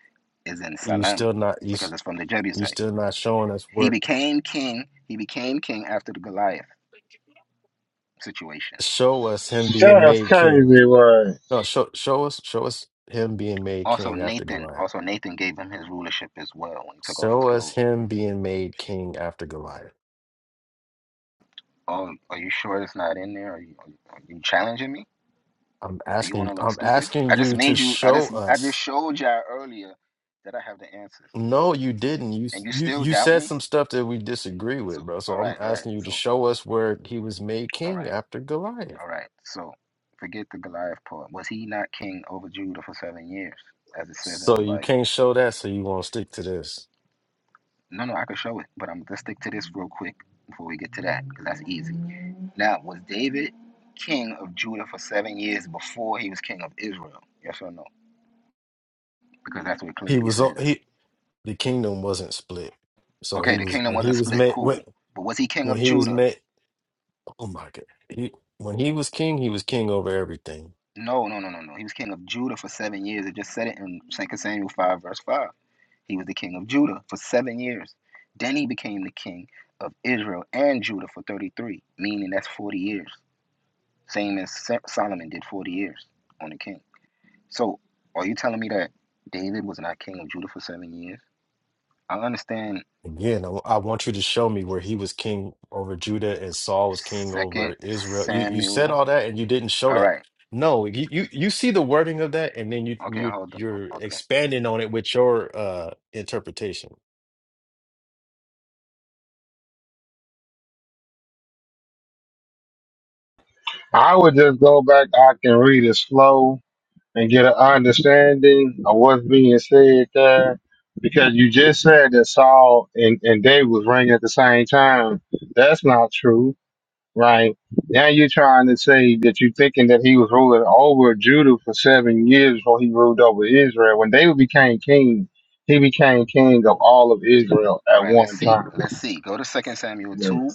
Speaker 12: is in
Speaker 6: you
Speaker 12: Salem,
Speaker 6: still not you
Speaker 12: because
Speaker 6: s-
Speaker 12: it's from the
Speaker 6: you
Speaker 12: Jebusites.
Speaker 6: still not showing us
Speaker 12: He
Speaker 6: where
Speaker 12: became king. He became king after the Goliath situation.
Speaker 6: show us him being
Speaker 15: That's
Speaker 6: made king.
Speaker 15: crazy, right?
Speaker 6: No, show show us show us him being made
Speaker 12: Also
Speaker 6: king after
Speaker 12: Nathan,
Speaker 6: Goliath.
Speaker 12: also Nathan gave him his rulership as well when he took off his
Speaker 6: Show us
Speaker 12: clothes.
Speaker 6: him being made king after Goliath.
Speaker 12: Oh, are you sure it's not in there? Are you, are you challenging me?
Speaker 6: I'm
Speaker 12: Do you want
Speaker 6: asking
Speaker 12: to look
Speaker 6: I'm
Speaker 12: stupid?
Speaker 6: asking
Speaker 12: I just
Speaker 6: you to
Speaker 12: made you. I
Speaker 6: show
Speaker 12: just I just
Speaker 6: us.
Speaker 12: showed y'all earlier that I have the answers,
Speaker 6: No, you didn't. You s-
Speaker 12: and you
Speaker 6: you
Speaker 12: still
Speaker 6: you
Speaker 12: doubt
Speaker 6: said
Speaker 12: me.
Speaker 6: some stuff that we disagree with,
Speaker 12: So
Speaker 6: bro.
Speaker 12: all
Speaker 6: So I'm
Speaker 12: right, all right.
Speaker 6: asking you to
Speaker 12: So
Speaker 6: show us where he was made
Speaker 12: all
Speaker 6: king
Speaker 12: right,
Speaker 6: after Goliath.
Speaker 12: all right. So forget the Goliath part. Was he not king over Judah for seven years, as it says in the
Speaker 6: So you
Speaker 12: Bible?
Speaker 6: can't show that, so you won't stick to this.
Speaker 12: No, no, I could show it, but I'm let's stick to this real quick before we get to that, because that's easy. Now, was David king of Judah for seven years before he was king of Israel? Yes or no? Because that's what it
Speaker 6: He
Speaker 12: clearly
Speaker 6: was on.
Speaker 12: says.
Speaker 6: he the kingdom wasn't split. So
Speaker 12: Okay,
Speaker 6: he
Speaker 12: the
Speaker 6: was
Speaker 12: kingdom
Speaker 6: when he
Speaker 12: wasn't
Speaker 6: was
Speaker 12: split.
Speaker 6: met when
Speaker 12: Cool. But was he king
Speaker 6: when
Speaker 12: of
Speaker 6: he was
Speaker 12: Judah?
Speaker 6: met. Oh my God! He, when he was king, he was king over everything.
Speaker 12: No, no, no, no, no. He was king of Judah for seven years. It just said it in Second Samuel 5, verse 5. He was the king of Judah for seven years. Then he became the king of Israel and Judah for 33, meaning that's 40 years. Same as Solomon did 40 years on the king. So are you telling me that David was not king of Judah for seven years? I understand
Speaker 6: Again, I, I want you to show me where he was king over Judah and Saul was king
Speaker 12: Second
Speaker 6: over Israel. You you
Speaker 12: Samuel.
Speaker 6: said all that and you didn't show
Speaker 12: All
Speaker 6: that.
Speaker 12: right.
Speaker 6: No, you you, you see the wording of that, and then you
Speaker 12: Okay,
Speaker 6: you
Speaker 12: hold
Speaker 6: you're
Speaker 12: on. Okay.
Speaker 6: expanding on it with your uh interpretation.
Speaker 15: I would just go back. I can read it slow. and get an understanding of what's being said there. Because you just said that Saul and, and David was ringing at the same time. That's not true, right? Now you're trying to say that you're thinking that he was ruling over Judah for seven years before he ruled over Israel. When David became king, he became king of all of Israel
Speaker 12: All
Speaker 15: at
Speaker 12: right, let's
Speaker 15: one
Speaker 12: see.
Speaker 15: time.
Speaker 12: Let's see. Go to Second Samuel
Speaker 15: Yeah.
Speaker 12: 2.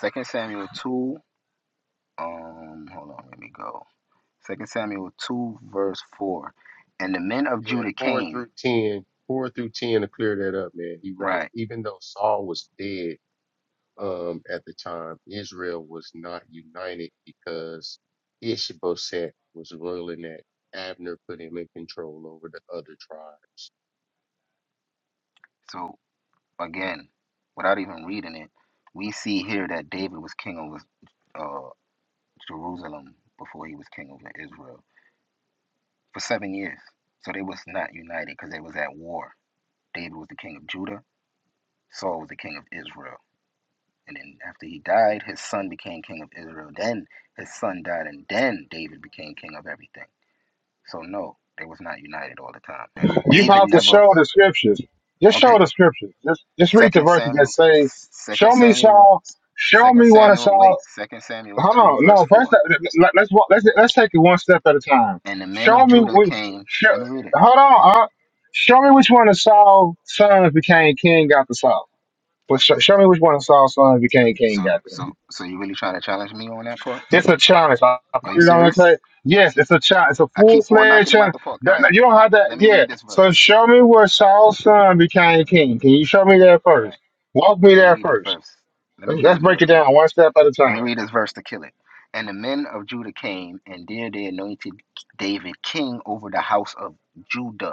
Speaker 12: Second Samuel 2 um hold on let me go second samuel 2 verse 4 and the men of
Speaker 17: Yeah,
Speaker 12: judah
Speaker 17: four
Speaker 12: came
Speaker 17: through ten, four through ten to clear that up, man. He right.
Speaker 12: right
Speaker 17: Even though Saul was dead, um, at the time, Israel was not united because Ishbosheth was ruling that Abner put him in control over the other tribes.
Speaker 12: so again without even reading it we see here that david was king over uh jerusalem before he was king over israel for seven years so they was not united because they was at war david was the king of judah saul was the king of israel and then after he died his son became king of israel then his son died and then david became king of everything So no, they was not united all the time. And
Speaker 15: You
Speaker 12: David
Speaker 15: have to
Speaker 12: never
Speaker 15: show the scriptures. Just show
Speaker 12: okay,
Speaker 15: the scriptures. Just just read the
Speaker 12: second
Speaker 15: verses that
Speaker 12: Samuel
Speaker 15: say,
Speaker 12: second
Speaker 15: "Show me
Speaker 12: Samuel
Speaker 15: Saul Show
Speaker 12: second
Speaker 15: me one of
Speaker 12: Samuel
Speaker 15: Saul.
Speaker 12: wait, second Samuel
Speaker 15: Hold
Speaker 12: two
Speaker 15: on.
Speaker 12: verse
Speaker 15: No, first
Speaker 12: four.
Speaker 15: let- let- let's walk, let's let's take it one step at a time.
Speaker 12: And the men of
Speaker 15: Show me
Speaker 12: Judah
Speaker 15: which.
Speaker 12: came
Speaker 15: Show,
Speaker 12: let me read it.
Speaker 15: hold on. Uh, show me which one of Saul's sons became king after Saul. But sh- show me which one of Saul's sons became king
Speaker 12: So
Speaker 15: after
Speaker 12: so
Speaker 15: him.
Speaker 12: so you really trying to challenge me on that part?
Speaker 15: It's a challenge. I, I
Speaker 12: Are
Speaker 15: put
Speaker 12: you
Speaker 15: it on the
Speaker 12: serious?
Speaker 15: table. Yes, it's a challenge. It's a
Speaker 12: I
Speaker 15: full
Speaker 12: keep on knocking
Speaker 15: fledged
Speaker 12: them out
Speaker 15: challenge.
Speaker 12: the park. All
Speaker 15: That-
Speaker 12: right,
Speaker 15: that- You don't have
Speaker 12: let
Speaker 15: that.
Speaker 12: me
Speaker 15: Yeah.
Speaker 12: read this verse.
Speaker 15: So show me where Saul's son became king. Can you show me that
Speaker 12: All
Speaker 15: first?
Speaker 12: right,
Speaker 15: Walk me
Speaker 12: let me
Speaker 15: there
Speaker 12: read this
Speaker 15: first.
Speaker 12: verse. Let me
Speaker 15: Let's,
Speaker 12: read
Speaker 15: let's
Speaker 12: this
Speaker 15: break
Speaker 12: verse
Speaker 15: it
Speaker 12: real
Speaker 15: down
Speaker 12: quick.
Speaker 15: one step at a
Speaker 12: Let me
Speaker 15: time.
Speaker 12: read this verse to kill it. And the men of Judah came, and there they anointed David king over the house of Judah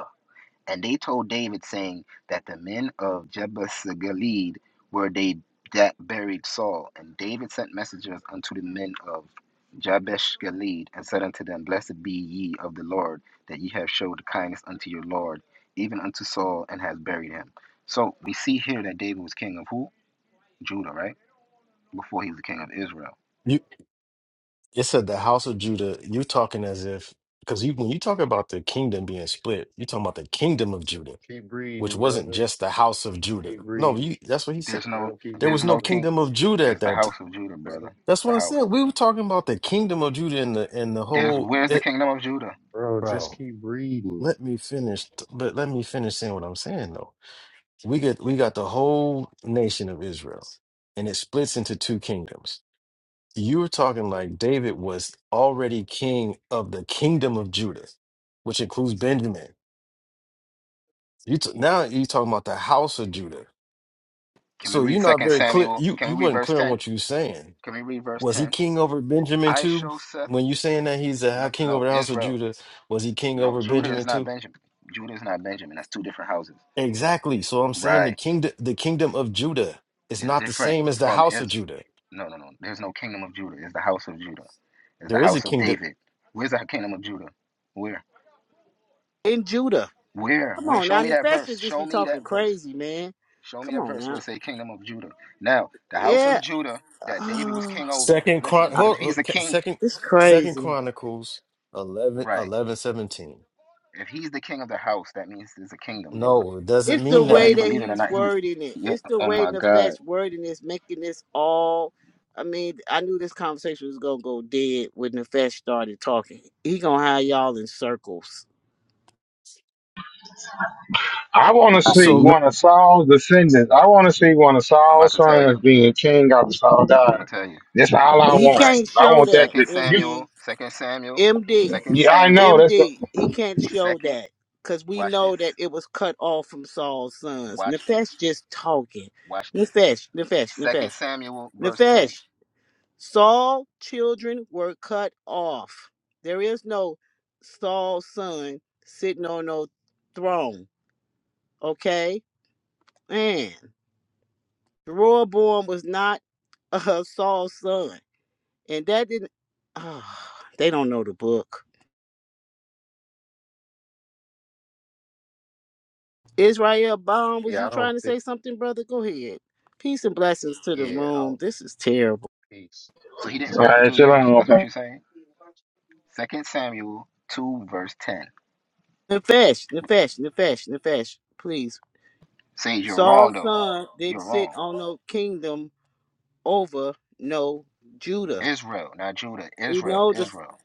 Speaker 12: And they told David, saying that the men of Jebus Gilead were they that buried Saul. And David sent messengers unto the men of Jabesh Gilead, and said unto them, Blessed be ye of the Lord, that ye have showed kindness unto your Lord, even unto Saul, and has buried him. So we see here that David was king of who? Judah, right? Before he was the king of Israel.
Speaker 6: You it said the house of Judah. You talking as if because you when you talk about the kingdom being split, you're talking about the kingdom of Judah
Speaker 17: Keep
Speaker 6: which
Speaker 17: reading,
Speaker 6: wasn't
Speaker 17: brother.
Speaker 6: just the house of
Speaker 17: Just
Speaker 6: Judah.
Speaker 17: keep
Speaker 6: No,
Speaker 17: reading.
Speaker 6: you, that's what he said.
Speaker 12: There's
Speaker 17: Let
Speaker 12: no
Speaker 17: him keep
Speaker 6: There
Speaker 12: there's
Speaker 6: was no
Speaker 17: reading,
Speaker 12: no
Speaker 17: brother.
Speaker 12: king.
Speaker 6: kingdom of Judah at
Speaker 12: It's the
Speaker 6: that time.
Speaker 12: house of Judah,
Speaker 17: Let him,
Speaker 12: brother.
Speaker 6: That's
Speaker 12: The
Speaker 6: what I
Speaker 12: house.
Speaker 6: said. We were talking about the kingdom of Judah and the and the
Speaker 12: There's
Speaker 6: whole
Speaker 12: where's the
Speaker 6: it,
Speaker 12: kingdom of Judah?
Speaker 17: bro. Just
Speaker 6: bro.
Speaker 17: keep reading.
Speaker 6: Let me finish, but let me finish saying what I'm saying though. We get we got the whole nation of Israel, and it splits into two kingdoms. You were talking like David was already king of the kingdom of Judah, which includes Benjamin. You t- now you're talking about the house of Judah
Speaker 12: Can we
Speaker 6: So
Speaker 12: read
Speaker 6: you're not
Speaker 12: Second
Speaker 6: very clear.
Speaker 12: Samuel?
Speaker 6: You
Speaker 12: Can
Speaker 6: you
Speaker 12: we read
Speaker 6: wasn't
Speaker 12: verse
Speaker 6: clear on
Speaker 12: 10?
Speaker 6: what you were saying.
Speaker 12: Can we read verse
Speaker 6: Was he
Speaker 12: 10?
Speaker 6: king over Benjamin
Speaker 12: I
Speaker 6: too?
Speaker 12: show Seth,
Speaker 6: When you saying that he's a high
Speaker 12: no,
Speaker 6: king over
Speaker 12: no,
Speaker 6: the house of
Speaker 12: Israel.
Speaker 6: Judah, was he king
Speaker 12: No,
Speaker 6: over
Speaker 12: Judah is
Speaker 6: Benjamin
Speaker 12: not
Speaker 6: too?
Speaker 12: Benjamin. Judah is not Benjamin. That's two different houses.
Speaker 6: Exactly. So I'm saying the
Speaker 12: Right.
Speaker 6: kingdom the kingdom of Judah is
Speaker 12: It's
Speaker 6: not the
Speaker 12: different
Speaker 6: same as the
Speaker 12: from
Speaker 6: house of
Speaker 12: Israel.
Speaker 6: Judah.
Speaker 12: No, no, no. There's no kingdom of Judah. It's the house of Judah. It's the
Speaker 6: There is a
Speaker 12: house of
Speaker 6: kingdom.
Speaker 12: David. Where's the kingdom of Judah? Where?
Speaker 1: in Judah.
Speaker 12: Where?
Speaker 1: Come
Speaker 12: Where?
Speaker 1: on
Speaker 12: Show
Speaker 1: now,
Speaker 12: me
Speaker 1: the
Speaker 12: that
Speaker 1: pastor
Speaker 12: verse.
Speaker 1: just
Speaker 12: Show
Speaker 1: be
Speaker 12: me
Speaker 1: talking
Speaker 12: that verse.
Speaker 1: crazy, man.
Speaker 12: Show me
Speaker 1: Come
Speaker 12: that
Speaker 1: on
Speaker 12: verse where
Speaker 1: now.
Speaker 12: it say kingdom of Judah. Now, the house of
Speaker 1: Yeah,
Speaker 12: Judah that David was
Speaker 1: oh,
Speaker 12: king over,
Speaker 6: Second
Speaker 12: listen,
Speaker 6: Chron
Speaker 1: I-
Speaker 12: because if
Speaker 6: hold,
Speaker 12: he's
Speaker 6: hold-
Speaker 12: the
Speaker 6: ca-
Speaker 12: king,
Speaker 6: second
Speaker 1: (sighs) it's
Speaker 6: Second
Speaker 1: crazy.
Speaker 6: Chronicles eleven
Speaker 12: right.
Speaker 6: 11 17.
Speaker 12: If he's the king of the house, that means there's a kingdom, brother.
Speaker 6: No, it doesn't
Speaker 1: It's
Speaker 12: So
Speaker 1: the
Speaker 6: mean
Speaker 12: whether
Speaker 1: way
Speaker 6: that.
Speaker 12: you
Speaker 1: that
Speaker 12: believe it or
Speaker 1: he's
Speaker 12: not, he was.
Speaker 1: wording it.
Speaker 12: Yeah,
Speaker 1: It's the
Speaker 12: oh
Speaker 1: way
Speaker 12: my God,
Speaker 1: Nefesh wording is making this all. I mean, I knew this conversation was gonna go dead when Nefesh started talking. He gonna have y'all in circles.
Speaker 15: I want to see
Speaker 6: So
Speaker 15: one of Saul's descendants. I want to see one of
Speaker 12: I'm about
Speaker 15: Saul's
Speaker 12: to tell
Speaker 15: sons
Speaker 12: you.
Speaker 15: being king after Saul
Speaker 12: I'm gonna
Speaker 15: died.
Speaker 12: tell you.
Speaker 15: That's all I
Speaker 1: He
Speaker 15: want.
Speaker 12: Right.
Speaker 1: can't
Speaker 15: I
Speaker 1: show
Speaker 15: want that.
Speaker 1: that,
Speaker 12: Second
Speaker 15: To, you,
Speaker 12: Samuel.
Speaker 1: MD.
Speaker 12: Second Samuel.
Speaker 1: MD.
Speaker 12: Second
Speaker 15: yeah, I know.
Speaker 12: Samuel.
Speaker 15: That's all
Speaker 1: MD, he can't show
Speaker 12: Second.
Speaker 1: that because we
Speaker 12: Watch
Speaker 1: know
Speaker 12: this.
Speaker 1: that it was cut off from Saul's sons.
Speaker 12: Watch this.
Speaker 1: Nefesh just talking.
Speaker 12: Watch this.
Speaker 1: Nefesh, Nefesh,
Speaker 12: Second
Speaker 1: Nefesh,
Speaker 12: Samuel, verse ten.
Speaker 1: Nefesh. Saul's children were cut off. There is no Saul's son sitting on no throne. Okay, man. Jeroboam was not uh, Saul's son, and that didn't. ah, they don't know the book. Israel Bomb, was
Speaker 17: Yeah,
Speaker 1: you
Speaker 17: I
Speaker 1: trying
Speaker 17: don't
Speaker 1: to
Speaker 17: think.
Speaker 1: say something, brother? Go ahead. Peace and blessings to the
Speaker 17: Yeah,
Speaker 1: room.
Speaker 17: I'll
Speaker 1: This is terrible.
Speaker 17: peace,
Speaker 12: So he didn't
Speaker 17: peace.
Speaker 12: reign for
Speaker 15: right.
Speaker 12: two
Speaker 15: Chill
Speaker 12: years.
Speaker 15: out,
Speaker 12: That's what
Speaker 15: okay.
Speaker 12: you're saying. Second Samuel two, verse ten.
Speaker 1: Nefesh, Nefesh, Nefesh, Nefesh, please.
Speaker 12: Says you're wrong
Speaker 1: Saul's
Speaker 12: though.
Speaker 1: son didn't
Speaker 12: You're
Speaker 1: sit
Speaker 12: wrong.
Speaker 1: on no kingdom over no Judah.
Speaker 12: Israel, not Judah.
Speaker 1: We
Speaker 12: Israel,
Speaker 1: know this.
Speaker 12: Israel.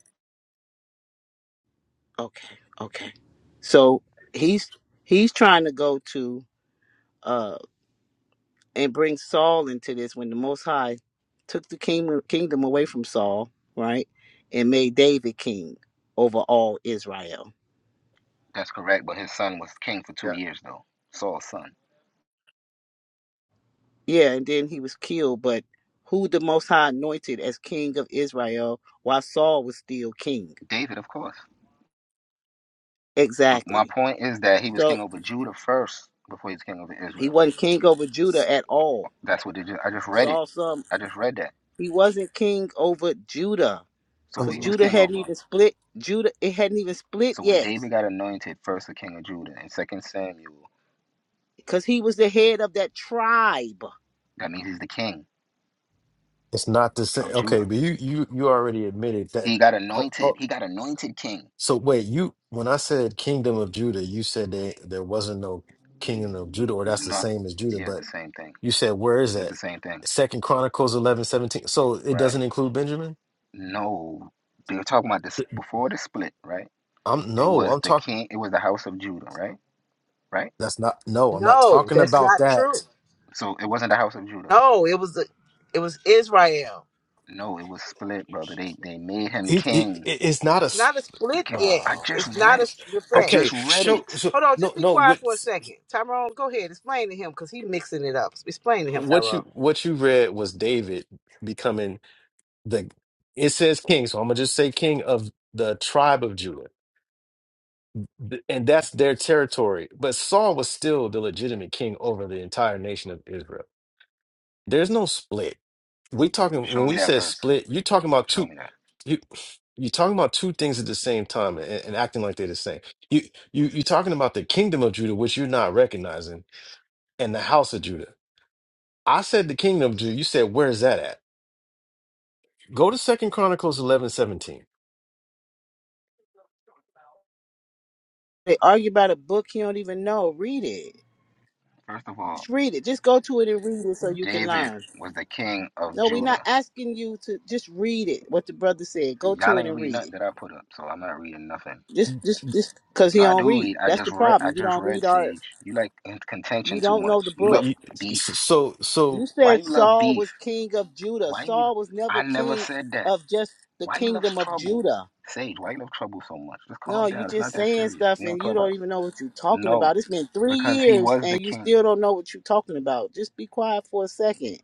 Speaker 1: Okay, okay. So he's he's trying to go to uh and bring Saul into this when the Most High took the kingdom kingdom away from Saul, right, and made David king over all Israel
Speaker 12: That's correct. But his son was king for two
Speaker 17: Yeah,
Speaker 12: years though. Saul's son.
Speaker 1: Yeah, and then he was killed. But who the Most High anointed as king of Israel while Saul was still king?
Speaker 12: David, of course. But my
Speaker 1: Exactly.
Speaker 12: point is that he was
Speaker 1: So
Speaker 12: king over Judah first before he was king over
Speaker 1: he
Speaker 12: Israel.
Speaker 1: wasn't king over Judah at all.
Speaker 12: That's what they just, I just read it.
Speaker 1: Saul, some
Speaker 12: I just read that.
Speaker 1: he wasn't king over Judah
Speaker 12: So who
Speaker 1: because
Speaker 12: he
Speaker 6: um,
Speaker 12: was
Speaker 1: Judah
Speaker 12: king
Speaker 1: hadn't
Speaker 12: over?
Speaker 1: even split. Judah it hadn't even split
Speaker 12: So when
Speaker 1: yet
Speaker 12: David got anointed first the king of Judah in Second Samuel,
Speaker 1: because he was the head of that tribe.
Speaker 12: that means he's the king
Speaker 6: it's not the
Speaker 1: Okay.
Speaker 6: same.
Speaker 12: of
Speaker 6: Okay,
Speaker 12: Judah.
Speaker 6: but you you you already admitted
Speaker 12: He got anointed.
Speaker 6: that.
Speaker 12: He got anointed king.
Speaker 6: So wait, you when I said kingdom of Judah, you said that there wasn't no kingdom of Judah, or that's the
Speaker 12: Not
Speaker 6: same as Judah,
Speaker 12: yeah, it's the
Speaker 6: but
Speaker 12: same thing.
Speaker 6: you said where is
Speaker 12: It's
Speaker 6: that?
Speaker 12: the same thing,
Speaker 6: Second Chronicles eleven seventeen. So it
Speaker 12: right?
Speaker 6: doesn't include Benjamin?
Speaker 12: No, they were talking about this
Speaker 6: Th-
Speaker 12: before the split, right?
Speaker 6: I'm
Speaker 12: It
Speaker 6: no,
Speaker 12: was
Speaker 6: I'm
Speaker 12: the
Speaker 6: talking
Speaker 12: king. It was the house of Judah, right? Right.
Speaker 6: that's not no, I'm not
Speaker 1: No,
Speaker 6: talking
Speaker 1: that's
Speaker 6: about
Speaker 1: not true.
Speaker 6: that.
Speaker 12: So it wasn't the house of Judah.
Speaker 1: No, it was a, it was Israel.
Speaker 12: No, it was split, brother. They they made him
Speaker 6: He, he
Speaker 12: king.
Speaker 6: it- it's not a s-
Speaker 1: Not a split
Speaker 6: bro,
Speaker 1: yet.
Speaker 12: I
Speaker 6: oh
Speaker 12: just
Speaker 6: my
Speaker 1: It's not
Speaker 12: read
Speaker 1: a
Speaker 12: it.
Speaker 6: gosh.
Speaker 12: I
Speaker 1: split
Speaker 12: just
Speaker 6: Okay,
Speaker 12: read
Speaker 6: show
Speaker 12: it.
Speaker 6: so
Speaker 1: Hold on,
Speaker 6: no
Speaker 1: just be
Speaker 6: no
Speaker 1: quiet
Speaker 6: what
Speaker 1: for a second. Tyrone, go ahead. Explain to him because he mixing it up. Explain to him,
Speaker 6: what you
Speaker 1: Tyrone.
Speaker 6: what you read was David becoming the it says king, so I'm gonna just say king of the tribe of Judah. Th- And that's their territory. But Saul was still the legitimate king over the entire nation of Israel. There's no split. We talking when
Speaker 12: Show me
Speaker 6: we
Speaker 12: that
Speaker 6: say
Speaker 12: verse.
Speaker 6: split, you're talking about
Speaker 12: Show
Speaker 6: two
Speaker 12: me that.
Speaker 6: you you're talking about two things at the same time and, and acting like they're the same. You you you're talking about the kingdom of Judah, which you're not recognizing, and the house of Judah. I said the kingdom of Judah. You said where's that at? Go to Second Chronicles eleven seventeen.
Speaker 1: They argue about a book you don't even know. Read it.
Speaker 12: First of
Speaker 1: Just
Speaker 12: all,
Speaker 1: read it. Just go to it and read it so you can
Speaker 12: David
Speaker 1: learn.
Speaker 12: was the king of
Speaker 1: No, we're not
Speaker 12: Judah.
Speaker 1: asking you to just read it. What the brother said. Go
Speaker 12: Y'all
Speaker 1: to it
Speaker 12: ain't
Speaker 1: and
Speaker 12: read
Speaker 1: read it.
Speaker 12: nothing that I put up, so I'm not reading nothing.
Speaker 1: Just, just, just because he
Speaker 12: No, I
Speaker 1: don't
Speaker 12: do
Speaker 1: read.
Speaker 12: read. I
Speaker 1: That's
Speaker 12: just
Speaker 1: the
Speaker 12: read. I
Speaker 1: problem. You
Speaker 12: just
Speaker 1: don't read
Speaker 12: read
Speaker 1: art.
Speaker 12: Sage. You like in-
Speaker 1: You
Speaker 12: contention too
Speaker 1: don't know
Speaker 12: much.
Speaker 1: the
Speaker 12: You
Speaker 6: But
Speaker 1: book.
Speaker 12: love
Speaker 6: you
Speaker 12: beef.
Speaker 6: so so
Speaker 1: You
Speaker 12: Why
Speaker 1: said
Speaker 12: you love
Speaker 1: Saul
Speaker 12: beef?
Speaker 1: was king of Judah.
Speaker 12: Why you? Lo-
Speaker 1: Saul was never
Speaker 12: I never
Speaker 1: king
Speaker 12: said that.
Speaker 1: of just the
Speaker 12: Why you love
Speaker 1: kingdom of
Speaker 12: trouble?
Speaker 1: Judah.
Speaker 12: Sage, why you love trouble so much? Just
Speaker 1: No,
Speaker 12: calm
Speaker 1: you
Speaker 12: down. It's not
Speaker 1: just
Speaker 12: that
Speaker 1: saying
Speaker 12: serious.
Speaker 1: stuff
Speaker 12: We on
Speaker 1: and you don't
Speaker 12: Clubhouse.
Speaker 1: even know what you're talking
Speaker 12: No.
Speaker 1: about. It's been three
Speaker 12: because he
Speaker 1: years
Speaker 12: was
Speaker 1: and
Speaker 12: the
Speaker 1: you
Speaker 12: king.
Speaker 1: still don't know what you're talking about. Just be quiet for a second.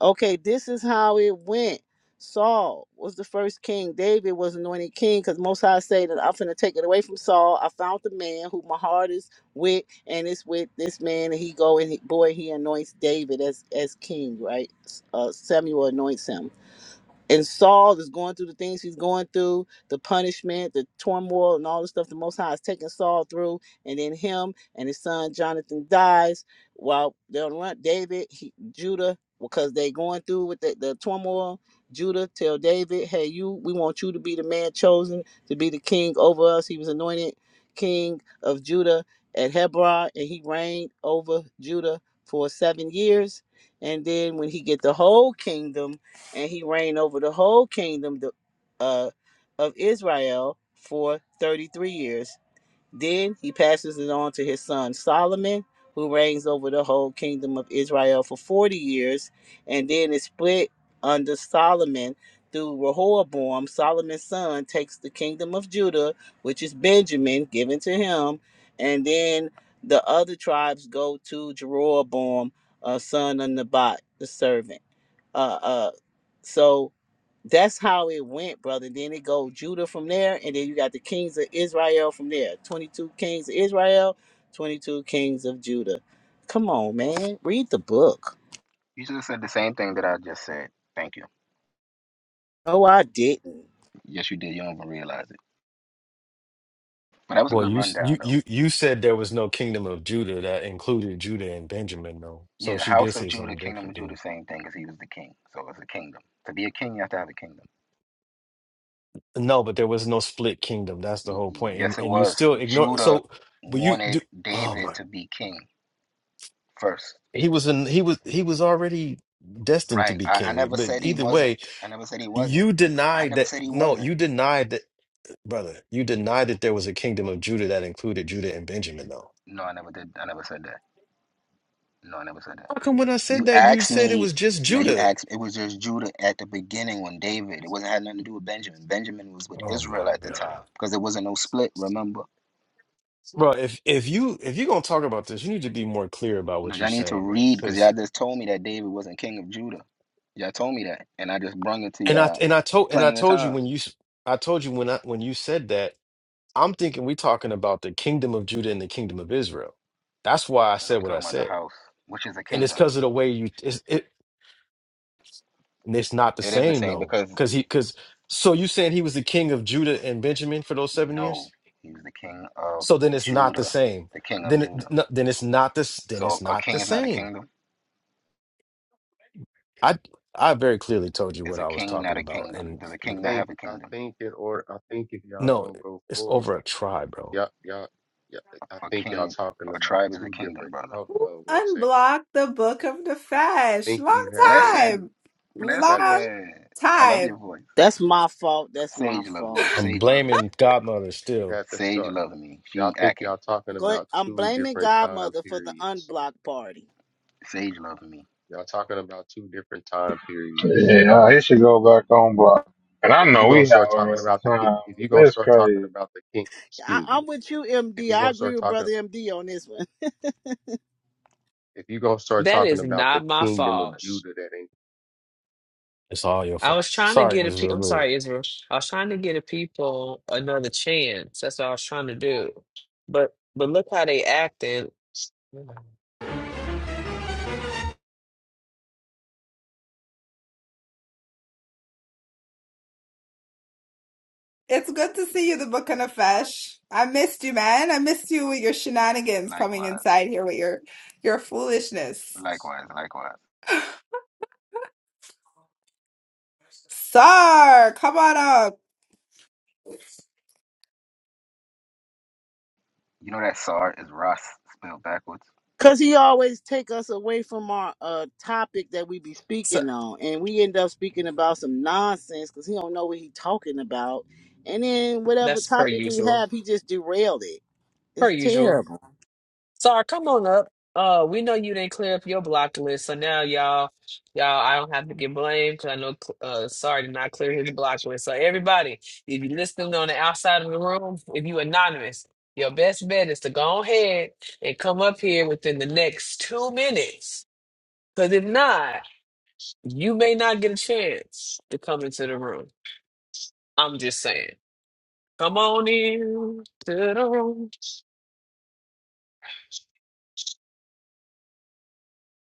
Speaker 1: Okay, this is how it went. Saul was the first king. David was anointed king because Most High say that I'm finna take it away from Saul. I found the man who my heart is with, and it's with this man. And he go and he, boy, he anoints David as as king, right? Uh, Samuel anoints him and Saul is going through the things he's going through, the punishment, the turmoil, and all the stuff the Most High is taking Saul through, and then him and his son Jonathan dies. While they're on the run, David, he, Judah, because they going through with the, the turmoil. Judah tell David, "Hey, you, we want you to be the man chosen to be the king over us." He was anointed king of Judah at Hebron, and he reigned over Judah for seven years. And then when he get the whole kingdom and he reigned over the whole kingdom uh, of Israel for 33 years. Then he passes it on to his son Solomon, who reigns over the whole kingdom of Israel for 40 years, and then it's split under Solomon through Rehoboam. Solomon's son takes the kingdom of Judah, which is Benjamin, given to him, and then the other tribes go to Jeroboam, uh, son of Nebat, the servant. Uh, uh, so that's how it went, brother. Then it go Judah from there, and then you got the kings of Israel from there. Twenty-two kings of Israel, twenty-two kings of Judah. Come on, man, read the book.
Speaker 12: You just said the same thing that I just said. Thank you.
Speaker 1: No, I didn't.
Speaker 12: Yes, you did. You don't even realize it. But that was a
Speaker 6: Well,
Speaker 12: good
Speaker 6: you s-
Speaker 12: rundown,
Speaker 6: you
Speaker 12: though.
Speaker 6: you you said there was no kingdom of Judah that included Judah and Benjamin, though. So
Speaker 12: Yeah, the
Speaker 6: she did
Speaker 12: house of
Speaker 6: say
Speaker 12: Judah,
Speaker 6: something
Speaker 12: kingdom
Speaker 6: different,
Speaker 12: of Judah,
Speaker 6: dude.
Speaker 12: same thing because he was the king. So it's a kingdom. To be a king, you have to have a kingdom.
Speaker 6: No, but there was no split kingdom. That's the whole point. And
Speaker 12: Yes, it
Speaker 6: and you
Speaker 12: was.
Speaker 6: still ignore.
Speaker 12: Judah
Speaker 6: So, but you
Speaker 12: wanted
Speaker 6: do. Oh
Speaker 12: David
Speaker 6: my,
Speaker 12: to be king first.
Speaker 6: he was in. He was he was already destined to
Speaker 12: Right.
Speaker 6: be
Speaker 12: I, I
Speaker 6: king.
Speaker 12: never
Speaker 6: But
Speaker 12: said he
Speaker 6: either
Speaker 12: wasn't.
Speaker 6: way,
Speaker 12: I never said he wasn't.
Speaker 6: you
Speaker 12: I
Speaker 6: denied
Speaker 12: never
Speaker 6: that.
Speaker 12: said he
Speaker 6: No,
Speaker 12: wasn't.
Speaker 6: you denied that, brother. You denied that there was a kingdom of Judah that included Judah and Benjamin, though.
Speaker 12: No, I never did. I never said that. No, I never said that.
Speaker 6: How come when I said
Speaker 12: You
Speaker 6: that you
Speaker 12: asked
Speaker 6: said it
Speaker 12: me.
Speaker 6: was just
Speaker 12: No, you
Speaker 6: Judah?
Speaker 12: asked. It was just Judah at the beginning when David. It wasn't had nothing to do with Benjamin. Benjamin was with
Speaker 6: Oh
Speaker 12: Israel
Speaker 6: my
Speaker 12: at the
Speaker 6: God.
Speaker 12: time because there wasn't no split. Remember?
Speaker 6: Bro, if if you if you're gonna talk about this, you need to be more clear about
Speaker 12: Now
Speaker 6: what you're
Speaker 12: y'all need to
Speaker 6: saying, man.
Speaker 12: read because y'all
Speaker 6: Because
Speaker 12: just told me that David wasn't king of Judah. Y'all told me that, and I just brung it to
Speaker 6: and I
Speaker 12: y'all
Speaker 6: and I told and I
Speaker 12: plenty of
Speaker 6: told you
Speaker 12: times.
Speaker 6: when you s- I told you when I when you said that, I'm thinking we're talking about the kingdom of Judah and the kingdom of Israel. That's why I
Speaker 12: I know we're
Speaker 6: said what I
Speaker 12: talking about the
Speaker 6: said,
Speaker 12: house, which is a
Speaker 6: and it's
Speaker 12: kingdom.
Speaker 6: because of the way you it's, it. And it's not the
Speaker 12: It is the
Speaker 6: same
Speaker 12: same
Speaker 6: though,
Speaker 12: because
Speaker 6: because he because so you saying he was the king of Judah and Benjamin for those seven
Speaker 12: no,
Speaker 6: years?
Speaker 12: he was the king of
Speaker 6: So then it's not the
Speaker 12: Judah,
Speaker 6: same.
Speaker 12: the king of
Speaker 6: Then it,
Speaker 12: Judah.
Speaker 6: no, then it's not this. Then
Speaker 12: So
Speaker 6: it's
Speaker 12: a
Speaker 6: not
Speaker 12: king
Speaker 6: the
Speaker 12: is not a
Speaker 6: same.
Speaker 12: kingdom.
Speaker 6: I I very clearly told you
Speaker 12: It's
Speaker 6: what
Speaker 12: a
Speaker 6: I was
Speaker 12: king, not
Speaker 6: talking
Speaker 12: a
Speaker 6: about,
Speaker 12: kingdom.
Speaker 6: and
Speaker 12: Does a king not
Speaker 17: think
Speaker 12: have a
Speaker 17: I
Speaker 12: kingdom?
Speaker 17: think in order I think if y'all
Speaker 6: no,
Speaker 17: gonna go
Speaker 6: it's
Speaker 17: forward,
Speaker 6: over a try,
Speaker 17: if
Speaker 6: bro.
Speaker 17: y'all y'all yeah, I
Speaker 12: A
Speaker 17: think y'all
Speaker 12: king,
Speaker 17: talking
Speaker 12: a
Speaker 17: about
Speaker 12: tribe is a
Speaker 17: two
Speaker 12: kingdom,
Speaker 17: different.
Speaker 12: brother.
Speaker 17: Talk
Speaker 3: Who
Speaker 17: uh, one second.
Speaker 3: unblocked the Book of the
Speaker 17: I
Speaker 3: Fesh?
Speaker 17: think you
Speaker 3: Long
Speaker 17: have
Speaker 12: Blessed,
Speaker 17: to
Speaker 12: said,
Speaker 3: time.
Speaker 17: you
Speaker 12: blessed.
Speaker 17: have to
Speaker 3: Long
Speaker 12: said, I love your
Speaker 3: time.
Speaker 12: voice.
Speaker 1: That's my fault. That's my
Speaker 12: Sage love me.
Speaker 1: fault.
Speaker 6: I'm
Speaker 12: Sage love me.
Speaker 6: blaming Godmother
Speaker 17: you
Speaker 6: still.
Speaker 17: have to
Speaker 12: Sage
Speaker 17: start.
Speaker 12: love me. She
Speaker 17: Y'all think
Speaker 12: acting.
Speaker 17: y'all talking
Speaker 1: Go-
Speaker 17: about
Speaker 1: I'm
Speaker 17: two
Speaker 1: blaming
Speaker 17: different time
Speaker 1: Godmother for the
Speaker 17: periods.
Speaker 1: unblocked party.
Speaker 12: Sage love me.
Speaker 17: Y'all talking about two different time periods.
Speaker 15: Yeah, it should go back on block. And I
Speaker 17: If you
Speaker 15: know
Speaker 17: gonna
Speaker 15: we have
Speaker 17: start
Speaker 15: a rough
Speaker 17: talking about the ki-
Speaker 15: time.
Speaker 17: if you
Speaker 15: but
Speaker 17: gonna
Speaker 15: This
Speaker 17: start talking
Speaker 15: crazy.
Speaker 17: about the king,
Speaker 1: I,
Speaker 17: excuse me.
Speaker 1: I'm with you,
Speaker 17: If
Speaker 1: MD.
Speaker 17: you
Speaker 1: I
Speaker 17: gonna
Speaker 1: agree
Speaker 17: start
Speaker 1: with
Speaker 17: talking
Speaker 1: brother MD on this one.
Speaker 17: if you gonna start
Speaker 5: That is
Speaker 17: talking about the
Speaker 5: not my
Speaker 17: kingdom of
Speaker 5: fault.
Speaker 17: Judah that ain't.
Speaker 6: It's all your
Speaker 5: I
Speaker 6: fault.
Speaker 5: was trying to
Speaker 6: Sorry,
Speaker 5: get a pe-
Speaker 6: Israel.
Speaker 5: I'm
Speaker 6: We're
Speaker 5: sorry, Israel. I was trying to get a people another chance. That's what I was trying to do. But but look how they acting.
Speaker 3: It's good to see you, the Book of the Fesh. I missed you, man. I missed you with your shenanigans coming
Speaker 12: Likewise.
Speaker 3: inside here with your your foolishness.
Speaker 12: Likewise. Likewise.
Speaker 3: (laughs) Sir, come on up.
Speaker 12: You know that Sar is Ross spelled backwards?
Speaker 1: Cause he always take us away from our uh topic that we be
Speaker 5: So
Speaker 1: speaking on, and we end up speaking about some nonsense because he don't know what he talking about, and then whatever
Speaker 5: that's per
Speaker 1: topic we
Speaker 5: usual.
Speaker 1: have, he just derailed it.
Speaker 5: Per
Speaker 1: It's
Speaker 5: usual.
Speaker 1: terrible,
Speaker 5: Sorry, come on up. Uh, we know you didn't clear up your block list, so now y'all, y'all, I don't have to get blamed because I know, uh, sorry did not clear his block list. So everybody, if you're listening on the outside of the room, if you anonymous, your best bet is to go ahead and come up here within the next two minutes. Because if not, you may not get a chance to come into the room. I'm just saying. Come on in to the room.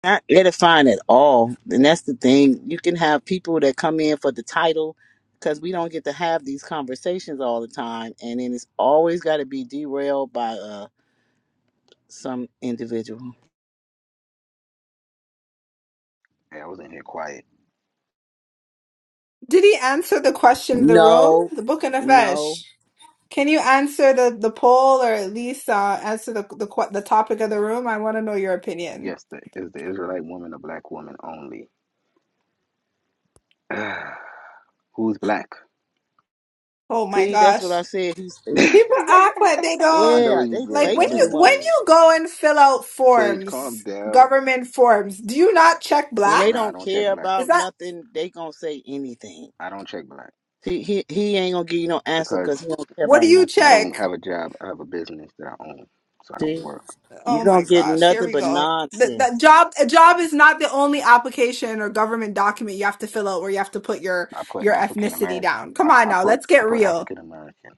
Speaker 1: not edifying at all. And that's the thing. You can have people that come in for the title, because we don't get to have these conversations all the time, and then it's always got to be derailed by uh some individual.
Speaker 12: Yeah, I was in here quiet.
Speaker 3: Did he answer the question of the room?
Speaker 1: No,
Speaker 3: The book and the
Speaker 1: no.
Speaker 3: fish. Can you answer the, the poll or at least uh, answer the, the que- the topic of the room? I want to know your opinion.
Speaker 12: Yes, the, is the Israelite woman a black woman only? (sighs) Who's black?
Speaker 3: Oh my
Speaker 1: See, that's what I
Speaker 3: gosh.
Speaker 1: said.
Speaker 12: (laughs)
Speaker 1: He's
Speaker 12: I
Speaker 3: People act like they
Speaker 12: know
Speaker 3: don't
Speaker 12: what
Speaker 1: Yeah,
Speaker 12: you
Speaker 1: they
Speaker 3: like
Speaker 12: said.
Speaker 1: play
Speaker 12: I know
Speaker 3: when
Speaker 12: what
Speaker 1: too
Speaker 12: you
Speaker 3: you when
Speaker 1: much.
Speaker 12: said.
Speaker 3: you go and fill out
Speaker 12: Sage, calm
Speaker 3: forms,
Speaker 12: down.
Speaker 3: government forms, do you not check
Speaker 1: When they
Speaker 12: Nah, I
Speaker 3: black?
Speaker 1: don't
Speaker 12: don't check
Speaker 1: care
Speaker 12: black.
Speaker 3: Is
Speaker 1: about
Speaker 3: that
Speaker 1: nothing, they gonna say anything.
Speaker 12: I don't check black
Speaker 1: He he, he ain't gonna give you no answer
Speaker 12: because
Speaker 1: because he don't care
Speaker 3: what do
Speaker 1: about
Speaker 3: you
Speaker 1: nothing.
Speaker 12: I don't
Speaker 3: check?
Speaker 12: have a job. I have a business that I own, so I don't
Speaker 1: See,
Speaker 12: work.
Speaker 1: you
Speaker 3: Oh
Speaker 1: gonna
Speaker 3: my
Speaker 1: get
Speaker 3: gosh, here
Speaker 1: nothing
Speaker 3: we
Speaker 1: but
Speaker 3: go. The, the
Speaker 1: nonsense.
Speaker 3: job a job is not the only application or government document you have to fill out where you have to put your
Speaker 12: I put
Speaker 3: your
Speaker 12: African
Speaker 3: ethnicity
Speaker 12: American.
Speaker 3: down. Come
Speaker 12: I,
Speaker 3: on
Speaker 12: I
Speaker 3: now,
Speaker 12: put
Speaker 3: let's
Speaker 12: I
Speaker 3: get
Speaker 12: put
Speaker 3: real.
Speaker 12: African American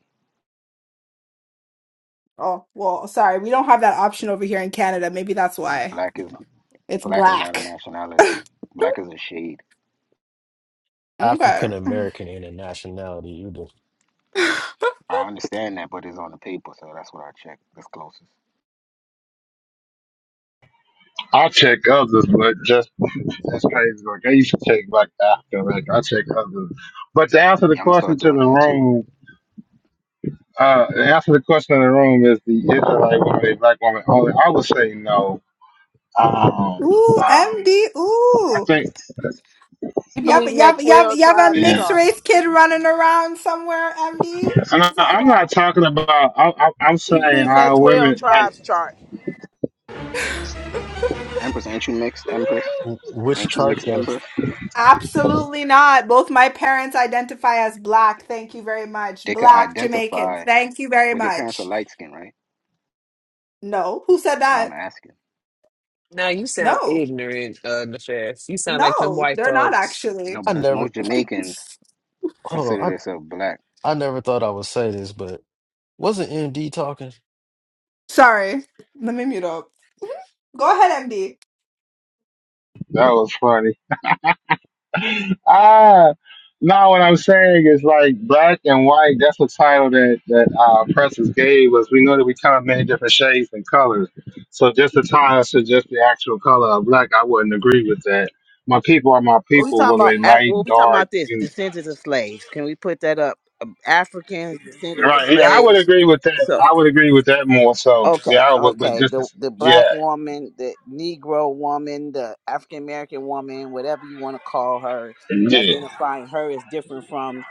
Speaker 3: Oh, well, sorry, we don't have that option over here in Canada. Maybe that's
Speaker 12: because
Speaker 3: why.
Speaker 12: black is
Speaker 3: It's
Speaker 12: black is not a
Speaker 3: black.
Speaker 12: nationality. Black is a shade.
Speaker 3: Okay.
Speaker 6: African American in a nationality. You do.
Speaker 3: (sighs)
Speaker 12: I understand that, but it's on the paper, so that's what I check. That's closest.
Speaker 15: I check others, but just that's crazy. Like I used to check back after. Like I check others. But to answer the
Speaker 12: Yeah, I'm gonna
Speaker 15: question
Speaker 12: start
Speaker 15: to
Speaker 12: doing
Speaker 15: the
Speaker 12: that too.
Speaker 15: room, uh, to answer the question in the room is the Israelite woman, a black woman only. I would say no. Um,
Speaker 3: Ooh,
Speaker 15: um,
Speaker 3: MD.
Speaker 15: I
Speaker 3: Ooh.
Speaker 15: think,
Speaker 1: We
Speaker 3: You have,
Speaker 1: believe in
Speaker 3: you
Speaker 1: that
Speaker 3: have, you have,
Speaker 1: twelve
Speaker 3: you have a
Speaker 1: tribes
Speaker 15: yeah.
Speaker 3: mixed
Speaker 1: chart.
Speaker 3: race kid running around somewhere, MD?
Speaker 15: And I,
Speaker 3: Is that
Speaker 15: I'm not talking about. I, I, I'm
Speaker 1: We
Speaker 15: saying
Speaker 1: believe in that
Speaker 15: uh,
Speaker 1: twelve
Speaker 15: women. Like
Speaker 1: tribes chart.
Speaker 12: But Empress, ain't you mixed?
Speaker 3: why?
Speaker 12: Empress,
Speaker 3: (laughs)
Speaker 6: Wh- Which
Speaker 12: ain't you
Speaker 6: chart
Speaker 12: mixed?
Speaker 6: though?
Speaker 12: Empress,
Speaker 3: Absolutely not. Both my parents identify as black. Thank you very much.
Speaker 12: they could
Speaker 3: Black Jamaicans.
Speaker 12: identify,
Speaker 3: Thank you very
Speaker 12: but your parents are
Speaker 3: much.
Speaker 12: light skinned right?
Speaker 3: No. Who said
Speaker 12: No, I'm
Speaker 3: that?
Speaker 12: asking.
Speaker 5: Now you sound
Speaker 3: No.
Speaker 5: ignorant, uh, Nefess. You sound like them
Speaker 3: No,
Speaker 5: white
Speaker 3: they're not
Speaker 5: folks
Speaker 12: No,
Speaker 3: actually.
Speaker 6: I
Speaker 12: because
Speaker 6: never.
Speaker 12: most Jamaicans
Speaker 6: Hold
Speaker 12: consider
Speaker 6: on.
Speaker 12: themselves black.
Speaker 6: I I never thought I would say this, but wasn't MD talking?
Speaker 3: Sorry. Let me mute up. Go ahead, MD.
Speaker 15: that was funny. (laughs) Ah, no. What I'm saying is like black and white. That's the title that that uh, Precious gave us. We know that we come in many different shades and colors. So just the title suggests the actual color of black, I wouldn't agree with that. My people are my
Speaker 1: When we
Speaker 15: people,
Speaker 1: talking
Speaker 15: whether
Speaker 1: about
Speaker 15: they
Speaker 1: Af- when
Speaker 15: light,
Speaker 1: we talking
Speaker 15: dark.
Speaker 1: about this descendants of slaves, can we put that up? Um, Africans descendants of
Speaker 15: Right. Yeah, I would
Speaker 1: slaves.
Speaker 15: agree with that.
Speaker 1: So.
Speaker 15: I would agree with that more so. Yeah,
Speaker 1: Okay,
Speaker 15: I would, but
Speaker 1: okay.
Speaker 15: just
Speaker 1: The
Speaker 15: as,
Speaker 1: the black
Speaker 15: yeah,
Speaker 1: woman, the Negro woman, the African American woman, whatever you want to call her,
Speaker 15: yeah.
Speaker 1: identifying her is different from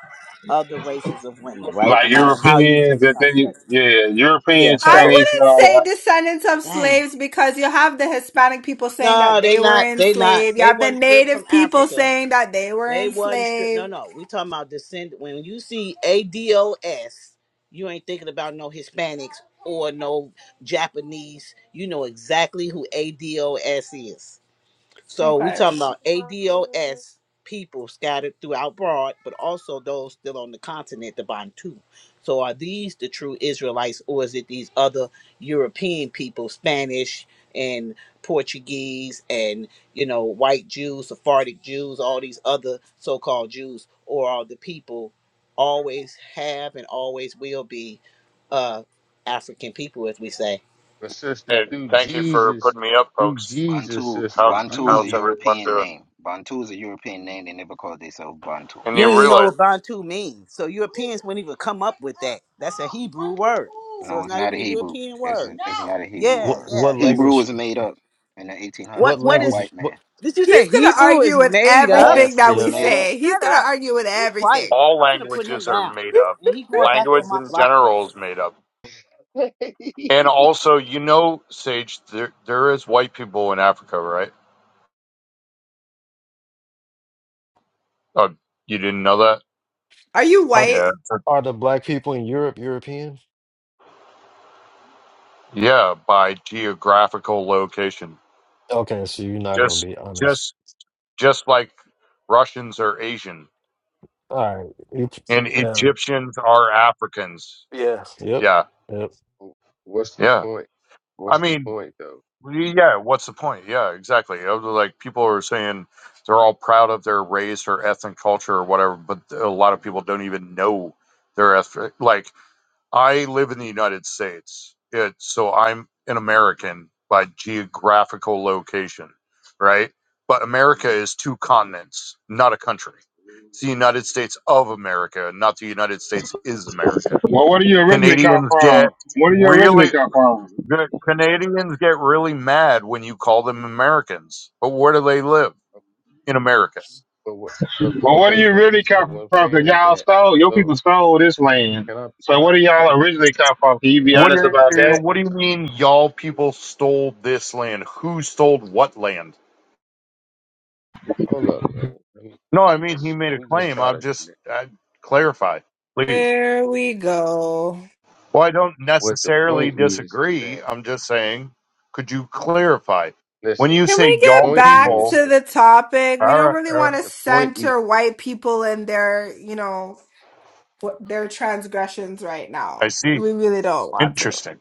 Speaker 1: other races of women, right? No
Speaker 15: Like
Speaker 1: matter how you say
Speaker 15: Europeans,
Speaker 1: the
Speaker 15: that they,
Speaker 1: construct.
Speaker 15: yeah,
Speaker 1: Yeah.
Speaker 15: European,
Speaker 3: I
Speaker 1: So,
Speaker 15: Chinese, and
Speaker 3: wouldn't
Speaker 15: all
Speaker 3: say
Speaker 15: that.
Speaker 3: descendants of
Speaker 1: dang.
Speaker 3: slaves because you have the Hispanic people saying
Speaker 1: No,
Speaker 3: that they
Speaker 1: they
Speaker 3: were
Speaker 1: not. They not.
Speaker 3: enslaved. You
Speaker 1: They
Speaker 3: have the
Speaker 1: wasn't stripped from
Speaker 3: native people
Speaker 1: Africa.
Speaker 3: saying that they were
Speaker 1: They wasn't stripped. No,
Speaker 3: enslaved.
Speaker 1: no. We talking about descend. When you see ADOS, you ain't thinking about no Hispanics or no Japanese. You know exactly who ADOS is. So we
Speaker 3: Okay.
Speaker 1: talking about ADOS people scattered throughout broad, but also those still on the continent, the Bantu. So are these the true Israelites, or is it these other European people, Spanish and Portuguese and you know white Jews, Sephardic Jews, all these other so-called Jews, or are the people always have and always will be uh, African people, as we say?
Speaker 17: But sister,
Speaker 18: Hey,
Speaker 17: through
Speaker 18: thank you for
Speaker 17: Jesus,
Speaker 18: putting me up,
Speaker 17: through
Speaker 18: folks.
Speaker 17: Jesus,
Speaker 12: Bantu
Speaker 18: How,
Speaker 17: sister,
Speaker 12: Bantu is a
Speaker 18: how's
Speaker 17: Jesus.
Speaker 18: everyone
Speaker 12: European
Speaker 18: doing?
Speaker 12: name. Bantu is a European name. They never called themselves Bantu.
Speaker 18: And
Speaker 1: You don't
Speaker 18: you
Speaker 1: even know
Speaker 18: realize
Speaker 1: what Bantu means. So Europeans wouldn't even come up with that. That's a Hebrew word. So
Speaker 12: No,
Speaker 1: it's
Speaker 12: it's
Speaker 1: not
Speaker 12: not a
Speaker 1: even a
Speaker 12: Hebrew.
Speaker 1: European
Speaker 12: It's
Speaker 1: word.
Speaker 12: it's not a Hebrew
Speaker 1: Yeah,
Speaker 6: What
Speaker 12: word.
Speaker 1: yeah.
Speaker 6: what
Speaker 1: That's
Speaker 12: Hebrew
Speaker 6: language?
Speaker 12: was made up in the
Speaker 1: what
Speaker 6: What
Speaker 12: 1800s by
Speaker 1: what
Speaker 12: a
Speaker 1: is
Speaker 6: language?
Speaker 12: white
Speaker 6: What?
Speaker 12: man.
Speaker 1: did you say
Speaker 3: He's gonna
Speaker 1: Hebrew
Speaker 3: argue
Speaker 1: is
Speaker 3: with
Speaker 1: made up?
Speaker 18: all
Speaker 3: everything
Speaker 12: Yes,
Speaker 3: that
Speaker 12: it's
Speaker 6: Yeah.
Speaker 3: we
Speaker 12: made
Speaker 1: Man,
Speaker 12: up.
Speaker 3: say. He's
Speaker 1: shut
Speaker 3: gonna
Speaker 1: up.
Speaker 3: argue with
Speaker 1: Be quiet.
Speaker 3: everything.
Speaker 18: all
Speaker 1: I'm gonna put him
Speaker 18: languages are
Speaker 1: down.
Speaker 18: made
Speaker 3: (laughs)
Speaker 18: up.
Speaker 1: And he going back
Speaker 18: Language
Speaker 1: on my
Speaker 18: in
Speaker 1: block
Speaker 18: general
Speaker 1: list.
Speaker 18: is made up.
Speaker 17: (laughs) What's
Speaker 18: And also, you know, Sage, there there is white people in Africa, right? Oh, you didn't know that?
Speaker 3: Are you
Speaker 6: Are
Speaker 18: Yeah.
Speaker 3: white?
Speaker 6: are the black people in Europe European?
Speaker 18: Yeah, by geographical location.
Speaker 6: Okay, so you're not gonna
Speaker 18: Just
Speaker 6: be honest.
Speaker 18: just just like Russians are Asian
Speaker 6: All right. You,
Speaker 18: and
Speaker 6: yeah.
Speaker 18: Egyptians are Africans.
Speaker 6: Yeah. Yep.
Speaker 18: Yeah.
Speaker 6: Yep.
Speaker 17: the
Speaker 18: Yeah.
Speaker 17: point?
Speaker 18: I
Speaker 17: What's the
Speaker 18: mean,
Speaker 17: point though?
Speaker 18: Well, Yeah, what's the point? Yeah, exactly. Uh, Like people are saying they're all proud of their race or ethnic culture or whatever, but a lot of people don't even know their ethnic. Like I live in the United States, it, so I'm an American by geographical location, right? But America is two continents, not a country. It's the United States of America, not the United States is America.
Speaker 15: Well, where do you originally come
Speaker 18: Canadians get
Speaker 15: from? Where do you originally
Speaker 18: really
Speaker 15: come from?
Speaker 18: the Canadians get really mad when you call them Americans. But where do they live? In America.
Speaker 17: But what? But
Speaker 15: Well, where do
Speaker 17: okay,
Speaker 15: you
Speaker 17: but
Speaker 15: really
Speaker 17: but what
Speaker 15: come
Speaker 17: I'm
Speaker 15: from? Because
Speaker 17: saying is
Speaker 15: y'all
Speaker 17: that uh,
Speaker 15: stole, your people
Speaker 17: well,
Speaker 15: stole this land.
Speaker 17: can I
Speaker 15: So
Speaker 17: can I
Speaker 15: where do
Speaker 17: can
Speaker 15: y'all
Speaker 17: I
Speaker 15: originally come from? Can you be
Speaker 17: damn
Speaker 18: What
Speaker 17: can
Speaker 15: honest
Speaker 18: do
Speaker 17: I
Speaker 15: about
Speaker 17: be
Speaker 18: you,
Speaker 15: that?
Speaker 17: heard
Speaker 18: what do
Speaker 17: one
Speaker 18: you
Speaker 17: time,
Speaker 18: mean
Speaker 17: bro?
Speaker 18: y'all people stole this land? Who stole what land?
Speaker 17: Hold up, bro. Let me.
Speaker 18: No, I mean he
Speaker 17: Let's
Speaker 18: made
Speaker 17: can
Speaker 18: a
Speaker 17: we just
Speaker 18: claim.
Speaker 17: try
Speaker 18: I'm
Speaker 17: to?
Speaker 18: just I clarify, please.
Speaker 3: There we go.
Speaker 18: Well, I don't
Speaker 17: What the
Speaker 18: necessarily
Speaker 17: point is is
Speaker 18: disagree.
Speaker 17: that
Speaker 18: I'm just saying, could you clarify? When
Speaker 17: listen.
Speaker 18: you
Speaker 3: Can
Speaker 18: say
Speaker 3: we
Speaker 17: The
Speaker 3: get
Speaker 18: y'all
Speaker 17: point
Speaker 3: back
Speaker 18: people,
Speaker 17: is
Speaker 3: to
Speaker 17: the
Speaker 3: the topic? We
Speaker 18: all
Speaker 3: don't
Speaker 18: right,
Speaker 3: really
Speaker 18: all right,
Speaker 3: want to
Speaker 17: the point is
Speaker 3: center white people in their, you know. what their transgressions right
Speaker 18: I
Speaker 3: now.
Speaker 18: see.
Speaker 3: We really don't want to.
Speaker 18: Interesting.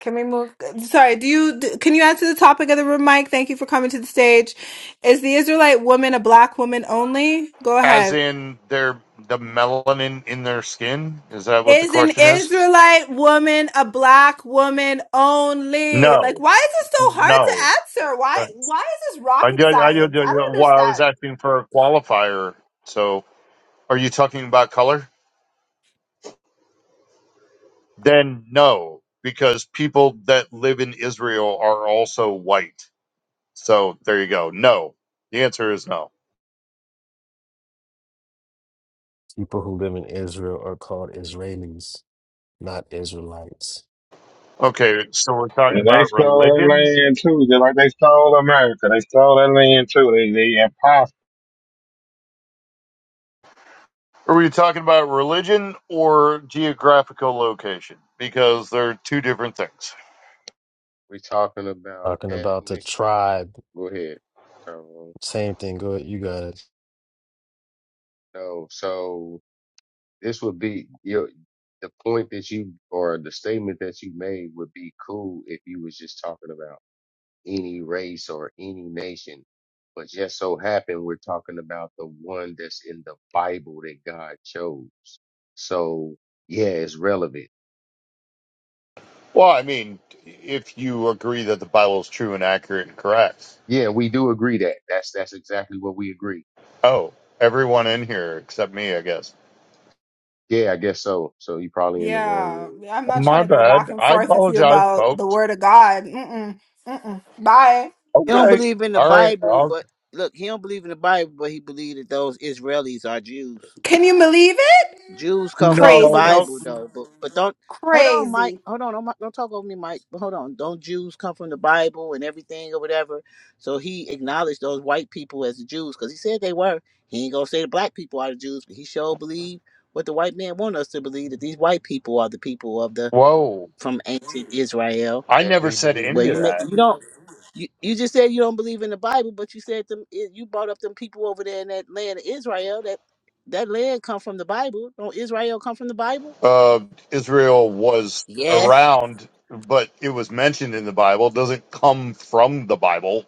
Speaker 3: Can we? Sorry. Do you? d- Can you answer the topic of the room, Mike? Thank you for coming to the stage. Is the Israelite woman a black woman only? Go
Speaker 18: As
Speaker 3: ahead.
Speaker 18: in their the melanin in their skin? Is that what the
Speaker 3: Is an
Speaker 18: question is?
Speaker 3: Israelite woman a black woman only? Like,
Speaker 18: No,
Speaker 3: why is this so hard to
Speaker 18: no.
Speaker 3: answer?
Speaker 18: Uh,
Speaker 3: Why? Why is this
Speaker 18: I
Speaker 3: rocket
Speaker 18: did. I did.
Speaker 3: science? I don't
Speaker 18: Well, I was
Speaker 3: understand.
Speaker 18: asking for a qualifier. So, are you talking about color? Then no, because people that live in Israel are also white. So there you go. No, the answer is no.
Speaker 6: People who live in Israel are called Israelis, not Israelites.
Speaker 18: Okay, so we're talking
Speaker 15: And they
Speaker 18: about
Speaker 15: stole that
Speaker 18: religion.
Speaker 15: land too, just like they stole America. They stole that land too. They, they imposter.
Speaker 18: Are we talking about religion or geographical location? Because they're two different things.
Speaker 17: we're talking about
Speaker 6: Talking about the
Speaker 17: ethnic.
Speaker 6: tribe,
Speaker 17: Go ahead, Tyrone.
Speaker 6: same thing. Go ahead, you got it.
Speaker 17: No, so this would be your the point that you or the statement that you made would be cool if you was just talking about any race or any nation. But just so happen we're talking about the one that's in the Bible that God chose. So yeah, it's relevant.
Speaker 18: Well, I mean, if you agree that the Bible is true and accurate and correct.
Speaker 17: Yeah, we do agree that that's that's exactly what we agree.
Speaker 18: Oh, everyone in here except me, I guess.
Speaker 17: Yeah, I guess so. So you probably in the wrong
Speaker 3: Yeah,
Speaker 17: room.
Speaker 3: yeah, I'm not trying
Speaker 18: My
Speaker 3: to go
Speaker 18: bad.
Speaker 3: back and
Speaker 18: I
Speaker 3: forth with you
Speaker 18: apologize,
Speaker 3: about the
Speaker 18: folks.
Speaker 3: word of God. Mm-mm, mm-mm. Bye.
Speaker 1: He don't
Speaker 18: Okay.
Speaker 1: believe in the
Speaker 18: All right.
Speaker 1: Bible,
Speaker 18: I'll-
Speaker 1: but look, he don't believe in the Bible, but he believed that those Israelis are Jews.
Speaker 3: Can you believe?
Speaker 1: Jews come from the
Speaker 18: no, no.
Speaker 1: Bible
Speaker 3: Craziness.
Speaker 1: though, but but don't hold on, Mike.
Speaker 3: Crazy.
Speaker 1: Hold on, don't, mi- don't talk over me, Mike. But hold on, don't Jews come from the Bible and everything or whatever? So he acknowledged those white people as the Jews because he said they were. He ain't gonna say the black people are the Jews, but he sure believe what the white man want us to believe that these white people are the people of the
Speaker 18: Whoa.
Speaker 1: from ancient Israel.
Speaker 18: I never
Speaker 17: Definitely
Speaker 18: said
Speaker 17: believe
Speaker 18: any
Speaker 1: Well,
Speaker 18: of
Speaker 17: that.
Speaker 1: you may,
Speaker 18: that.
Speaker 1: you don't you, you just said you don't believe in the Bible, but you said them i- you brought up them people over there in that land of Israel. That that land come from the Bible. Don't Israel come from the Bible?
Speaker 18: Uh, Israel was
Speaker 1: Yes.
Speaker 18: around, but it was mentioned in the Bible. It doesn't come from the Bible.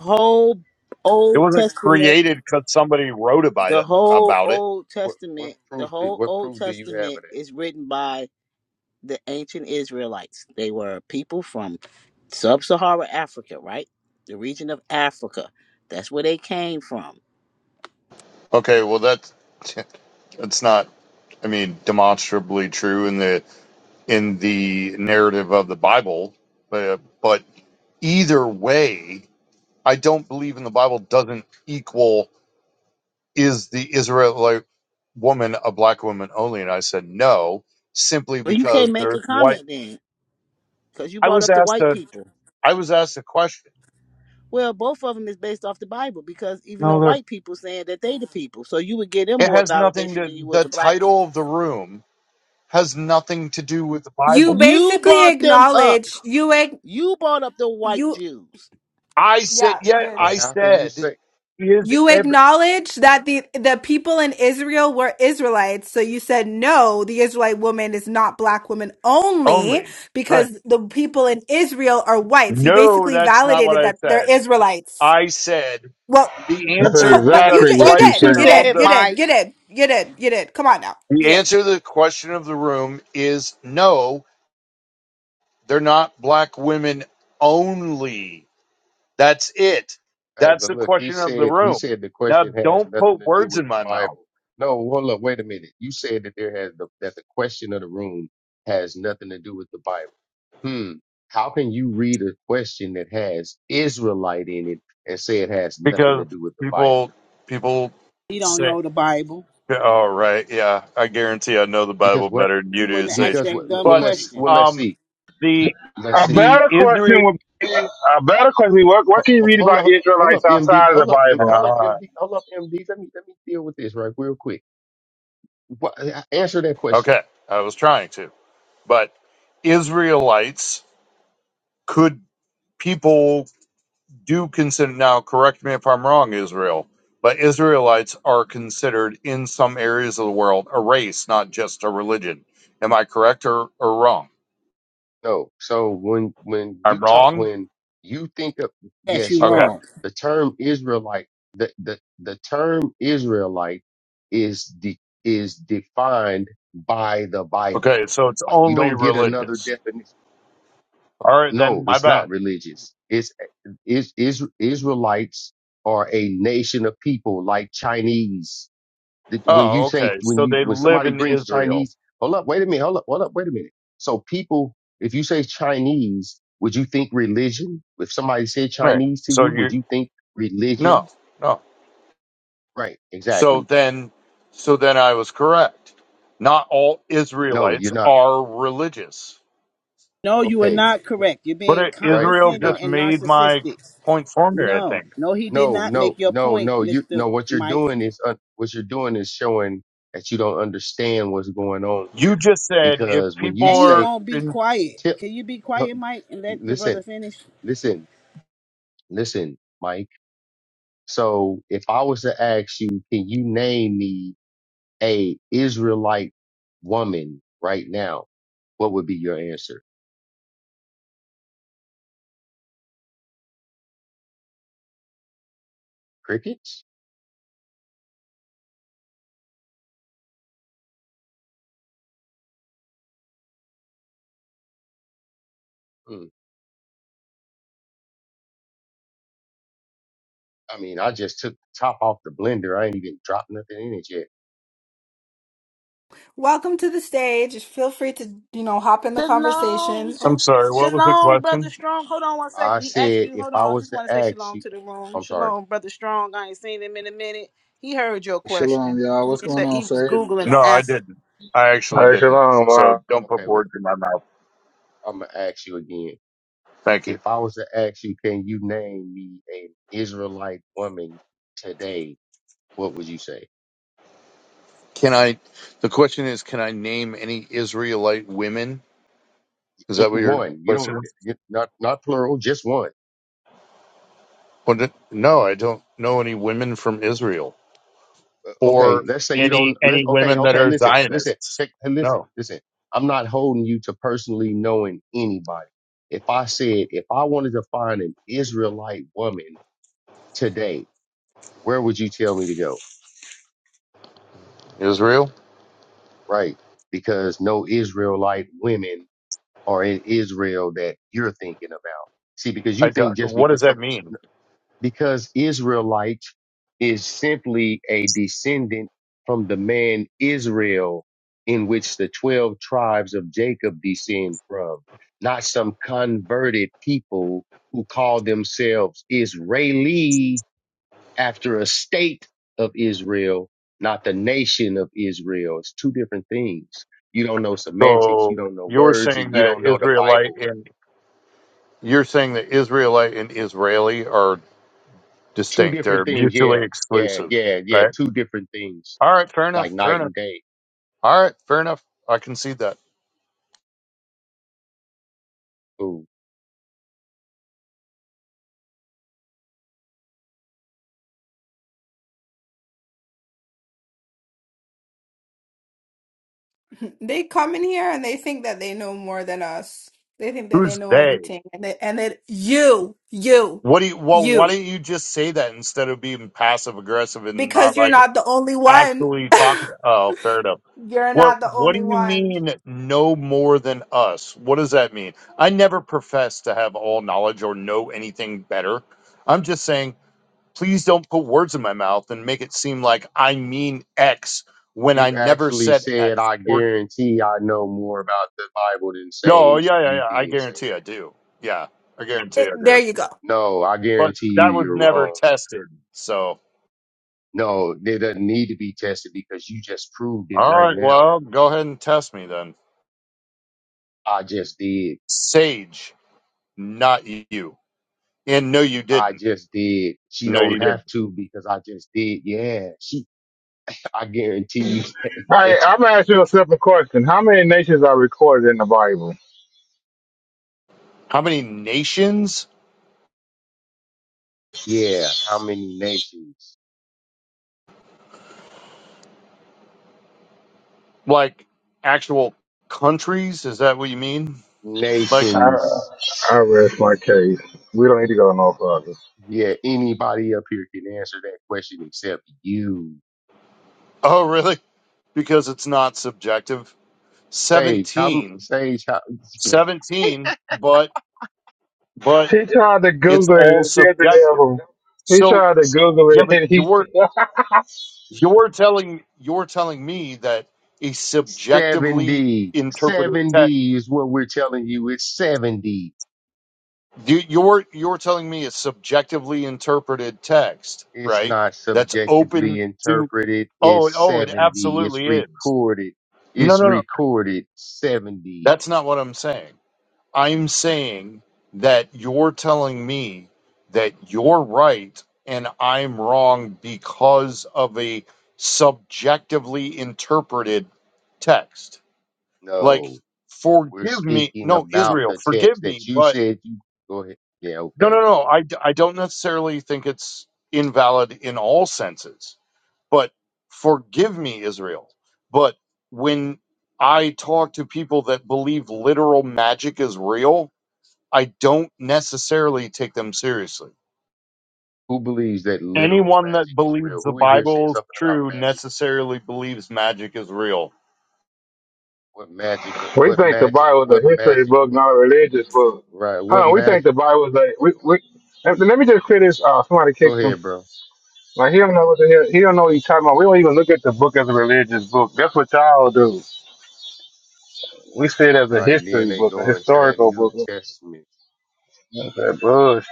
Speaker 1: Whole
Speaker 18: It
Speaker 1: Old
Speaker 18: wasn't
Speaker 1: Testament,
Speaker 18: created because somebody wrote about
Speaker 1: the
Speaker 18: it.
Speaker 1: whole
Speaker 18: About it.
Speaker 1: Old
Speaker 17: What what
Speaker 1: Testament, the
Speaker 17: proof did,
Speaker 1: whole
Speaker 17: what
Speaker 1: Old
Speaker 17: proof do you have
Speaker 1: Testament
Speaker 17: of that?
Speaker 1: is written by the ancient Israelites. They were people from sub Saharan Africa, right? The region of Africa. That's where they came from.
Speaker 18: Okay. Well, that's (laughs) that's not. I mean, demonstrably true in the in the narrative of the Bible. But, but either way, I don't believe in the Bible doesn't equal is the Israelite woman a black woman only, and I said no, simply
Speaker 1: Well, you
Speaker 18: because
Speaker 1: can't make
Speaker 18: there's
Speaker 1: a
Speaker 18: white.
Speaker 1: comment then, because you
Speaker 18: I
Speaker 1: brought
Speaker 18: was
Speaker 1: up the
Speaker 18: asked
Speaker 1: white
Speaker 18: a
Speaker 1: people.
Speaker 18: I was asked a question.
Speaker 1: Well, both of them is based off the Bible, because even the
Speaker 18: No, there.
Speaker 1: white people saying that they the people, so you would give them
Speaker 18: It
Speaker 1: more
Speaker 18: has nothing
Speaker 1: validation
Speaker 18: to
Speaker 1: than you would
Speaker 18: the
Speaker 1: the black one.
Speaker 18: title of the room has nothing to do with the
Speaker 3: You
Speaker 18: Bible.
Speaker 1: You
Speaker 3: basically
Speaker 1: brought them up.
Speaker 3: acknowledge you ag-
Speaker 1: You brought up the white
Speaker 3: you
Speaker 1: Jews.
Speaker 18: I said
Speaker 3: yeah, you
Speaker 18: yeah,
Speaker 3: did.
Speaker 17: And
Speaker 18: I
Speaker 17: how can you
Speaker 18: said
Speaker 17: say?
Speaker 18: is
Speaker 3: You
Speaker 18: every
Speaker 3: acknowledge that the the people in Israel were Israelites. So you said no, the Israelite woman is not black woman only
Speaker 18: only. right.
Speaker 3: because the people in Israel are white. So you
Speaker 18: No,
Speaker 3: basically
Speaker 18: that's not what
Speaker 3: validated
Speaker 18: I
Speaker 3: that they're
Speaker 18: said.
Speaker 3: Israelites.
Speaker 18: I said
Speaker 3: Well,
Speaker 18: the
Speaker 15: That's
Speaker 18: answer
Speaker 3: ho-
Speaker 18: to
Speaker 3: but
Speaker 18: the
Speaker 3: you
Speaker 15: exactly
Speaker 3: did, you
Speaker 15: what
Speaker 1: That's
Speaker 15: you
Speaker 1: what
Speaker 3: did,
Speaker 1: you
Speaker 18: question
Speaker 3: you
Speaker 15: said.
Speaker 3: did,
Speaker 18: of
Speaker 1: said,
Speaker 3: you
Speaker 18: the
Speaker 3: did, you
Speaker 1: Mike.
Speaker 3: did, you did, you did. Come on now, you
Speaker 18: the
Speaker 3: did.
Speaker 18: answer to the question of the room is no, they're not black women only. That's it.
Speaker 17: Hey,
Speaker 18: That's
Speaker 17: but
Speaker 18: the
Speaker 17: look, he
Speaker 18: question of the
Speaker 17: said he
Speaker 18: room.
Speaker 17: said the
Speaker 18: Now
Speaker 17: question has
Speaker 18: don't
Speaker 17: nothing
Speaker 18: put
Speaker 17: to do
Speaker 18: words
Speaker 17: with
Speaker 18: in
Speaker 17: the
Speaker 18: my mouth
Speaker 17: Bible. No, hold up, wait a minute. You said that there has the, that the question of the room has nothing to do with the Bible. Hmm. How can you read a question that has Israelite in it and say it has nothing to
Speaker 18: because
Speaker 17: do with the Bible?
Speaker 18: people people
Speaker 1: You don't
Speaker 18: say
Speaker 1: know the Bible.
Speaker 18: "Oh, right, yeah, I guarantee I know the
Speaker 17: Because
Speaker 18: Bible
Speaker 17: what?
Speaker 18: better than you
Speaker 1: You
Speaker 18: do,
Speaker 1: wouldn't ask
Speaker 18: Sage.
Speaker 17: Because
Speaker 1: that
Speaker 17: what?
Speaker 1: dumb
Speaker 17: Well,
Speaker 18: But
Speaker 17: let's
Speaker 1: question.
Speaker 17: well let's
Speaker 18: um
Speaker 17: see.
Speaker 18: the
Speaker 17: Let's
Speaker 15: A
Speaker 17: see.
Speaker 18: the
Speaker 15: better
Speaker 18: Israel
Speaker 15: question would be, a better question, what, what
Speaker 17: Ho-
Speaker 15: can you
Speaker 17: ho-
Speaker 15: read
Speaker 17: Hold
Speaker 15: about
Speaker 17: up, hold
Speaker 15: Israelites
Speaker 17: up, MD.
Speaker 15: outside of the
Speaker 17: Hold up, M-
Speaker 15: Bible?
Speaker 17: hold up, MD. Hold up, MD. Let me let me deal with this right real quick. Wha- Answer that question.
Speaker 18: Okay, I was trying to, but Israelites could people do consider now? Correct me if I'm wrong, Israel, but Israelites are considered in some areas of the world a race, not just a religion. Am I correct or, or wrong?
Speaker 17: No. So when when
Speaker 18: I'm
Speaker 17: you talk
Speaker 18: wrong.
Speaker 17: when you think of
Speaker 1: Yes,
Speaker 17: yes,
Speaker 1: you are
Speaker 17: you
Speaker 18: Okay.
Speaker 17: are
Speaker 1: wrong.
Speaker 17: the term Israelite. The the the term Israelite is de, is defined by the Bible.
Speaker 18: Okay. So it's
Speaker 17: Like you
Speaker 18: only
Speaker 17: don't get another
Speaker 18: religious.
Speaker 17: definition.
Speaker 18: All right,
Speaker 17: No,
Speaker 18: then my
Speaker 17: it's not
Speaker 18: bad.
Speaker 17: religious. It's is is Israelites are a nation of people like Chinese that when you
Speaker 18: Oh,
Speaker 17: say
Speaker 18: okay.
Speaker 17: when
Speaker 18: So
Speaker 17: you
Speaker 18: they
Speaker 17: when
Speaker 18: live
Speaker 17: somebody
Speaker 18: in
Speaker 17: brings
Speaker 18: Israel.
Speaker 17: Chinese, hold up, wait a minute, hold up, hold up, wait a minute. So people, if you say Chinese, would you think religion? If somebody said
Speaker 18: Right.
Speaker 17: Chinese to
Speaker 18: So
Speaker 17: you, would
Speaker 18: you
Speaker 17: you think
Speaker 18: no,
Speaker 17: religion?
Speaker 18: no.
Speaker 17: Right,
Speaker 18: So
Speaker 17: exactly.
Speaker 18: then, so then I was correct. Not all
Speaker 17: No,
Speaker 18: Israelites
Speaker 17: you're not.
Speaker 18: are religious.
Speaker 1: No, you are
Speaker 17: Okay,
Speaker 1: not correct. You're
Speaker 18: But
Speaker 1: being
Speaker 18: it-
Speaker 17: right,
Speaker 18: Israel
Speaker 17: you're
Speaker 1: condescending
Speaker 17: not.
Speaker 18: just
Speaker 1: and
Speaker 18: made my
Speaker 1: narcissistic.
Speaker 18: point for me, I
Speaker 1: No,
Speaker 18: think.
Speaker 1: no, he did
Speaker 17: No,
Speaker 1: not
Speaker 17: no,
Speaker 1: make your
Speaker 17: no,
Speaker 1: point,
Speaker 17: no. You
Speaker 1: Mister
Speaker 17: no. What you're
Speaker 1: Mike.
Speaker 17: doing is uh, what you're doing is showing that you don't understand what's going on
Speaker 18: You
Speaker 17: here.
Speaker 18: just said if
Speaker 17: Because when
Speaker 18: people
Speaker 17: you
Speaker 1: And he
Speaker 18: are
Speaker 17: say
Speaker 1: won't be
Speaker 18: in,
Speaker 1: quiet.
Speaker 17: tip,
Speaker 1: Can you be quiet, Mike, and let the brother
Speaker 17: listen,
Speaker 1: finish?
Speaker 17: listen, listen, Mike So if I was to ask you, can you name me a Israelite woman right now? What would be your answer? Crickets? Hmm. I mean, I just took the top off the blender. I ain't even dropped nothing in it yet.
Speaker 3: Welcome to the stage. Feel free to you know hop in the
Speaker 1: Shalom,
Speaker 3: conversation. Oh,
Speaker 18: I'm sorry, what was the
Speaker 1: shalom, brother
Speaker 18: question?
Speaker 1: Strong. Hold on one
Speaker 17: I
Speaker 1: second. He asked
Speaker 17: said,
Speaker 1: you.
Speaker 17: if
Speaker 1: Hold
Speaker 17: I
Speaker 1: on. I
Speaker 17: was
Speaker 1: just
Speaker 17: to
Speaker 1: want to say
Speaker 17: ask
Speaker 1: shalom
Speaker 17: you,
Speaker 1: to the room.
Speaker 17: I'm sorry.
Speaker 1: Shalom, brother Strong. I ain't seen him in a minute. He heard your
Speaker 19: Shalom,
Speaker 1: question.
Speaker 19: y'all.
Speaker 1: He
Speaker 19: What's going
Speaker 1: said
Speaker 19: on,
Speaker 1: he was
Speaker 19: sir?
Speaker 1: googling the
Speaker 18: No, I
Speaker 1: answer.
Speaker 18: didn't. I actually
Speaker 15: Hey,
Speaker 18: didn't.
Speaker 15: shalom.
Speaker 18: So
Speaker 15: Uh,
Speaker 18: don't put
Speaker 17: Okay. Well,
Speaker 18: words in my mouth.
Speaker 17: I'm going to ask you again.
Speaker 18: Thank you.
Speaker 17: If I was to ask you, can you name me an Israelite woman today? What would you say?
Speaker 18: Can I, the question is, can I name any Israelite women? Is
Speaker 17: Eh,
Speaker 18: that what your
Speaker 17: One, you don't,
Speaker 18: question is?
Speaker 17: you- not, not plural, just one.
Speaker 18: Well, no, I don't know any women from Israel.
Speaker 17: okay,
Speaker 18: or
Speaker 17: let's say you don't
Speaker 18: any
Speaker 17: let's
Speaker 18: any
Speaker 17: okay,
Speaker 18: women that
Speaker 17: okay,
Speaker 18: are
Speaker 17: listen, listen,
Speaker 18: Zionists.
Speaker 17: check and listen,
Speaker 18: No,
Speaker 17: listen. I'm not holding you to personally knowing anybody. If I said if I wanted to find an Israelite woman today, where would you tell me to go?
Speaker 18: Israel?
Speaker 17: Right? Because no Israelite women are in Israel that you're thinking about. See, because you
Speaker 18: I don't-
Speaker 17: think just
Speaker 18: what does
Speaker 17: because some
Speaker 18: that mean?
Speaker 17: because Israelite is simply a descendant from the man Israel, in which the 12 tribes of Jacob descend from, not some converted people who call themselves Israeli after a state of Israel, not the nation of Israel. It's two different things. You don't know semantics, you
Speaker 18: So
Speaker 17: don't know
Speaker 18: you're
Speaker 17: words,
Speaker 18: saying
Speaker 17: and you
Speaker 18: that
Speaker 17: don't know the
Speaker 18: Israelite
Speaker 17: Bible.
Speaker 18: and you're saying that Israelite and Israeli are
Speaker 17: Two
Speaker 18: distinct.
Speaker 17: different
Speaker 18: They're
Speaker 17: things. Yeah,
Speaker 18: mutually
Speaker 17: yeah,
Speaker 18: exclusive,
Speaker 17: yeah, yeah.
Speaker 18: right?
Speaker 17: Two different things
Speaker 18: All right, fair enough.
Speaker 17: like
Speaker 18: Fair
Speaker 17: night
Speaker 18: enough.
Speaker 17: and day.
Speaker 18: All right, fair enough. I concede that.
Speaker 17: Ooh,
Speaker 3: They come in here and they think that they know more than us. They think that they
Speaker 18: Who's
Speaker 3: know
Speaker 18: they?
Speaker 3: everything. And they, and that you, you,
Speaker 18: What do you? Well, why
Speaker 3: you,
Speaker 18: don't you just say that instead of being passive aggressive and not
Speaker 3: because you're
Speaker 18: like
Speaker 3: not the only one.
Speaker 18: actually talking. Oh, fair enough.
Speaker 3: You're
Speaker 18: What
Speaker 3: not the
Speaker 18: What
Speaker 3: only
Speaker 18: do you
Speaker 3: one.
Speaker 18: mean? No more than us. What does that mean? I never profess to have all knowledge or know anything better. I'm just saying, please don't put words in my mouth and make it seem like I mean X when
Speaker 17: you
Speaker 18: I never
Speaker 17: actually
Speaker 18: said
Speaker 17: said,
Speaker 18: X.
Speaker 17: I
Speaker 18: Or
Speaker 17: guarantee I know more about the Bible than
Speaker 18: no,
Speaker 17: Sage.
Speaker 18: yeah, yeah,
Speaker 17: You
Speaker 18: yeah. I
Speaker 17: did say
Speaker 18: guarantee
Speaker 17: that.
Speaker 18: I do. Yeah, I guarantee
Speaker 3: It,
Speaker 18: I
Speaker 3: there
Speaker 18: do.
Speaker 3: you go.
Speaker 17: No, I
Speaker 18: But
Speaker 17: guarantee you,
Speaker 18: that was
Speaker 17: you're
Speaker 18: never
Speaker 17: wrong.
Speaker 18: tested. So,
Speaker 17: No, it doesn't need to be tested because you just proved it
Speaker 18: all
Speaker 17: right
Speaker 18: right.
Speaker 17: now.
Speaker 18: Well, go ahead and test me then.
Speaker 17: I just did.
Speaker 18: Sage, not you. And no, you
Speaker 17: I
Speaker 18: didn't.
Speaker 17: just did. She
Speaker 18: No, you
Speaker 17: don't
Speaker 18: didn't.
Speaker 17: have to because I just did. Yeah, she, I guarantee you.
Speaker 15: I,
Speaker 17: (laughs)
Speaker 15: I'm going to ask you a simple question. How many nations are recorded in the Bible?
Speaker 18: How many nations?
Speaker 17: Yeah, how many nations?
Speaker 18: Like actual countries? Is that what you mean? Like,
Speaker 17: Nations.
Speaker 15: I, I rest my case. We don't need to go no further.
Speaker 17: Yeah, anybody up here can answer that question except you.
Speaker 18: oh, really? Because it's not subjective.
Speaker 17: Sage, how m-
Speaker 18: 17.
Speaker 17: Sage, how,
Speaker 18: 17, but, but
Speaker 15: He tried to
Speaker 18: it's
Speaker 15: Google it
Speaker 18: all
Speaker 15: and said the
Speaker 18: subjective.
Speaker 15: devil. He
Speaker 18: So,
Speaker 15: tried to Google
Speaker 18: yeah,
Speaker 15: it
Speaker 18: but
Speaker 15: and he
Speaker 18: you're, you're telling, you're telling me that a subjectively
Speaker 17: 70.
Speaker 18: interpreted text,
Speaker 17: 70 is what we're telling you. It's 70.
Speaker 18: you, you're, you're telling me a subjectively interpreted text,
Speaker 17: It's
Speaker 18: right?
Speaker 17: not
Speaker 18: That's
Speaker 17: subjectively
Speaker 18: open to.
Speaker 17: interpreted.
Speaker 18: Oh,
Speaker 17: It's
Speaker 18: oh, it
Speaker 17: 70. It's
Speaker 18: absolutely is.
Speaker 17: recorded.
Speaker 18: No,
Speaker 17: It's
Speaker 18: no, no.
Speaker 17: recorded 70.
Speaker 18: That's not what I'm saying. I'm saying that you're telling me that you're right and I'm wrong because of a subjectively interpreted text. Like,
Speaker 17: No, we're
Speaker 18: forgive me.
Speaker 17: speaking
Speaker 18: No,
Speaker 17: about
Speaker 18: Israel,
Speaker 17: the
Speaker 18: forgive
Speaker 17: text
Speaker 18: me.
Speaker 17: that you
Speaker 18: But
Speaker 17: said you go ahead. Yeah,
Speaker 18: no, no,
Speaker 17: okay.
Speaker 18: no. I, d- I don't necessarily think it's invalid in all senses. But forgive me, Israel. But when I talk to people that believe literal magic is real, I don't necessarily take them seriously.
Speaker 17: Who believes that literal
Speaker 18: Anyone that
Speaker 17: magic is
Speaker 18: believes
Speaker 17: real?
Speaker 18: the
Speaker 17: Who in here said
Speaker 18: Bible is
Speaker 17: something about
Speaker 18: true
Speaker 17: magic?
Speaker 18: necessarily believes magic is real.
Speaker 17: What magic?
Speaker 15: (laughs) We
Speaker 17: What
Speaker 15: think the
Speaker 17: magic?
Speaker 15: Bible is
Speaker 17: What
Speaker 15: a history
Speaker 17: magic?
Speaker 15: book, not a religious book.
Speaker 17: Right. What
Speaker 15: Huh? We think
Speaker 17: magic?
Speaker 15: the Bible is a. We, we, let let me just clear this off. Somebody
Speaker 17: Go
Speaker 15: kicked him.
Speaker 17: ahead, bro.
Speaker 15: Like he don't know what the hell he don't know what he's talking about. We don't even look at the book as a religious book. That's what y'all do. We see it as a
Speaker 17: Right. Then
Speaker 15: history
Speaker 17: they
Speaker 15: book, a
Speaker 17: go into that
Speaker 15: historical
Speaker 17: New
Speaker 15: book.
Speaker 17: Testament.
Speaker 15: That's that bullshit.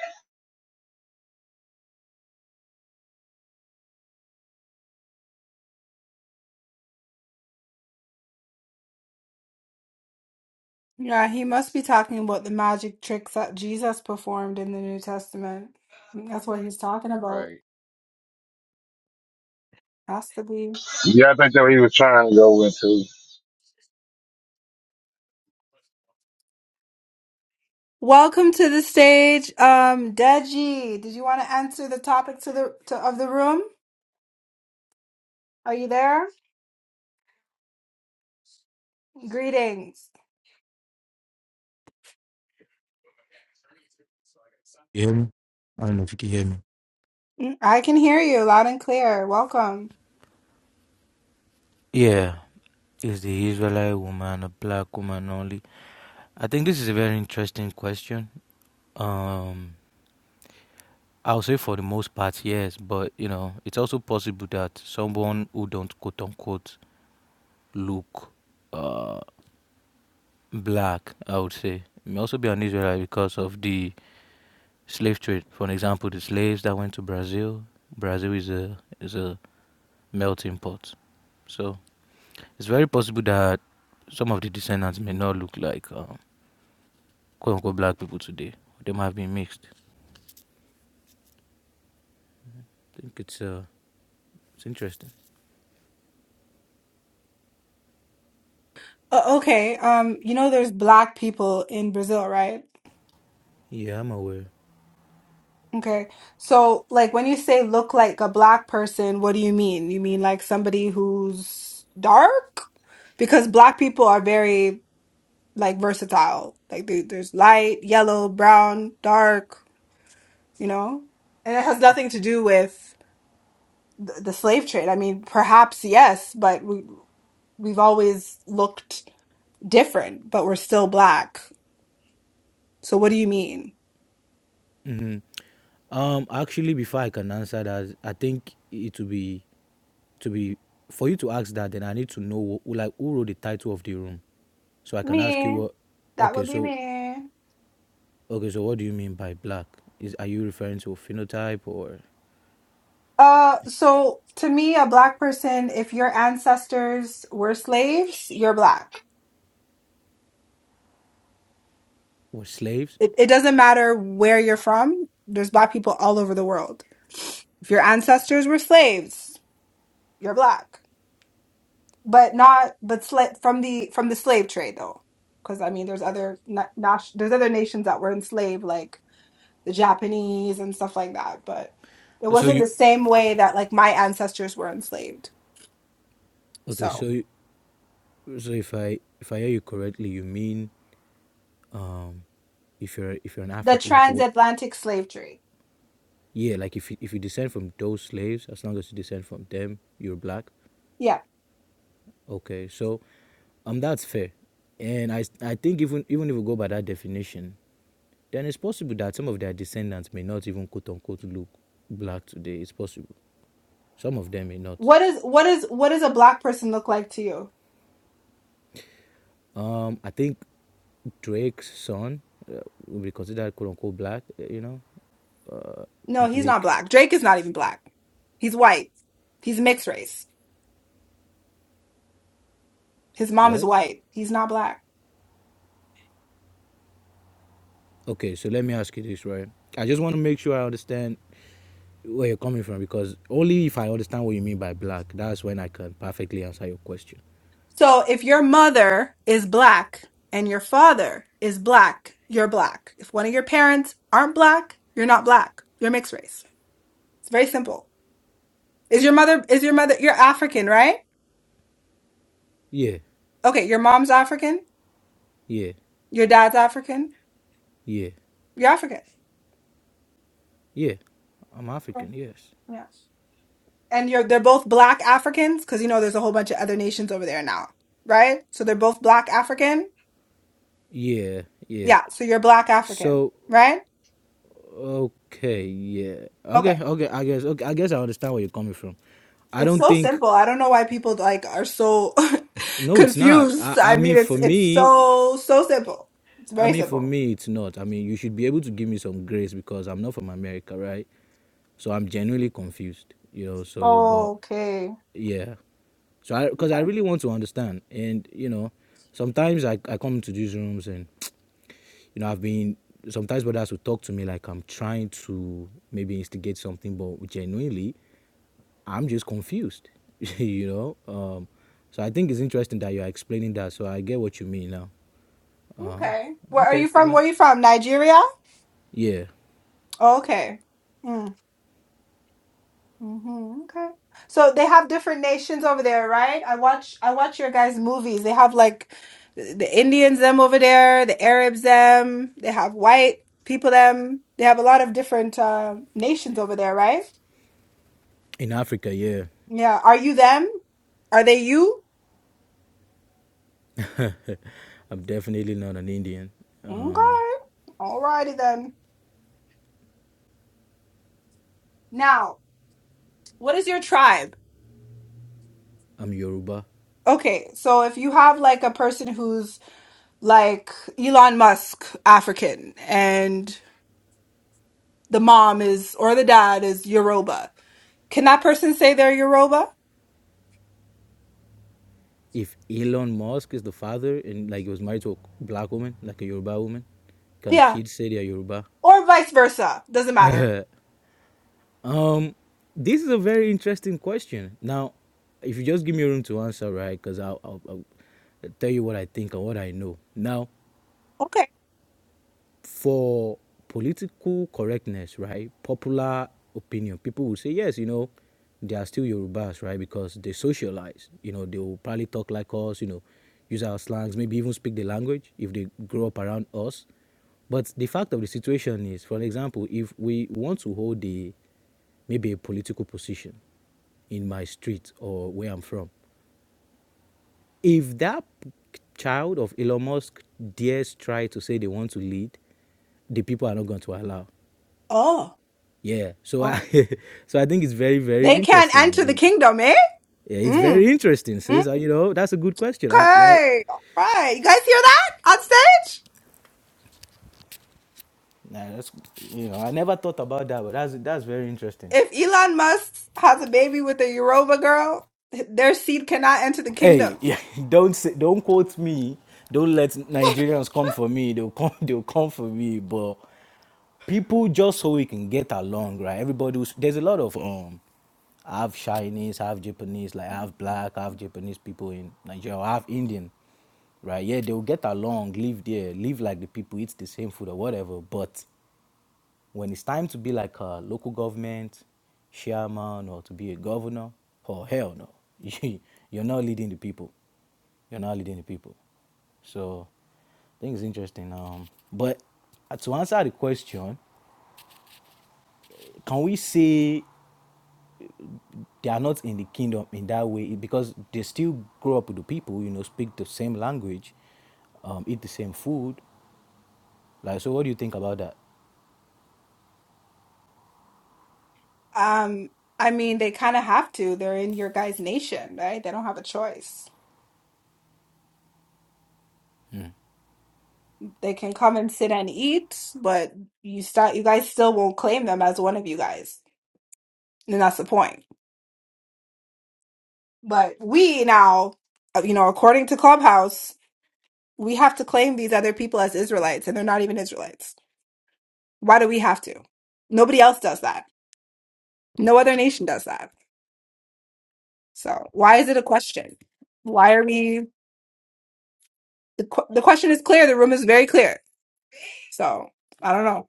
Speaker 3: Yeah, he must be talking about the magic tricks that Jesus performed in the New Testament. That's what he's talking about.
Speaker 17: Right.
Speaker 3: Has to be.
Speaker 15: Yeah, I think that's what he was trying to go into.
Speaker 3: Welcome to the stage, um, Deji. Did you want to answer the topic to the to, of the room? Are you there? Greetings.
Speaker 20: You hear me? I don't know if you can hear me.
Speaker 3: Mm, I can hear you loud and clear. Welcome.
Speaker 20: Yeah, is the Israelite woman a black woman only? I think this is a very interesting question. Um, I'll say for the most part, yes, but you know, it's also possible that someone who don't quote unquote look uh, black, I would say, may also be an Israelite because of the slave trade. For an example, the slaves that went to Brazil, Brazil is a is a melting pot. So It's very possible that some of the descendants may not look like uh, quote unquote black people today. They might have been mixed. I think it's uh, it's interesting.
Speaker 3: Uh, okay, um, you know there's black people in Brazil, right?
Speaker 20: Yeah, I'm aware.
Speaker 3: Okay. So, like when you say look like a black person, what do you mean? You mean like somebody who's dark? Because black people are very like versatile. Like they, there's light, yellow, brown, dark, you know? And it has nothing to do with the, the slave trade. I mean, perhaps yes, but we we've always looked different, but we're still black. So what do you mean?
Speaker 20: hmm Um, actually, before I can answer that, I think it will be to be for you to ask that. Then I need to know who, like who wrote the title of the room, so I can ask you
Speaker 3: Me.
Speaker 20: what.
Speaker 3: That
Speaker 20: Okay,
Speaker 3: would be
Speaker 20: so
Speaker 3: me.
Speaker 20: okay, so what do you mean by black? Is are you referring to phenotype or
Speaker 3: Uh, so to me, a black person, if your ancestors were slaves, you're black.
Speaker 20: or slaves?
Speaker 3: It, it doesn't matter where you're from. There's black people all over the world. If your ancestors were slaves, you're black, but not but sla- from the from the slave trade though, because I mean, there's other na- nas- there's other nations that were enslaved. Like the Japanese and stuff like that. But it
Speaker 20: So
Speaker 3: wasn't
Speaker 20: you
Speaker 3: the same way that like my ancestors were enslaved.
Speaker 20: Okay, so
Speaker 3: So
Speaker 20: you- so if I if I hear you correctly, you mean um if you're if you're an
Speaker 3: the
Speaker 20: african like what
Speaker 3: transatlantic slave trade.
Speaker 20: yeah like if you, if you descend from those slaves as long as you descend from them you're black
Speaker 3: Yeah.
Speaker 20: okay so um that's fair and i i think even even if we go by that definition then it's possible that some of their descendants may not even quote unquote look black today it's possible some of them may not
Speaker 3: What is what is what does a black person look like to you?
Speaker 20: um i think drake's son uh, will be considered quote unquote black uh, you know
Speaker 3: No, he's not
Speaker 20: blake
Speaker 3: black. Drake is not even black. He's white. He's mixed race. His mom is
Speaker 20: what
Speaker 3: white. He's not black.
Speaker 20: okay so let me ask you this right i just want to make sure i understand where you're coming from because only if I understand what you mean by black, that's when I can perfectly answer your question.
Speaker 3: So if your mother is black and your father is black, you're black. If one of your parents aren't black, you're not black. You're mixed race. It's very simple. Is your mother is your mother you're African, right?
Speaker 20: Yeah,
Speaker 3: Okay, your mom's African,
Speaker 20: yeah,
Speaker 3: your dad's African,
Speaker 20: yeah,
Speaker 3: you're African.
Speaker 20: yeah. I'm
Speaker 3: Yeah.
Speaker 20: African, yes.
Speaker 3: yeah. And you're they're both black Africans, because you know there's a whole bunch of other nations over there now, right? So they're both black African.
Speaker 20: Yeah, yeah.
Speaker 3: Yeah, so you're black African,
Speaker 20: So
Speaker 3: right?
Speaker 20: okay, yeah. Okay,
Speaker 3: Okay.
Speaker 20: okay, I guess okay, I guess I understand where you're coming from. I
Speaker 3: It's
Speaker 20: don't
Speaker 3: so
Speaker 20: think
Speaker 3: simple. I don't know why people like are so (laughs)
Speaker 20: no it's not. I,
Speaker 3: confused.
Speaker 20: I
Speaker 3: I
Speaker 20: mean
Speaker 3: mean it's
Speaker 20: for
Speaker 3: it's
Speaker 20: me
Speaker 3: so so simple. It's
Speaker 20: I
Speaker 3: very
Speaker 20: mean for
Speaker 3: simple.
Speaker 20: me it's not. I mean you should be able to give me some grace because I'm not from America, right? So I'm genuinely confused, you know. So, but
Speaker 3: Okay.
Speaker 20: yeah, So I, because I
Speaker 3: Okay.
Speaker 20: really want to understand, and you know, sometimes I, I come to these rooms and you know I've been sometimes brothers will talk to me like I'm trying to maybe instigate something, but genuinely I'm just confused, (laughs) you know. Um, so I think it's interesting that you are explaining that. So I get what you mean now.
Speaker 3: Okay.
Speaker 20: Uh,
Speaker 3: Where are you
Speaker 20: okay,
Speaker 3: from?
Speaker 20: well,
Speaker 3: Where are you from? Nigeria?
Speaker 20: yeah,
Speaker 3: Okay. Hmm. hmm Okay. So they have different nations over there, right? I watch I watch your guys' movies. They have like the Indians them over there, the Arabs them, they have white people them. They have a lot of different uh, nations over there, right?
Speaker 20: in Africa, yeah,
Speaker 3: Yeah. Are you them? Are they you?
Speaker 20: I'm definitely not an Indian.
Speaker 3: Okay.
Speaker 20: Um,
Speaker 3: Alrighty then. Now, what is your tribe?
Speaker 20: I'm Yoruba.
Speaker 3: Okay, so if you have like a person who's like Elon Musk, African, and. the mom is or the dad is Yoruba. Can that person say they're Yoruba?
Speaker 20: if Elon Musk is the father and like he was married to a black woman, like a Yoruba woman, can the
Speaker 3: Yeah.
Speaker 20: kids say they're Yoruba?
Speaker 3: Or vice versa. Doesn't matter.
Speaker 20: (laughs) um, this is a very interesting question. Now, if you just give me room to answer, right? Because I'll, I'll, I'll tell you what I think and what I know. Now,
Speaker 3: Okay.
Speaker 20: for political correctness, right? Popular opinion, people will say, yes, you know, they are still Yorubas, right? Because they socialize. You know, they will probably talk like us, you know, use our slangs, maybe even speak the language if they grow up around us. But the fact of the situation is, for example, if we want to hold the maybe a political position in my street or where I'm from, if that child of Elon Musk dares try to say they want to lead, the people are not going to allow.
Speaker 3: Oh.
Speaker 20: Yeah. So I,
Speaker 3: Oh.
Speaker 20: (laughs) so I think it's very very
Speaker 3: They can't
Speaker 20: interesting.
Speaker 3: enter the
Speaker 20: It,
Speaker 3: kingdom, eh?
Speaker 20: yeah, it's very
Speaker 3: Mm.
Speaker 20: interesting. Says
Speaker 3: Mm.
Speaker 20: so, you know that's a good question. I, yeah,
Speaker 3: Okay. All right. You guys hear that on stage?
Speaker 20: nah, that's you know I never thought about that, but that's that's very interesting.
Speaker 3: If Elon Musk has a baby with a Yoruba girl, their seed cannot enter the
Speaker 20: Hey,
Speaker 3: kingdom.
Speaker 20: yeah, (laughs) don't say, don't quote me. Don't let Nigerians come for me. They'll come. (laughs) They'll come for me. But people just so we can get along, right? Everybody was, there's a lot of um I have Chinese, I have Japanese, like I have black, I have Japanese people in Nigeria, I have Indian, right? Yeah, they will get along, live there, live like the people, eat the same food or whatever. But when it's time to be like a local government, chairman, or to be a governor, oh hell no, (laughs) You- you're not leading the people. You're not leading the people. So I think it's interesting. Um, but uh, to answer the question, can we say they are not in the kingdom in that way because they still grow up with the people, you know, speak the same language, um, eat the same food. Like, so what do you think about that?
Speaker 3: Um, I mean, they kind of have to. They're in your guys' nation, right? They don't have a choice. They can come and sit and eat, but you start you guys still won't claim them as one of you guys. And that's the point. But we now, uh, you know, according to Clubhouse, we have to claim these other people as Israelites and they're not even Israelites. Why do we have to? Nobody else does that. No other nation does that. So, why is it a question? Why are we the qu- the question is clear, the room is very clear. So, I don't know.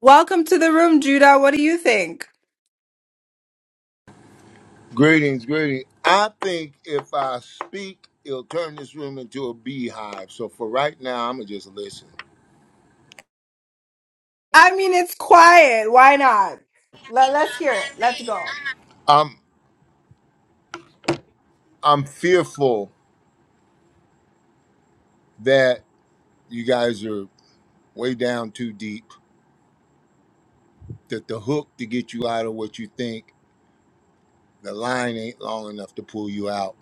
Speaker 3: Welcome to the room, Judah. What do you think?
Speaker 21: Greetings, greetings. I think if I speak, it'll turn this room into a beehive. So for right now, I'm gonna just listen.
Speaker 3: I mean, it's quiet. Why not? Let, let's hear it. Let's go.
Speaker 21: I'm I'm fearful that you guys are way down too deep. That the hook to get you out of what you think, the line ain't long enough to pull you out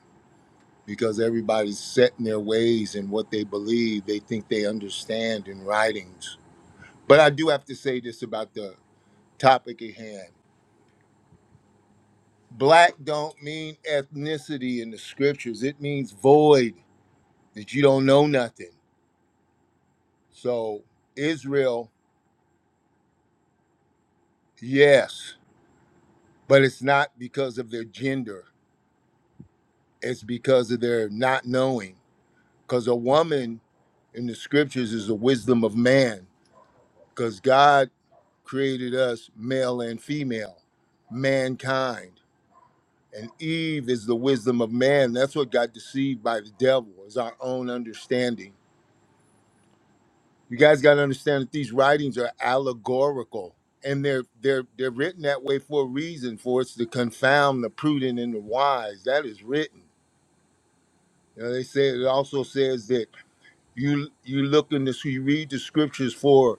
Speaker 21: because everybody's set in their ways and what they believe. They think they understand in writings. But I do have to say this about the topic at hand Black don't mean ethnicity in the scriptures. It means void, that you don't know nothing. So, Israel, yes, but it's not because of their gender, it's because of their not knowing. Because a woman in the scriptures is the wisdom of man, because God created us male and female, mankind. And Eve is the wisdom of man. That's what got deceived by the devil, is our own understanding You guys got to understand that these writings are allegorical, and they're they're they're written that way for a reason, for us to confound the prudent and the wise. That is written. You know, they say it also says that you you look in this, you read the scriptures for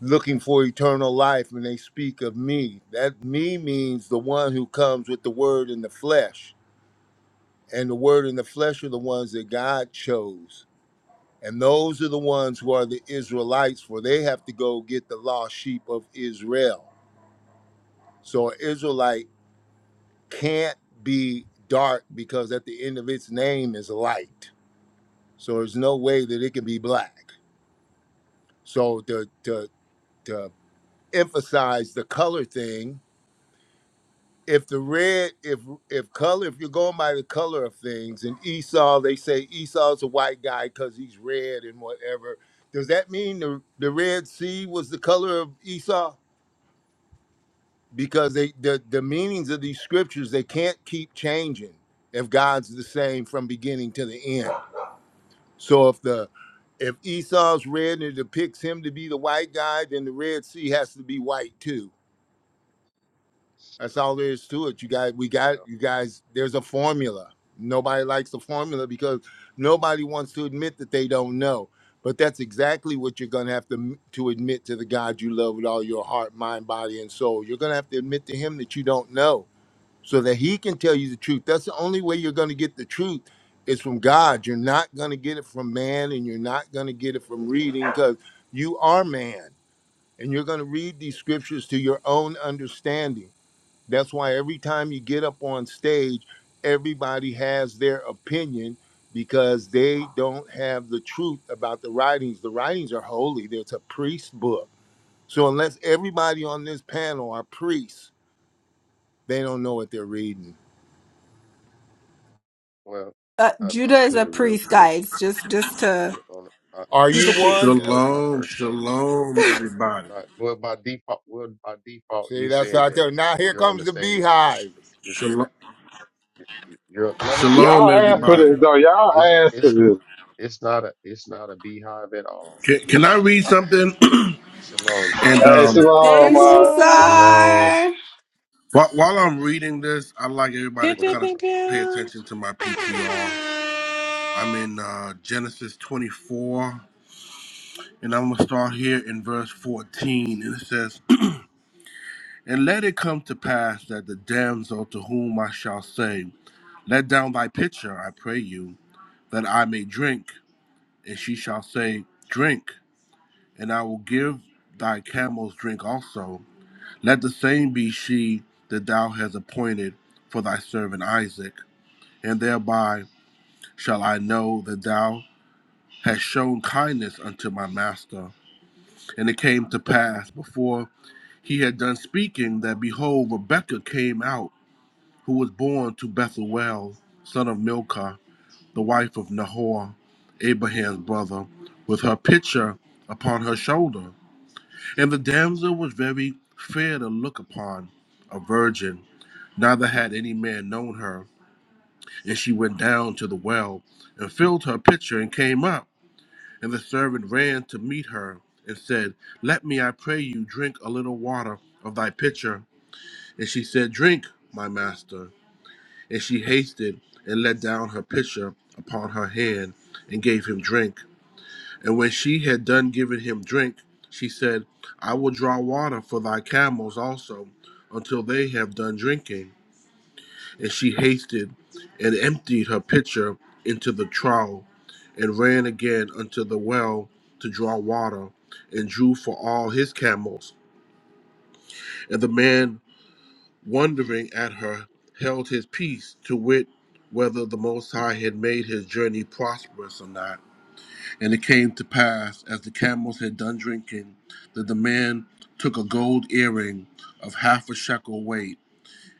Speaker 21: looking for eternal life, and they speak of me. That me means the one who comes with the word in the flesh, and the word in the flesh are the ones that God chose And those are the ones who are the Israelites, for they have to go get the lost sheep of Israel. So an Israelite can't be dark because at the end of its name is light. So there's no way that it can be black. So to to to emphasize the color thing, if the red, if if color, if you're going by the color of things, and Esau, they say Esau's a white guy because he's red and whatever. Does that mean the, the Red Sea was the color of Esau? because they the, the meanings of these scriptures they can't keep changing if god's the same from beginning to the end so if the if esau's red and it depicts him to be the white guy then the red sea has to be white too that's all there is to it you guys we got
Speaker 17: Well,
Speaker 21: you guys there's a formula nobody likes the formula because nobody wants to admit that they don't know but that's exactly what you're going to have to to admit to the god you love with all your heart mind body and soul you're going to have to admit to him that you don't know so that he can tell you the truth. That's the only way you're going to get the truth is from God. You're not going to get it from man and you're not going to get it from reading because you are man and you're going to read these scriptures to your own understanding. That's why every time you get up on stage, everybody has their opinion because they don't have the truth about the writings. The writings are holy, it's a priest book. So, unless everybody on this panel are priests, they don't know what they're reading.
Speaker 17: well,
Speaker 3: Uh,
Speaker 17: if I
Speaker 3: Judah is a
Speaker 17: could real
Speaker 3: priest,
Speaker 17: quick,
Speaker 3: guys. Just, just to
Speaker 17: you know, I,
Speaker 21: Are
Speaker 3: he's
Speaker 21: you
Speaker 17: yeah,
Speaker 3: a
Speaker 17: yeah,
Speaker 21: one?
Speaker 3: priest.
Speaker 17: yeah, that was my
Speaker 22: Shalom,
Speaker 17: first statement.
Speaker 3: (laughs)
Speaker 22: shalom,
Speaker 17: Slip.
Speaker 22: everybody.
Speaker 17: Right. Well, by default, well, by default,
Speaker 21: See,
Speaker 17: you
Speaker 21: that's
Speaker 17: said
Speaker 21: out
Speaker 17: that
Speaker 21: there. Now here
Speaker 17: you're on
Speaker 21: comes
Speaker 17: the
Speaker 21: the
Speaker 17: stage.
Speaker 21: beehive.
Speaker 17: You're, sta-
Speaker 22: Shalom,
Speaker 17: you- you're no, no. It's
Speaker 22: shalom,
Speaker 17: not
Speaker 15: Y'all
Speaker 17: a
Speaker 15: asked for
Speaker 17: beehive
Speaker 15: this
Speaker 17: at
Speaker 22: everybody.
Speaker 17: all.
Speaker 15: though. Y'all
Speaker 17: It's
Speaker 15: asked for
Speaker 17: it's
Speaker 15: this.
Speaker 17: it's not a it's not a beehive at all.
Speaker 22: Can, can I
Speaker 17: Nobody's
Speaker 22: read
Speaker 17: being
Speaker 22: something?
Speaker 17: contentious.
Speaker 22: (clears throat)
Speaker 17: Shalom,
Speaker 22: and
Speaker 17: sorry.
Speaker 15: Hey,
Speaker 17: What's up,
Speaker 22: um,
Speaker 17: brother?
Speaker 5: Hey,
Speaker 15: Shalom. Uh,
Speaker 3: Greetings,
Speaker 5: Sarah.
Speaker 6: Long.
Speaker 3: sir.
Speaker 22: while, while
Speaker 17: Hey,
Speaker 22: I'm reading this, I'd like
Speaker 17: uh,
Speaker 22: everybody
Speaker 5: Pew,
Speaker 22: to
Speaker 17: go
Speaker 5: pew,
Speaker 17: ahead,
Speaker 22: kind of
Speaker 5: pew,
Speaker 17: bro.
Speaker 22: pay
Speaker 5: pew.
Speaker 22: attention to my PTR. I'm in uh, Genesis 24, and I'm going to start here in verse 14. And it says, And let it come to pass that the damsel to whom I shall say, Let down thy pitcher, I pray you, that I may drink. And she shall say, Drink and I will give thy camels drink also. Let the same be she that thou hast appointed for thy servant Isaac, and thereby shall I know that thou hast shown kindness unto my master. And it came to pass before he had done speaking that behold, Rebekah came out, who was born to Bethuel, son of Milcah, the wife of Nahor, Abraham's brother, with her pitcher upon her shoulder. And the damsel was very fair to look upon, a virgin. Neither had any man known her. And she went down to the well and filled her pitcher and came up. And the servant ran to meet her and said, Let me, I pray you, drink a little water of thy pitcher. And she said, Drink, my master. And she hasted and let down her pitcher upon her hand and gave him drink. And when she had done giving him drink, she said, I will draw water for thy camels also, until they have done drinking. And she hasted and emptied her pitcher into the trough, and ran again unto the well to draw water, and drew for all his camels. And the man, wondering at her, held his peace to wit whether the Most High had made his journey prosperous or not. And it came to pass, as the camels had done drinking, that the man took a gold earring of half a shekel weight,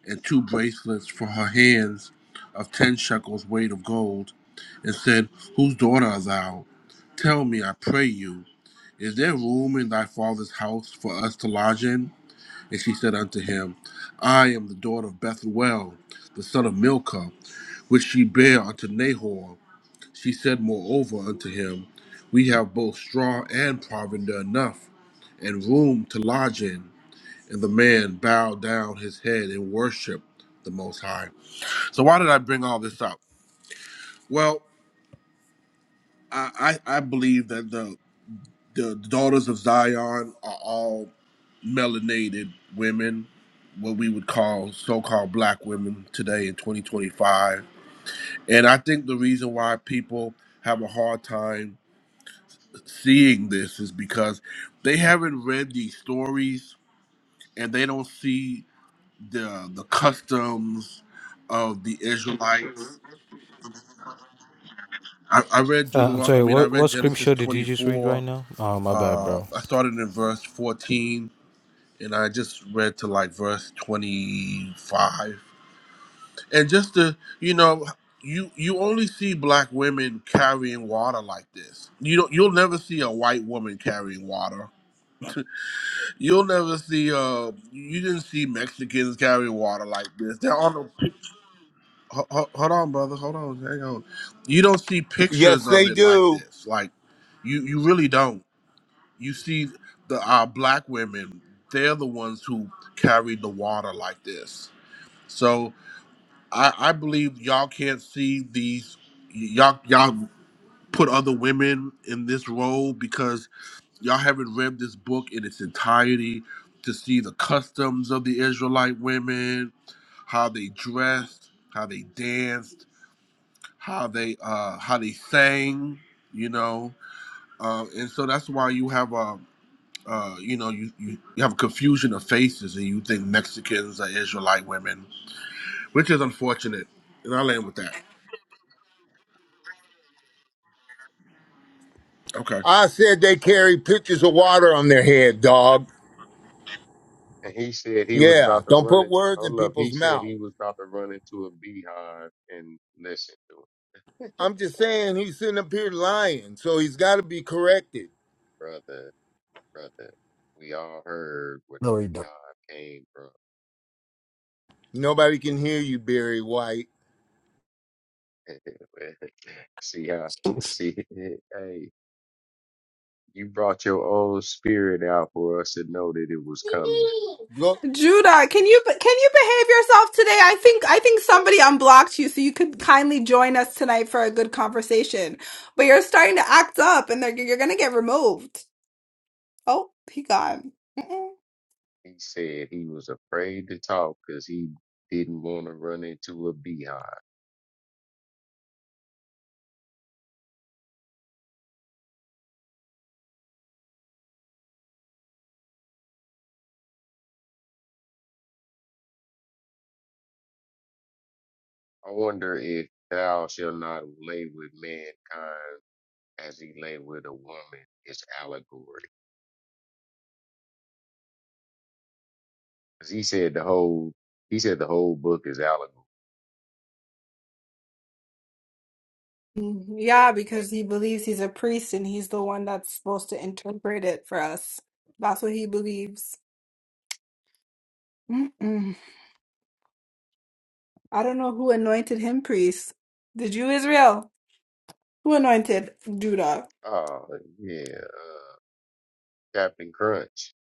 Speaker 22: and two bracelets for her hands of ten shekels weight of gold, and said, Whose daughter art thou? Tell me, I pray you, is there room in thy father's house for us to lodge in? And she said unto him, I am the daughter of Bethuel, the son of Milcah, which she bare unto Nahor. She said moreover unto him, We have both straw and provender enough, and room to lodge in. And the man bowed down his head and worshiped the Most High. So why did I bring all this up? Well, I, I, I believe that the, the daughters of Zion are all melanated women, what we would call so-called black women today in 2025. And I think the reason why people have a hard time seeing this is because they haven't read these stories and they don't see the the customs of the Israelites. I, I read
Speaker 20: Uh, I'm
Speaker 22: Deuteron I
Speaker 20: sorry,
Speaker 22: mean I
Speaker 20: what,
Speaker 22: read
Speaker 20: what
Speaker 22: Genesis
Speaker 20: scripture did
Speaker 22: twenty
Speaker 20: you just read right
Speaker 22: four.
Speaker 20: now? Oh, my bad,
Speaker 22: Uh,
Speaker 20: bro.
Speaker 22: I started in verse fourteen and I just read to like verse twenty five. And just to you know you you only see black women carrying water like this. You don't you'll never see a white woman carrying water You'll never see. Uh, you didn't see Mexicans carry water like this. There are no. pic- ho- ho- Hold on, brother. Hold on. Hang on. You don't see pictures
Speaker 21: Yes,
Speaker 22: of
Speaker 21: they
Speaker 22: it like
Speaker 21: do.
Speaker 22: this. Like, you you really don't. You see the uh, black women. They're the ones who carry the water like this. So I, I believe y'all can't see these. Y'all y'all put other women in this role because y'all haven't read this book in its entirety to see the customs of the Israelite women, how they dressed, how they danced, how they uh, how they sang, you know, uh, and so that's why you have a uh, you know you, you you have a confusion of faces and you think Mexicans are Israelite women, which is unfortunate. And I'll end with that. Okay.
Speaker 21: I said they carry pitchers of water on their head, dog.
Speaker 17: and he said he was
Speaker 21: Yeah,
Speaker 17: about to
Speaker 21: don't
Speaker 17: run
Speaker 21: put
Speaker 17: into
Speaker 21: words in
Speaker 17: hold up, he
Speaker 21: people's
Speaker 17: said
Speaker 21: mouth.
Speaker 17: he was about to run into a beehive and listen to it.
Speaker 21: I'm just saying he's sitting up here lying, so he's got to be corrected.
Speaker 17: Brother, brother. We all heard where
Speaker 6: No, you
Speaker 17: the
Speaker 6: don't.
Speaker 17: beehive came from.
Speaker 21: Nobody can hear you, Barry White.
Speaker 17: (laughs) see how
Speaker 6: (laughs)
Speaker 17: see (laughs) hey, you brought your own spirit out for us to know that it was coming.
Speaker 21: Go,
Speaker 3: Judah, can you can you behave yourself today? I think I think somebody unblocked you, so you could kindly join us tonight for a good conversation. But you're starting to act up, and they're, you're gonna get removed. Oh, he gone.
Speaker 17: He said he was afraid to talk because he didn't want to run into a beehive. I wonder if thou shall not lay with mankind as he lay with a woman is allegory. 'Cause he said the whole he said the whole book is allegory.
Speaker 3: Mhm. Yeah, because he believes he's a priest and he's the one that's supposed to interpret it for us. That's what he believes. Mm-mm. I don't know who anointed him priest. Did you, Israel? Who anointed Judah?
Speaker 17: Oh yeah, uh, Captain Crunch.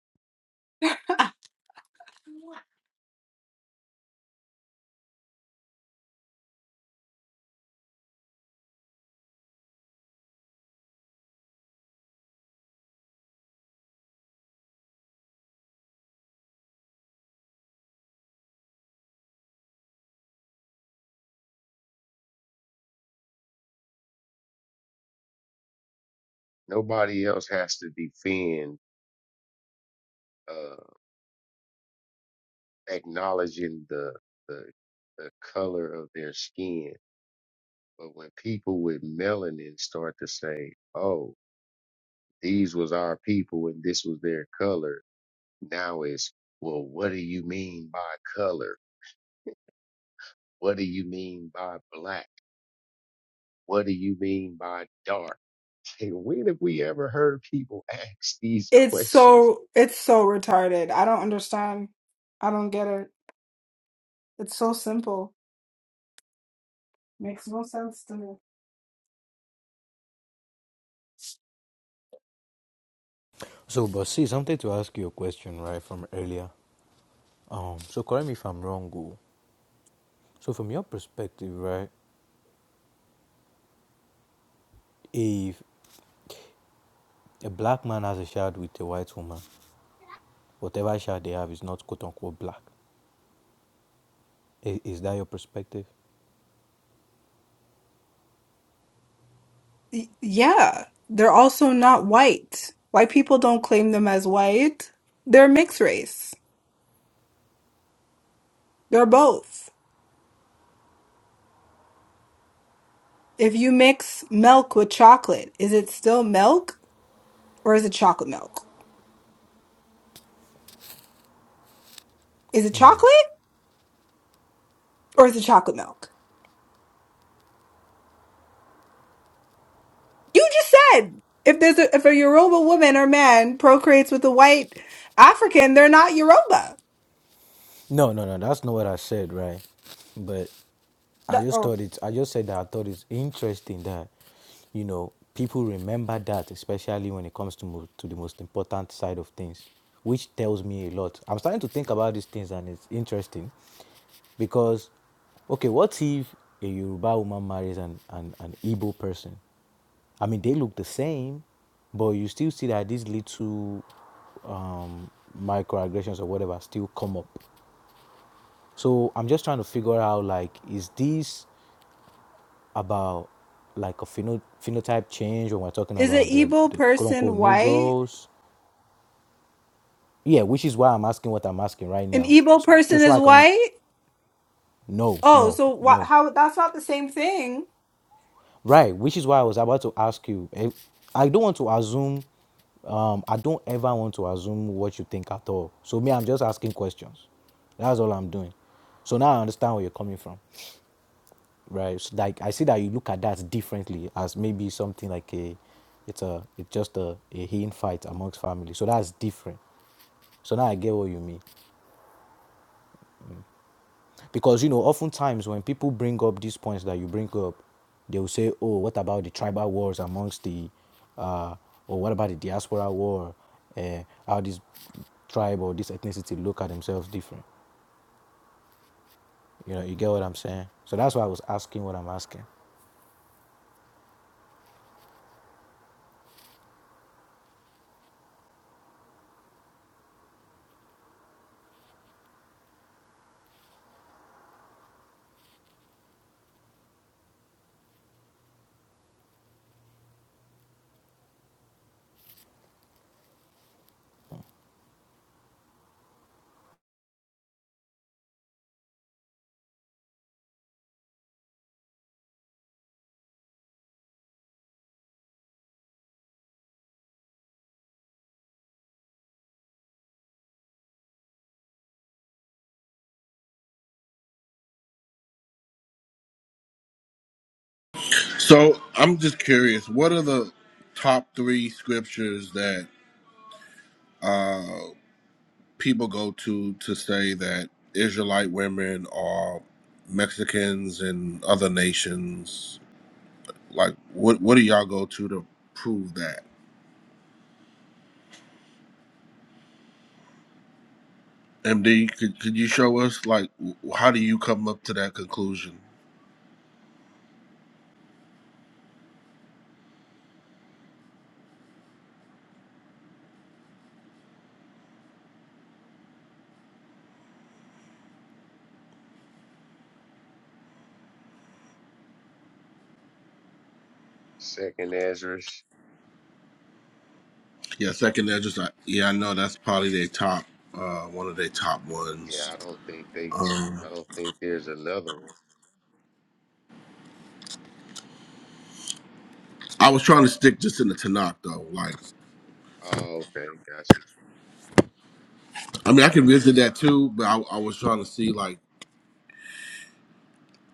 Speaker 17: Nobody else has to defend uh, acknowledging the, the the color of their skin. But when people with melanin start to say, "Oh, these was our people and this was their color," now it's well, what do you mean by color? What do you mean by black? What do you mean by dark? And when have we ever heard people ask these
Speaker 3: It's
Speaker 17: questions?
Speaker 3: so it's so retarded. I don't understand. I don't get it. It's so simple. Makes no sense to me.
Speaker 20: So, but see, something to ask you a question, right, from earlier. Um, so correct me if I'm wrong, Go. So from your perspective, right, if a black man has a child with a white woman, whatever child they have is not quote unquote black. Is, is that your perspective?
Speaker 3: Y- Yeah, they're also not white. White people don't claim them as white. They're mixed race. They're both. If you mix milk with chocolate, is it still milk or is it chocolate milk? Is it chocolate or is it chocolate milk? You just said if there's a, if a Yoruba woman or man procreates with a white African, they're not Yoruba.
Speaker 20: No, no, no. That's not what I said, right? But I
Speaker 3: The-
Speaker 20: just
Speaker 3: oh,
Speaker 20: thought it. I just said that I thought it's interesting that, you know, people remember that, especially when it comes to mo- to the most important side of things, which tells me a lot. I'm starting to think about these things, and it's interesting, because, okay, what if a Yoruba woman marries an an, an Igbo person? I mean, they look the same, but you still see that these little um, microaggressions or whatever still come up. So I'm just trying to figure out like, is this about like a pheno- phenotype change when we're talking
Speaker 3: is an
Speaker 20: about the,
Speaker 3: Igbo
Speaker 20: the quote
Speaker 3: person
Speaker 20: unquote
Speaker 3: white?
Speaker 20: Negroes? Yeah, which is why I'm asking what I'm asking right
Speaker 3: An
Speaker 20: now.
Speaker 3: Igbo
Speaker 20: S-
Speaker 3: person
Speaker 20: Just so
Speaker 3: is
Speaker 20: I can
Speaker 3: white?
Speaker 20: no,
Speaker 3: Oh,
Speaker 20: no,
Speaker 3: so wh-
Speaker 20: no.
Speaker 3: how that's not the same thing.
Speaker 20: Right, which is why I was about to ask you. eh, I don't want to assume. Um, I don't ever want to assume what you think at all. So me, I'm just asking questions. That's all I'm doing. So now I understand where you're coming from. right? So like I see that you look at that differently as maybe something like a, it's a, it's just a, a hidden fight amongst family. So that's different. So now I get what you mean, because you know, oftentimes when people bring up these points that you bring up, they will say, oh, what about the tribal wars amongst the, uh, or what about the diaspora war? Uh, how this tribe or this ethnicity look at themselves different. You know, you get what I'm saying. So that's why I was asking what I'm asking.
Speaker 22: So I'm just curious, what are the top three scriptures that? uh people go to to say that Israelite women are Mexicans and other nations. Like, what what do y'all go to to prove that? MD, could, could you show us like w- how do you come up to that conclusion?
Speaker 17: Second Ezra's,
Speaker 22: Yeah, second they're just like yeah, I know that's probably their top uh one of their top
Speaker 17: yeah,
Speaker 22: ones.
Speaker 17: I don't think they,
Speaker 22: Um
Speaker 17: I don't think there's another one.
Speaker 22: I was trying to stick just in the Tanakh though. Like
Speaker 17: Oh, okay, got you.
Speaker 22: I mean I can
Speaker 17: Yeah,
Speaker 22: visit
Speaker 17: well,
Speaker 22: that too, but I, I was trying to see like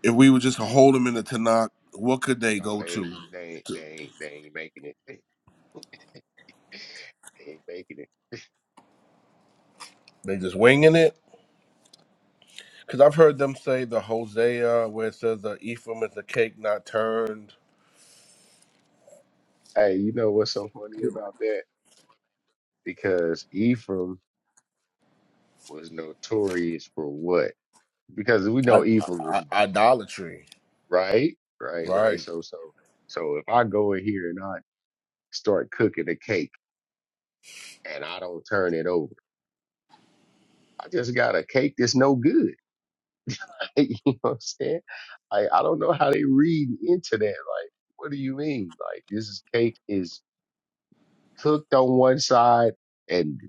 Speaker 22: If we would just hold them in the Tanakh, what could they
Speaker 17: oh,
Speaker 22: go
Speaker 17: they ain't,
Speaker 22: to?
Speaker 17: they ain't, they
Speaker 22: To-
Speaker 17: ain't, they ain't making it. (laughs) they ain't making it.
Speaker 22: They just winging it? Because I've heard them say the Hosea, where it says the Ephraim is the cake not turned.
Speaker 17: Hey, you know what's so funny about that? Because Ephraim was notorious for what? Because we
Speaker 22: I,
Speaker 17: know Ephraim
Speaker 22: I,
Speaker 17: was
Speaker 22: idolatry.
Speaker 17: right, right, right.
Speaker 22: Right.
Speaker 17: So, so, so if I go in here and I start cooking a cake and I don't turn it over. I just got a cake that's no good. (laughs) you know what I'm saying? I, I don't know how they read into that. Like, what do you mean? Like, this is cake is cooked on one side and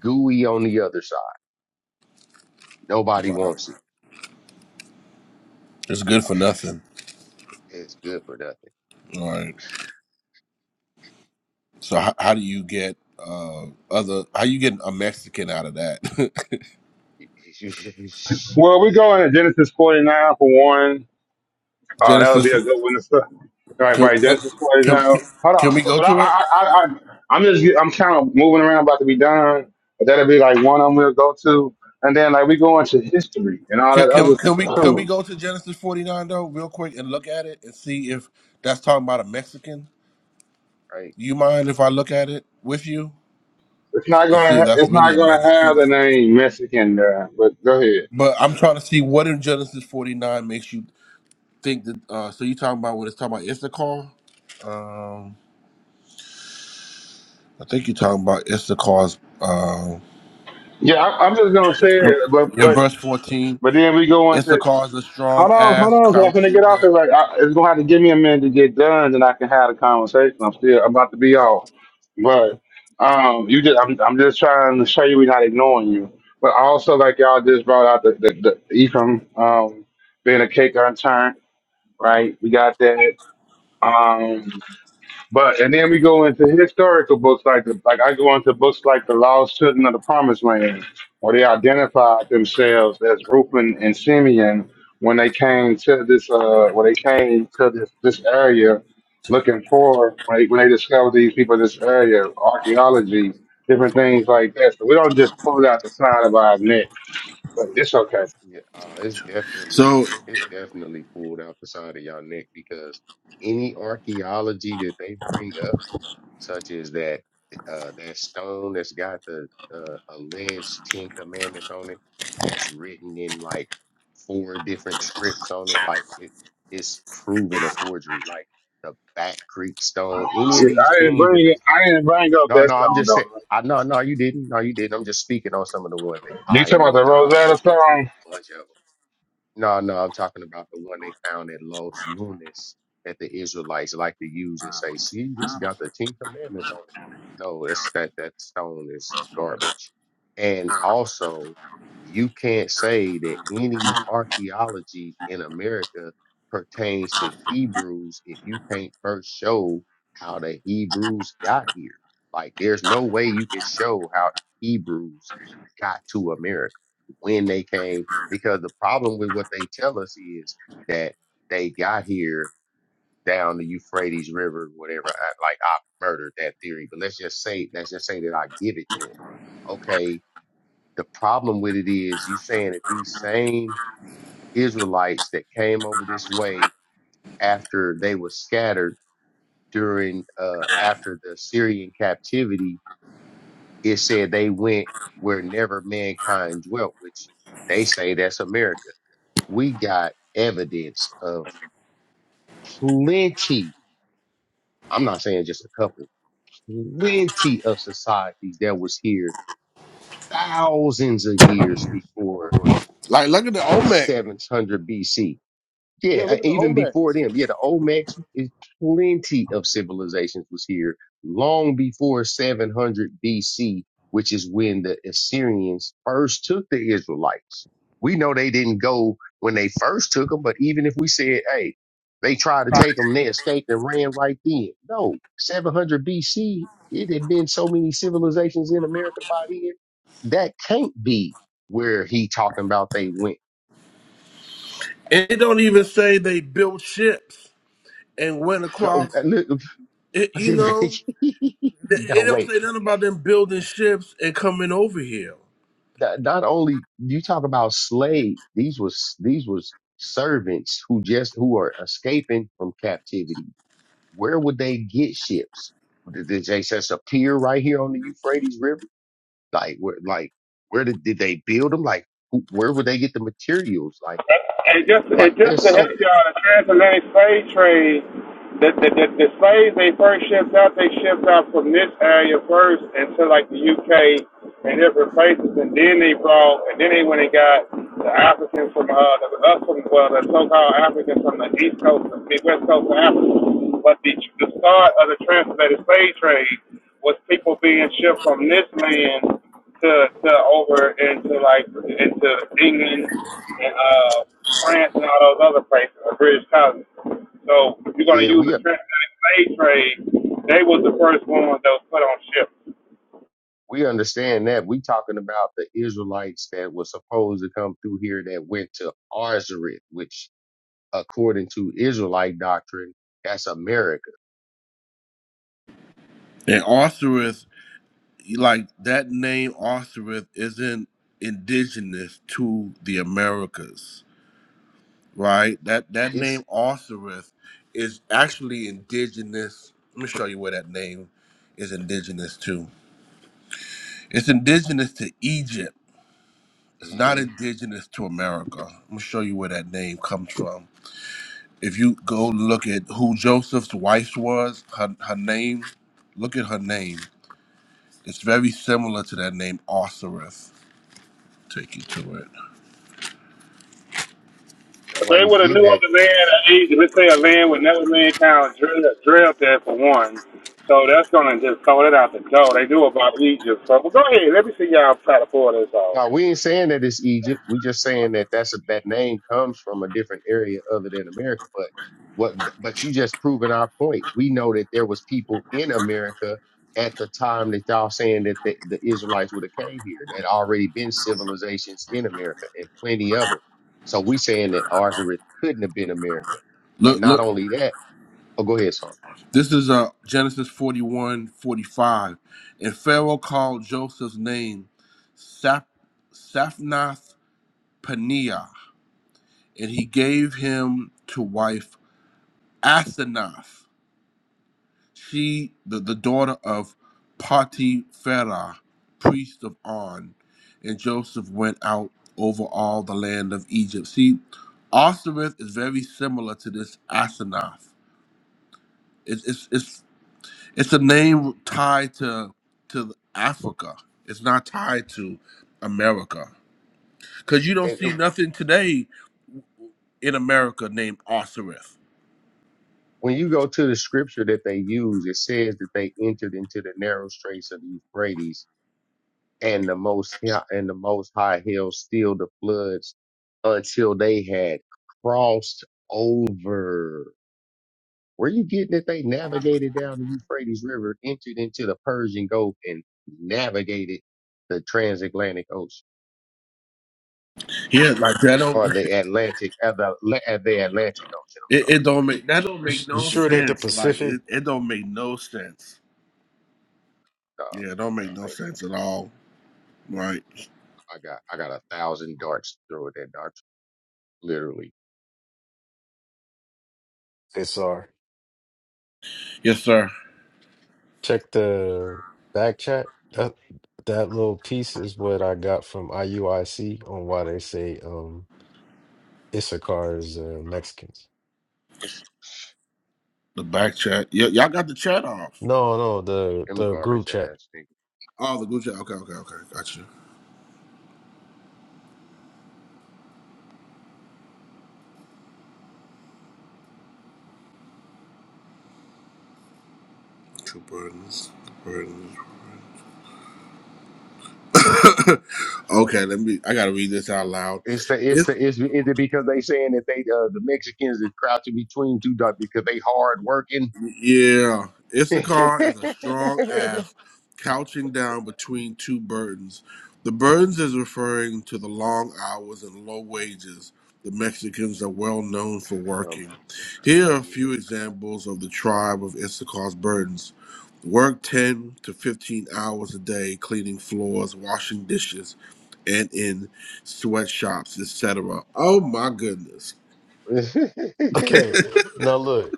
Speaker 17: gooey on the other side. Nobody
Speaker 22: Right.
Speaker 17: wants it.
Speaker 22: It's good for nothing.
Speaker 17: It's good for nothing.
Speaker 22: Right. So how, how do you get uh other? How you get a Mexican out of that?
Speaker 17: It- it's-
Speaker 15: well, we go into Genesis 49 for one.
Speaker 22: (laughs)
Speaker 15: Oh, that would be
Speaker 22: Genesis.
Speaker 15: a good one to start. All right,
Speaker 22: Can,
Speaker 15: right.
Speaker 22: let,
Speaker 15: Genesis
Speaker 22: can,
Speaker 15: 49.
Speaker 22: can,
Speaker 15: Hold
Speaker 22: can we
Speaker 15: on.
Speaker 22: go
Speaker 15: But I, I,
Speaker 22: to it?
Speaker 15: I, I, I'm just, I'm kind of moving around, about to be done. But that'll be like one I'm gonna go to, and then like we go into history and all
Speaker 22: Can,
Speaker 15: that
Speaker 22: can
Speaker 15: other
Speaker 22: can we
Speaker 15: stuff
Speaker 22: can we
Speaker 15: too.
Speaker 22: go to Genesis forty nine though real quick and look at it and see if that's talking about a Mexican?
Speaker 17: (laughs) right?
Speaker 22: You mind if I look at it with you
Speaker 15: It's not
Speaker 22: and see
Speaker 15: gonna,
Speaker 22: if
Speaker 15: ha-
Speaker 22: that's
Speaker 15: it's
Speaker 22: really
Speaker 15: not
Speaker 22: a
Speaker 15: gonna have
Speaker 22: Mexican?
Speaker 15: the name Mexican there. But go ahead.
Speaker 22: But I'm trying to see what in Genesis forty nine makes you think that. Uh, so you talking about what it's talking about Issachar? Um, I think you're talking about Issachar's. Uh,
Speaker 15: Yeah, I, I'm just gonna say it. But,
Speaker 22: in
Speaker 15: but,
Speaker 22: verse fourteen,
Speaker 15: but then we go into
Speaker 22: Issachar is a strong
Speaker 15: Hold on, hold
Speaker 22: ass
Speaker 15: on, because I'm going gonna
Speaker 22: crouching.
Speaker 15: get off
Speaker 22: Down.
Speaker 15: here. like I, it's gonna have to give me a minute to get done, and I can have a conversation. I'm still I'm about to be off, but um, you just I'm I'm just trying to show you we're not ignoring you, but also like y'all just brought out the the, the Ephraim um being a cake unturned, right? We got that. Um, but and then we go into historical books like the like I go into books like the Lost Children of the Promised Land, where they identified themselves as Reuben and Simeon when they came to this uh when they came to this this area looking for when they, when they discovered these people in this area, archaeology, different things like that. So we don't just pull it out the side of our neck. But it's okay.
Speaker 17: Yeah, uh, it's definitely
Speaker 22: So
Speaker 17: it's definitely pulled out the side of y'all neck because any archaeology that they bring up such as that uh, that stone that's got the uh, alleged Ten Commandments on it, that's written in like four different scripts on it. Like it, it's proven a forgery. Like the Back Creek Stone, any
Speaker 15: See,
Speaker 17: of these
Speaker 15: I didn't
Speaker 17: things
Speaker 15: bring
Speaker 17: that
Speaker 15: it,
Speaker 17: they.
Speaker 15: I didn't bring up
Speaker 17: No,
Speaker 15: that
Speaker 17: no, I'm
Speaker 15: song
Speaker 17: just
Speaker 15: though.
Speaker 17: saying. I no, no, you didn't. No, you didn't. I'm just speaking on some of the ones that
Speaker 15: You
Speaker 17: I
Speaker 15: talking about
Speaker 17: know
Speaker 15: the
Speaker 17: about. I've
Speaker 15: Rosetta
Speaker 17: looked
Speaker 15: song?
Speaker 17: into a bunch of them. No, no, I'm talking about the one they found at Los Lunas that the Israelites like to use and say, see, this got the Ten Commandments on it. No, that's that that stone is garbage. And also, you can't say that any archaeology in America pertains to Hebrews if you can't first show how the Hebrews got here. Like there's no way you can show how Hebrews got to America when they came because the problem with what they tell us is that they got here down the Euphrates River, whatever, I- like I murdered that theory. But let's just say, let's just say that I give it to them. Okay. The problem with it is you saying that these same Israelites that came over this way after they were scattered during, uh, after the Syrian captivity, it said they went where never mankind dwelt, which they say that's America. we got evidence of plenty. I'm not saying just a couple, plenty of societies that was here thousands of years before
Speaker 22: like, look at the Olmec.
Speaker 17: 700 BC.
Speaker 22: Yeah,
Speaker 17: Yeah, uh,
Speaker 22: look at the
Speaker 17: even
Speaker 22: Olmec.
Speaker 17: before them. Yeah, the Olmecs, is plenty of civilizations was here long before 700 BC, which is when the Assyrians first took the Israelites. We know they didn't go when they first took them, but even if we said, hey, they tried to take them, they escaped and ran right then. No, 700 BC, it had been so many civilizations in America by then. That can't be where he talking about they went.
Speaker 22: And it don't even say they built ships and went
Speaker 17: No,
Speaker 22: across.
Speaker 17: uh, look,
Speaker 22: It,
Speaker 17: I
Speaker 22: you
Speaker 17: said,
Speaker 22: know,
Speaker 17: (laughs)
Speaker 22: th-
Speaker 17: no,
Speaker 22: it don't
Speaker 17: wait.
Speaker 22: say nothing about them building ships and coming over here.
Speaker 17: Not not only you talk about slave, these was these was servants who just who are escaping from captivity. Where would they get ships? Did did they just just appear right here on the Euphrates River? Like where? Like where did did they build them? Like who, where would they get the materials? Like
Speaker 15: And just and
Speaker 17: like
Speaker 15: just
Speaker 17: there's
Speaker 15: to help
Speaker 17: so
Speaker 15: y'all, the transatlantic slave trade, the the, the, the slaves they first shipped out, they shipped out from this area first into like the UK and different places, and then they brought, and then they went and got the Africans from uh the, us from well the so-called Africans from the east coast, the west coast of Africa. But the the start of the transatlantic slave trade was people being shipped from this land to to over into like into England and uh France and all those other places, the British colonies. So if you're gonna
Speaker 17: yeah
Speaker 15: use
Speaker 17: we
Speaker 15: the transatlantic slave trade, they was the first ones that was put on ships.
Speaker 17: we understand that we talking about the Israelites that were supposed to come through here that went to Arzareth, which according to Israelite doctrine, that's America.
Speaker 22: And Osiris, like that name Osiris, isn't indigenous to the Americas, right? That that
Speaker 17: It's
Speaker 22: name Osiris is actually indigenous. Let me show you where that name is indigenous to. It's indigenous to Egypt. It's not
Speaker 17: hmm
Speaker 22: indigenous to America. I'm gonna show you where that name comes from. if you go look at who Joseph's wife was, her, her name, look at her name. It's very similar to that name, Osirith. Take you to it.
Speaker 17: and
Speaker 15: If
Speaker 17: why
Speaker 15: they
Speaker 17: you
Speaker 15: would have
Speaker 17: getting
Speaker 15: knew of
Speaker 17: that?
Speaker 15: the land of Egypt, let's say a land where never mankind drilled, drilled there for one. So that's gonna just throw it out the door. They knew about Egypt. So but go ahead, let me see y'all try to pull this off.
Speaker 17: No, we ain't saying that it's Egypt. we just saying that that's a, that name comes from a different area other than America. But what? But you just proven our point. We know that there was people in America at the time that y'all saying that the, the Israelites would have came here. That already been civilizations in America and plenty of them. So we saying that ours couldn't have been America. And
Speaker 22: Look,
Speaker 17: not
Speaker 22: look,
Speaker 17: only that, oh, go ahead, son.
Speaker 22: this is uh, Genesis 41 45, And Pharaoh called Joseph's name Sap, Saphnath Paneah, and he gave him to wife Asenath. She, the, the daughter of Potipharah, priest of On, and Joseph went out over all the land of Egypt. See, Osiris is very similar to this Asenath. It's it's it's it's a name tied to to Africa. It's not tied to America, cause you don't
Speaker 17: And
Speaker 22: see nothing today in America named Osiris.
Speaker 17: when you go to the scripture that they use, it says that they entered into the narrow straits of the Euphrates, and the most Hi- and the Most High held still the floods until they had crossed over. Where you getting that they navigated down the Euphrates River, entered into the Persian Gulf, and navigated the transatlantic ocean
Speaker 22: Yeah, like that don't
Speaker 17: or the
Speaker 22: (laughs)
Speaker 17: Atlantic, uh, the, uh, the Atlantic Ocean? I'm
Speaker 22: it, it
Speaker 17: sorry,
Speaker 22: don't make that don't
Speaker 6: You
Speaker 22: make
Speaker 6: s- you
Speaker 22: no
Speaker 6: sure it ain't the
Speaker 22: sense. Like
Speaker 6: Pacific?
Speaker 22: it, it don't make no sense.
Speaker 17: uh,
Speaker 22: Yeah, it don't
Speaker 17: uh,
Speaker 22: make no sense at all. Right.
Speaker 17: I got I got a thousand darts to throw at that doctor, literally
Speaker 6: It's our.
Speaker 22: Yes, sir.
Speaker 6: Check the back chat. That that little piece is what I got from IUIC on why they say um Issachar is uh, Mexicans.
Speaker 17: It's
Speaker 22: The back chat. Y- y'all got the chat off.
Speaker 6: No, no, the
Speaker 17: them
Speaker 6: the
Speaker 17: garbage
Speaker 6: group chat. (laughs)
Speaker 17: ass niggas.
Speaker 22: Oh, the group chat. Okay, okay, okay. Gotcha. Two burdens. Burdens. (coughs) okay, let me. I gotta read this out loud.
Speaker 17: It's the it's the it's is it because they saying that they uh, the Mexicans is crouching between two ducks because they hard working. (laughs)
Speaker 22: Yeah,
Speaker 17: um,
Speaker 22: Issachar is a strong ass couching down between two burdens. The burdens is referring to the long hours and low wages the Mexicans are well known for working. Here are a few
Speaker 17: yeah.
Speaker 22: examples of the tribe of Issachar's burdens. Work 10 to 15 hours a day cleaning floors, washing dishes, and in sweatshops, etc. Oh my goodness.
Speaker 17: (laughs)
Speaker 6: Okay, now look.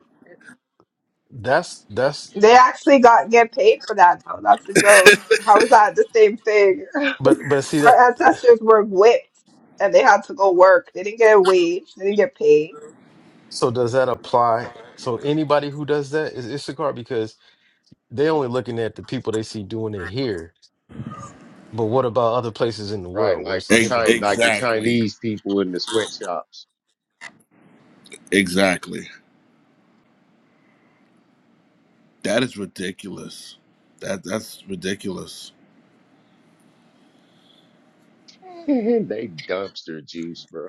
Speaker 6: That's that's
Speaker 3: They actually got get paid for that though. That's a joke. How is that the same thing? (laughs)
Speaker 6: but but see
Speaker 3: Our
Speaker 6: that
Speaker 3: ancestors were whipped and they had to go work. They didn't get a wage, they didn't get paid.
Speaker 6: so does that apply? So anybody who does that is Issachar because they only looking at the people they see doing it here. But what about other places in the
Speaker 17: right,
Speaker 6: world where
Speaker 17: like
Speaker 6: it's
Speaker 17: the
Speaker 22: E-
Speaker 6: different
Speaker 17: China like the
Speaker 6: people?
Speaker 22: Exactly.
Speaker 17: Chinese people in the sweatshops.
Speaker 22: Exactly. That is ridiculous. That that's ridiculous.
Speaker 17: (laughs) they dumpster juice, bro.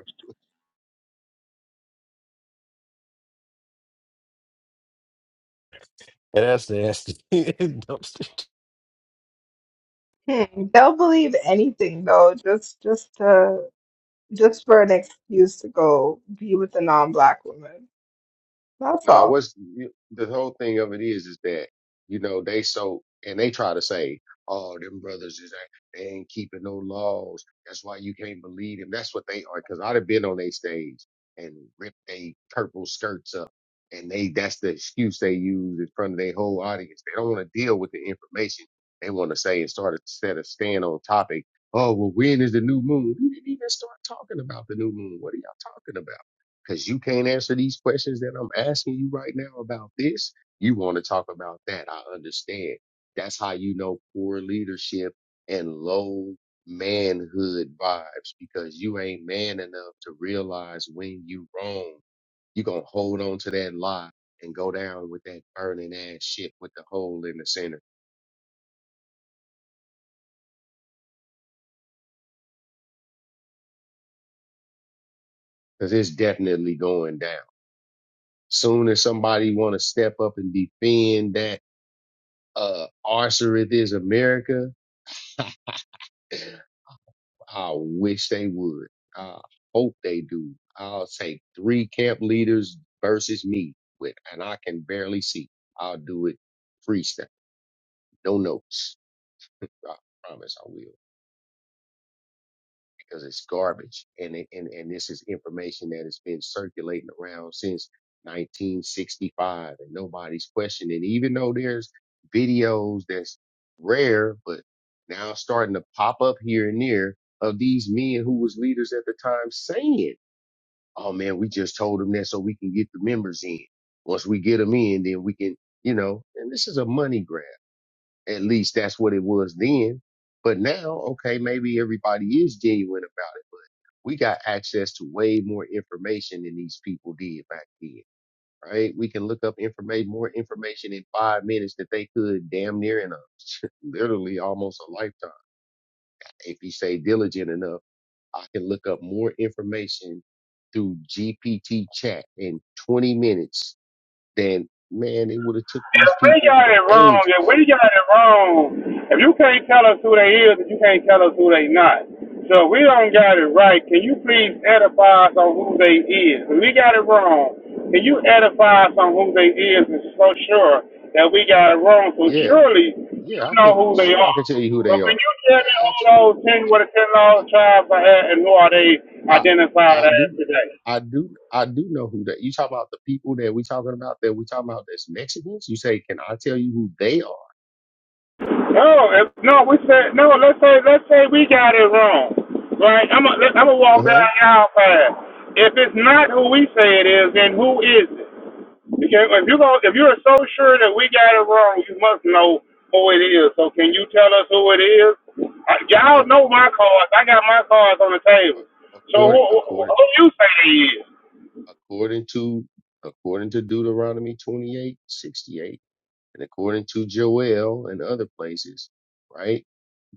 Speaker 6: And that's the nasty (laughs) dumpster.
Speaker 3: Hmm. They'll believe anything though, just just to just for an excuse to go be with a non-black woman. That's
Speaker 17: Nah,
Speaker 3: all.
Speaker 17: what's the whole thing of it is is that you know they so and they try to say, oh, them brothers is ain't- they ain't keeping no laws. That's why you can't believe them. That's what they are. Because I'd have been on their stage and ripped they purple skirts up, and they that's the excuse they use in front of their whole audience. They don't want to deal with the information. They want to say and start to set a stand on topic. Oh, well, when is the new moon? You didn't even start talking about the new moon. What are y'all talking about? because you can't answer these questions that I'm asking you right now about this. You want to talk about that. I understand. That's how you know poor leadership and low manhood vibes because you ain't man enough to realize when you wrong. you going to hold on to that lie and go down with that burning ass shit with the hole in the center because it's definitely going down. Soon as somebody want to step up and defend that, uh, arcer it is America, (laughs) I wish they would. I hope they do. I'll take three camp leaders versus me with, and I can barely see. I'll do it freestyle, no notes. I promise I will because it's garbage, and it, and and this is information that has been circulating around since 1965, and nobody's questioning. Even though there's videos that's rare, but now starting to pop up here and there of these men who was leaders at the time saying. oh man, we just told them that so we can get the members in. Once we get them in, then we can, you know, and this is a money grab. At least that's what it was then. But now, okay, maybe everybody is genuine about it, but we got access to way more information than these people did back then, right? We can look up information, more information in five minutes that they could damn near in a (laughs) literally almost a lifetime if you stay diligent enough I can look up more information through GPT chat in 20 minutes than man, it would have took
Speaker 15: If
Speaker 17: these
Speaker 15: we
Speaker 17: people
Speaker 15: got
Speaker 17: for
Speaker 15: it wrong, if
Speaker 17: ages.
Speaker 15: we got it wrong, if you can't tell us who they is, if you can't tell us who they not. So if we don't got it right, can you please edify us on who they is? If we got it wrong, can you edify us on who they is and so sure that we got it wrong? So
Speaker 17: Yeah,
Speaker 15: surely you
Speaker 17: yeah, I
Speaker 15: know
Speaker 17: could
Speaker 15: who they
Speaker 17: sure I
Speaker 15: are.
Speaker 17: can tell you who
Speaker 15: So
Speaker 17: they
Speaker 15: can
Speaker 17: are.
Speaker 15: you tell
Speaker 17: I
Speaker 15: me who those
Speaker 17: absolutely.
Speaker 15: ten what the ten lost tribes are and who are they
Speaker 17: I
Speaker 15: identified
Speaker 17: I
Speaker 15: as
Speaker 17: do
Speaker 15: today?
Speaker 17: I do I do know who that you talk about the people that we talking about that we talking about that's Mexicans. You say, can I tell you who they are?
Speaker 15: No, if, no, we said no. Let's say let's say we got it wrong, right? I'm a, I'm gonna walk
Speaker 17: Uh-huh.
Speaker 15: down our path. If it's not who we say it is, then who is it? Because if you go, if you're so sure that we got it wrong, you must know who it is. So can you tell us who it is? I, y'all
Speaker 17: Well,
Speaker 15: know
Speaker 17: according
Speaker 15: my cards. I got my cards on the table. So who
Speaker 17: according
Speaker 15: who,
Speaker 17: according
Speaker 15: who you say it is?
Speaker 17: according to according to Deuteronomy twenty eight sixty eight. And according to Joel and other places, right,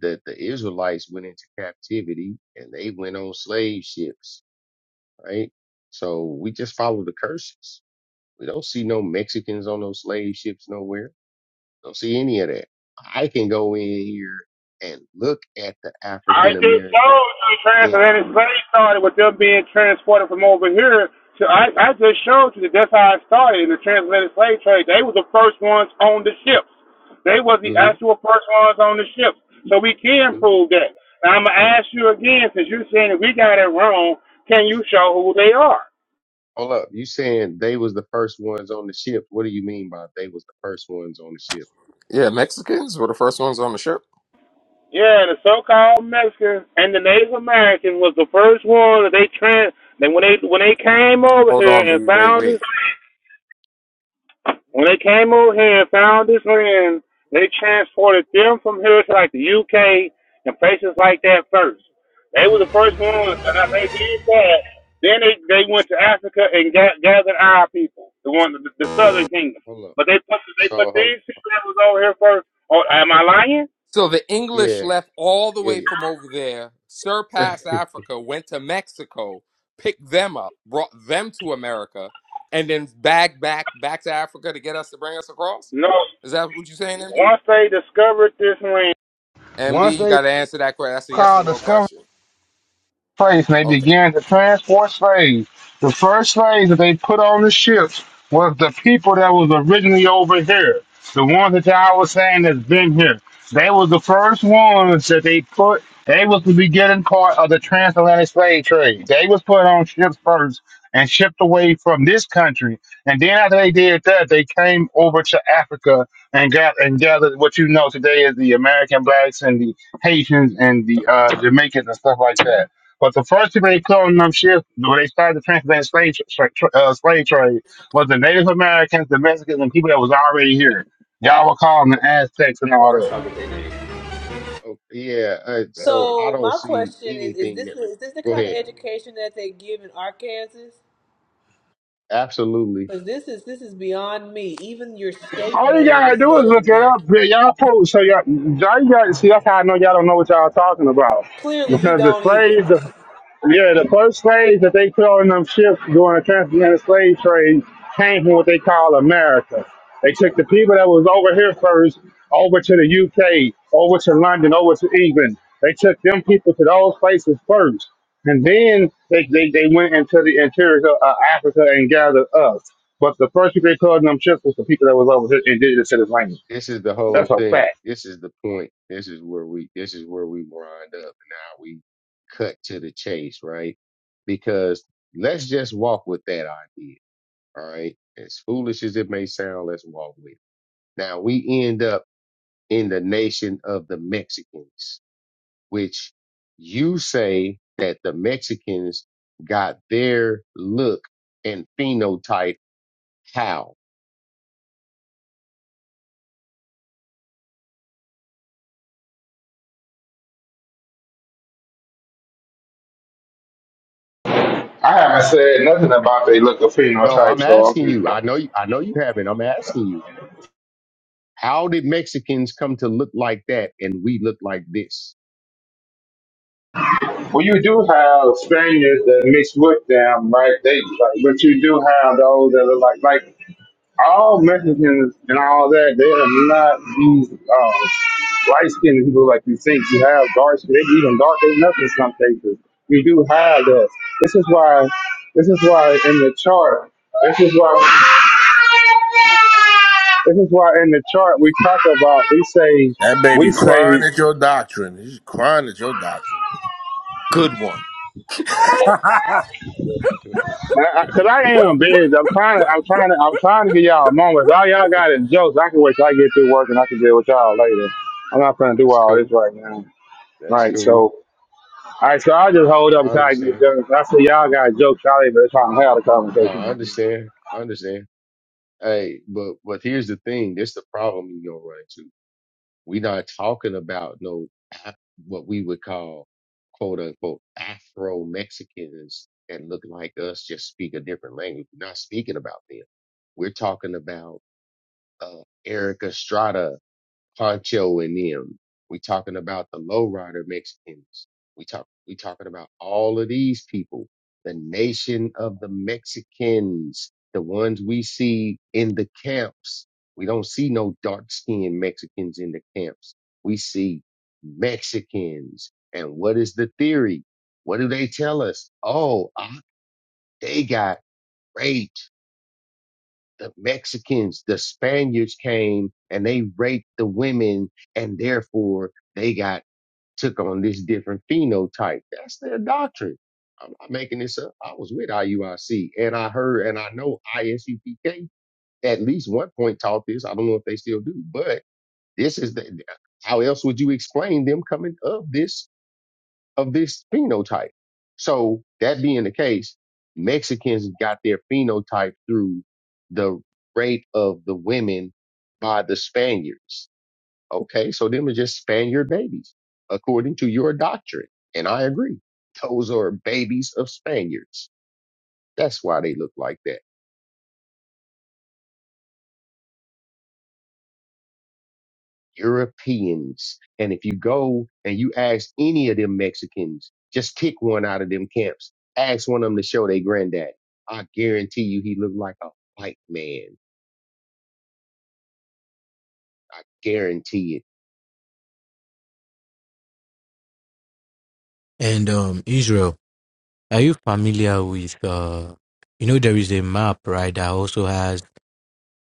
Speaker 17: that the Israelites went into captivity and they went on slave ships, right? So we just follow the curses. We don't see no Mexicans on those slave ships nowhere. Don't see any of that. I can go in here and look at the
Speaker 15: I
Speaker 17: African
Speaker 15: just
Speaker 17: American.
Speaker 15: showed you the
Speaker 17: in-
Speaker 15: transatlantic slave started with them being transported from over here. So I, I just showed you that that's how it started in the transatlantic slave trade. They were the first ones on the ships. They were the
Speaker 17: mhm,
Speaker 15: actual first ones on the ships. So we can
Speaker 17: mhm.
Speaker 15: prove that. And I'm going to ask you again, since you're saying that we got it wrong, can you show who they are?
Speaker 17: Hold up. You saying they was the first ones on the ship. What do you mean by they was the first ones on the ship?
Speaker 13: Yeah, Mexicans were the first ones on the ship.
Speaker 15: Yeah, the so-called Mexicans and the Native Americans was the first ones that they trans. Then when they when they came over
Speaker 13: Hold
Speaker 15: here
Speaker 13: on,
Speaker 15: and
Speaker 13: B. Wait,
Speaker 15: found
Speaker 13: wait,
Speaker 15: us, When they came over here and found this land, they transported them from here to like the UK and places like that first. They were the first ones, and they did that. Then they, they went to Africa and ga- gathered our people, the one the, the
Speaker 17: Hold up.
Speaker 15: Southern Kingdom.
Speaker 17: Hold up.
Speaker 15: But they put they put
Speaker 17: So hold,
Speaker 15: these people that was over here first. Oh, am I lying?
Speaker 13: So the English
Speaker 17: yeah.
Speaker 13: left all the way
Speaker 17: Yeah,
Speaker 13: from over there,
Speaker 17: yeah.
Speaker 13: surpassed
Speaker 17: (laughs)
Speaker 13: Africa, went to Mexico, picked them up, brought them to America, and then back, back, back to Africa to get us to bring us across?
Speaker 15: No.
Speaker 13: Is that what you're saying, MD?
Speaker 15: Once they discovered this land, Once
Speaker 13: MD, you
Speaker 15: they
Speaker 13: got to answer that question. That's a yes or
Speaker 15: called
Speaker 13: no
Speaker 15: discovery.
Speaker 13: question.
Speaker 15: place and they
Speaker 13: Okay.
Speaker 15: began to transport slaves. The first slaves that they put on the ships was the people that was originally over here. The ones that I was saying that's been here. They was the first ones that they put they was the beginning part of the transatlantic slave trade. They was put on ships first and shipped away from this country. And then after they did that, they came over to Africa and got and gathered what you know today is the American blacks and the Haitians and the uh, Jamaicans and stuff like that. But the first people they killed in them ships when they started the transatlantic slave, tra- tra- uh, slave trade was the Native Americans, the Mexicans, and people that was already here. Y'all were calling the
Speaker 17: Oh,
Speaker 15: Aztecs and all that.
Speaker 17: oh, yeah, uh, so I
Speaker 5: So
Speaker 17: don't
Speaker 5: my
Speaker 17: see
Speaker 5: question is: Is
Speaker 17: anything
Speaker 5: this
Speaker 17: that. Re-
Speaker 5: is this the
Speaker 17: Go
Speaker 5: kind of
Speaker 17: ahead.
Speaker 5: education that they give in Arkansas?
Speaker 17: Absolutely.
Speaker 5: Because this is this is beyond me. Even your state
Speaker 15: All you
Speaker 5: name is
Speaker 15: gotta do is look
Speaker 5: Native
Speaker 15: it up.
Speaker 5: American.
Speaker 15: Yeah, Y'all post. So y'all, y'all you gotta see. That's how I know y'all don't know what y'all talking about.
Speaker 5: Clearly, you
Speaker 15: Because the
Speaker 5: don't either.
Speaker 15: slaves, the, yeah, the first slaves that they put on them ships during the transatlantic slave trade came from what they call America. They took the people that was over here first over to the UK, over to London, over to England. They took them people to those places first. And then they, they, they went into the interior of uh, Africa and gathered us. But the first people they called them chips was the people that was over here indigenous to this language.
Speaker 17: This is the whole
Speaker 15: That's a
Speaker 17: thing.
Speaker 15: fact.
Speaker 17: This is the point. This is where we. This is where we wind up. Now we cut to the chase, right? Because let's just walk with that idea. All right. As foolish as it may sound, let's walk with. it. Now we end up in the nation of the Mexicans which you say that the Mexicans got their look and phenotype how?
Speaker 15: I haven't said nothing about they look of
Speaker 17: No, I'm
Speaker 15: phenotypes, though.
Speaker 17: asking you. I know you, I know you haven't. I'm asking you. How did Mexicans come to look like that and we look like this?
Speaker 15: Well, you do have Spaniards that mix with them, right? They, like, but you do have those that are like like all Mexicans and all that, they are not these um, light skinned people like you think. You have dark skin, they be even darker than us in some cases. You do have that. This is why, this is why in the chart, this is why, this is why in the chart we talk about, we say,
Speaker 22: That baby
Speaker 15: we say
Speaker 22: crying at your doctrine. He's crying at your doctrine.
Speaker 13: Good one. (laughs)
Speaker 17: (laughs)
Speaker 15: because I, am busy. I'm trying to, I'm trying to, I'm trying to get y'all moments. All y'all got is jokes. I can wait till I get through work and I can deal with y'all later. I'm not trying to do
Speaker 17: That's
Speaker 15: all
Speaker 17: cool.
Speaker 15: this right now.
Speaker 17: That's
Speaker 15: Right, so,
Speaker 17: cool.
Speaker 15: all right, so I'll just hold up
Speaker 17: I, I
Speaker 15: until I get
Speaker 17: understand.
Speaker 15: done. I say y'all
Speaker 17: I,
Speaker 15: got jokes, y'all ain't really trying to have a
Speaker 17: no,
Speaker 15: conversation.
Speaker 17: I
Speaker 15: right now.
Speaker 17: understand. I understand. Hey, but but here's the thing. This is the problem you're gonna run into We're not talking about no Af- what we would call quote unquote Afro Mexicans that look like us, just speak a different language. We're not speaking about them. We're talking about uh, Erica Estrada Poncho and them. We talking about the lowrider Mexicans. We talk we talking about all of these people, the nation of the Mexicans, the ones we see in the camps. We don't see no dark skinned Mexicans in the camps. We see Mexicans. And what is the theory? What do they tell us? Oh, ah, they got raped the Mexicans, the Spaniards came and they raped the women and therefore they got took on this different phenotype. That's their doctrine. I'm not making this up. I was with IUIC and I heard and I know ISUPK at least one point taught this. I don't know if they still do, but this is the, how else would you explain them coming of this of this phenotype. So that being the case, Mexicans got their phenotype through the rape of the women by the Spaniards. Okay. So them are just Spaniard babies, according to your doctrine. And I agree. Those are babies of Spaniards. That's why they look like that. Europeans. And if you go and you ask any of them Mexicans, just pick one out of them camps, ask one of them to show their granddad. I guarantee you he looked like a white man. I guarantee
Speaker 20: And um, Israel, Are you familiar with uh you know there is a map, right, that also has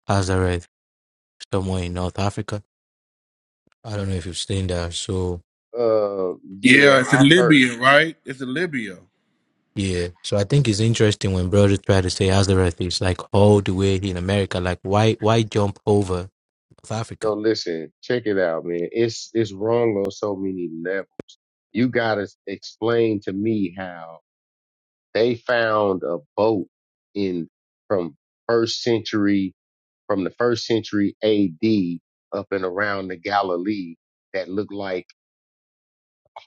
Speaker 20: Nazareth somewhere in North Africa? I don't know if you've seen that. So
Speaker 17: it. Uh, yeah,
Speaker 22: Yeah, it's
Speaker 17: I've
Speaker 22: in
Speaker 17: heard.
Speaker 22: Libya, right? It's in Libya.
Speaker 20: yeah. So I think it's interesting when brothers try to say Nazareth is like all the way in America. Like why why jump over North Africa?
Speaker 17: So listen, check it out, man. It's, it's wrong on so many levels. You gotta explain to me how they found a boat in from first century from the first century AD up and around the Galilee that look like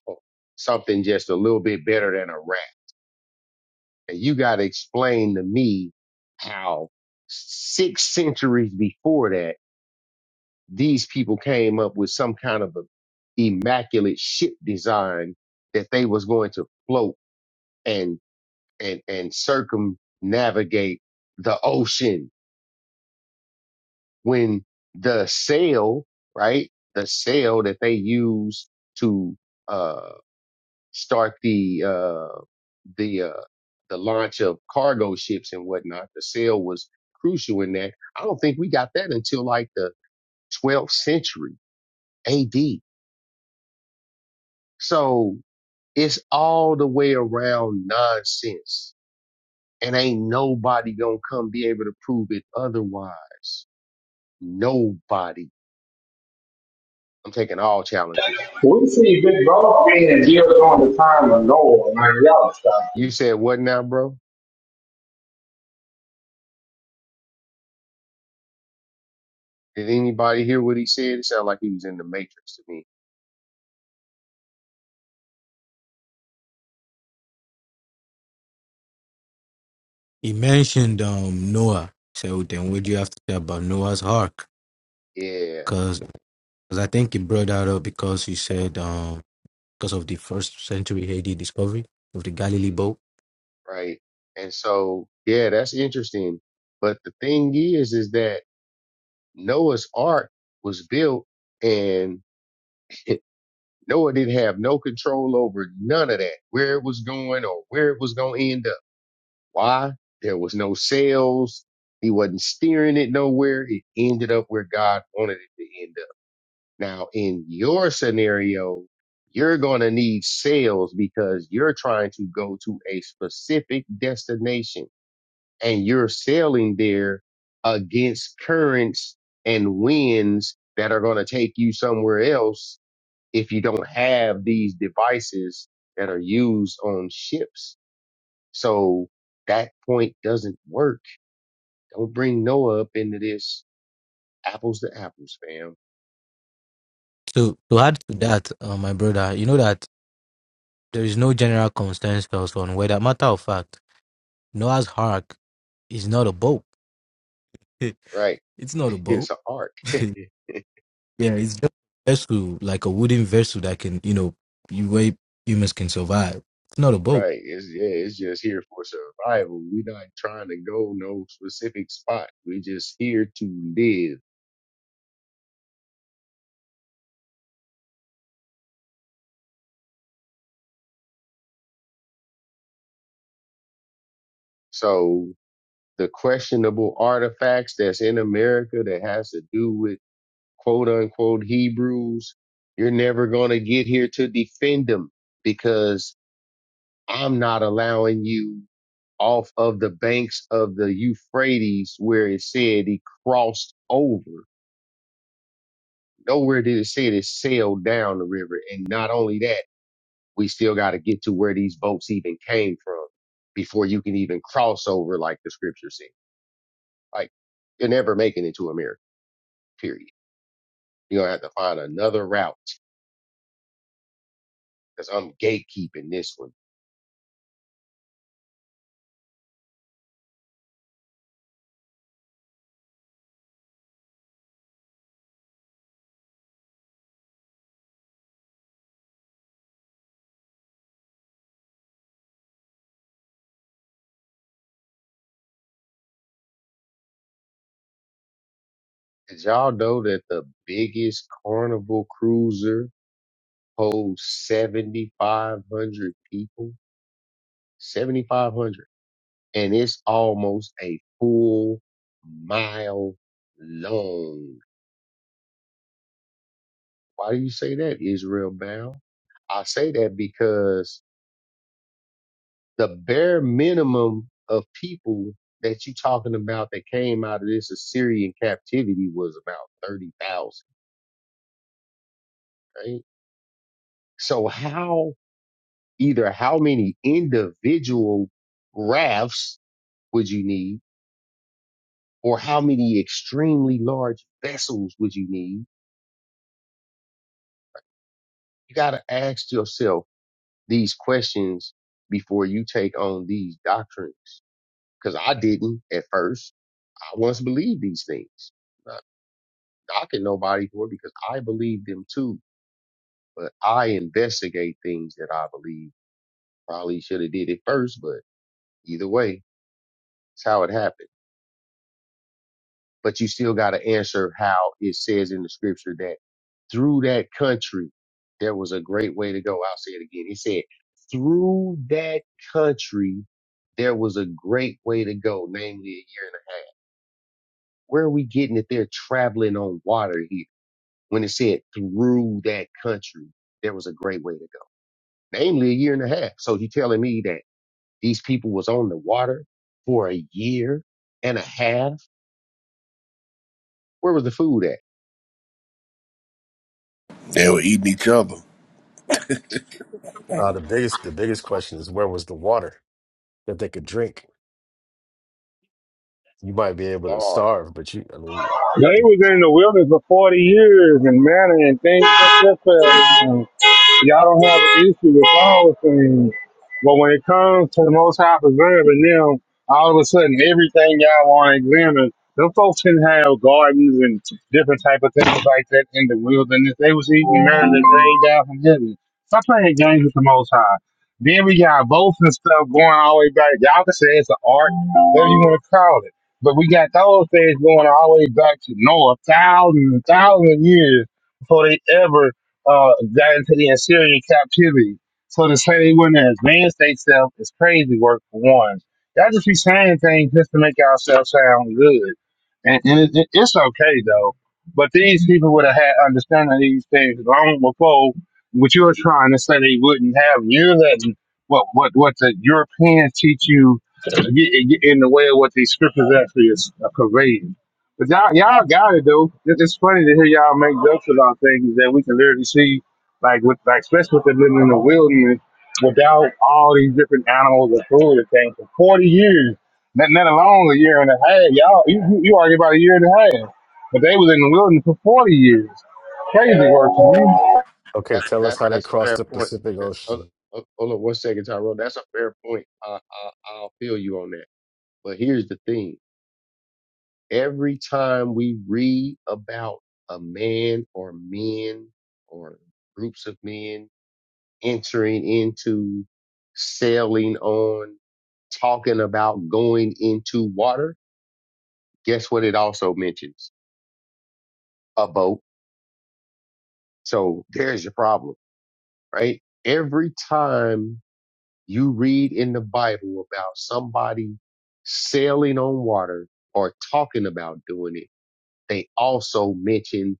Speaker 17: oh, something just a little bit better than a rat. And you got to explain to me how six centuries before that, these people came up with some kind of a immaculate ship design that they was going to float and, and, and circumnavigate the ocean when the sale, right, the sale that they use to uh, start the uh, the uh, the launch of cargo ships and whatnot, the sale was crucial in that. I don't think we got that until like the 12th century A.D. So it's all the way around nonsense, and ain't nobody gonna come be able to prove it otherwise. Nobody. I'm taking all challenges.
Speaker 15: We see Big Brother being here during the time of Noah, man. Y'all stop
Speaker 17: You
Speaker 15: it.
Speaker 17: said what now, bro? Did anybody hear what he said? It sounded like he was in the matrix to me.
Speaker 20: He mentioned um Noah. So then what do you have to say about Noah's Ark?
Speaker 17: Yeah.
Speaker 20: Because I think he brought that up because he said um because of the first century AD discovery of the Galilee
Speaker 17: mhm,
Speaker 20: boat
Speaker 17: Right. And so, yeah, that's interesting. But the thing is, is that Noah's Ark was built and (laughs) Noah didn't have no control over none of that, where it was going or where it was going to end up. Why? There was no sails. He wasn't steering it nowhere. It ended up where God wanted it to end up. Now, in your scenario, you're going to need sales because you're trying to go to a specific destination and you're sailing there against currents and winds that are going to take you somewhere else if you don't have these devices that are used on ships. So that point doesn't work. Don't bring Noah up into this apples to apples, fam.
Speaker 20: To to add to that, uh, my brother, you know that there is no general consensus on whether. Matter of fact, Noah's Ark is not a boat. (laughs) it's
Speaker 17: Right.
Speaker 20: not a
Speaker 17: (laughs)
Speaker 20: boat.
Speaker 17: It's an arc. (laughs)
Speaker 20: Yeah, it's just a vessel, like a wooden vessel that can, you know, you way humans can survive. It's not a boat.
Speaker 17: Right. It's yeah, it's just here for survival. We're not trying to go no specific spot. We're just here to live. So the questionable artifacts that's in America that has to do with quote unquote Hebrews, you're never gonna get here to defend them because I'm not allowing you off of the banks of the Euphrates where it said he crossed over. Nowhere did it say it sailed down the river. And not only that we still got to get to where these boats even came from before you can even cross over like the scripture said. Like you're never making it to America, period. You're gonna have to find another route because I'm gatekeeping this one. Did y'all know that the biggest carnival cruiser holds 7,500 people? 7,500. And it's almost a full mile long Why do you say that, Israel Bell? I say that because the bare minimum of people that you talking about that came out of this Assyrian captivity was about 30,000, right? So how, either how many individual rafts would you need or how many extremely large vessels would you need? You got to ask yourself these questions before you take on these doctrines. Cause I didn't at first. I once believed these things. Not knocking nobody for it because I believed them too. But I investigate things that I believe. Probably should have did it first, but either way, it's how it happened. But you still got to answer how it says in the scripture that through that country, there was a great way to go. I'll say it again. It said, through that country, there was a great way to go, namely a year and a half. Where are we getting that they're traveling on water here? when it said through that country, there was a great way to go, namely a year and a half. So you telling me that these people was on the water for a year and a half? Where was the food at?
Speaker 22: They were eating each other.
Speaker 6: Uh, the biggest the biggest question is where was the water that they could drink? You might be able to
Speaker 17: Or
Speaker 6: starve, but you I mean
Speaker 15: They was in the wilderness for 40 years and manna and things like that. Y'all don't have an issue with all things. But when it comes to the most high preserving them, all of a sudden everything y'all want to examine, them folks didn't have gardens and different type of things like that in the wilderness. They was eating manna that rained down from heaven. Stop playing games with the most high. Then we got both and stuff going all the way back. Y'all can say it's an art, whatever you want to call it. But we got those things going all the way back to Noah, thousands and thousands of years before they ever uh, got into the Assyrian captivity. So to say they wouldn't advance themselves is crazy work for one. Y'all just be saying things just to make ourselves sound good, and, and it, it, it's okay though. But these people would have had understanding of these things long before what you are trying to say they wouldn't have. You're letting what what what the Europeans teach you get, get in the way of what these scriptures actually is uh, conveying. But y'all, y'all got it though. It- It's funny to hear y'all make jokes about things that we can literally see, like with like especially with them living in the wilderness without all these different animals and food and things for forty years, not not alone a year and a half. Y'all, you you you argue about a year and a half, but they was in the wilderness for forty years. Crazy work for you.
Speaker 6: okay,
Speaker 17: that
Speaker 6: tell us
Speaker 17: that's
Speaker 6: how they
Speaker 17: that's a
Speaker 6: crossed
Speaker 17: fair
Speaker 6: the
Speaker 17: point.
Speaker 6: Pacific
Speaker 17: That, hold,
Speaker 6: Ocean.
Speaker 17: hold hold on one second, Tyrone. That's a fair point. I, I I'll feel you on that. But here's the thing: every time we read about a man or men or groups of men entering into sailing on, talking about going into water, guess what it also mentions? A boat. So there's your problem, right? Every time you read in the Bible about somebody sailing on water or talking about doing it, they also mention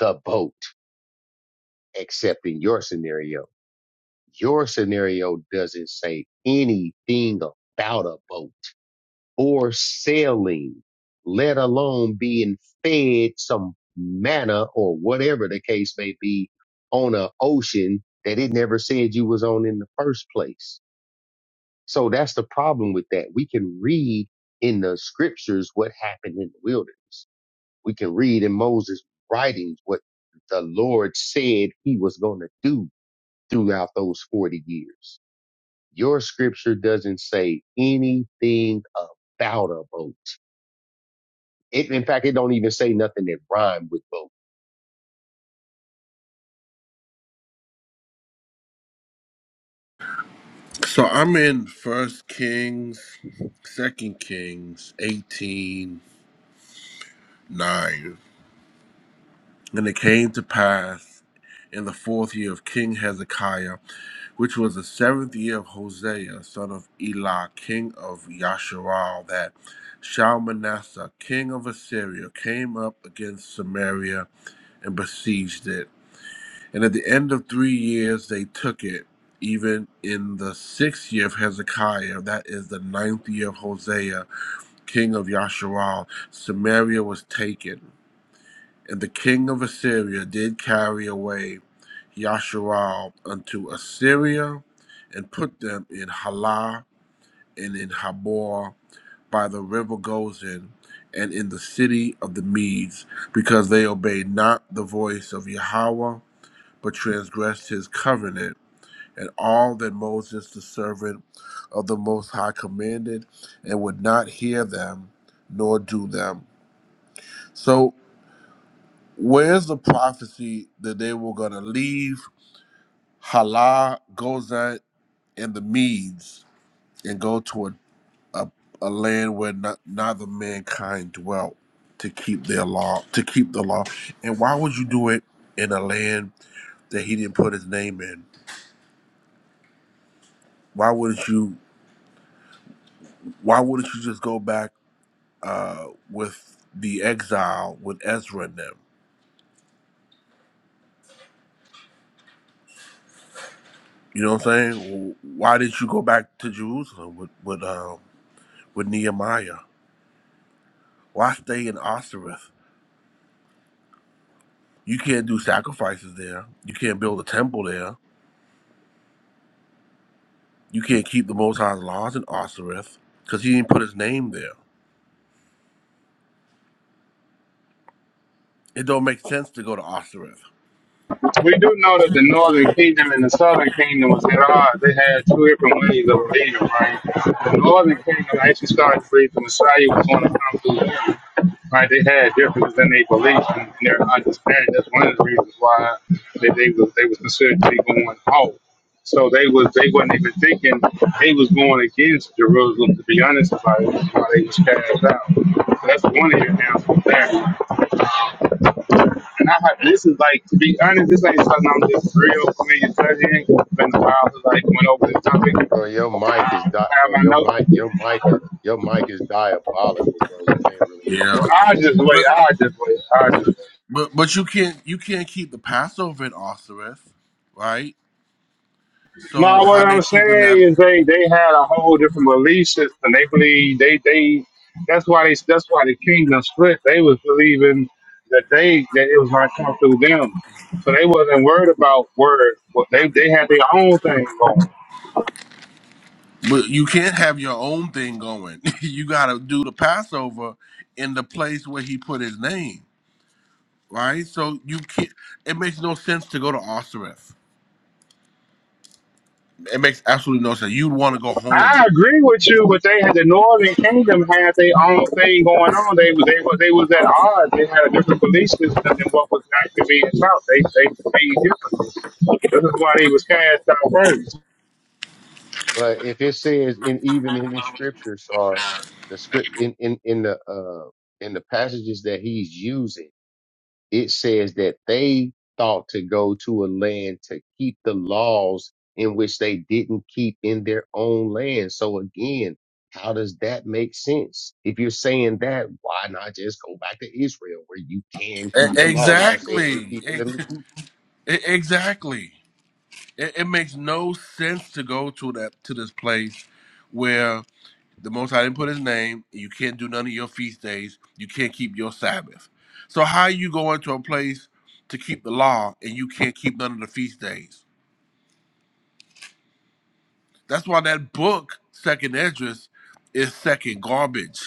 Speaker 17: the boat, except in your scenario. Your scenario doesn't say anything about a boat or selling, let alone being fed some manna or whatever the case may be on an ocean that it never said you was on in the first place. So that's the problem with that. We can read in the scriptures what happened in the wilderness. We can read in Moses' writings what the Lord said he was going to do throughout those 40 years. Your scripture doesn't say anything about a boat It, in fact, it don't even say nothing that rhyme with both.
Speaker 22: So I'm in First Kings, Second Kings, eighteen nine, and it came to pass in the fourth year of King Hezekiah. which was the seventh year of Hosea, son of Elah, king of Yasharal, that Shalmaneser, king of Assyria, came up against Samaria and besieged it. And at the end of three years, they took it. Even in the sixth year of Hezekiah, that is the ninth year of Hosea, king of Yasharal, Samaria was taken. And the king of Assyria did carry away Yasharal unto Assyria, and put them in Halah and in Habor by the river Gozan, and in the city of the Medes, because they obeyed not the voice of Yahweh, but transgressed his covenant, and all that Moses the servant of the Most High commanded, and would not hear them, nor do them. So Where's the prophecy that they were going to leave Halah, Gozan, and the Medes and go to a, a, a land where not, neither mankind dwelt to keep their law, to keep the law? And why would you do it in a land that he didn't put his name in? Why wouldn't you? Why wouldn't you just go back uh, with the exile with Ezra and them? You know what I'm saying? Why did you go back to Jerusalem with with um, with Nehemiah? Why stay in Osiris? You can't do sacrifices there. You can't build a temple there. You can't keep the Most High's laws in Osiris because he didn't put his name there. It don't make sense to go to Osiris.
Speaker 15: We do know that the northern kingdom and the southern kingdom was at odds. They had two different ways of leading, right? The northern kingdom actually started free. The Messiah was going to come through them. right? They had differences in their beliefs and their understanding. That's one of the reasons why they, they was they was considered to be going out. So they was they wasn't even thinking they was going against Jerusalem. To be honest about it, that's why they was cast out. So that's one of your answers there. And I had- this is like to be honest, this ain't something I'm just real familiar studying. It's been a while since I like, went over this topic.
Speaker 17: Bro, your mic
Speaker 15: I
Speaker 17: is
Speaker 15: have
Speaker 17: di- bro,
Speaker 15: my
Speaker 17: your mic
Speaker 15: notes.
Speaker 17: your mic is your mic is diabolical, bro. We can't really hear
Speaker 22: Yeah,
Speaker 15: Well,
Speaker 17: nothing you
Speaker 15: I just
Speaker 17: saying.
Speaker 22: but
Speaker 15: wait. I just wait. I just wait.
Speaker 22: but but you can't you can't keep the Passover in Osiris, right? So
Speaker 15: No, what
Speaker 22: how they
Speaker 15: I'm
Speaker 22: keeping that?
Speaker 15: saying is they they had a whole different belief system. They believe they they that's why they that's why the kingdom split. They was believing that they that it was gonna come through them. So they wasn't worried about word. Well, they they had their own thing going.
Speaker 22: But you can't have your own thing going. (laughs) you got to do the Passover in the place where he put his name, right? So you can't. It makes no sense to go to Osiris. It makes absolutely no sense. You'd want to go home.
Speaker 15: I agree with you, but they had the Northern Kingdom had their own thing going on. They was they was they was at odds. They had a different belief system than what was actually being taught. They they believed differently. This is why they was cast out first.
Speaker 17: But if it says in even in his scriptures are the script in, in, in the uh in the passages that he's using. it says that they thought to go to a land to keep the laws in which they didn't keep in their own land. So again, how does that make sense? If you're saying that, why not just go back to Israel where you can keep
Speaker 22: E-
Speaker 17: the law that you're saying
Speaker 22: Exactly.
Speaker 17: you're keeping
Speaker 22: E-
Speaker 17: the keep?
Speaker 22: e- Exactly. It, it makes no sense to go to that to this place where the Most High didn't put His name. You can't do none of your feast days. You can't keep your Sabbath. So how you going to a place to keep the law and you can't keep none of the feast days? That's why that book, Second Esdras, is second garbage.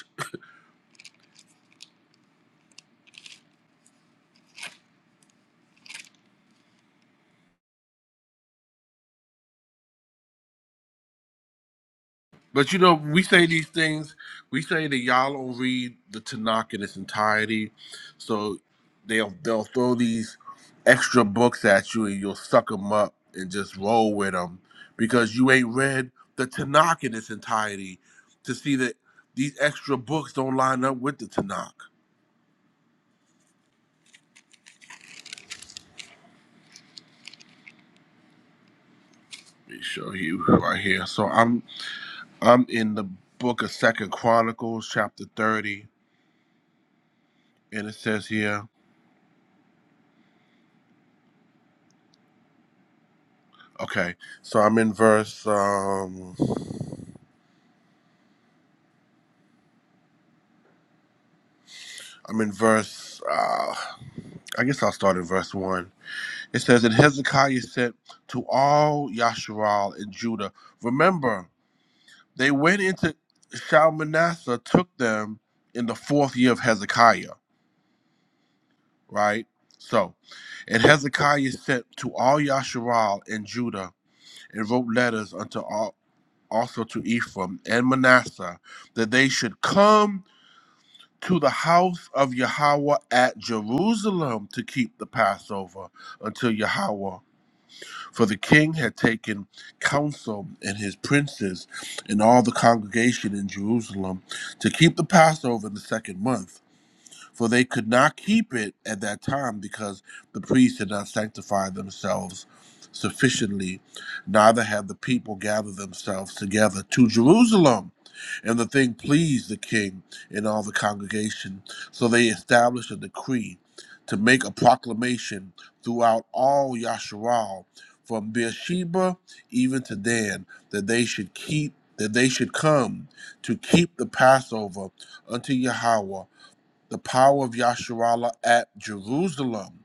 Speaker 22: But you know, we say these things. We say that y'all don't read the Tanakh in its entirety, so they'll they'll throw these extra books at you, and you'll suck them up and just roll with them because you ain't read the Tanakh in its entirety to see that these extra books don't line up with the Tanakh. Let me show you right here. So I'm I'm in the book of Second Chronicles, chapter thirty, and it says here. Okay, so I'm in verse. Um, I'm in verse, uh, I guess I'll start in verse 1. It says, And Hezekiah said to all Yasharal and Judah, Remember, they went into Shalmaneser, took them in the fourth year of Hezekiah, right? So, and Hezekiah sent to all Yasharal and Judah and wrote letters unto all, also to Ephraim and Manasseh that they should come to the house of Yahweh at Jerusalem to keep the Passover until Yahweh. For the king had taken counsel and his princes and all the congregation in Jerusalem to keep the Passover in the second month for they could not keep it at that time because the priests had not sanctified themselves sufficiently, neither had the people gathered themselves together to Jerusalem. And the thing pleased the king and all the congregation, so they established a decree to make a proclamation throughout all Yasharal, from Beersheba even to Dan, that they should keep that they should come to keep the Passover unto Yahweh the power of Yasharallah at Jerusalem,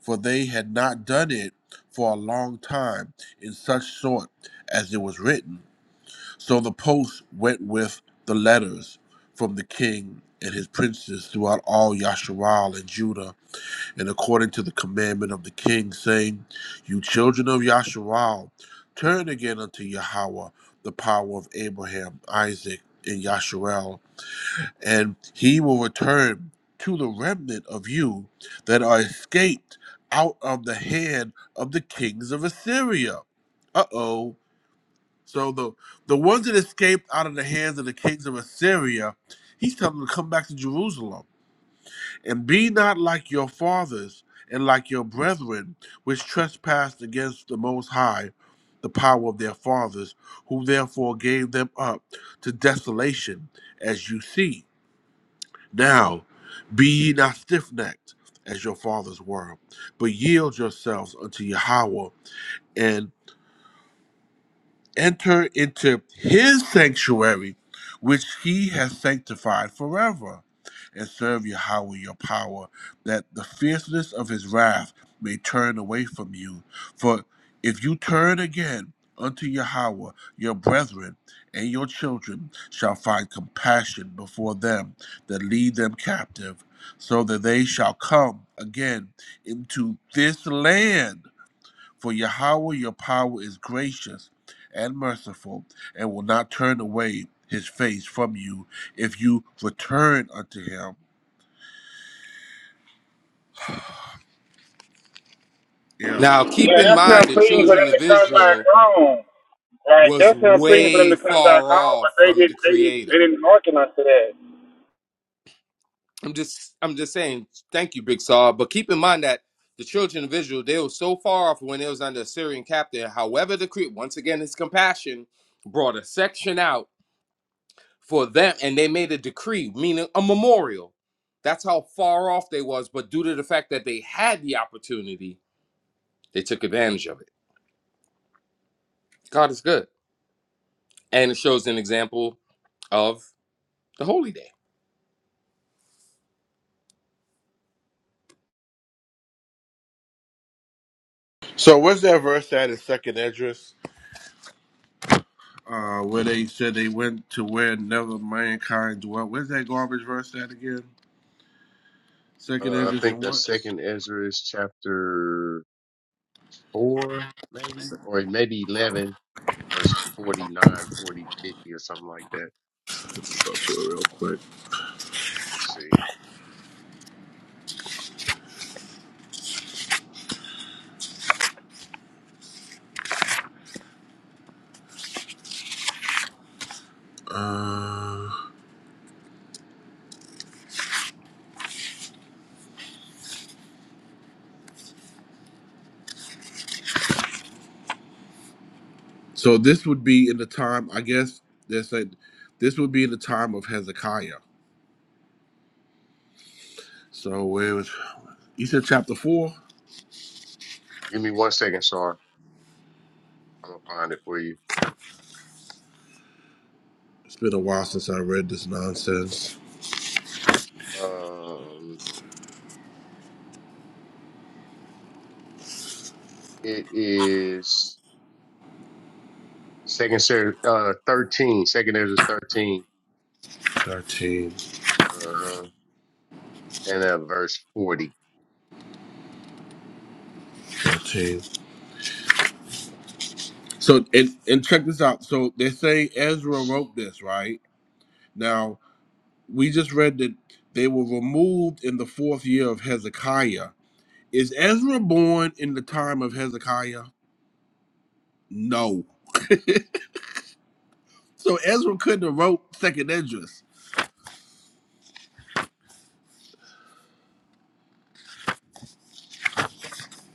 Speaker 22: for they had not done it for a long time in such sort as it was written. So the post went with the letters from the king and his princes throughout all Yasharal and Judah, and according to the commandment of the king, saying, You children of Yasharal, turn again unto Yahweh, the power of Abraham, Isaac, and Yasharel and he will return to the remnant of you that are escaped out of the hand of the kings of Assyria. Uh oh. So the the ones that escaped out of the hands of the kings of Assyria, he's telling them to come back to Jerusalem and be not like your fathers and like your brethren, which trespassed against the Most High, the power of their fathers, who therefore gave them up to desolation, as you see. Now, be ye not stiff necked as your fathers were, but yield yourselves unto Yahweh enter into his sanctuary, which he has sanctified forever, and serve Yahweh your power, that the fierceness of his wrath may turn away from you. For if you turn again unto Yahweh, your brethren and your children shall find compassion before them that lead them captive, so that they shall come again into this land for Yahweh your power is gracious and merciful, and will not turn away his face from you if you return unto him. Yeah.
Speaker 13: Now, keep
Speaker 15: Yeah,
Speaker 13: in
Speaker 15: that's him
Speaker 13: mind the
Speaker 15: pleading for
Speaker 13: children
Speaker 15: them to
Speaker 13: of
Speaker 15: come back
Speaker 13: Israel
Speaker 15: home. Like
Speaker 13: was
Speaker 15: that's him pleading for them
Speaker 13: way
Speaker 15: to come back
Speaker 13: far
Speaker 15: home, but
Speaker 13: off
Speaker 15: they
Speaker 13: from the
Speaker 15: didn't. They didn't. They
Speaker 13: Creator.
Speaker 15: didn't hearken unto that.
Speaker 13: I'm just I'm just saying thank you, Big Saw. But keep in mind that the children of Israel, they were so far off when they was under Assyrian captain. However, the decree once again his compassion brought a section out for them and they made a decree, meaning a memorial. That's how far off they was, but due to the fact that they had the opportunity, they took advantage of it. God is good. And it shows an example of the holy day.
Speaker 22: So where's that verse at in Second Esdras, Uh, where they said they went to where never mankind dwelt. Where's that garbage verse at again? Second
Speaker 17: Uh, I
Speaker 22: Esdras,
Speaker 17: think
Speaker 22: and what?
Speaker 17: that's Second Ezra is chapter four, maybe, or maybe eleven, and verse forty-nine, forty-fifty, or something like that.
Speaker 22: Go to it real quick.
Speaker 17: Let's see.
Speaker 22: Uh, so this would be in the time, I guess. They said this would be in the time of Hezekiah. So where it was You said chapter four?
Speaker 17: Give me one second, Sar. I'm gonna find it for you.
Speaker 22: It's been a while since I read this nonsense.
Speaker 17: Um, it is second series, uh, 13, second series is 13,
Speaker 22: 13,
Speaker 17: uh-huh, and uh, verse 40,
Speaker 22: thirteen. So, and, and check this out. So, they say Ezra wrote this, right? Now, we just read that they were removed in the fourth year of Hezekiah. Is Ezra born in the time of Hezekiah? No. So, Ezra couldn't have wrote Second Esdras.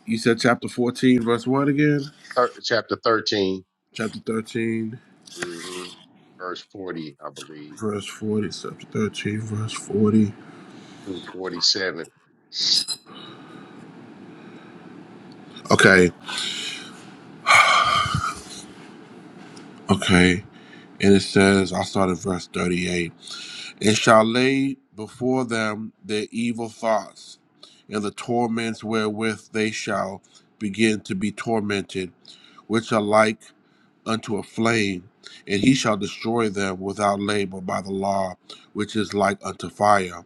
Speaker 22: You said chapter 14, verse 1 again?
Speaker 17: Thir- chapter 13,
Speaker 22: Chapter 13,
Speaker 17: hmm verse 40, I believe,
Speaker 22: verse 40. Chapter 13, verse 40.
Speaker 17: through 47.
Speaker 22: Okay, okay. And it says, I'll start at verse 38. It shall lay before them their evil thoughts and the torments wherewith they shall begin to be tormented, which are like unto a flame, and he shall destroy them without labor by the law, which is like unto fire.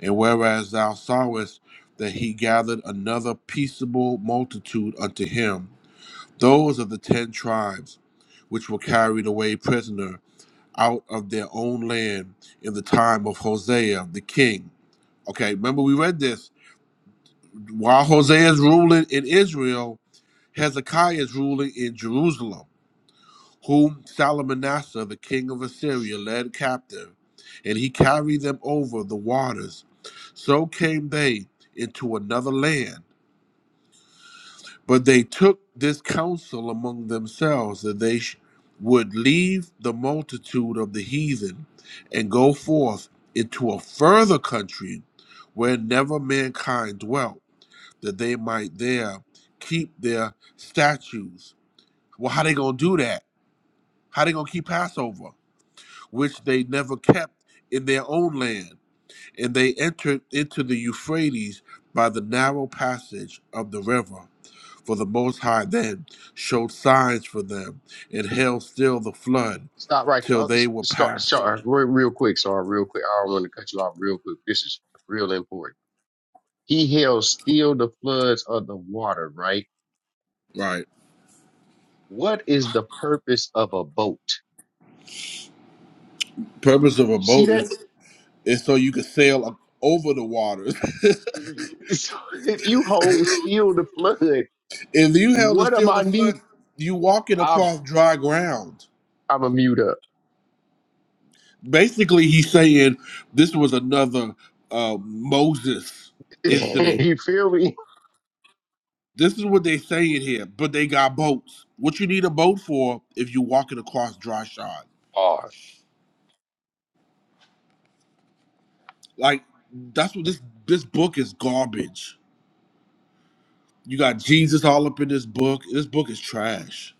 Speaker 22: And whereas thou sawest that he gathered another peaceable multitude unto him, those of the ten tribes, which were carried away prisoner, out of their own land in the time of Hosea the king. Okay, remember we read this. While Hosea is ruling in Israel, Hezekiah is ruling in Jerusalem, whom Salmanasseh, the king of Assyria, led captive, and he carried them over the waters. So came they into another land But they took this counsel among themselves that they sh- would leave the multitude of the heathen and go forth into a further country where never mankind dwelt, that they might there keep their statues. Well, how they gonna do that? How they gonna keep Passover, which they never kept in their own land? And they entered into the Euphrates by the narrow passage of the river for the Most High then showed signs for them, and held still the flood
Speaker 17: Stop right there.
Speaker 22: till
Speaker 17: Oh,
Speaker 22: they
Speaker 17: s-
Speaker 22: were
Speaker 17: start,
Speaker 22: passed over.
Speaker 17: start real, real quick. Sorry, real quick. I don't want to cut you off real quick. This is real important. He held still the floods of the water, right?
Speaker 22: Right.
Speaker 17: What is the purpose of a boat?
Speaker 22: Purpose of a
Speaker 17: You see
Speaker 22: boat
Speaker 17: that?
Speaker 22: is, is so you can sail up over the waters.
Speaker 17: (laughs) So if you hold still the flood,
Speaker 22: (laughs) if you held to
Speaker 17: what am
Speaker 22: still the
Speaker 17: I
Speaker 22: flood,
Speaker 17: need?
Speaker 22: you walking
Speaker 17: I'm
Speaker 22: across dry ground.
Speaker 17: I'm a mute up.
Speaker 22: Basically, he's saying this was another uh, Moses
Speaker 17: (laughs)
Speaker 22: incident.
Speaker 17: you feel me?
Speaker 22: This is what they saying here, but they got boats. What you need a boat for if you walking across dry shod?
Speaker 17: Or
Speaker 22: Like that's what this this book is garbage. You got Jesus all up in this book. This book is trash.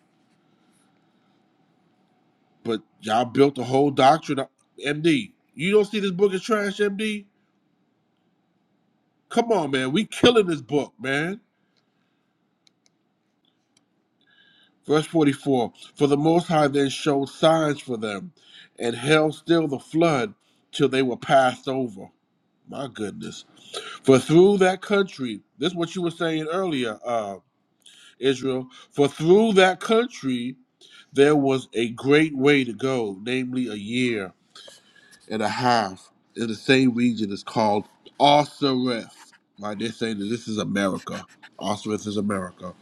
Speaker 22: But y'all built a whole doctrine. up- MD, you don't see this book is trash, MD? Come on, man. We killing this book, man. Verse 44 For the Most High then showed signs for them and held still the flood till they were passed over. My goodness. For through that country, this is what you were saying earlier, uh, Israel, for through that country there was a great way to go, namely a year and a half in the same region is called Osiris. Why they say that this is America. Osiris is America.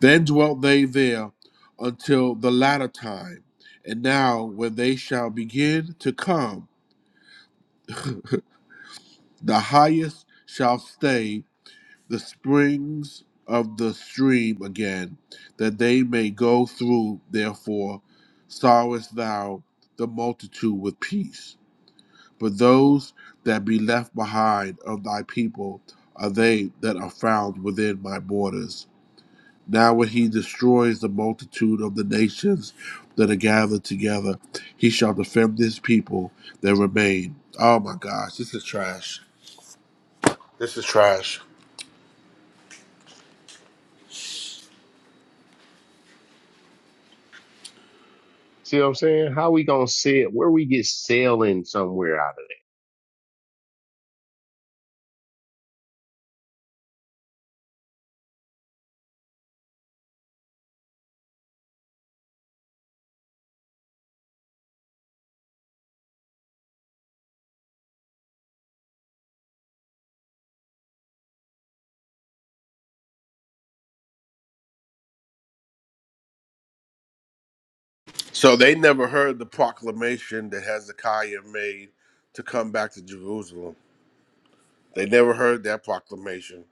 Speaker 22: Then dwelt they there until the latter time. And now when they shall begin to come, the highest shall stay the springs of the stream again, that they may go through. Therefore, sorrowest thou the multitude with peace. But those that be left behind of thy people are they that are found within my borders. Now, when he destroys the multitude of the nations that are gathered together, he shall defend his people that remain. Oh my gosh, this is trash. This is trash.
Speaker 17: see what I'm saying? How we gonna sail? Where we get sailing somewhere out of that?
Speaker 22: So they never heard the proclamation that Hezekiah made to come back to Jerusalem. They never heard that proclamation.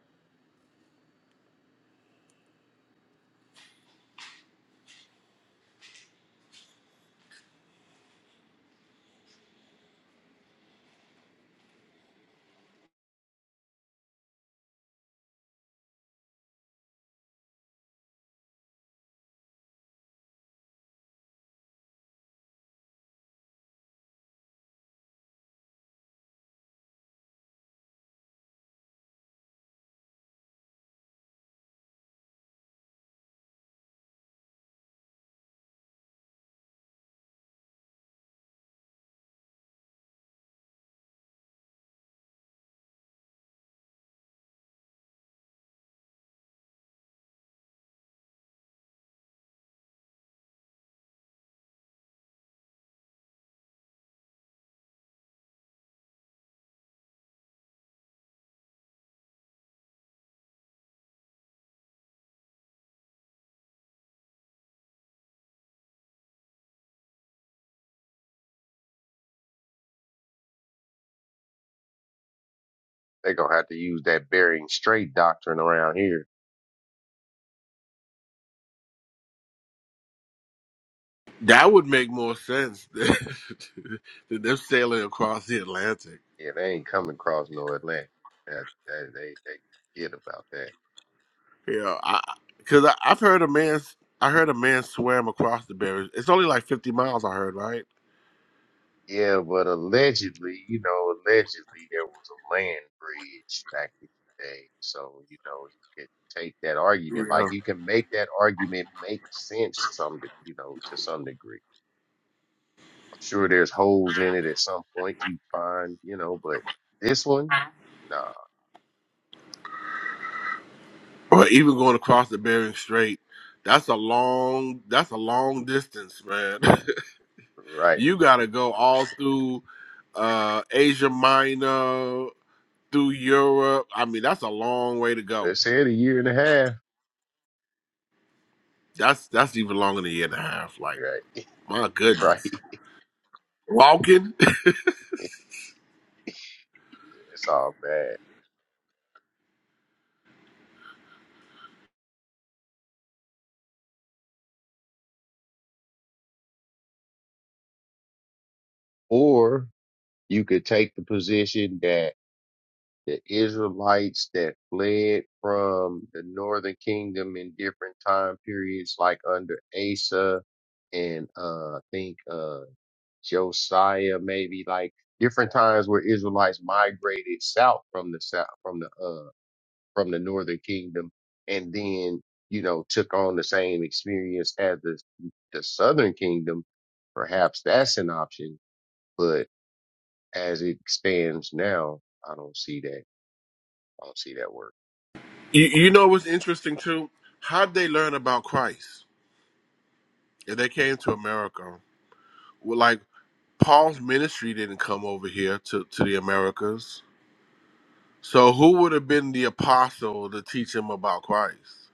Speaker 17: They gonna have to use that Bering Strait doctrine around here.
Speaker 22: That would make more sense (laughs) than them sailing across the Atlantic.
Speaker 17: Yeah, they ain't coming across no Atlantic. That, that- they they forget about that.
Speaker 22: You know, because I, 'cause I, I've heard a man, I heard a man swam across the Bering. It's only like fifty miles. I heard right.
Speaker 17: Yeah, but allegedly, you know, allegedly there was a land bridge back in the day. So, you know, you could take that argument.
Speaker 22: Yeah.
Speaker 17: Like you can make that argument make sense some, de- you know, to some degree. I'm sure there's holes in it at some point you find, you know, but this one, nah,
Speaker 22: Or even going across the Bering Strait. That's a long. That's a long distance, man. (laughs)
Speaker 17: right.
Speaker 22: You gotta go all through uh Asia Minor, through Europe. I mean, that's a long way to go.
Speaker 17: It said a year and a half.
Speaker 22: That's that's even longer than a year and a half. Like,
Speaker 17: Right. (laughs)
Speaker 22: my goodness.
Speaker 17: Right.
Speaker 22: Walking. (laughs)
Speaker 17: (laughs) It's all bad. Or you could take the position that. the Israelites that fled from the northern kingdom in different time periods, like under Asa and uh, I think uh, Josiah, maybe like different times where Israelites migrated south from the south from the uh, from the northern kingdom, and then you know took on the same experience as the the southern kingdom. Perhaps that's an option, but as it stands now, I don't see that. I don't see that work.
Speaker 22: You, you know what's interesting too? How'd they learn about Christ? If they came to America. Well, like Paul's ministry didn't come over here to, to the Americas. So who would have been the apostle to teach him about Christ?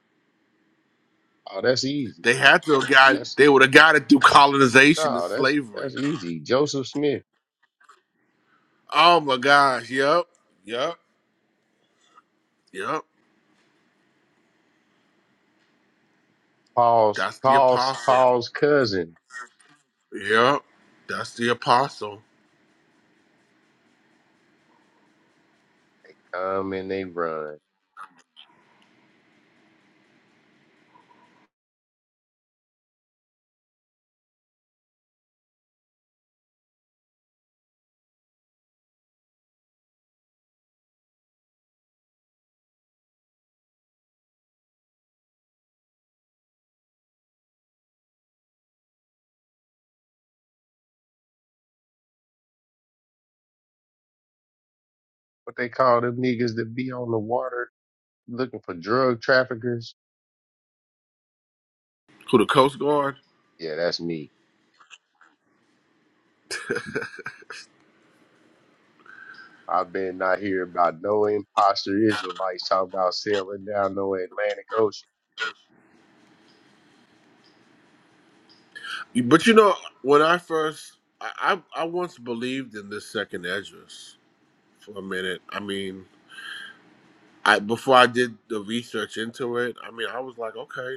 Speaker 17: Oh, that's easy.
Speaker 22: They had to have got
Speaker 17: That's
Speaker 22: they would have got it through colonization and
Speaker 17: no, that's
Speaker 22: slavery.
Speaker 17: that's easy. Joseph Smith,
Speaker 22: Oh my gosh. Yep. Yep. Yep.
Speaker 17: Paul's
Speaker 22: That's the
Speaker 17: Paul's
Speaker 22: apostle.
Speaker 17: Paul's cousin.
Speaker 22: Yep. That's the apostle.
Speaker 17: Come and they run. What they call them niggas that be on the water looking for drug traffickers?
Speaker 22: Who the Coast Guard?
Speaker 17: Yeah, that's me. I've been not hear about no imposter Israelites talking about sailing down no Atlantic Ocean.
Speaker 22: But you know, when I first, I, I, I once believed in this second Esdras for a minute. I mean, I before I did the research into it, I mean, I was like, okay.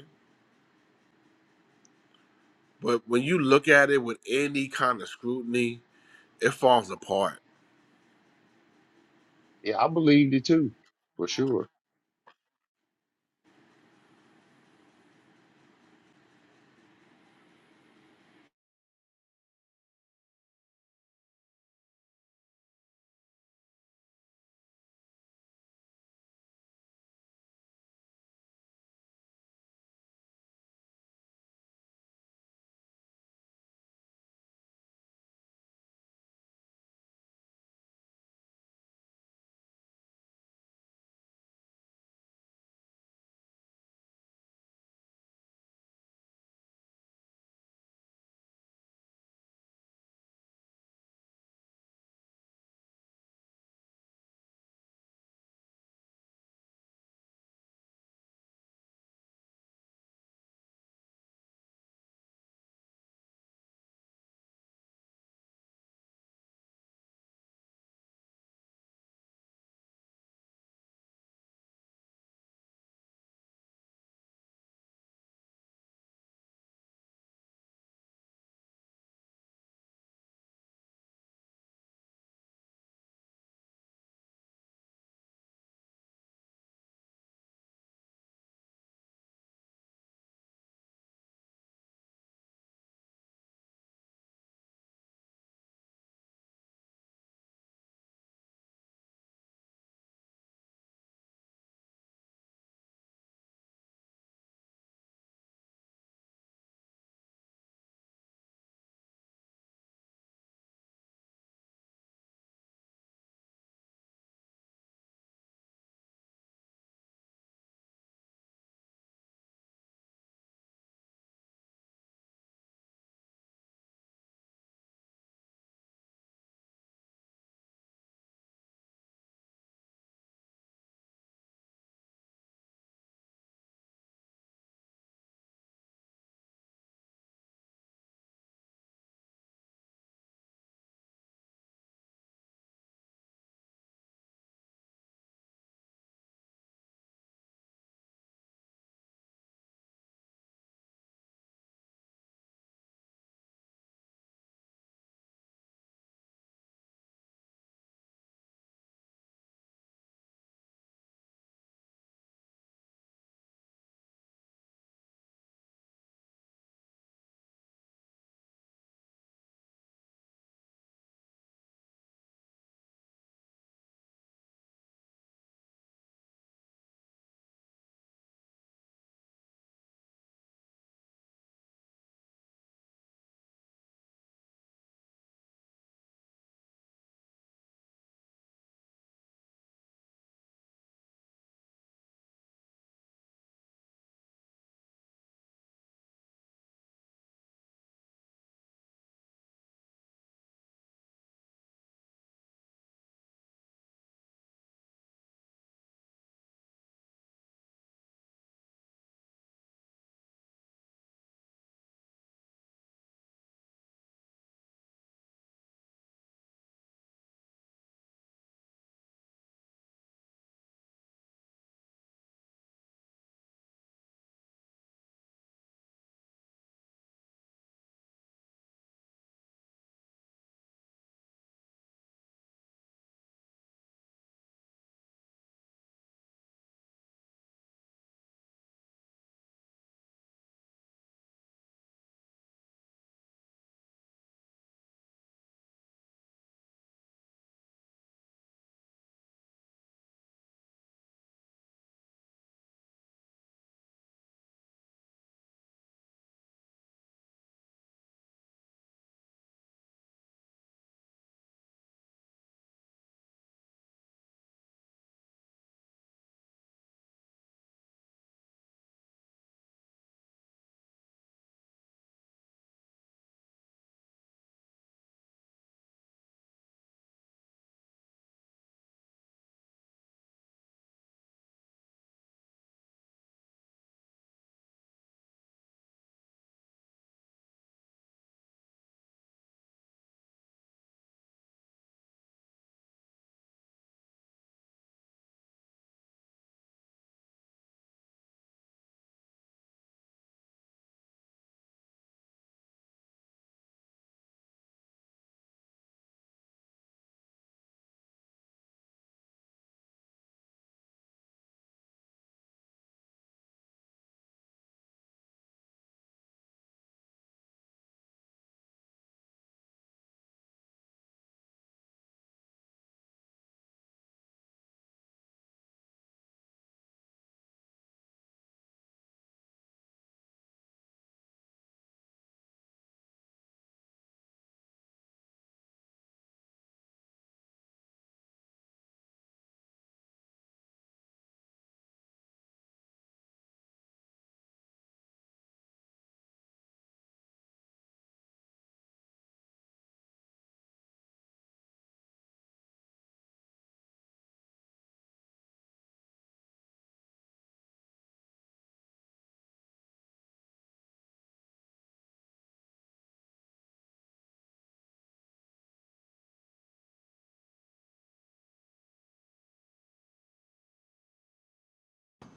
Speaker 22: But when you look at it with any kind of scrutiny, it falls apart.
Speaker 17: Yeah, I believed it too, for sure.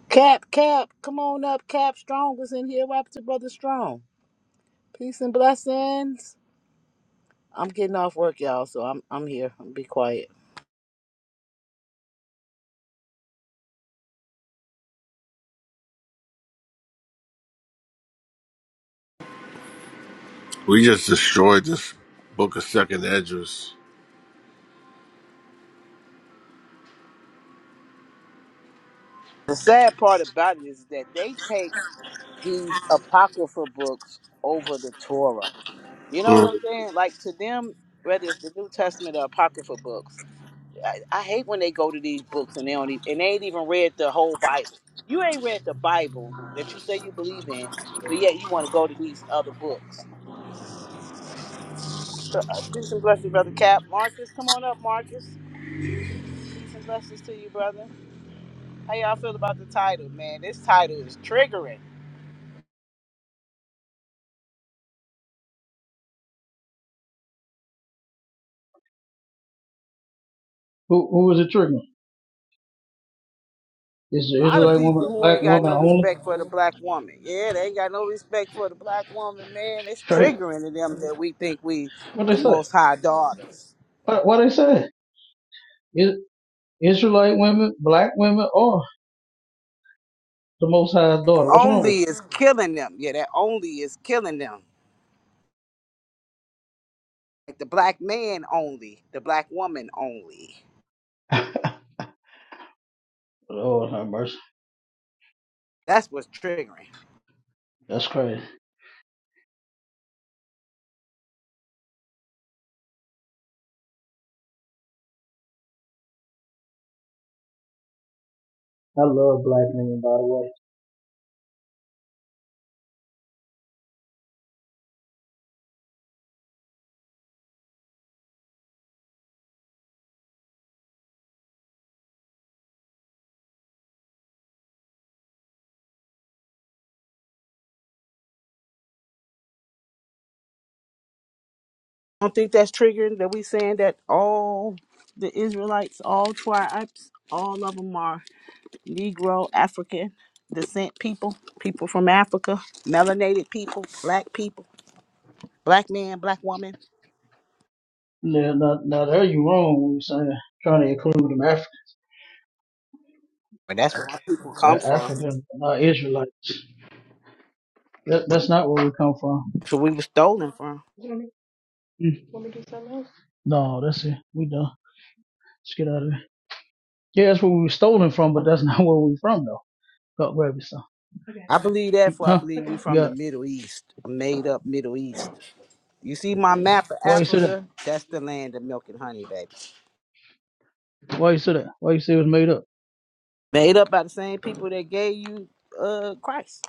Speaker 1: Cap, Cap, come on up. Cap Strong was in here. What up to brother Strong? Peace and blessings. I'm getting off work, y'all, so I'm I'm here. I'm be quiet.
Speaker 22: We just destroyed this book of second Esdras.
Speaker 1: The sad part about it is that they take these apocrypha books over the Torah. You know what I'm saying? Like to them, whether it's the New Testament or apocryphal books, I, I hate when they go to these books and they don't even, and they ain't even read the whole Bible. You ain't read the Bible that you say you believe in, but yet you want to go to these other books. So, uh, peace and blessings, brother Cap. Marcus, come on up, Marcus. Peace and blessings to you, brother. How y'all feel about the title, man? This title is triggering.
Speaker 23: Who who is it triggering? Is the
Speaker 1: lot of
Speaker 23: Israelite woman
Speaker 1: people
Speaker 23: a
Speaker 1: who
Speaker 23: black
Speaker 1: ain't got
Speaker 23: woman
Speaker 1: no
Speaker 23: only?
Speaker 1: respect for the black woman. Yeah, they ain't got no respect for the black woman, man. It's
Speaker 23: Straight?
Speaker 1: triggering to them that we think we
Speaker 23: What they
Speaker 1: the
Speaker 23: say?
Speaker 1: most high daughters.
Speaker 23: What, what they say? Is, Israelite women, black women, or the Most High's daughter? What's wrong with
Speaker 1: Only is killing them. Yeah, that only is killing them. Like the black man only, the black woman only.
Speaker 23: it? (laughs) Lord have mercy.
Speaker 1: That's what's triggering.
Speaker 23: That's crazy. I love black women, by the way.
Speaker 1: I don't think that's triggering that we saying that all the Israelites, all tribes, all of them are Negro, African descent people, people from Africa, melanated people, black people. Black man, black woman,
Speaker 23: Now, now, now there you wrong when you're saying trying to include them Af-
Speaker 1: We come
Speaker 23: A-
Speaker 1: from.
Speaker 23: African, not Israelites. That, that's not where we come from.
Speaker 1: we were stolen from.
Speaker 23: Mm. No, that's it. We done. Let's get out of here. Yeah, that's where we were stolen from, but that's (laughs) not where we from, though. God, where we from?
Speaker 1: I believe that for I
Speaker 23: Huh?
Speaker 1: believe we
Speaker 23: You
Speaker 1: from
Speaker 23: got.
Speaker 1: the Middle East, a made up Middle East. See my map of
Speaker 23: Why you say that?
Speaker 1: Africa? That's the land of milk and honey, baby.
Speaker 23: Why you say that? Why you say it was made up?
Speaker 1: Made up by the same people that gave you uh Christ.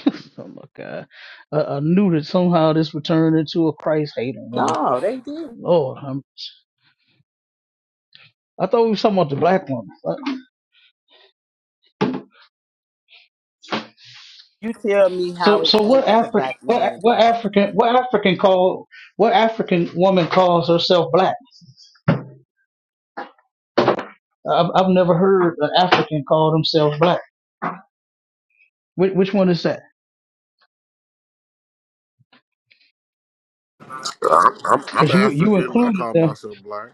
Speaker 23: (laughs) oh my God! I, I knew that somehow this would turn into a Christ hating room.
Speaker 1: No, they did.
Speaker 23: Lord, I'm, I thought we were talking about the black woman. Uh,
Speaker 1: You tell me how
Speaker 23: So,
Speaker 1: it
Speaker 23: so what
Speaker 1: ain't the
Speaker 23: African,
Speaker 1: black man
Speaker 23: what,
Speaker 1: and
Speaker 23: what
Speaker 1: black woman.
Speaker 23: African, what African call, what African woman calls herself black? I've, I've never heard an African call themselves black. Which, which one is that?
Speaker 22: I'm, I'm, I'm
Speaker 23: Because you you
Speaker 22: African. I
Speaker 23: included
Speaker 22: call
Speaker 23: them.
Speaker 22: myself black,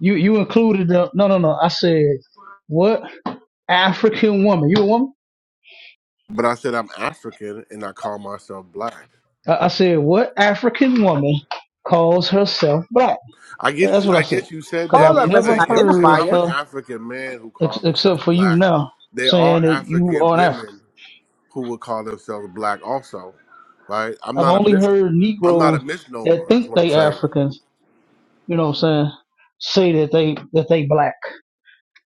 Speaker 23: You you included them. No, no, no. I said what African woman? You a woman?
Speaker 22: but I said I'm African and I call myself black.
Speaker 23: I I said, what African woman calls herself black?
Speaker 22: I get
Speaker 23: That's
Speaker 22: you.
Speaker 23: what
Speaker 22: I
Speaker 23: I said.
Speaker 22: get you said
Speaker 23: Because
Speaker 22: that,
Speaker 1: All
Speaker 23: I've
Speaker 22: but
Speaker 1: of
Speaker 22: I'm
Speaker 1: us an
Speaker 23: never
Speaker 22: saying if if
Speaker 23: heard
Speaker 22: I'm
Speaker 1: identifier.
Speaker 22: an
Speaker 23: her,
Speaker 22: African man who
Speaker 23: ex-
Speaker 22: calls himself
Speaker 23: except for you
Speaker 22: black,
Speaker 23: now,
Speaker 22: there
Speaker 23: saying
Speaker 22: are
Speaker 23: that you
Speaker 22: African
Speaker 23: are an African.
Speaker 22: women who would call themselves black also, right? I'm
Speaker 23: I've
Speaker 22: not a
Speaker 23: only
Speaker 22: mis.
Speaker 23: heard
Speaker 22: I'm not a
Speaker 23: Negroes that
Speaker 22: misnomer. Is
Speaker 23: think
Speaker 22: what I'm
Speaker 23: they
Speaker 22: saying.
Speaker 23: Africans, you know what I'm saying, say that they, that they black.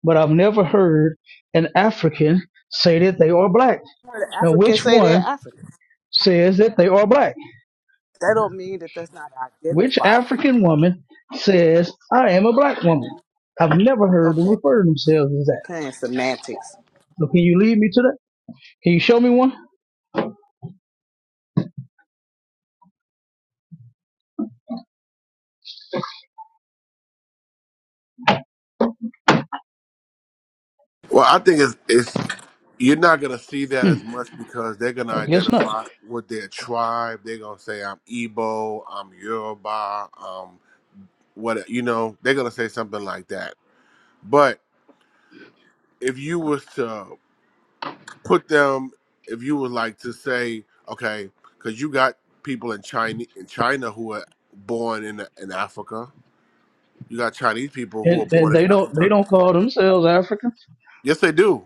Speaker 23: But I've never heard an African say that they are black.
Speaker 1: Where the
Speaker 23: Now,
Speaker 1: Africans
Speaker 23: which
Speaker 1: say they're
Speaker 23: one
Speaker 1: African.
Speaker 23: says that they are black?
Speaker 1: That don't mean that that's not an
Speaker 23: Which
Speaker 1: identifier.
Speaker 23: African woman says, I am a black woman? I've never heard them
Speaker 1: Okay,
Speaker 23: refer to themselves as that.
Speaker 1: you playing semantics.
Speaker 23: So can you lead me to that? Can you show me one?
Speaker 22: Well, I think it's it's you're not gonna see that as much because they're gonna
Speaker 23: I guess not.
Speaker 22: identify with their tribe. They're gonna say I'm Igbo, I'm Yoruba, what you know they're gonna say something like that but if you was to put them if you was like to say okay because you got people in china in china who are born in in africa you got chinese people who are
Speaker 23: And and
Speaker 22: born in
Speaker 23: they don't they
Speaker 22: africa
Speaker 23: don't call themselves Africans.
Speaker 22: yes they do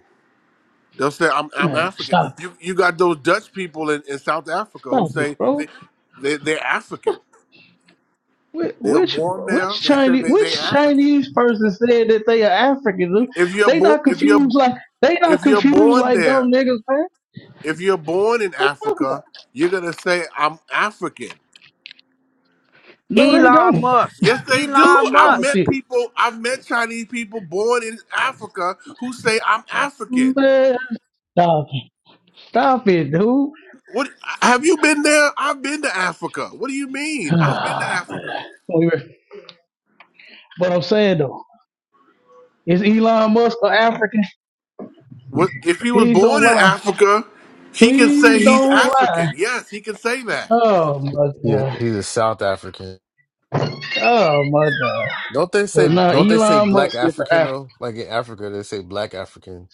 Speaker 22: they'll say i'm, I'm
Speaker 23: Man,
Speaker 22: african
Speaker 23: stop it,
Speaker 22: you you got those dutch people in, in south africa who
Speaker 23: stop it,
Speaker 22: say they,
Speaker 23: bro.
Speaker 22: they they're african
Speaker 23: Wh-
Speaker 22: they were
Speaker 23: Which
Speaker 22: born
Speaker 23: which
Speaker 22: there they say
Speaker 23: Chinese
Speaker 22: they, they're
Speaker 23: which
Speaker 22: african
Speaker 23: Chinese person said that they are African?
Speaker 22: if you're
Speaker 23: They
Speaker 22: born
Speaker 23: not
Speaker 22: if you're
Speaker 23: confused like they not
Speaker 22: if you're
Speaker 23: confused
Speaker 22: born
Speaker 23: like
Speaker 22: there
Speaker 23: dumb niggas, man.
Speaker 22: If you're born in
Speaker 23: What you talking about?
Speaker 22: Africa, you're gonna say I'm African.
Speaker 23: No,
Speaker 1: E-
Speaker 23: they don't.
Speaker 22: Yes, they do.
Speaker 1: Elon
Speaker 23: What's wrong
Speaker 22: I've
Speaker 1: Musk.
Speaker 23: with
Speaker 22: met
Speaker 23: you,
Speaker 22: people. I've met Chinese people born in Africa who say I'm African.
Speaker 23: man? Stop it, stop it, dude.
Speaker 22: What have you been there? I've been to Africa. What do you mean? I've been to
Speaker 23: (sighs)
Speaker 22: Africa.
Speaker 23: But I'm saying though, is Elon Musk an African?
Speaker 22: What if he was
Speaker 23: Please don't
Speaker 22: born in
Speaker 23: lie.
Speaker 22: Africa? He can say
Speaker 23: Please
Speaker 22: he's
Speaker 23: don't lie.
Speaker 22: African. Yes, he can say that.
Speaker 23: Oh my
Speaker 6: He,
Speaker 23: god.
Speaker 6: he's a South African.
Speaker 23: Oh my god.
Speaker 6: Don't they
Speaker 23: So
Speaker 6: say
Speaker 23: now
Speaker 6: don't they say
Speaker 23: Elon
Speaker 6: black
Speaker 23: Musk is the
Speaker 6: African
Speaker 23: after.
Speaker 6: though? Like in Africa they say black African.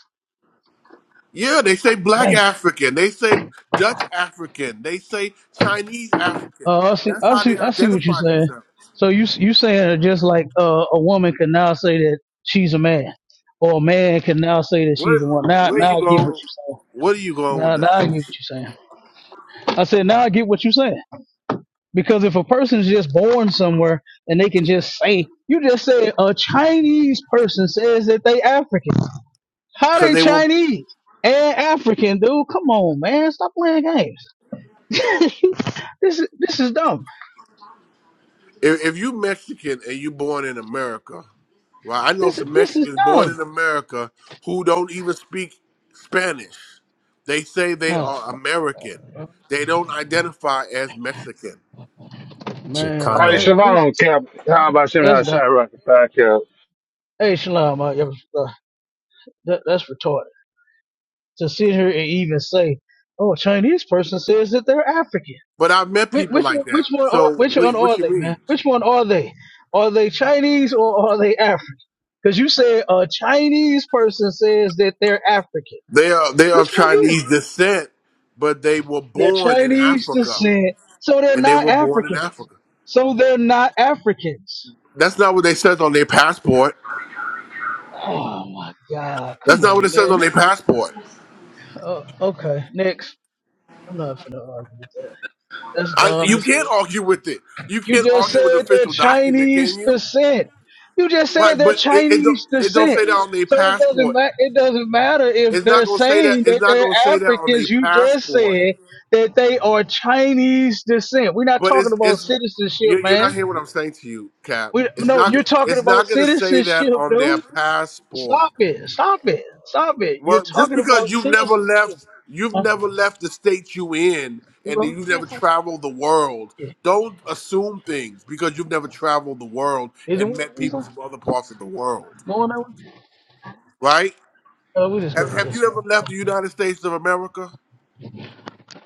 Speaker 22: Yeah, they say black
Speaker 23: Dang.
Speaker 22: African. They say Dutch African. They say Chinese African.
Speaker 23: Oh, I see.
Speaker 22: That's
Speaker 23: I
Speaker 22: how they
Speaker 23: see. I see what you're
Speaker 22: identify
Speaker 23: saying.
Speaker 22: themselves.
Speaker 23: So you you saying that just like uh, a woman can now say that she's a man, or a man can now say that
Speaker 22: Where
Speaker 23: she's a woman. Now,
Speaker 22: where you
Speaker 23: now I get what
Speaker 22: going?
Speaker 23: you're saying.
Speaker 22: What are you going with
Speaker 23: Now, now
Speaker 22: that?
Speaker 23: I get what you're saying. I said now I get what you're saying because if a person's just born somewhere and they can just say, you just said a Chinese person says that they African. How
Speaker 22: Because
Speaker 23: they
Speaker 22: they will.
Speaker 23: Chinese and African, dude? Come on, man. Stop playing games. (laughs) this is this is dumb.
Speaker 22: If, if you Mexican and you born in America, well, I know
Speaker 23: This
Speaker 22: some
Speaker 23: this is
Speaker 22: Mexicans born
Speaker 23: dumb.
Speaker 22: in America who don't even speak Spanish. They say they
Speaker 23: Oh
Speaker 22: are American. They don't identify as Mexican.
Speaker 23: man,
Speaker 15: All right,
Speaker 23: that,
Speaker 6: Chicano.
Speaker 23: that's
Speaker 15: Shalom, Cap. How about Shem
Speaker 23: that's dumb.
Speaker 15: Hashai Rocket Back up? And Fat Cap?
Speaker 23: Hey, Shalom, uh, yeah, uh, that, that's retarded to sit here and even say, "Oh, a Chinese person says that they're African."
Speaker 22: But I've met
Speaker 23: Which
Speaker 22: people
Speaker 23: which
Speaker 22: like
Speaker 23: one, which
Speaker 22: that.
Speaker 23: one are
Speaker 22: So
Speaker 23: which one
Speaker 22: what? What
Speaker 23: are
Speaker 22: you
Speaker 23: they,
Speaker 22: mean?
Speaker 23: man? Which one are they? Are they Chinese or are they African? Because you said a Chinese person says that they're African.
Speaker 22: They are they are
Speaker 23: Which
Speaker 22: of
Speaker 23: one is it?
Speaker 22: Chinese descent, but they were
Speaker 23: They're
Speaker 22: born in
Speaker 23: Chinese
Speaker 22: Africa,
Speaker 23: descent, so they're
Speaker 22: and they
Speaker 23: not
Speaker 22: were born in
Speaker 23: African.
Speaker 22: Africa.
Speaker 23: So they're not Africans.
Speaker 22: That's not what they says on their passport.
Speaker 23: Oh my God!
Speaker 22: That's
Speaker 23: Come
Speaker 22: not what
Speaker 23: on,
Speaker 22: it says on
Speaker 23: man.
Speaker 22: their passport.
Speaker 23: Oh, okay, next. I'm not finna argue with that. That's
Speaker 22: I,
Speaker 23: dumb
Speaker 22: you
Speaker 23: as
Speaker 22: can't
Speaker 23: hell.
Speaker 22: argue with it. You
Speaker 23: You
Speaker 22: can't
Speaker 23: just
Speaker 22: argue with an
Speaker 23: said they're
Speaker 22: official document, can
Speaker 23: Chinese
Speaker 22: you?
Speaker 23: descent. You just said
Speaker 22: Right,
Speaker 23: they're
Speaker 22: but it, it don't
Speaker 23: Chinese
Speaker 22: it don't
Speaker 23: descent.
Speaker 22: say that on their
Speaker 23: So it doesn't
Speaker 22: passport.
Speaker 23: ma- it doesn't matter if
Speaker 22: It's not
Speaker 23: they're
Speaker 22: gonna say that.
Speaker 23: saying
Speaker 22: It's
Speaker 23: that
Speaker 22: not
Speaker 23: they're
Speaker 22: gonna say that on their
Speaker 23: Africans. You just
Speaker 22: passport.
Speaker 23: said that they are Chinese descent. We're not
Speaker 22: But
Speaker 23: talking
Speaker 22: it's
Speaker 23: about
Speaker 22: it's
Speaker 23: citizenship,
Speaker 22: you, you're not
Speaker 23: man.
Speaker 22: hearing what I'm saying to you, Cap.
Speaker 23: We
Speaker 22: It's
Speaker 23: no,
Speaker 22: not
Speaker 23: you're talking
Speaker 22: it's
Speaker 23: about
Speaker 22: not gonna say that
Speaker 23: citizenship,
Speaker 22: on their
Speaker 23: dude.
Speaker 22: passport.
Speaker 23: Stop it! Stop it! Stop it! You're
Speaker 22: Well, just
Speaker 23: talking
Speaker 22: because
Speaker 23: about
Speaker 22: you've never
Speaker 23: citizenship.
Speaker 22: left, you've
Speaker 23: Huh?
Speaker 22: never left the state you in,
Speaker 23: You
Speaker 22: and
Speaker 23: know?
Speaker 22: you've never traveled the world.
Speaker 23: Yeah.
Speaker 22: Don't assume things because you've never traveled the world
Speaker 23: Is it
Speaker 22: and
Speaker 23: one
Speaker 22: met
Speaker 23: of these?
Speaker 22: people
Speaker 23: uh,
Speaker 22: from other parts of the world,
Speaker 23: Going that way?
Speaker 22: right?
Speaker 23: Uh, we just go
Speaker 22: Have,
Speaker 23: to
Speaker 22: have
Speaker 23: this
Speaker 22: you ever
Speaker 23: one.
Speaker 22: left the United States of America?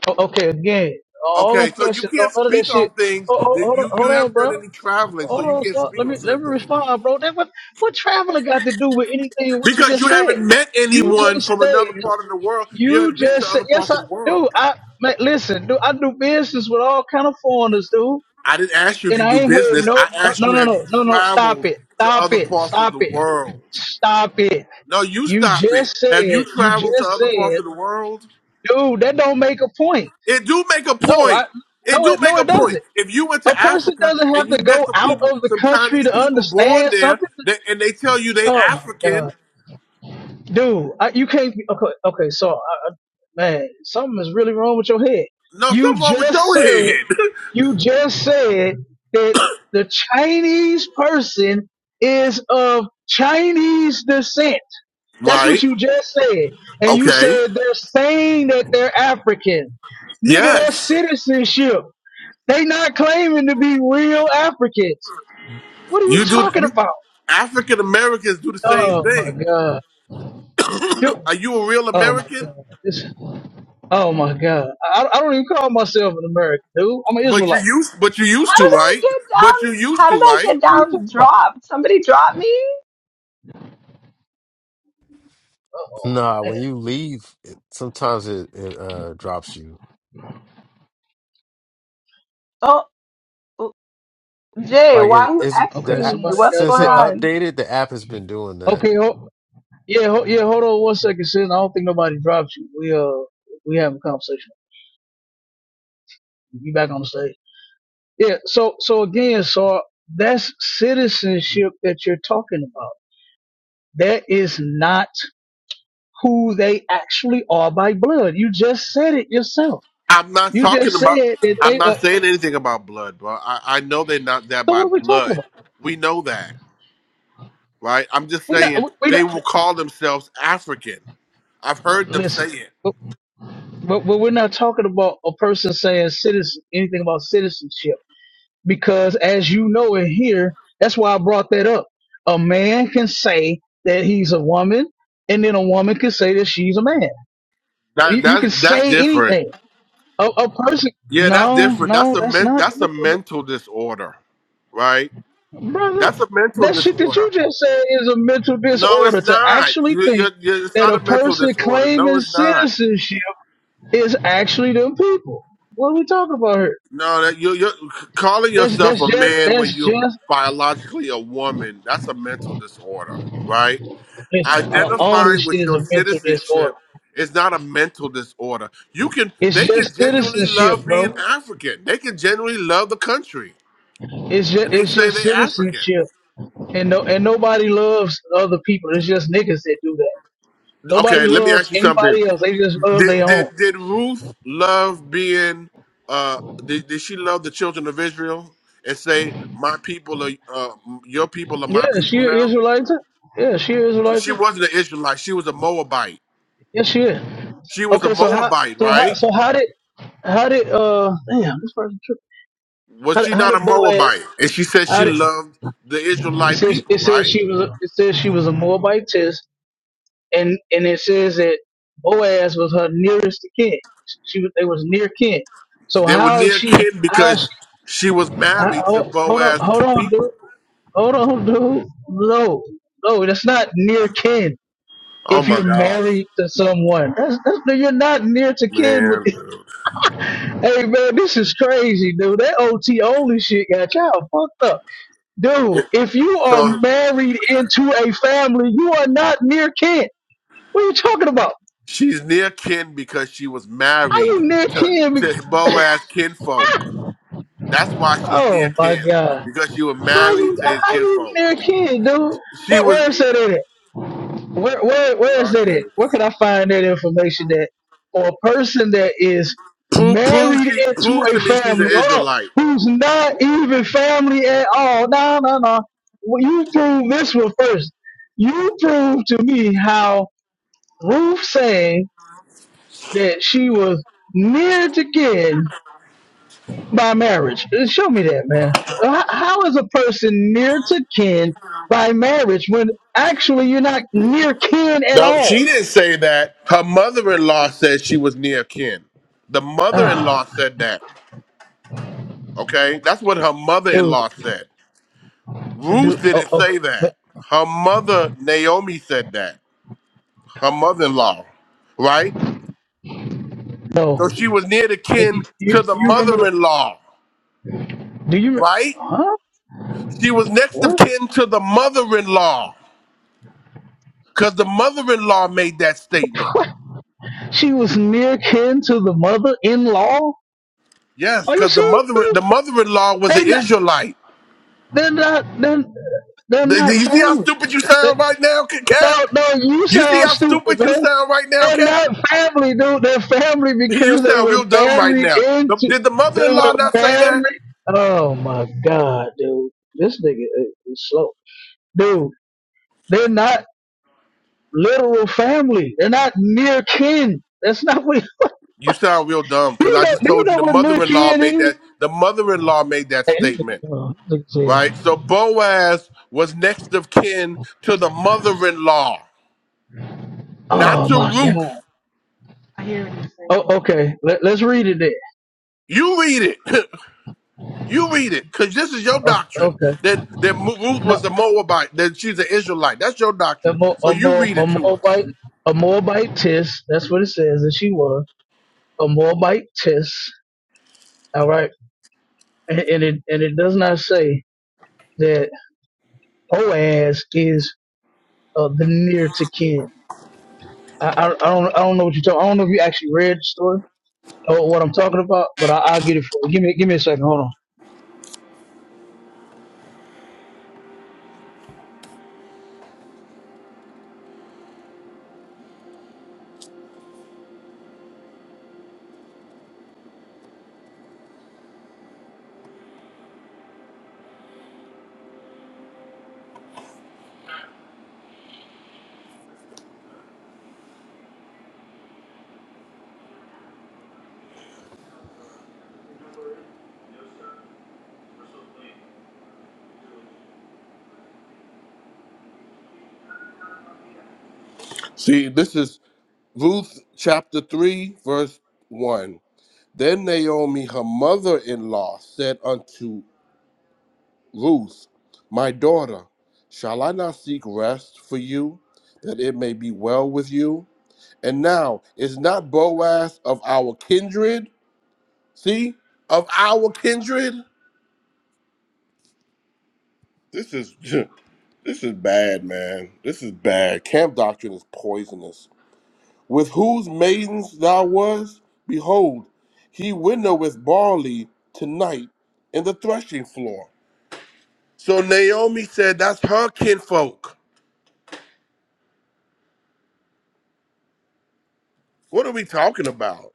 Speaker 23: Oh, okay, again, all them
Speaker 22: Okay, so you
Speaker 23: questions, no,
Speaker 22: can't
Speaker 23: none of that
Speaker 22: speak on
Speaker 23: shit.
Speaker 22: things
Speaker 23: Oh, oh,
Speaker 22: that
Speaker 23: hold on,
Speaker 22: you you
Speaker 23: hold on,
Speaker 22: haven't done
Speaker 23: bro.
Speaker 22: any traveling, so
Speaker 23: Hold
Speaker 22: you
Speaker 23: on,
Speaker 22: can't
Speaker 23: stop.
Speaker 22: speak
Speaker 23: Let
Speaker 22: on
Speaker 23: me let me
Speaker 22: certain things
Speaker 23: respond, bro. That what what traveler got to do with anything? What you
Speaker 22: because
Speaker 23: just
Speaker 22: you
Speaker 23: said?
Speaker 22: haven't met
Speaker 23: You
Speaker 22: anyone
Speaker 23: just
Speaker 22: from
Speaker 23: said.
Speaker 22: another part of the world. You
Speaker 23: You
Speaker 22: haven't been to
Speaker 23: just said.
Speaker 22: other
Speaker 23: Yes,
Speaker 22: parts
Speaker 23: I
Speaker 22: of the world.
Speaker 23: do. I man, listen, dude. I do business with all kind of foreigners, dude.
Speaker 22: I didn't ask you if
Speaker 23: and
Speaker 22: you
Speaker 23: I
Speaker 22: do
Speaker 23: ain't heard
Speaker 22: business.
Speaker 23: no,
Speaker 22: I
Speaker 23: no,
Speaker 22: asked
Speaker 23: no,
Speaker 22: you,
Speaker 23: no,
Speaker 22: have you
Speaker 23: no, no, no. Stop
Speaker 22: traveled
Speaker 23: it!
Speaker 22: to
Speaker 23: Stop
Speaker 22: other
Speaker 23: it!
Speaker 22: parts of
Speaker 23: Stop
Speaker 22: the
Speaker 23: it!
Speaker 22: world?
Speaker 23: Stop it!
Speaker 22: No, you
Speaker 23: You
Speaker 22: stop it.
Speaker 23: just
Speaker 22: Have you
Speaker 23: said, you
Speaker 22: traveled to
Speaker 23: just
Speaker 22: other parts
Speaker 23: said,
Speaker 22: of the world?
Speaker 23: dude, that don't make a point.
Speaker 22: It do make a
Speaker 23: No, I,
Speaker 22: point. It
Speaker 23: no,
Speaker 22: do
Speaker 23: it,
Speaker 22: make
Speaker 23: no,
Speaker 22: a
Speaker 23: it
Speaker 22: point.
Speaker 23: doesn't.
Speaker 22: If you went
Speaker 23: A
Speaker 22: to
Speaker 23: person
Speaker 22: Africa
Speaker 23: doesn't
Speaker 22: and
Speaker 23: have to
Speaker 22: you met
Speaker 23: go
Speaker 22: some
Speaker 23: out
Speaker 22: people,
Speaker 23: of the
Speaker 22: some
Speaker 23: country
Speaker 22: Chinese
Speaker 23: to
Speaker 22: people born
Speaker 23: understand
Speaker 22: there,
Speaker 23: something.
Speaker 22: they, and they tell you they
Speaker 23: Oh my
Speaker 22: African,
Speaker 23: god, dude, I, you can't. be- Okay, okay, so I, I- man, something is really wrong with your head.
Speaker 22: no,
Speaker 23: You
Speaker 22: something wrong with
Speaker 23: just
Speaker 22: your
Speaker 23: said.
Speaker 22: head,
Speaker 23: You just said that the Chinese person is of Chinese descent.
Speaker 22: (laughs)
Speaker 23: That's what
Speaker 22: right?
Speaker 23: you just said. And you
Speaker 22: Okay.
Speaker 23: said they're saying that they're African. Nigga, that's
Speaker 22: Yes,
Speaker 23: citizenship. They not claiming to be real Africans. What are you
Speaker 22: you do.
Speaker 23: talking
Speaker 22: You,
Speaker 23: about?
Speaker 22: African Americans do the same
Speaker 23: Oh my
Speaker 22: thing.
Speaker 23: God.
Speaker 22: (coughs)
Speaker 23: Dude,
Speaker 22: (clears throat) Are you a real
Speaker 23: oh my
Speaker 22: American?
Speaker 23: God. This, oh my God. I, I don't even call myself an American, dude. I'm an
Speaker 22: But you
Speaker 23: Israelite.
Speaker 22: used but you
Speaker 3: How did
Speaker 22: used to,
Speaker 3: I
Speaker 22: right?
Speaker 3: get
Speaker 22: But you
Speaker 3: down?
Speaker 22: used
Speaker 3: How
Speaker 22: to,
Speaker 3: did I
Speaker 22: right?
Speaker 3: get
Speaker 23: What are you
Speaker 3: down?
Speaker 23: talking about?
Speaker 3: Dropped? Somebody dropped me?
Speaker 23: Oh,
Speaker 6: Nah, when you leave, it, sometimes it, it uh drops you.
Speaker 3: Oh, Jay,
Speaker 6: Like
Speaker 3: why
Speaker 6: it,
Speaker 3: are you
Speaker 6: it's the
Speaker 23: okay.
Speaker 3: Xing
Speaker 6: app,
Speaker 3: me?
Speaker 23: Somebody
Speaker 3: What's
Speaker 23: got
Speaker 6: since
Speaker 3: going
Speaker 6: it
Speaker 23: dropped.
Speaker 3: on?
Speaker 6: updated, the app has been doing that.
Speaker 23: Okay, ho- yeah, ho- yeah. Hold on one second, Sin. I don't think nobody dropped you. We uh, we having a conversation. You back on the stage? Yeah. So, so again, so that's citizenship that you're talking about. That is not who they actually are by blood. You just said it yourself.
Speaker 22: I'm not
Speaker 23: You
Speaker 22: talking
Speaker 23: just
Speaker 22: about
Speaker 23: said that
Speaker 22: I'm
Speaker 23: they
Speaker 22: not
Speaker 23: are.
Speaker 22: saying anything about blood, bro. I, I know they're not that
Speaker 23: So
Speaker 22: by
Speaker 23: what are we talking
Speaker 22: blood.
Speaker 23: about?
Speaker 22: We know that, right? I'm just
Speaker 23: We're not.
Speaker 22: saying
Speaker 23: We're
Speaker 22: they
Speaker 23: not.
Speaker 22: will call themselves African. I've heard them
Speaker 23: Listen,
Speaker 22: say it.
Speaker 23: but, but but we're not talking about a person saying citizen anything about citizenship. because as you know in here, that's why I brought that up. A man can say that he's a woman, and then a woman can say that she's a man. You,
Speaker 22: That
Speaker 23: you
Speaker 22: that's
Speaker 23: can
Speaker 22: that's
Speaker 23: say
Speaker 22: different.
Speaker 23: anything. A, a person,
Speaker 22: Yeah, that's
Speaker 23: no,
Speaker 22: different. That's
Speaker 23: no,
Speaker 22: a
Speaker 23: that's
Speaker 22: men,
Speaker 23: not,
Speaker 22: that's a mental disorder, right? That's
Speaker 23: brother.
Speaker 22: a mental
Speaker 23: That shit that
Speaker 22: disorder.
Speaker 23: you just said is a mental
Speaker 22: No,
Speaker 23: disorder.
Speaker 22: it's
Speaker 23: To
Speaker 22: not.
Speaker 23: actually
Speaker 22: You, you,
Speaker 23: think
Speaker 22: you, it's
Speaker 23: that
Speaker 22: not
Speaker 23: a
Speaker 22: a mental
Speaker 23: person
Speaker 22: disorder. No,
Speaker 23: claiming
Speaker 22: it's not.
Speaker 23: citizenship is actually them people. What are we talking about here?
Speaker 22: No, that you, you're calling
Speaker 23: That's
Speaker 22: yourself
Speaker 23: that's
Speaker 22: a
Speaker 23: just
Speaker 22: man when
Speaker 23: that's
Speaker 22: you're
Speaker 23: just
Speaker 22: biologically a woman. That's a mental disorder, right?
Speaker 23: listen. All all this
Speaker 22: Identifying
Speaker 23: shit
Speaker 22: with
Speaker 23: is
Speaker 22: your
Speaker 23: a mental disorder.
Speaker 22: citizenship is not a mental disorder. You can,
Speaker 23: It's
Speaker 22: they can
Speaker 23: just
Speaker 22: genuinely
Speaker 23: citizenship,
Speaker 22: love being
Speaker 23: bro.
Speaker 22: African. They can genuinely love the country,
Speaker 23: It's
Speaker 22: and
Speaker 23: just
Speaker 22: they
Speaker 23: it's
Speaker 22: say
Speaker 23: just
Speaker 22: they're African.
Speaker 23: citizenship, and no and nobody loves other people. It's just niggas that do that. Nobody
Speaker 22: Okay, let me
Speaker 23: loves
Speaker 22: ask you something.
Speaker 23: anybody else. They just love
Speaker 22: Did
Speaker 23: their own.
Speaker 22: did, did Ruth love being? Uh, did, did she love the children of Israel and say, "My people are uh, your people are my
Speaker 23: Yeah, she
Speaker 22: people
Speaker 23: is
Speaker 22: now"?
Speaker 23: Israelite. too. Yeah, she is Israelite.
Speaker 22: She
Speaker 23: too.
Speaker 22: wasn't an Israelite. She was a Moabite.
Speaker 23: Yes, she is.
Speaker 22: She was a
Speaker 23: Okay, so how
Speaker 22: Moabite,
Speaker 23: so how
Speaker 22: right?
Speaker 23: so how did how did uh damn this person tripped.
Speaker 22: Was
Speaker 23: How,
Speaker 22: she
Speaker 23: how
Speaker 22: not a
Speaker 23: did Boaz?
Speaker 22: Moabite? And she said she
Speaker 23: How did
Speaker 22: loved the
Speaker 23: it
Speaker 22: Israelite
Speaker 23: says
Speaker 22: people,
Speaker 23: it says
Speaker 22: right?
Speaker 23: she was a, it says she was a Moabitess and and it says that Boaz was her nearest to kin. She was they was near kin. So
Speaker 22: They were
Speaker 23: how is
Speaker 22: near
Speaker 23: she?
Speaker 22: kin
Speaker 23: How is
Speaker 22: because
Speaker 23: she?
Speaker 22: she was
Speaker 23: How,
Speaker 22: married to
Speaker 23: hold hold on,
Speaker 22: Boaz's
Speaker 23: hold on, dude.
Speaker 22: people.
Speaker 23: Hold on, dude. No, no, that's not near kin.
Speaker 22: Oh
Speaker 23: If
Speaker 22: my
Speaker 23: you're
Speaker 22: gosh,
Speaker 23: married to someone, that's, that's, no, you're not near to kin with.
Speaker 22: man!
Speaker 23: (laughs)
Speaker 22: dude.
Speaker 23: Hey man, this is crazy, dude. That OT only shit got y'all fucked up, dude.
Speaker 22: It-
Speaker 23: If you are
Speaker 22: so
Speaker 23: married into a family, you are not near kin. What are you talking about?
Speaker 22: She's near kin because she was
Speaker 23: How
Speaker 22: married
Speaker 23: you near
Speaker 22: to,
Speaker 23: kin?
Speaker 22: to Boaz kinfolk. That's why she's near
Speaker 23: Oh my
Speaker 22: kin
Speaker 23: god.
Speaker 22: because she was
Speaker 23: How
Speaker 22: married
Speaker 23: you
Speaker 22: to his
Speaker 23: how you
Speaker 22: kinfolk.
Speaker 23: near a kid, dude?
Speaker 22: She
Speaker 23: What
Speaker 22: was.
Speaker 23: where is that at? Where where where is
Speaker 22: My
Speaker 23: that at?
Speaker 22: goodness.
Speaker 23: Where can I find that information that for a person that is
Speaker 22: Prove, prove,
Speaker 23: married
Speaker 22: she,
Speaker 23: into
Speaker 22: prove to
Speaker 23: a
Speaker 22: me she's an
Speaker 23: family, hold on,
Speaker 22: Israelite.
Speaker 23: who's not even family at all? No, no, no. Well, you prove this one first. You prove to me how Ruth saying that she was near to kid by marriage. Uh, Show me that, man. How, how is a person near to kin by marriage when actually you're not near kin at
Speaker 22: No,
Speaker 23: all?
Speaker 22: she didn't say that. Her mother-in-law said she was near kin. The
Speaker 23: Ah,
Speaker 22: mother-in-law said that. Okay, that's what her
Speaker 23: dude,
Speaker 22: mother-in-law said.
Speaker 23: dude.
Speaker 22: Ruth
Speaker 23: Oh,
Speaker 22: didn't
Speaker 23: okay,
Speaker 22: say
Speaker 23: but
Speaker 22: that. Her mother Naomi said that. Her mother-in-law, right?
Speaker 23: no.
Speaker 22: So she was near to kin
Speaker 23: You,
Speaker 22: to
Speaker 23: you,
Speaker 22: the
Speaker 23: you remember
Speaker 22: mother
Speaker 23: the?
Speaker 22: in law,
Speaker 23: Do you? re-
Speaker 22: right?
Speaker 23: Huh?
Speaker 22: She was next of
Speaker 23: What?
Speaker 22: kin to the mother in law because the mother in law made that statement.
Speaker 23: What? She was near kin to the mother-in-law.
Speaker 22: Yes,
Speaker 23: Are you
Speaker 22: because the
Speaker 23: serious?
Speaker 22: mother
Speaker 23: dude?
Speaker 22: the mother in law was an
Speaker 23: They not.
Speaker 22: Israelite.
Speaker 23: They're not. They're, they're
Speaker 22: Do do
Speaker 23: not
Speaker 22: you see how
Speaker 23: family.
Speaker 22: stupid you sound
Speaker 23: They-
Speaker 22: right now, Ca- Cap?
Speaker 23: No, no. You
Speaker 22: You see
Speaker 23: sound
Speaker 22: how
Speaker 23: stupid,
Speaker 22: stupid you
Speaker 23: man.
Speaker 22: sound right now,
Speaker 23: They're
Speaker 22: Cap? (laughs)
Speaker 23: not family, dude. They're family
Speaker 22: You
Speaker 23: because they
Speaker 22: sound
Speaker 23: were
Speaker 22: real dumb right
Speaker 23: married
Speaker 22: now. The-
Speaker 23: into.
Speaker 22: Did the mother in
Speaker 23: They
Speaker 22: law
Speaker 23: were
Speaker 22: not say
Speaker 23: married.
Speaker 22: that?
Speaker 23: Oh my god, dude. This nigga is is slow, dude. They're not literal family. They're not near kin. That's not what. (laughs)
Speaker 22: You sound real dumb
Speaker 23: Do
Speaker 22: because
Speaker 23: you
Speaker 22: I
Speaker 23: know?
Speaker 22: just
Speaker 23: Do you
Speaker 22: told you
Speaker 23: know
Speaker 22: the
Speaker 23: what near
Speaker 22: mother in law
Speaker 23: kin
Speaker 22: made
Speaker 23: is?
Speaker 22: that. The mother in law made that
Speaker 23: Hey, this
Speaker 22: statement.
Speaker 23: nigga, oh, this nigga
Speaker 22: right?
Speaker 23: said,
Speaker 22: So Boaz was next of kin to the mother-in-law, not
Speaker 23: oh
Speaker 22: to
Speaker 23: my
Speaker 22: Ruth.
Speaker 23: god. Oh, okay. Let, let's read it then.
Speaker 22: You read it. (laughs) you read it, because this is your
Speaker 23: Oh,
Speaker 22: doctrine
Speaker 23: okay.
Speaker 22: that that Mo- Ruth was a
Speaker 23: No,
Speaker 22: Moabite, that she's an Israelite. That's your
Speaker 23: a
Speaker 22: doctrine.
Speaker 23: more,
Speaker 22: So
Speaker 23: a
Speaker 22: you
Speaker 23: more,
Speaker 22: read
Speaker 23: a
Speaker 22: it to
Speaker 23: more bite,
Speaker 22: us.
Speaker 23: a more bite test. That's what it says that she was. a Moabite test. All right, and, and it and it does not say that Boaz is uh, the near to kin. I, I, I don't I don't know what you're talking. I don't know if you actually read the story or what I'm talking about, but I, I'll get it for you. Give me give me a second. Hold on.
Speaker 22: See, this is Ruth chapter three, verse one. Then Naomi, her mother-in-law, said unto Ruth, my daughter, shall I not seek rest for you, that it may be well with you? And now, is not Boaz of our kindred? See? Of our kindred? This is (laughs) this is bad, man. This is bad. Camp doctrine is poisonous. With whose maidens thou was, behold, he winnoweth barley tonight in the threshing floor. So Naomi said that's her kinfolk. What are we talking about?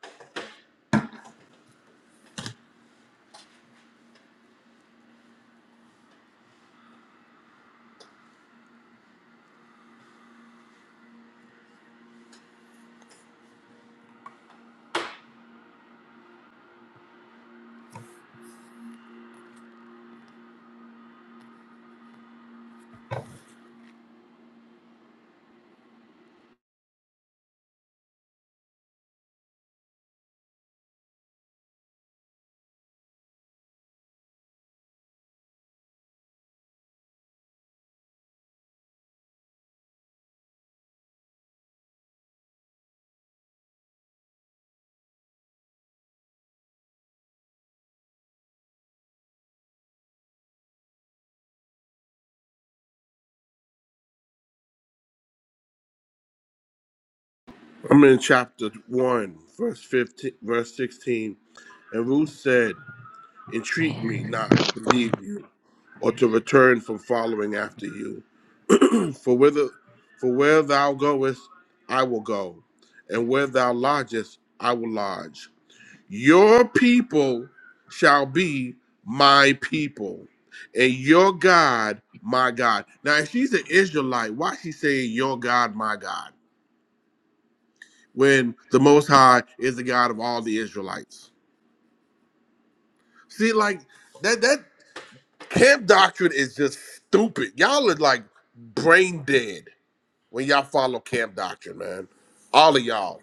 Speaker 22: I'm in chapter 1, verse 15, verse 16. And Ruth said, Entreat me not to leave you or to return from following after you. For whither for where thou goest, I will go, and where thou lodgest, I will lodge. Your people shall be my people, and your God my God. Now if she's an Israelite, why is she saying your God my God? when the Most High is the God of all the Israelites. See, like that that camp doctrine is just stupid. Y'all are like brain dead when y'all follow camp doctrine, man. All of y'all.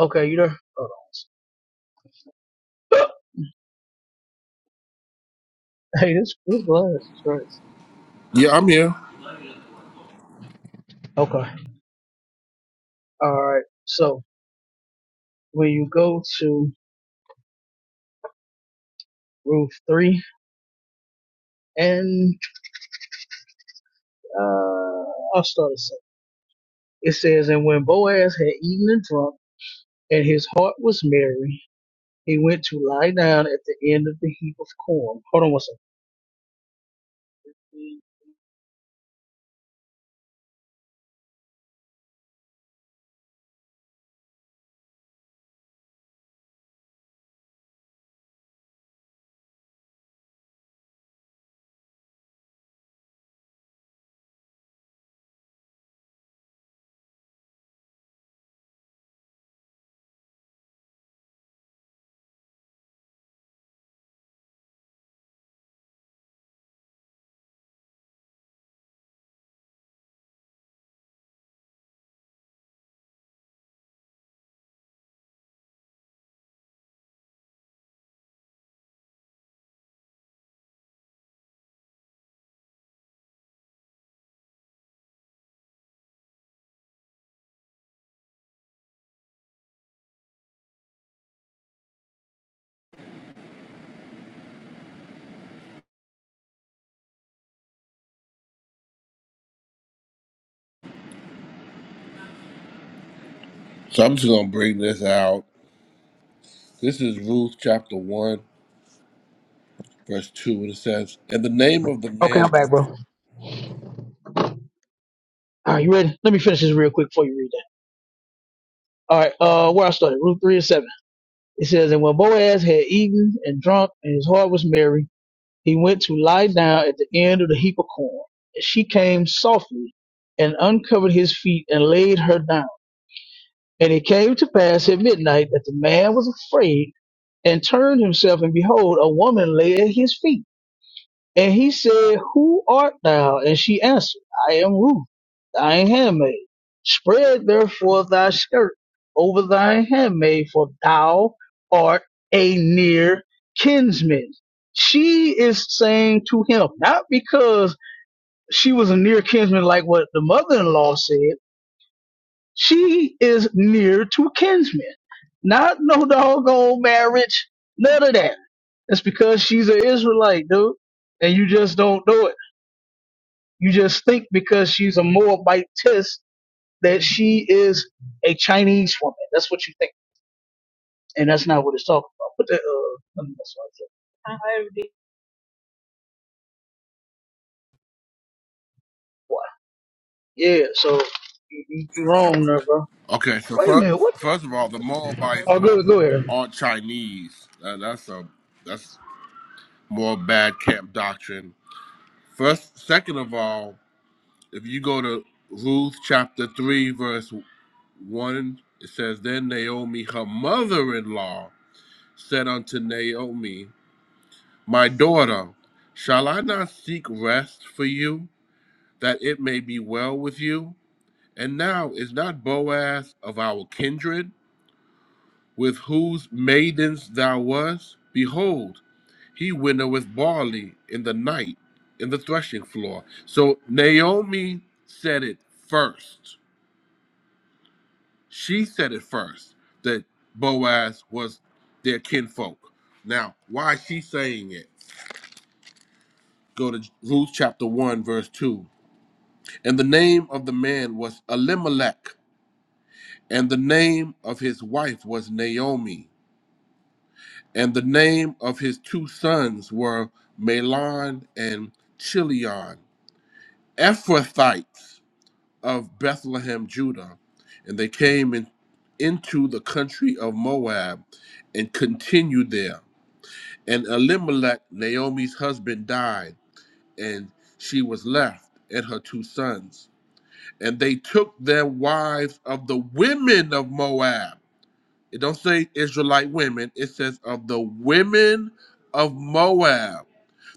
Speaker 23: Okay, you there? Hold on. (laughs) (gasps) Hey, this this glass is crazy.
Speaker 22: Yeah, I'm here.
Speaker 23: Okay. All right. So when you go to Ruth three and uh, I'll start a second. It says, and when Boaz had eaten and drunk, and his heart was merry, He went to lie down at the end of the heap of corn. Hold on one second.
Speaker 22: So I'm just going to bring this out. This is Ruth chapter 1, verse 2, and it says, And the name of the
Speaker 23: Okay,
Speaker 22: man.
Speaker 23: I'm back,
Speaker 22: was-"
Speaker 23: bro. All right, you ready? Let me finish this real quick before you read that. All right, uh, where I started, Ruth 3 and 7. It says, And when Boaz had eaten and drunk, and his heart was merry, he went to lie down at the end of the heap of corn. And she came softly and uncovered his feet and laid her down. And it came to pass at midnight that the man was afraid and turned himself, and behold, a woman lay at his feet. And he said, Who art thou? And she answered, I am Ruth, thy handmaid. Spread therefore thy skirt over thy handmaid, for thou art a near kinsman. She is saying to him, not because she was a near kinsman like what the mother in law said, she is near to kinsman. Not no doggone marriage, none of that. It's because she's an Israelite, dude, and you just don't know it. You just think because she's a Moabitess that she is a Chinese woman. That's what you think, and that's not what it's talking about. But the, uh, let me- that's what I said. Why? Yeah. So you, you you wrong there, bro.
Speaker 22: Okay, so
Speaker 23: Wait a
Speaker 22: first,
Speaker 23: minute. What?
Speaker 22: first of all, the Moabites
Speaker 23: Oh,
Speaker 22: are,
Speaker 23: go go here.
Speaker 22: are Chinese. Uh, that's a that's more bad camp doctrine First, second of all, if you go to Ruth chapter three, verse one, it says, "Then Naomi, her mother-in-law, said unto Naomi, My daughter, shall I not seek rest for you, that it may be well with you? And now is not Boaz of our kindred, with whose maidens thou wast? Behold." He winter with barley in the night in the threshing floor. So Naomi said it first. She said it first that Boaz was their kinfolk. Now, why is she saying it? Go to Ruth chapter 1, verse 2. And the name of the man was Elimelech, and the name of his wife was Naomi, and the name of his two sons were Malon and Chilion, Ephrathites of Bethlehem, Judah, and they came in, into the country of Moab and continued there. And Elimelech, Naomi's husband, died, and she was left and her two sons. And they took their wives of the women of Moab. It don't say Israelite women, it says of the women of Moab.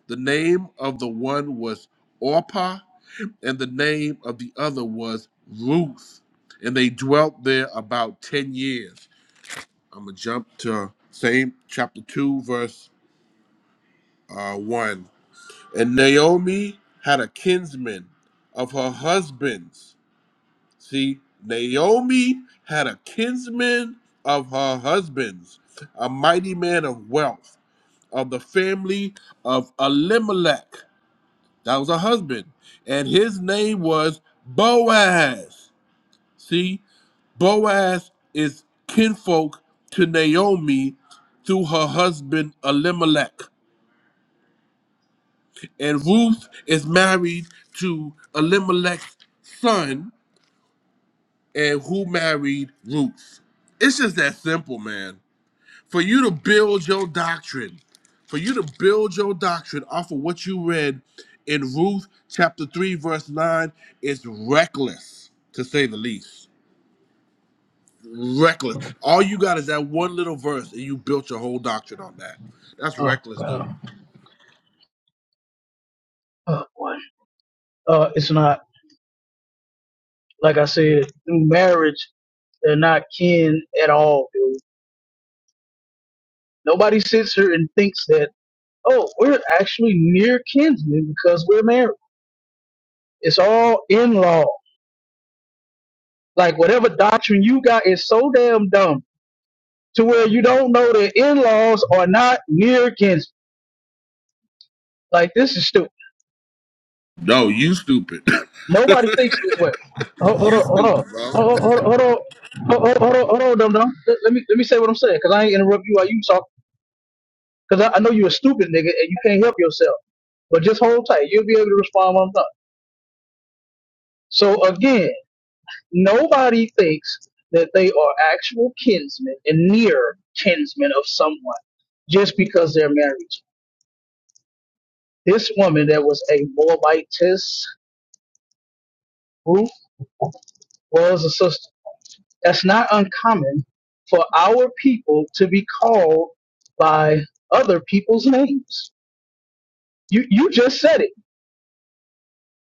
Speaker 22: The name of the one was Orpah, and the name of the other was Ruth. And they dwelt there about 10 years. I'm going to jump to same chapter 2, verse uh, 1. And Naomi had a kinsman of her husband's. See, Naomi had a kinsman of her husband's, a mighty man of wealth of the family of Elimelech. That was her husband. And his name was Boaz. See, Boaz is kinfolk to Naomi through her husband Elimelech. And Ruth is married to Elimelech's son, and who married Ruth. It's just that simple, man. For you to build your doctrine, for you to build your doctrine off of what you read in Ruth chapter 3, verse 9, is reckless, to say the least. Reckless. All you got is that one little verse, and you built your whole doctrine on that. That's
Speaker 23: Oh
Speaker 22: reckless, dude.
Speaker 23: God. Oh boy. Uh, it's not like I said. Through marriage, they're not kin at all, dude. Nobody sits here and thinks that oh, we're actually near kinsmen because we're married. It's all in law. Like whatever doctrine you got is so damn dumb to where you don't know that in-laws are not near kin. Like this is stupid.
Speaker 22: No, you stupid. (laughs)
Speaker 23: Nobody thinks this way. Hold, hold
Speaker 22: you
Speaker 23: on, hold on,
Speaker 22: stupid, bro.
Speaker 23: hold on, hold on, hold on, hold on, hold on, hold on Let, let me let me say what I'm saying because I ain't interrupt you while you talk because I, I know you're a stupid nigga and you can't help yourself. But just hold tight. You'll be able to respond when I'm done. So again, nobody thinks that they are actual kinsmen and near kinsmen of someone just because they're married. This woman that was a Moabitess, Ruth, was a sister. That's not uncommon for our people to be called by other people's names. You you just said it.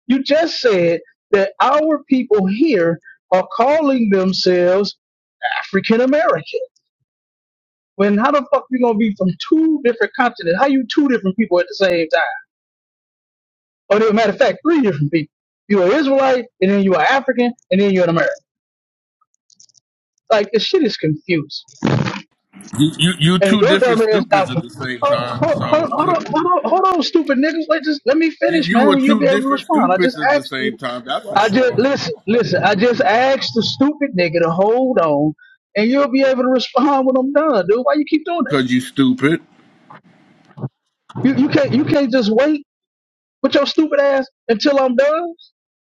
Speaker 23: You just said that our people here are calling themselves African American. When how the fuck we gonna be from two different continents? How you two different people at the same time? Or as a matter of fact, three different people. You are Israelite, and then you are African, and then you're an American. Like this shit is confusing.
Speaker 22: You, you you
Speaker 23: And
Speaker 22: two
Speaker 23: your
Speaker 22: different
Speaker 23: dumb ass out
Speaker 22: stupids at
Speaker 23: here.
Speaker 22: the same
Speaker 23: Oh, hold,
Speaker 22: time. So
Speaker 23: hold, hold,
Speaker 22: (laughs)
Speaker 23: on, hold on, hold on, stupid nigga. Wait, just let me
Speaker 22: you
Speaker 23: finish,
Speaker 22: you
Speaker 23: man,
Speaker 22: were
Speaker 23: and you'll
Speaker 22: two
Speaker 23: be able to
Speaker 22: different
Speaker 23: respond. I
Speaker 22: stupids
Speaker 23: just
Speaker 22: at the
Speaker 23: asked
Speaker 22: same
Speaker 23: you.
Speaker 22: time. That's
Speaker 8: What,
Speaker 22: for
Speaker 23: I just
Speaker 22: sure.
Speaker 23: listen, listen. I just asked the stupid nigga to hold on, and you'll be able to respond when I'm done, dude. Why you keep doing that?
Speaker 22: Cause you stupid.
Speaker 23: You, you can't, you can't just wait with your stupid ass until I'm done,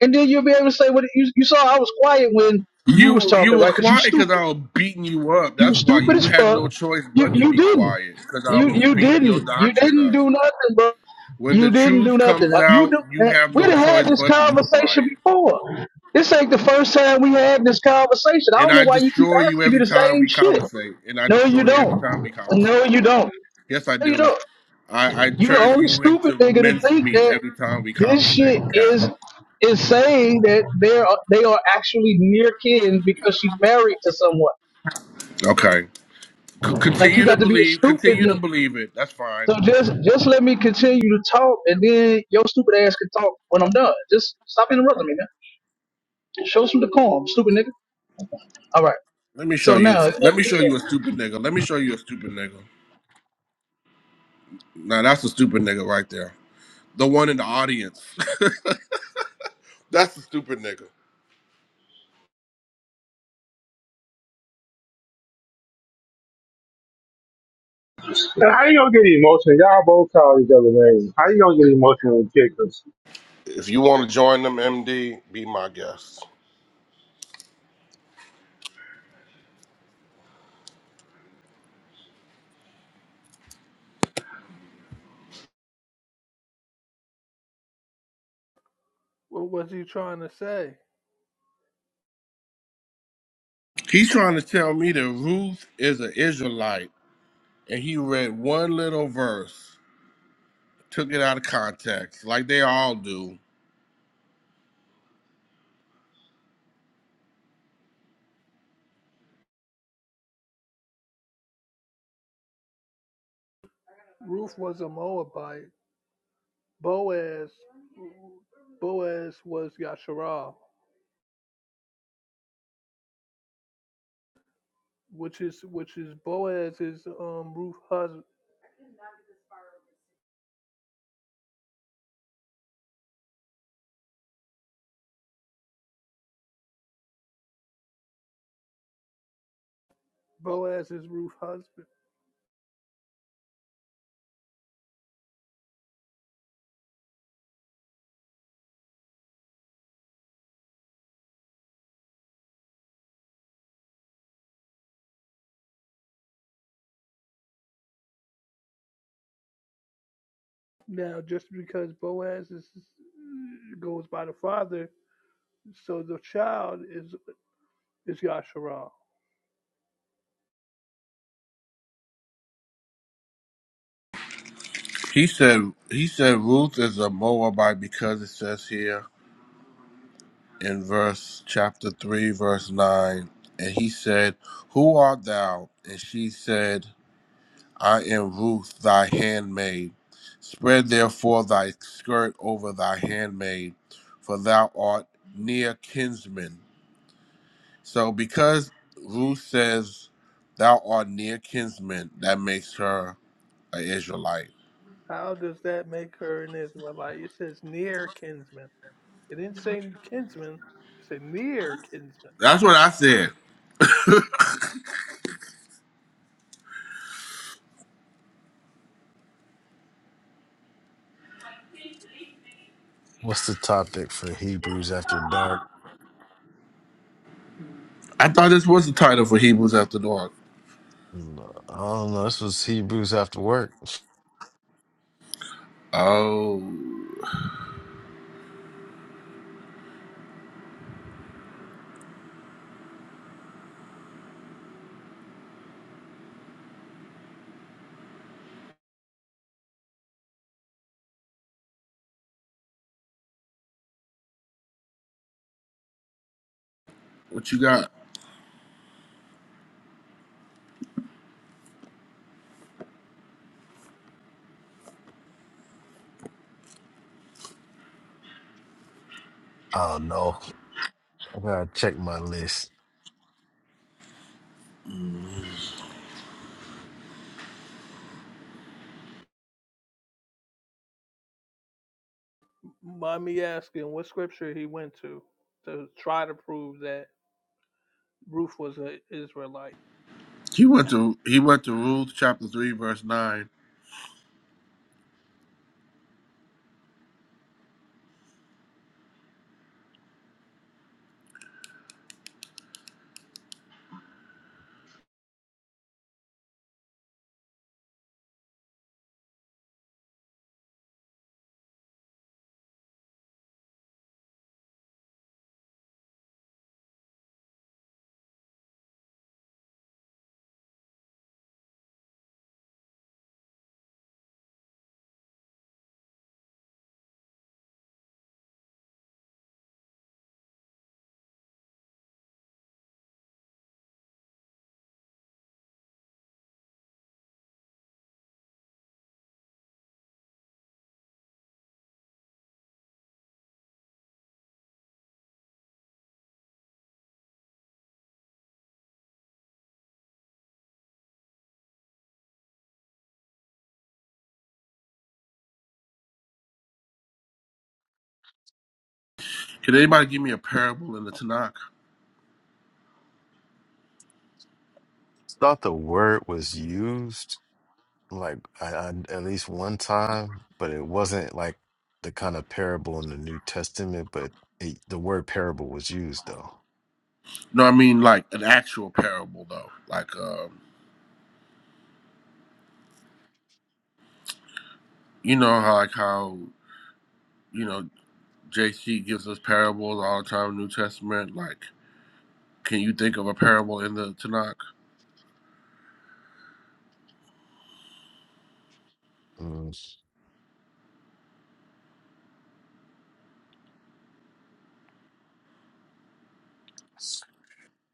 Speaker 23: and then you'll be able to say what it- you, you saw. I was quiet when you was
Speaker 22: You you
Speaker 23: talking,
Speaker 22: were
Speaker 23: right? Because you
Speaker 22: quiet
Speaker 23: stupid.
Speaker 22: because I was beating you up.
Speaker 23: You
Speaker 22: That's why
Speaker 23: stupid
Speaker 22: you
Speaker 23: as
Speaker 22: had no
Speaker 23: fuck.
Speaker 22: choice
Speaker 23: You
Speaker 22: but to
Speaker 23: you
Speaker 22: be
Speaker 23: didn't.
Speaker 22: quiet because I
Speaker 23: You
Speaker 22: was
Speaker 23: you
Speaker 22: beating your
Speaker 23: didn't. You
Speaker 22: doctrine
Speaker 23: didn't
Speaker 22: up.
Speaker 23: do nothing, bro.
Speaker 22: When the
Speaker 23: You didn't do
Speaker 22: truth
Speaker 23: nothing.
Speaker 22: comes
Speaker 23: Uh, You
Speaker 22: out,
Speaker 23: do,
Speaker 22: you
Speaker 23: man,
Speaker 22: have
Speaker 23: we
Speaker 22: no
Speaker 23: done
Speaker 22: choice
Speaker 23: had this
Speaker 22: but to be
Speaker 23: conversation
Speaker 22: quiet.
Speaker 23: before. This ain't the first time we had this conversation. I
Speaker 22: And
Speaker 23: don't know
Speaker 22: I
Speaker 23: why you keep
Speaker 22: destroy you
Speaker 23: asking me
Speaker 22: every
Speaker 23: the
Speaker 22: time
Speaker 23: same
Speaker 22: we
Speaker 23: shit.
Speaker 22: conversate. And I
Speaker 23: No, you
Speaker 22: destroy you every
Speaker 23: don't.
Speaker 22: time we
Speaker 23: No,
Speaker 22: conversate.
Speaker 23: you don't.
Speaker 22: Yes, I
Speaker 23: No, you
Speaker 22: do.
Speaker 23: don't.
Speaker 22: I, I
Speaker 23: You the
Speaker 22: turn
Speaker 23: only
Speaker 22: you
Speaker 23: stupid
Speaker 22: into
Speaker 23: nigga to
Speaker 22: minced
Speaker 23: think
Speaker 22: meat
Speaker 23: that
Speaker 22: every time we
Speaker 23: this
Speaker 22: conversate,
Speaker 23: shit
Speaker 22: Cap.
Speaker 23: is is saying that they are they are actually near kin because she's married to someone.
Speaker 22: Okay. C-
Speaker 23: Like you
Speaker 22: continue to
Speaker 23: got to be a
Speaker 22: believe.
Speaker 23: stupid
Speaker 22: Continue
Speaker 23: nigga.
Speaker 22: to believe it. That's fine.
Speaker 23: So just just let me continue to talk, and then your stupid ass can talk when I'm done. Just stop interrupting me, man. Show some decorum, stupid nigga. All right.
Speaker 22: Let me show
Speaker 23: So
Speaker 22: you.
Speaker 23: now
Speaker 22: Let me show
Speaker 23: again.
Speaker 22: you a stupid nigga. Let me show you a stupid nigga. Now that's a stupid nigga right there. The one in the audience. (laughs) that's a stupid nigga.
Speaker 15: Now, how you gonna get emotional? Y'all both call each other names. How you gonna get emotional and kick us?
Speaker 22: If you want to join them, MD, be my guest.
Speaker 8: what was he trying to say?
Speaker 22: He's trying to tell me that Ruth is an Israelite, and he read one little verse, took it out of context, like they all do.
Speaker 8: Ruth was a Moabite. Boaz Boaz was Yasharal, which is which is Boaz is um Ruth husband Boaz is Ruth's husband. Now, just because Boaz is, goes by the father, so the child is is Yasharal.
Speaker 22: He said he said Ruth is a Moabite because it says here in verse chapter three, verse nine, and he said, "Who art thou?" And she said, "I am Ruth, thy handmaid. Spread therefore thy skirt over thy handmaid, for thou art near kinsman." So because Ruth says thou art near kinsman, that makes her an Israelite.
Speaker 8: How does that make her an Israelite? It says near kinsman. It didn't say kinsman. It said near kinsman.
Speaker 22: That's what I said.
Speaker 6: What's the topic for Hebrews after dark?
Speaker 22: I thought this was the title for Hebrews after dark.
Speaker 6: Mm, I don't know. This was Hebrews after work.
Speaker 22: Oh, what you got?
Speaker 6: I don't know. I gotta check my list.
Speaker 8: Mommy asking what scripture he went to to try to prove that Ruth was an Israelite.
Speaker 22: He went to he went to Ruth chapter three verse nine. Can anybody give me a parable in the Tanakh?
Speaker 6: Thought the word was used. like I, I, at least one time, but it wasn't like the kind of parable in the New Testament, but it, the word parable was used though.
Speaker 22: No, I mean like an actual parable though. Like um, you know how like how you know JC gives us parables all the time, in the New Testament. Like, can you think of a parable in the Tanakh?
Speaker 6: Mm.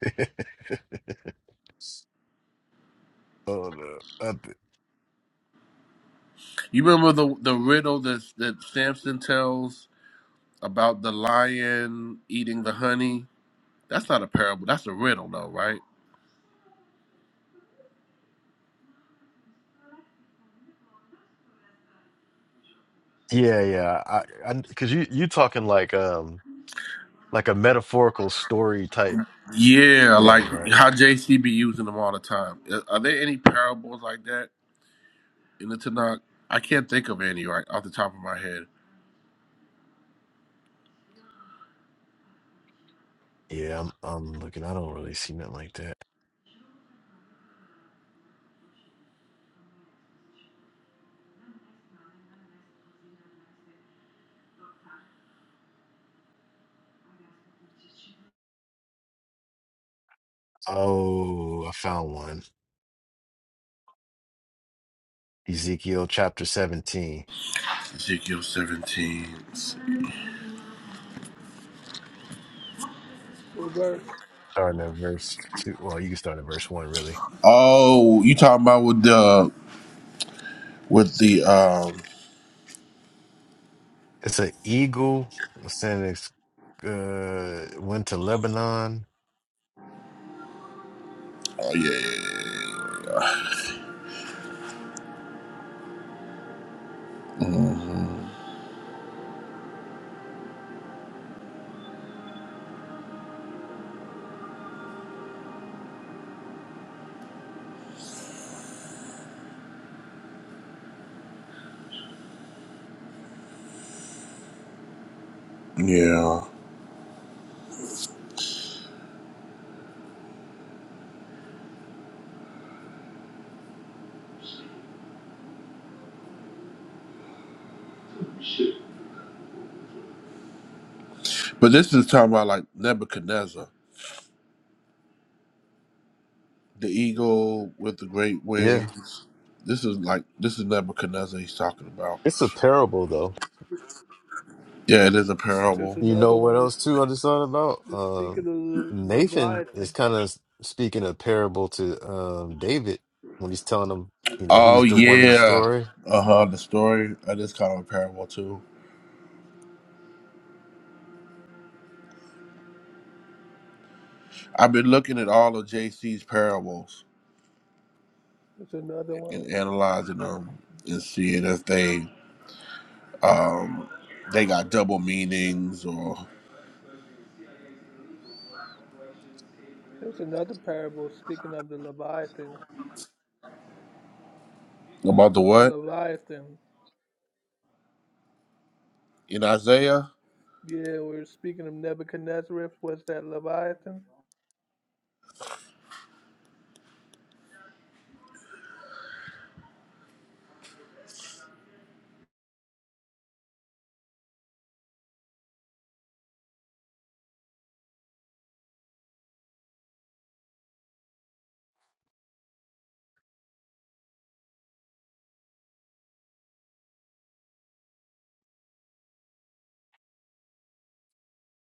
Speaker 6: (laughs) Hold up. I th-
Speaker 22: You remember the the riddle that that Samson tells about the lion eating the honey? That's not a parable. That's a riddle, though, right?
Speaker 6: yeah, yeah. I, I, cause you, you talking like, um, like a metaphorical story type
Speaker 22: Yeah,
Speaker 6: thing,
Speaker 22: like
Speaker 6: right?
Speaker 22: how JC be using them all the time. Uh, Are there any parables like that in the Tanakh? I can't think of any right off the top of my head.
Speaker 6: Yeah, I'm I'm looking. I don't really see nothing like that. Oh, I found one. Ezekiel chapter 17,
Speaker 22: Ezekiel seventeen.
Speaker 8: What verse?
Speaker 6: starting at verse 2. Well, you can start at verse 1, really.
Speaker 22: Oh, you talking about with the with the um?
Speaker 6: It's an eagle sending its, uh, went to Lebanon.
Speaker 22: Oh yeah, yeah, yeah. yeah. Mhm. Yeah. But this is talking about like Nebuchadnezzar. the eagle with the great
Speaker 6: Yeah,
Speaker 22: wings. This is like this is Nebuchadnezzar he's talking about.
Speaker 6: it's a parable, though.
Speaker 22: Yeah, it is a
Speaker 8: There's
Speaker 22: parable.
Speaker 6: You
Speaker 8: another
Speaker 6: know what
Speaker 8: one. It's,
Speaker 6: else, too, I just thought about?
Speaker 8: it's speaking of
Speaker 6: Um,
Speaker 8: the
Speaker 6: Nathan is
Speaker 8: Leviathan.
Speaker 6: kind of speaking a parable to um, David when he's telling him, you know,
Speaker 22: Oh
Speaker 6: he's the one in the
Speaker 22: yeah.
Speaker 6: story.
Speaker 22: Uh huh. The story That is kind of a parable too. I've been looking at all of JC's parables
Speaker 8: There's another one.
Speaker 22: and analyzing them and seeing if they um they got double meanings or
Speaker 8: There's another parable speaking of the Leviathan
Speaker 22: about the what
Speaker 8: Leviathan.
Speaker 22: in Isaiah.
Speaker 8: Yeah, we were speaking of Nebuchadnezzar. Was that Leviathan?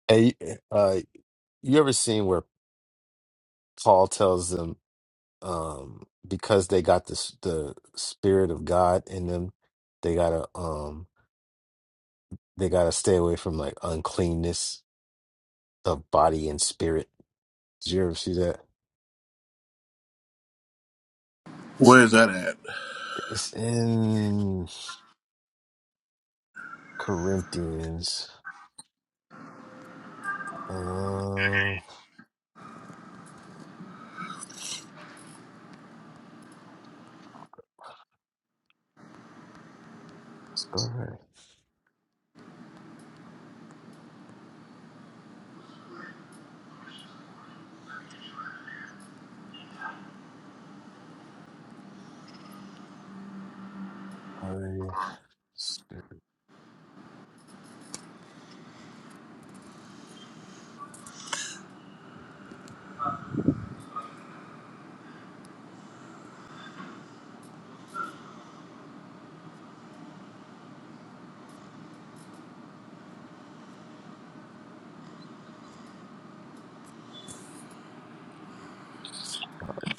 Speaker 6: Hey, eh, uh, you ever seen where Paul tells them um, because they got this, the spirit of God in them, they gotta um, they gotta stay away from like uncleanness of body and spirit. Did you ever see that?
Speaker 22: Where is that at?
Speaker 6: It's in Corinthians. Uh, spell it right. I spirit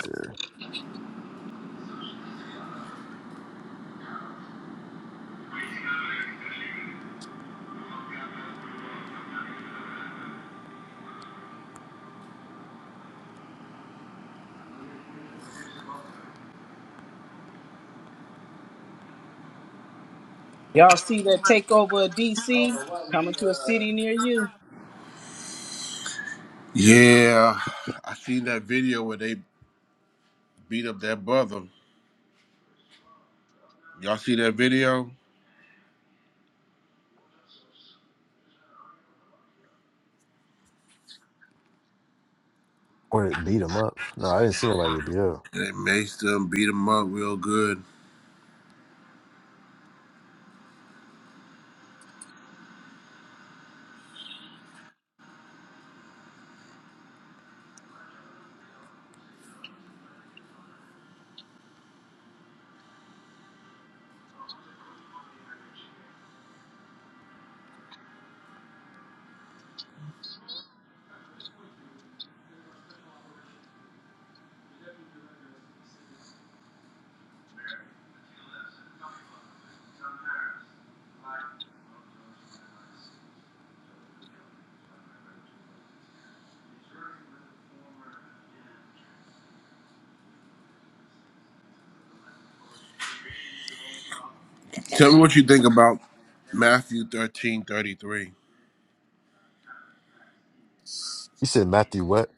Speaker 6: there.
Speaker 1: Y'all see that takeover of DC coming to a city near you?
Speaker 22: Yeah, I seen that video where they beat up that brother. Y'all see that video?
Speaker 6: Or it beat him up. No, I didn't see nobody get beat up.
Speaker 22: And they maced them, beat them up real good. Tell me what you think about Matthew 13:33, 13:33.
Speaker 6: You said Matthew what?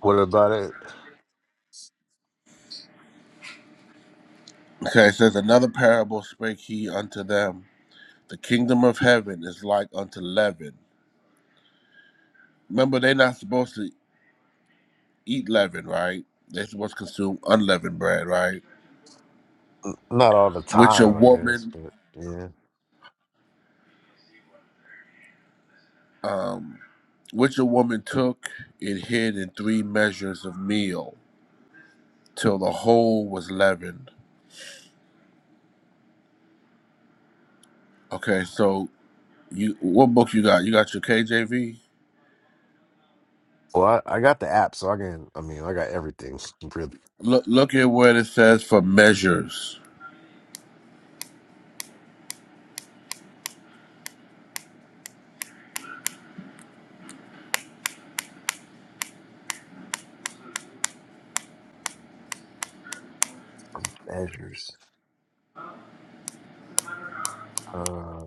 Speaker 6: What about it?
Speaker 22: Okay, it says, Another parable spake he unto them. The kingdom of heaven is like unto leaven. Remember, they're not supposed to eat leaven, right? They're supposed to consume unleavened bread, right?
Speaker 6: N- Not all the
Speaker 22: Which a
Speaker 6: time, I guess,
Speaker 22: woman,
Speaker 6: but yeah.
Speaker 22: um, which a woman took and hid in three measures of meal till the whole was leavened. Okay, so You what book you got? You got your KJV.
Speaker 6: Well, I, I got the app, so I can. I mean, I got everything. Really,
Speaker 22: Look look at where it says for measures.
Speaker 6: measures. Uh,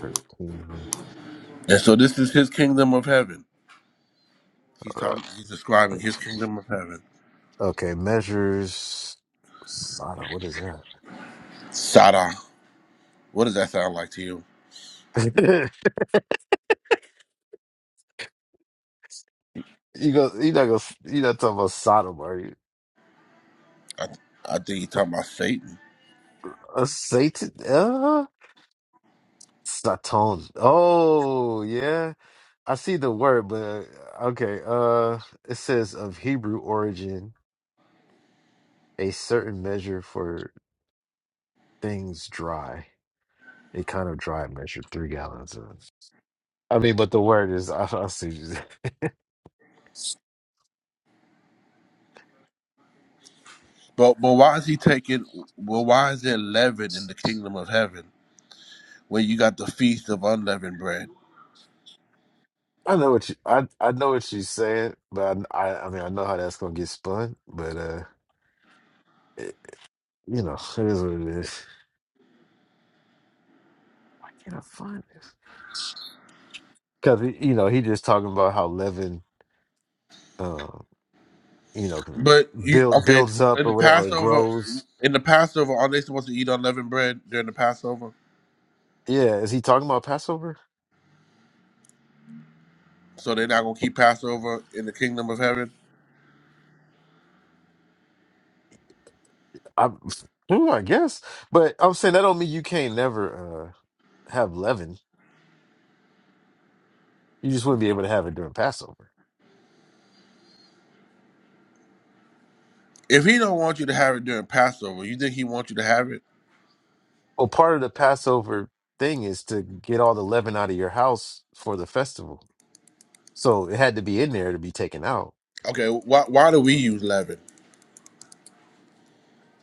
Speaker 6: thirteen.
Speaker 22: And so this is his kingdom of heaven. He's
Speaker 6: Uh,
Speaker 22: talking. He's describing his
Speaker 6: oops.
Speaker 22: kingdom of heaven.
Speaker 6: okay, measures. Sodom. What is that?
Speaker 22: Sada. What does that sound like to you?
Speaker 6: (laughs) you go. You not go. You not talking about Sodom, are you?
Speaker 22: I, I think he's talking about Satan.
Speaker 6: A Satan. Uh, Satan. Oh yeah, I see the word, but uh, okay. Uh, it says of Hebrew origin, a certain measure for things dry. A kind of dry measure, three gallons of. I mean, but the word is I, I see. you-
Speaker 22: But but why is he taking? Well, why is there leaven in the kingdom of heaven when you got the feast of unleavened bread?
Speaker 6: (laughs) I know what you I I know what she's saying, but I I, I mean I know how that's gonna get spun, but uh, it, you know it is what it is. Why can't I find this? Because you know he just talking about how leaven, uh, you know, can
Speaker 22: But you
Speaker 6: build
Speaker 22: okay
Speaker 6: builds up
Speaker 22: in the
Speaker 6: or whatever, or
Speaker 22: Passover?
Speaker 6: grows.
Speaker 22: In the Passover, are they supposed to eat unleavened bread during the Passover?
Speaker 6: Yeah, is he talking about Passover?
Speaker 22: So they're not gonna keep Passover in the kingdom of heaven.
Speaker 6: I, ooh, (laughs) I guess, but I'm saying that don't mean you can't never uh have leaven. You just wouldn't be able to have it during Passover.
Speaker 22: If he don't want you to have it during Passover, you think he wants you to have it?
Speaker 6: Well, part of the Passover thing is to get all the leaven out of your house for the festival. So it had to be in there to be taken out.
Speaker 22: Okay, why why do we use leaven?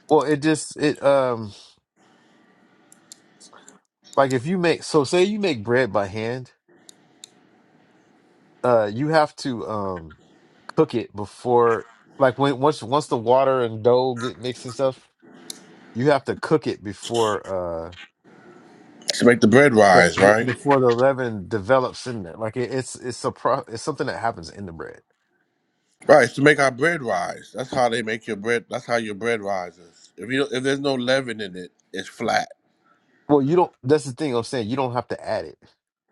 Speaker 6: Well, it just it um like if you make so say you make bread by hand, uh you have to um cook it before like when once once the water and dough get mixed and stuff, you have to cook it before uh
Speaker 22: To make the bread
Speaker 6: the,
Speaker 22: rise,
Speaker 6: b-
Speaker 22: right?
Speaker 6: before the leaven develops in there. Like it, it's it's a pro, it's something that happens in the bread.
Speaker 22: Right, it's to make our bread rise. That's how they make your bread. That's how your bread rises. If you don't, if there's no leaven in it, it's flat.
Speaker 6: Well, you don't. That's the thing I'm saying. You don't have to add it.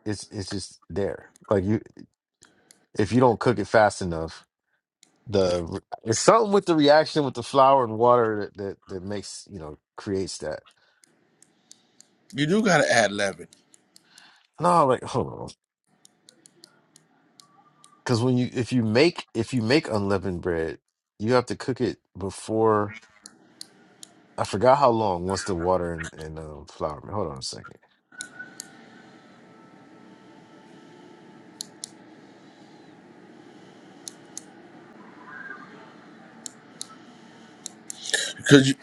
Speaker 6: It's it's just there. Like you, if you don't cook it fast enough, the re- it's something with the reaction with the flour and water that that, that makes you know creates that.
Speaker 22: You do gotta add leaven
Speaker 6: No, like hold on, because when you if you make if you make unleavened bread, you have to cook it before. I forgot how long. Once the water and, and um, flour. Hold on a second.
Speaker 22: because you,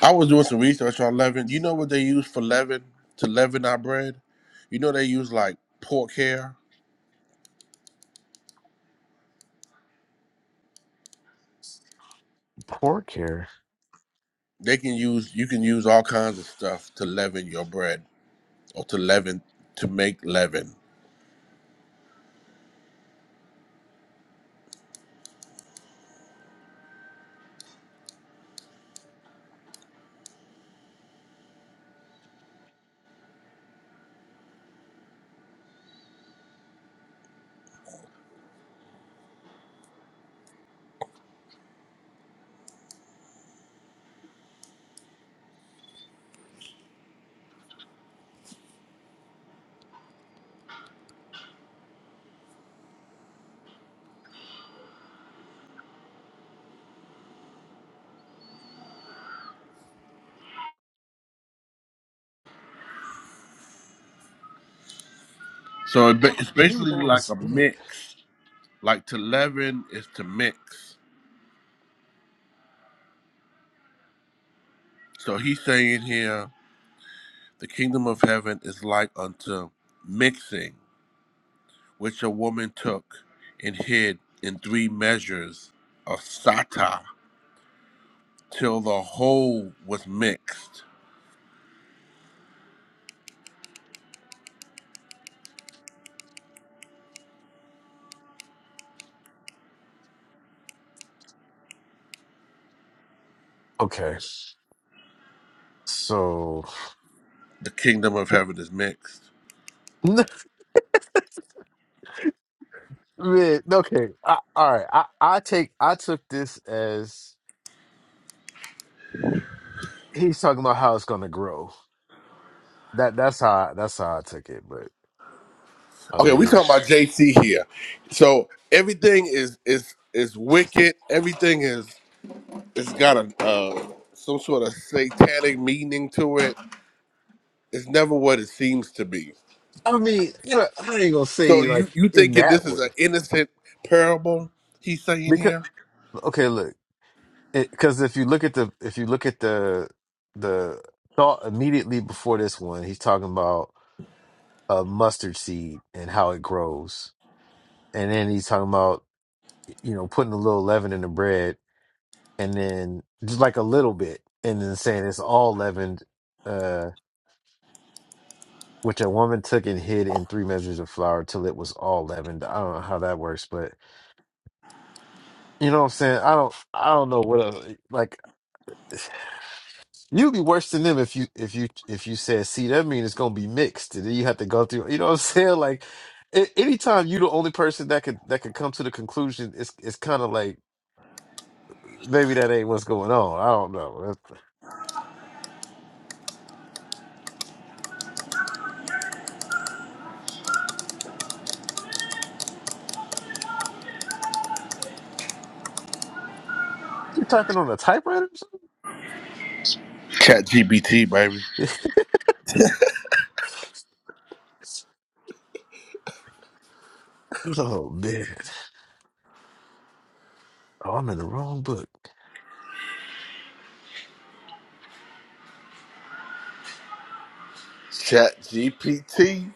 Speaker 22: I was doing some research on leaven. You know what they use for leaven to leaven our bread? You know they use like pork hair.
Speaker 6: Pork here.
Speaker 22: They can use you can use all kinds of stuff to leaven your bread or to leaven to make leaven. So it ba- it's
Speaker 6: Maybe
Speaker 22: basically
Speaker 6: that
Speaker 22: like
Speaker 6: was
Speaker 22: a
Speaker 6: it.
Speaker 22: mix. Like to leaven is to mix. So he's saying here, the kingdom of heaven is like unto mixing, which a woman took and hid in three measures of sata till the whole was mixed.
Speaker 6: Okay, so
Speaker 22: The kingdom of heaven is mixed.
Speaker 6: (laughs) Man, okay. I, all right. I, I take I took this as he's talking about how it's gonna grow. That that's how that's how I took it. But I
Speaker 22: Okay, we
Speaker 6: mean,
Speaker 22: talking about JC here. So everything is is is wicked. Everything is it's got a uh, some sort of satanic meaning to it. It's never what it seems to be.
Speaker 6: I mean, you know, I ain't gonna
Speaker 22: So
Speaker 6: say
Speaker 22: you
Speaker 6: like
Speaker 22: you
Speaker 6: in
Speaker 22: thinking
Speaker 6: that
Speaker 22: this is
Speaker 6: way
Speaker 22: an innocent parable? He's saying
Speaker 6: because
Speaker 22: here.
Speaker 6: okay, look, because if you look at the if you look at the the thought immediately before this one, he's talking about a mustard seed and how it grows, and then he's talking about you know putting a little leaven in the bread and then just like a little bit, and then saying it's all leavened, uh, which a woman took and hid in three measures of flour till it was all leavened. I don't know how that works, but you know what I'm saying. I don't, I don't know what else. Like (sighs) you'd be worse than them if you, if you, if you said, see, that mean it's gonna be mixed, and then you have to go through. You know what I'm (laughs) saying? Like a- anytime you the only person that could that could come to the conclusion, it's it's kind of like maybe that ain't what's going on. I don't know. That's- You typing on a typewriter?
Speaker 22: Chat GPT, baby.
Speaker 6: Or something? (laughs) Oh man. Oh, I'm in the wrong book.
Speaker 22: Chat GPT.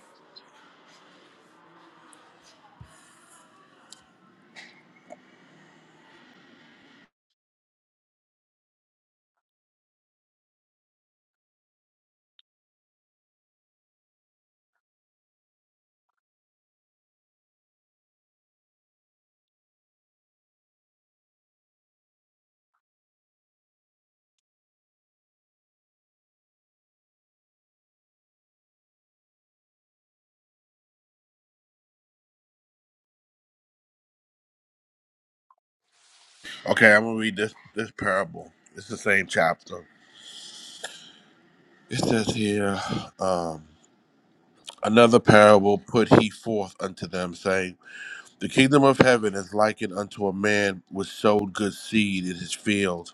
Speaker 22: Okay, I'm gonna read this this parable. It's the same chapter. It says here, um, another parable put he forth unto them, saying, The kingdom of heaven is likened unto a man which sowed good seed in his field.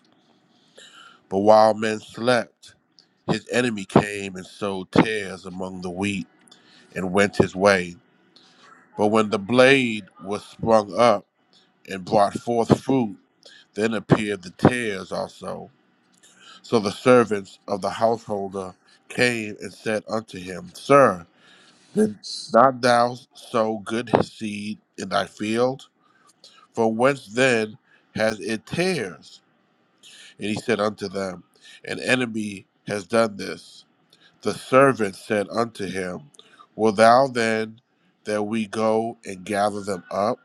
Speaker 22: But while men slept, His enemy came and sowed tares among the wheat and went his way. But when the blade was sprung up and brought forth fruit, then appeared the tares also. So the servants of the householder came and said unto him, Sir, did not thou sow good seed in thy field? From whence then has it tares? And he said unto them, An enemy has done this. The servant said unto him, Will thou then that we go and gather them up?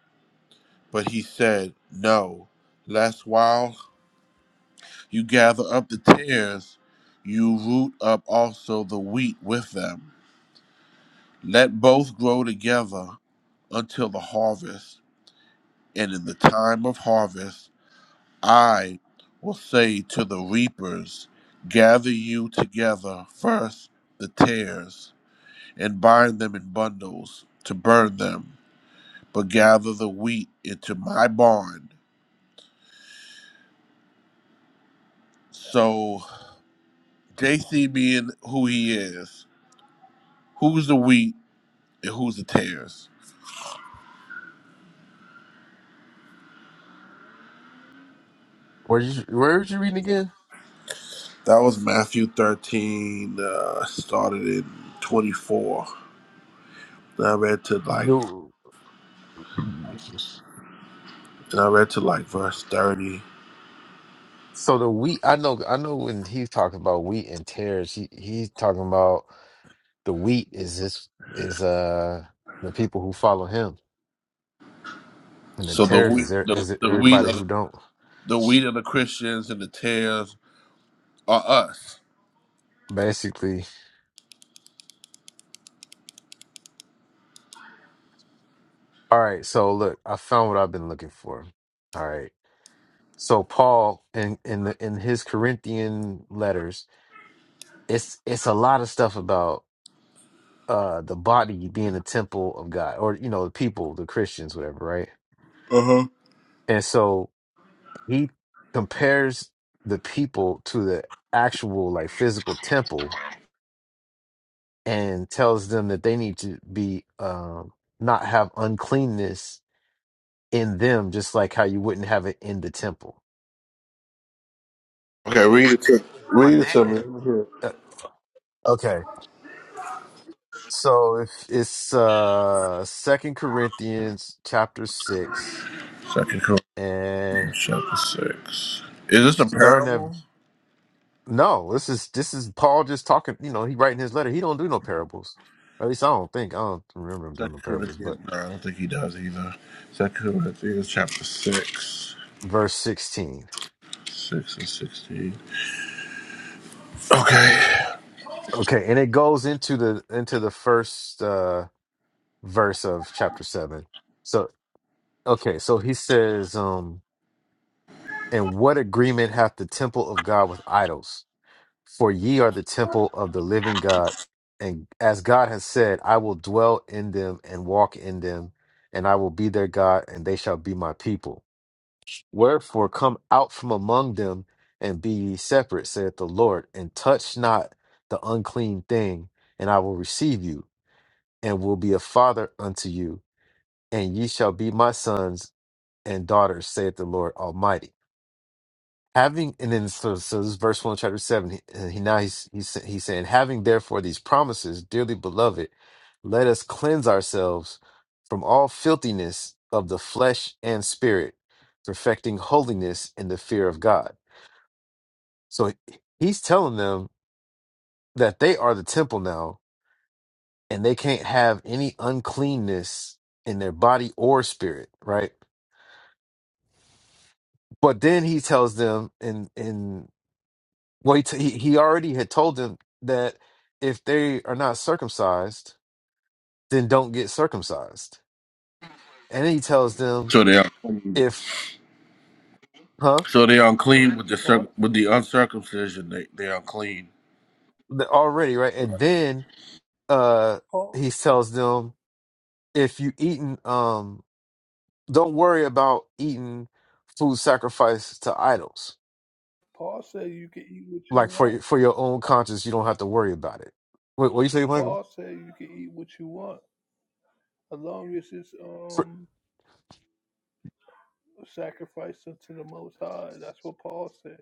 Speaker 22: But he said, No, lest while you gather up the tares, you root up also the wheat with them. Let both grow together until the harvest. And in the time of harvest, I will say to the reapers, Gather you together first the tares and bind them in bundles to burn them, but gather the wheat into my barn. So JC being who he is, who's the wheat and who's the tares?
Speaker 6: Where you where was you reading again?
Speaker 22: That was Matthew 13, uh, started in 24. And I read to like,
Speaker 6: No.
Speaker 22: and I read to like verse 30.
Speaker 6: So the wheat, I know, I know when he's talking about wheat and tares, he he's talking about the wheat is this is uh the people who follow him, and the
Speaker 22: So the
Speaker 6: tares
Speaker 22: wheat,
Speaker 6: is there
Speaker 22: the,
Speaker 6: is it
Speaker 22: the wheat
Speaker 6: everybody
Speaker 22: of the,
Speaker 6: who don't.
Speaker 22: the wheat of the Christians and the tares are us.
Speaker 6: Basically, all right. So look, I found what I've been looking for. All right. So Paul in in the in his Corinthian letters, it's it's a lot of stuff about. uh the body being the temple of God or you know the people the Christians whatever right
Speaker 22: Uh huh.
Speaker 6: and so he compares the people to the actual like physical temple and tells them that they need to be um not have uncleanness in them just like how you wouldn't have it in the temple
Speaker 22: Okay, read it to
Speaker 6: but
Speaker 22: read it to me.
Speaker 6: then
Speaker 22: Let me hear it.
Speaker 6: uh, okay so if it's uh second Corinthians chapter 6
Speaker 22: Second Corinthians.
Speaker 6: and
Speaker 22: Chapter six. Is this a
Speaker 6: starting at
Speaker 22: parable?
Speaker 6: No, this is this is Paul just talking. You know, he writing his letter. He don't do no parables. At least I don't think. I don't remember him doing no
Speaker 22: Second
Speaker 6: parables. But
Speaker 22: Corinthians. No, I don't think he does either. Second Corinthians chapter six,
Speaker 6: verse sixteen.
Speaker 22: six and sixteen. Okay.
Speaker 6: Okay, and it goes into the into the first uh verse of chapter seven. So okay, so he says, um, and what agreement hath the temple of God with idols? For ye are the temple of the living God, and as God has said, I will dwell in them and walk in them, and I will be their God, and they shall be my people. Wherefore come out from among them and be ye separate, saith the Lord, and touch not the unclean thing, and I will receive you, and will be a father unto you, and ye shall be my sons and daughters, saith the Lord Almighty. Having and then so, so this is verse one, chapter seven. He, uh, he now he's, he's he's saying, having therefore these promises, dearly beloved, let us cleanse ourselves from all filthiness of the flesh and spirit, perfecting holiness in the fear of God. So he- he's telling them that they are the temple now and they can't have any uncleanness in their body or spirit, right? But then he tells them and and well he, t- he he already had told them that if they are not circumcised, then don't get circumcised. And then he tells them
Speaker 22: So they are clean.
Speaker 6: if huh?
Speaker 22: So they are unclean with the circ-
Speaker 8: Paul,
Speaker 22: with the uncircumcision. They they are clean.
Speaker 6: They're Already, right? And then uh
Speaker 8: Paul,
Speaker 6: he tells them if you eaten um don't worry about eating food sacrificed to idols.
Speaker 8: Paul said you can eat what you
Speaker 6: Like
Speaker 8: want.
Speaker 6: for for your own conscience, you don't have to worry about it. Wait, what you say, Michael?
Speaker 8: Paul said you can eat what you want, as long as it's
Speaker 6: For-
Speaker 8: um sacrificed unto the Most High. That's what Paul said.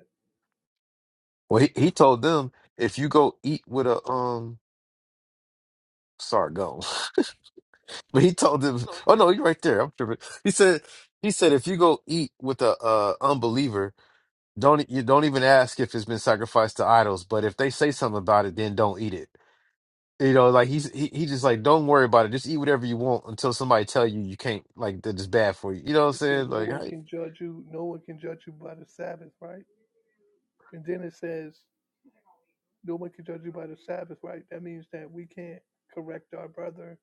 Speaker 6: well, he, he told them if you go eat with a um, sorry, go. (laughs) but he told
Speaker 8: Oh,
Speaker 6: them,
Speaker 8: no,
Speaker 6: oh
Speaker 8: you're right.
Speaker 6: no, you're right there. I'm tripping. He said he said if you go eat with a uh, unbeliever, don't e, you don't even ask if it's been sacrificed to idols. But if they say something about it, then don't eat it. You know, like he's he, he just like don't worry about it. Just eat whatever you want until somebody tell you you can't. Like that is bad for you. You know what I'm
Speaker 8: It said
Speaker 6: saying?
Speaker 8: no
Speaker 6: Like
Speaker 8: one
Speaker 6: I-
Speaker 8: can judge you. No one can judge you by the Sabbath, right? And then it says no one can judge you by the Sabbath, right? That means that we can't correct our brother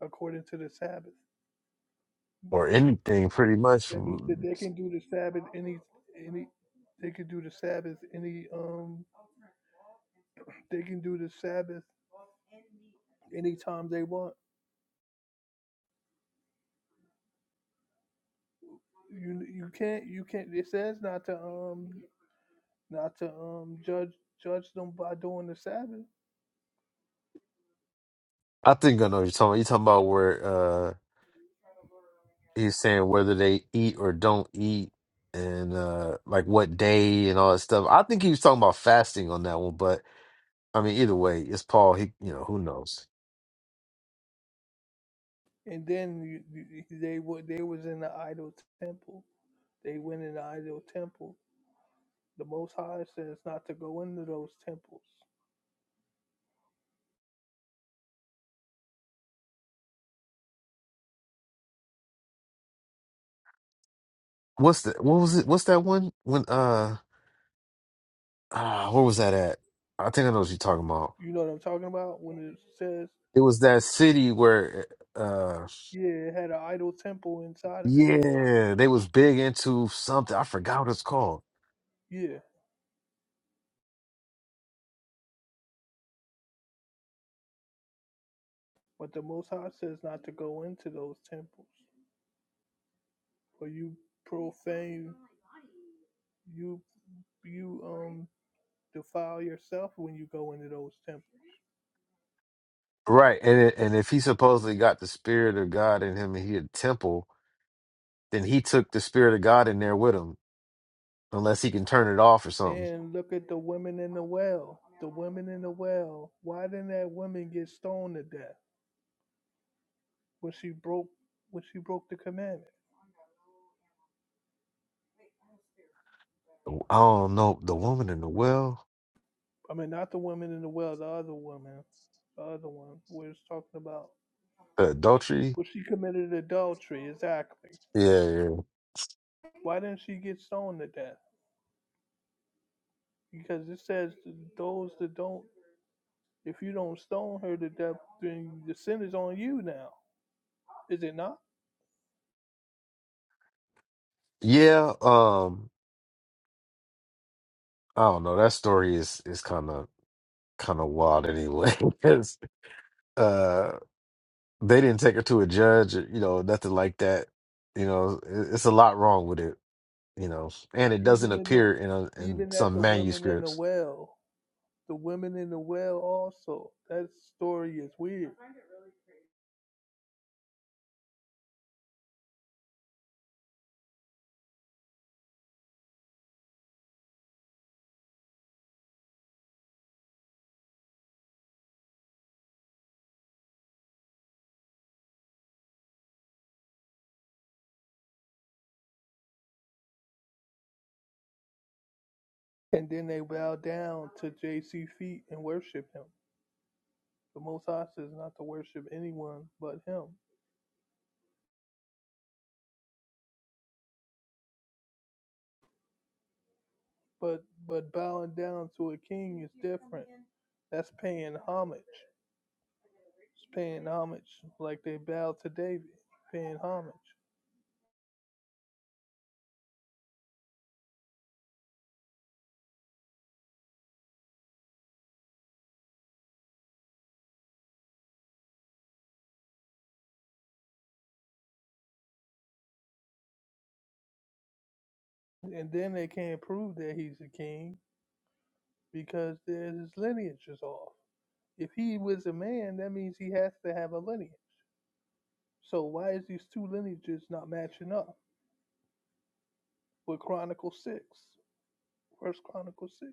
Speaker 8: according to the Sabbath.
Speaker 6: or anything, pretty much.
Speaker 8: That means that
Speaker 6: Mm,
Speaker 8: they can do the Sabbath any any they can do the Sabbath any um they can do the Sabbath anytime they want. You you can't you can't it says not to um not to um judge judge them by doing the Sabbath.
Speaker 6: I think I know what you're talking. about. You're talking about where uh he's saying whether they eat or don't eat, and uh like what day and all that stuff. I think he was talking about fasting on that one, but I mean either way, it's Paul. He you know who knows
Speaker 8: And then you, you- they were they was in the idol temple. They went in the idol temple. The Most High says not to go into those temples.
Speaker 6: what's the what was it? What's that one when uh ah where was that at? I think I know what you're talking about.
Speaker 8: You know what I'm talking about when it says
Speaker 6: It was that city where, uh,
Speaker 8: yeah, it had an idol temple inside of it.
Speaker 6: yeah, they was big into something. I forgot what it's called.
Speaker 8: Yeah. But the Most High says not to go into those temples, for you profane, you you um defile yourself when you go into those temples.
Speaker 6: Right, and it, and if he supposedly got the spirit of God in him, and he had a temple, then he took the spirit of God in there with him, unless he can turn it off or something.
Speaker 8: And look at the women in the well. The women in the well. Why didn't that woman get stoned to death when she broke when she broke the commandment?
Speaker 6: I don't know. The woman in the well,
Speaker 8: I mean, not the woman in the well, the other woman, the other one. We're just talking about
Speaker 6: the adultery.
Speaker 8: when she committed adultery. Exactly.
Speaker 6: Yeah, yeah,
Speaker 8: Why didn't she get stoned to death? because it says those that don't If you don't stone her to death, then the sin is on you now, is it not?
Speaker 6: yeah. Um, I don't know. That story is is kind of kind of wild, anyway. (laughs) 'Cause, uh, They didn't take her to a judge, you know, nothing like that. You know, it- it's a lot wrong with it, you know, and it doesn't
Speaker 8: Even in the
Speaker 6: appear in a, in
Speaker 8: even at
Speaker 6: some
Speaker 8: the women in the
Speaker 6: manuscripts.
Speaker 8: well, the women in the well also. That story is weird. And then they bow down to JC feet and worship him. The Most High says not to worship anyone but him. But but bowing down to a king is different. That's paying homage. It's paying homage like they bow to David, paying homage. And then they can't prove that he's a king because there's his lineage is off. If he was a man, that means he has to have a lineage. So why is these two lineages not matching up with Chronicle Six, First Chronicle Six?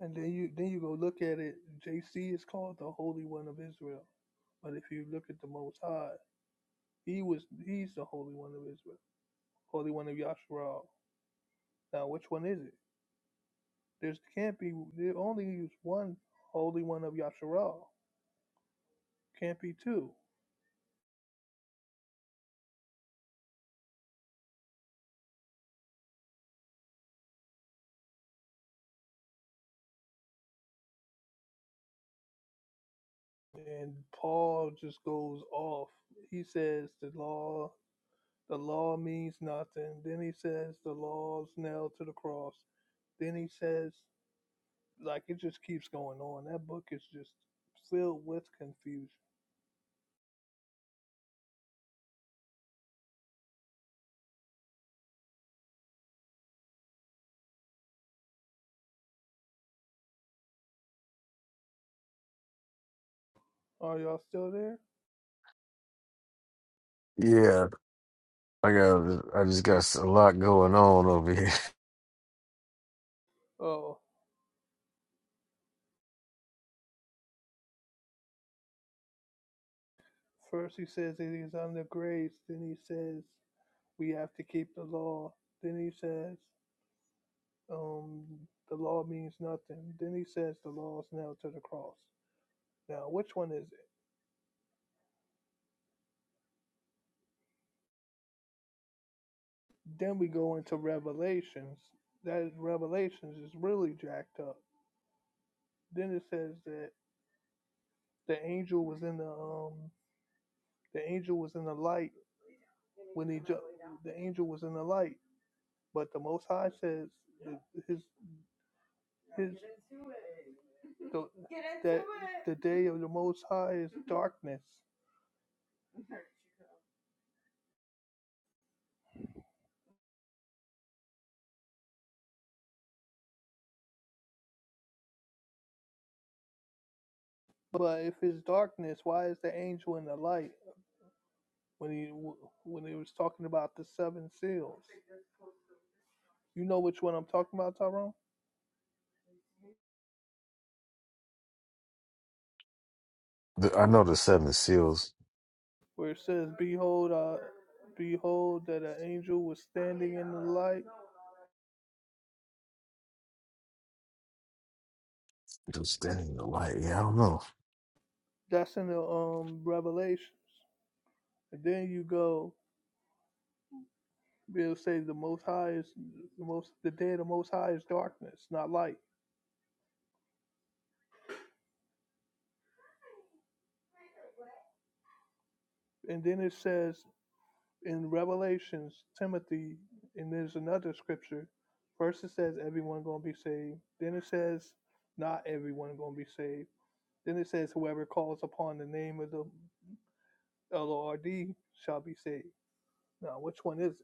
Speaker 8: And then you then you go look at it. JC is called the Holy One of Israel, but if you look at the Most High, he was he's the Holy One of Israel, Holy One of Yasharal. Now which one is it? There's can't be there only is one Holy One of Yasharal can't be two. And Paul just goes off. He says the law the law means nothing. Then he says the law's nailed to the cross. Then he says like it just keeps going on. That book is just filled with confusion. Are y'all still there?
Speaker 6: Yeah, I got, I just got a lot going on over here. (laughs)
Speaker 8: Oh, first he says it is under grace. Then he says we have to keep the law. Then he says um, the law means nothing. Then he says the law's nailed to the cross. Now, which one is it? Then we go into Revelations. That is Revelations is really jacked up. Then it says that the angel was in the um the angel was in the light when he ju- the angel was in the light, but the Most High says that his his the, that the day of the Most High is darkness. But if it's darkness, why is the angel in the light when he when he was talking about the seven seals? You know which one I'm talking about, Tyrone?
Speaker 6: The- I know the seven seals
Speaker 8: where it says, "Behold, I behold that an angel was standing in the light."
Speaker 6: just standing in the light. Yeah, I don't know.
Speaker 8: That's in the um Revelations. And then you go, it'll say the Most High is the most the day of the Most High is darkness, not light. And then it says in Revelations, Timothy, and there's another scripture. First it says everyone gonna be saved. Then it says not everyone gonna be saved. Then it says whoever calls upon the name of the L O R D shall be saved. Now, which one is it?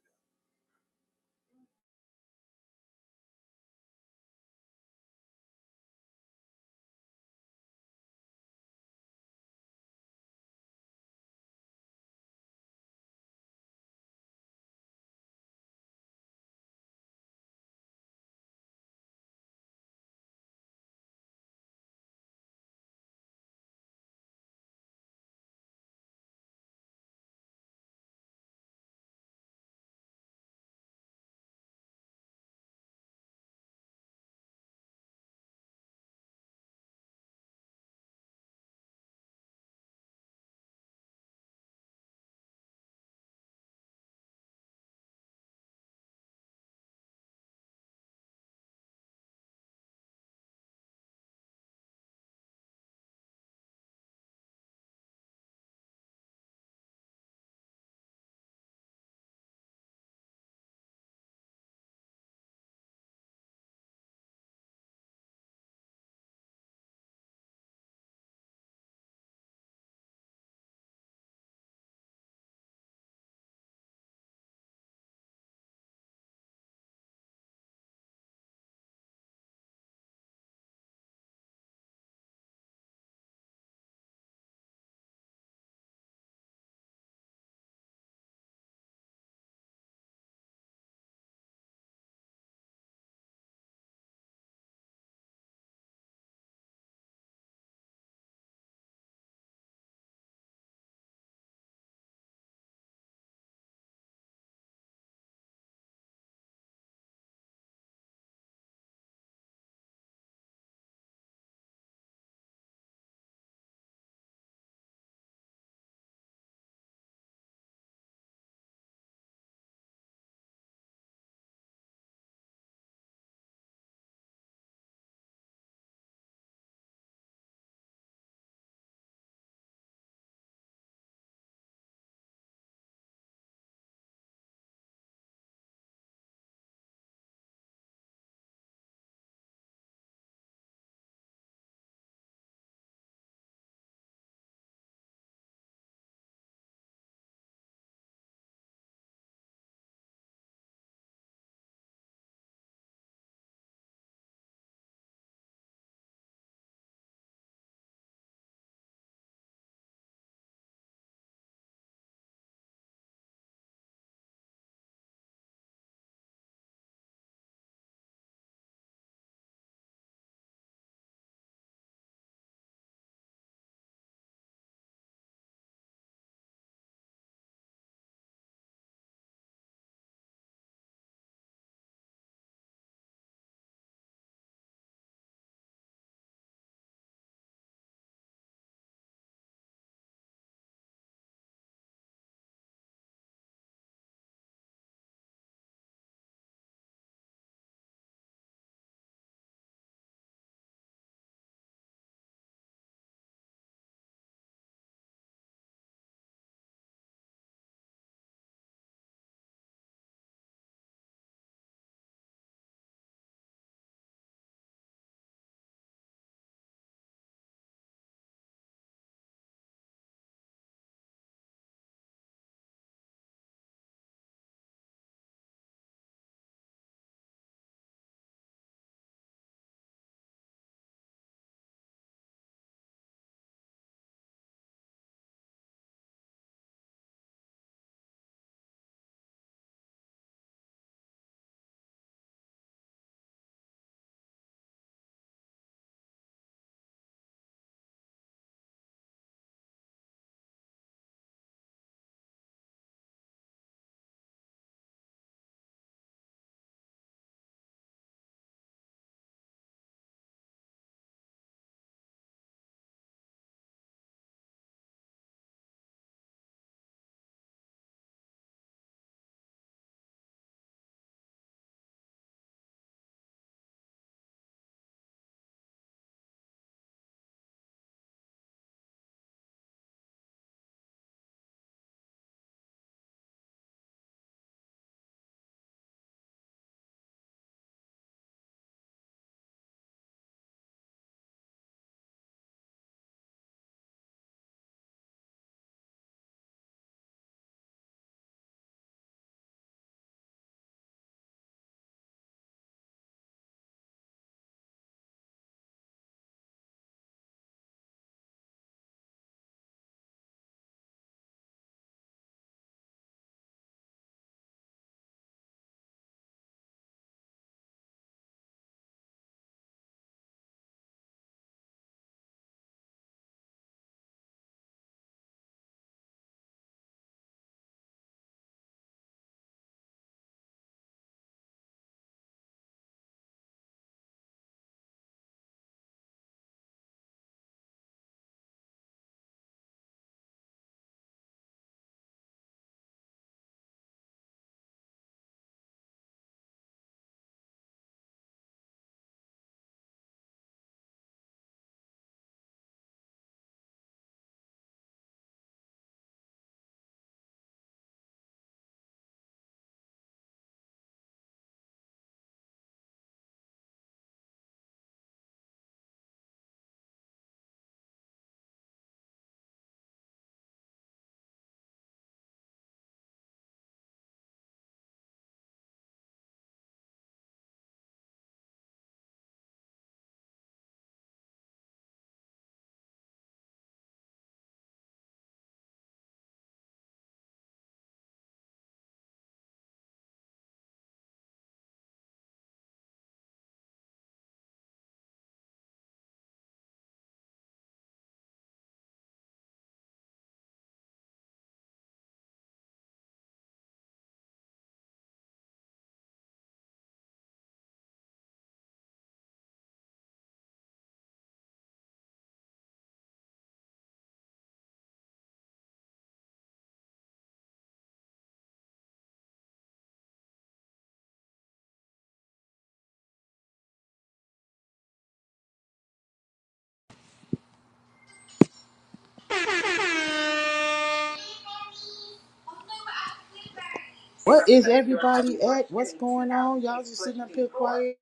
Speaker 1: What is everybody at? What's going on? Y'all just sitting up here quiet.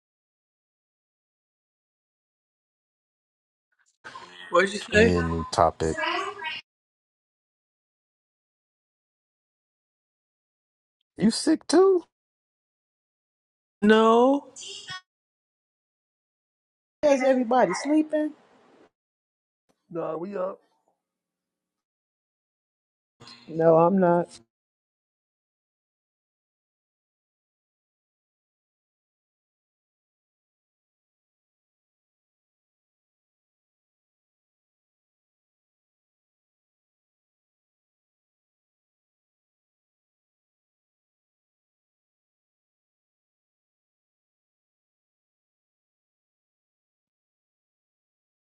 Speaker 5: What'd you
Speaker 6: We
Speaker 5: say?
Speaker 6: need a new topic. You sick too?
Speaker 5: No.
Speaker 1: Is everybody sleeping?
Speaker 8: Nah, we up.
Speaker 5: No, I'm not.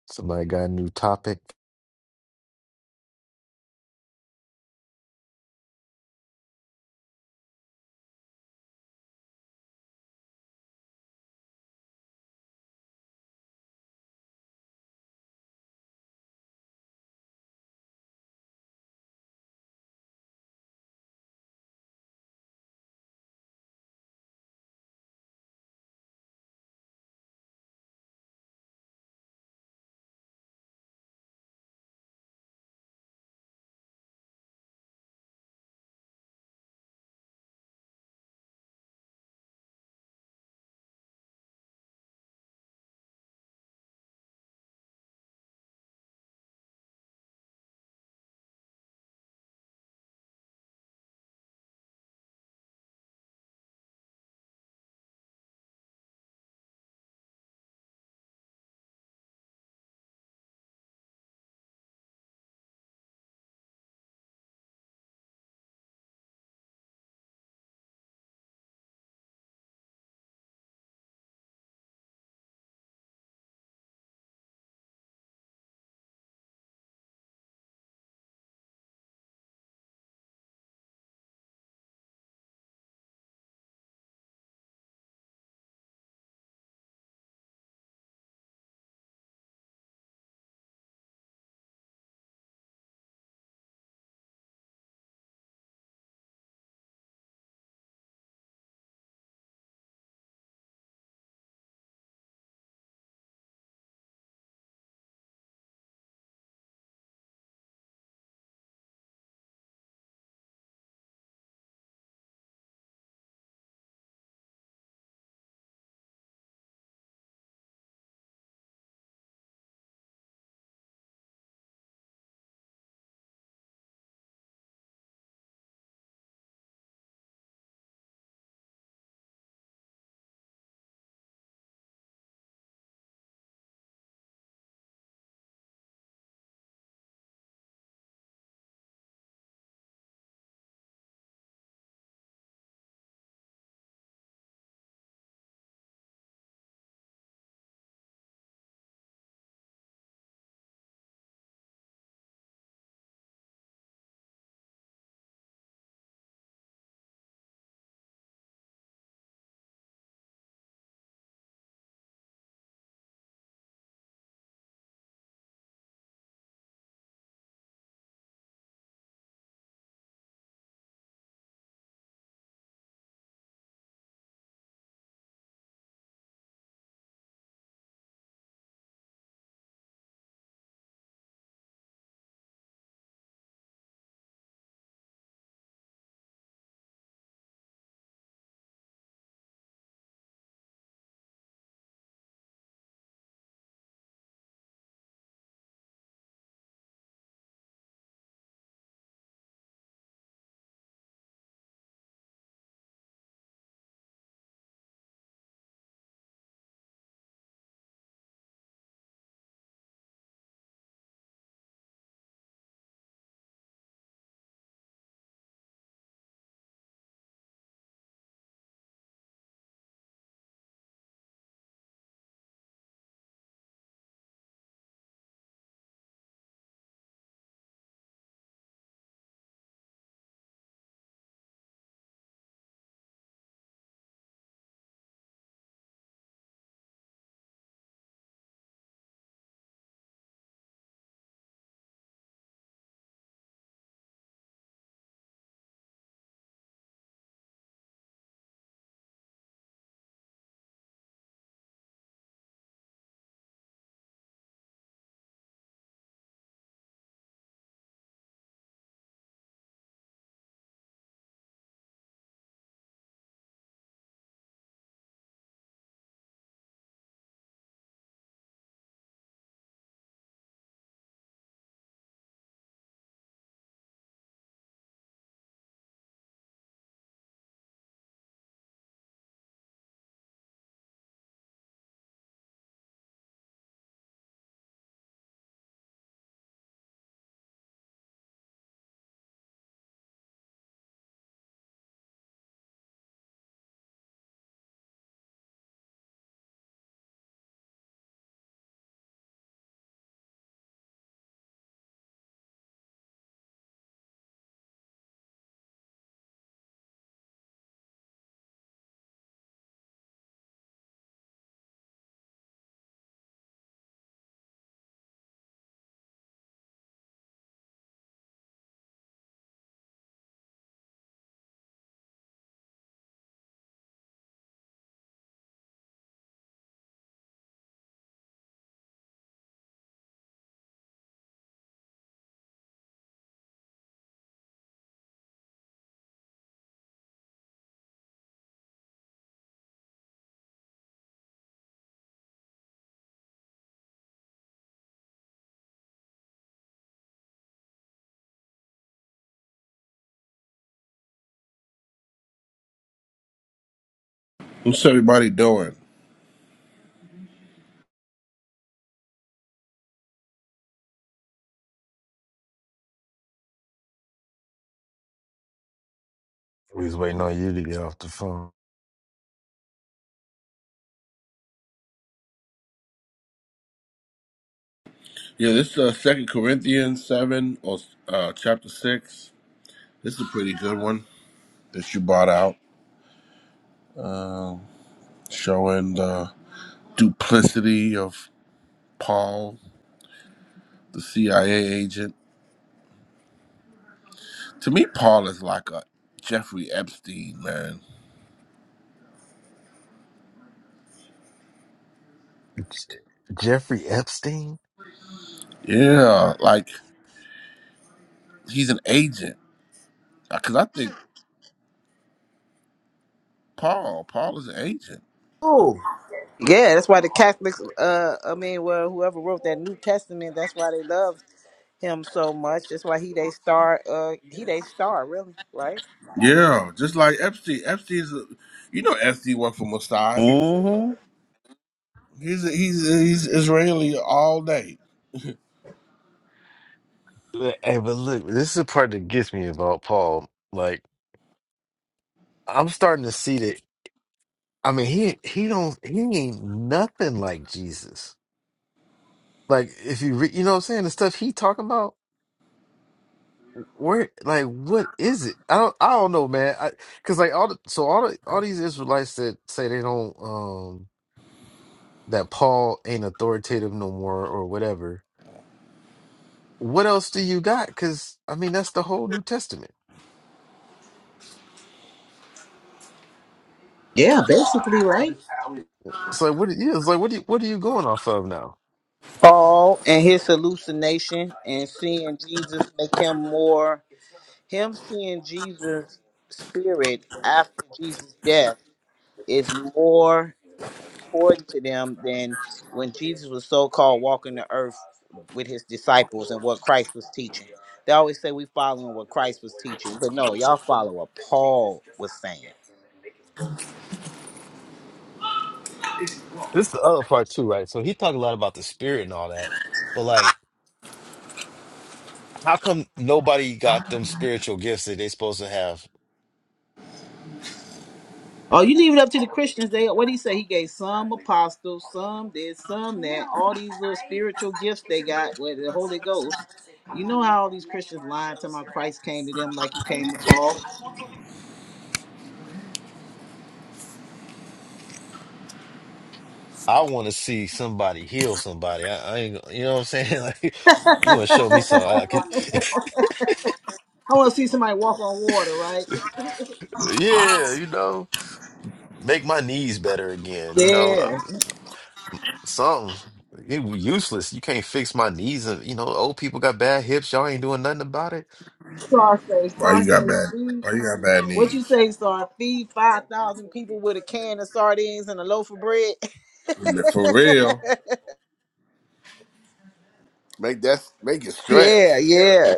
Speaker 6: Somebody got a new topic.
Speaker 22: What's everybody doing?
Speaker 6: We was waiting on you to get off the phone.
Speaker 22: Yeah, this uh, Second Corinthians seven or uh, chapter six. This is a pretty good one that you brought out, Um showing the duplicity of Paul, the CIA agent To me, Paul is like a Jeffrey Epstein, man.
Speaker 6: J- Jeffrey Epstein?
Speaker 22: Yeah, like he's an agent. Because I think Paul, Paul is an agent.
Speaker 1: Oh, Yeah, that's why the Catholics, uh, I mean, well, whoever wrote that New Testament, that's why they love him so much. That's why he they star, uh, he they star, really, right?
Speaker 22: Yeah, just like Epstein. Epstein's, a, you know, Epstein worked for Mossad.
Speaker 1: mm-hmm.
Speaker 22: He's a, he's a, he's Israeli all day.
Speaker 6: Hey, but look, this is the part that gets me about Paul. Like. I'm starting to see that. I mean, he he don't he ain't nothing like Jesus. Like if you re, you know what I'm saying the stuff he talking about. Where like what is it? I don't I don't know, man. I, Cause like all the, so all the, all these Israelites that say they don't um that Paul ain't authoritative no more or whatever. What else do you got? Cause I mean that's the whole New Testament.
Speaker 1: yeah, basically, right?
Speaker 6: It's like what it is. Like what do you, what are you going off of now?
Speaker 1: Paul and his hallucination and seeing Jesus make him more him seeing Jesus' spirit after Jesus' death is more important to them than when Jesus was so called walking the earth with his disciples and what Christ was teaching. They always say we following what Christ was teaching, but no, y'all follow what Paul was saying.
Speaker 6: This is the other part too, right? So he talked a lot about the spirit and all that, but like. How come nobody got them spiritual gifts that they supposed to have?
Speaker 1: Oh, you leave it up to the Christians. They what he say? He gave some apostles, some this, some that, all these little spiritual gifts they got with the Holy Ghost. You know how all these Christians lying to my Christ came to them like he came to Paul.
Speaker 6: I want to see somebody heal somebody. I, I ain't, gonna- you know what I'm saying? (laughs) Like,
Speaker 1: (laughs)
Speaker 6: you
Speaker 1: I
Speaker 6: want to show me something? I could,
Speaker 1: want to see somebody walk on water, right?
Speaker 6: (laughs) yeah, you know, make my knees better again. You know,
Speaker 1: Yeah.
Speaker 6: um, something. It was useless. You can't fix my knees. And you know, old people got bad hips. Y'all ain't doing nothing about it.
Speaker 1: Star say,
Speaker 22: Why you got bad?
Speaker 1: feed.
Speaker 22: Why you got bad
Speaker 1: What you
Speaker 22: knees?
Speaker 1: say, Star? Feed 5,000 people with a can of sardines and a loaf of bread? (laughs)
Speaker 22: For real. Make that make it stretch.
Speaker 1: yeah, yeah.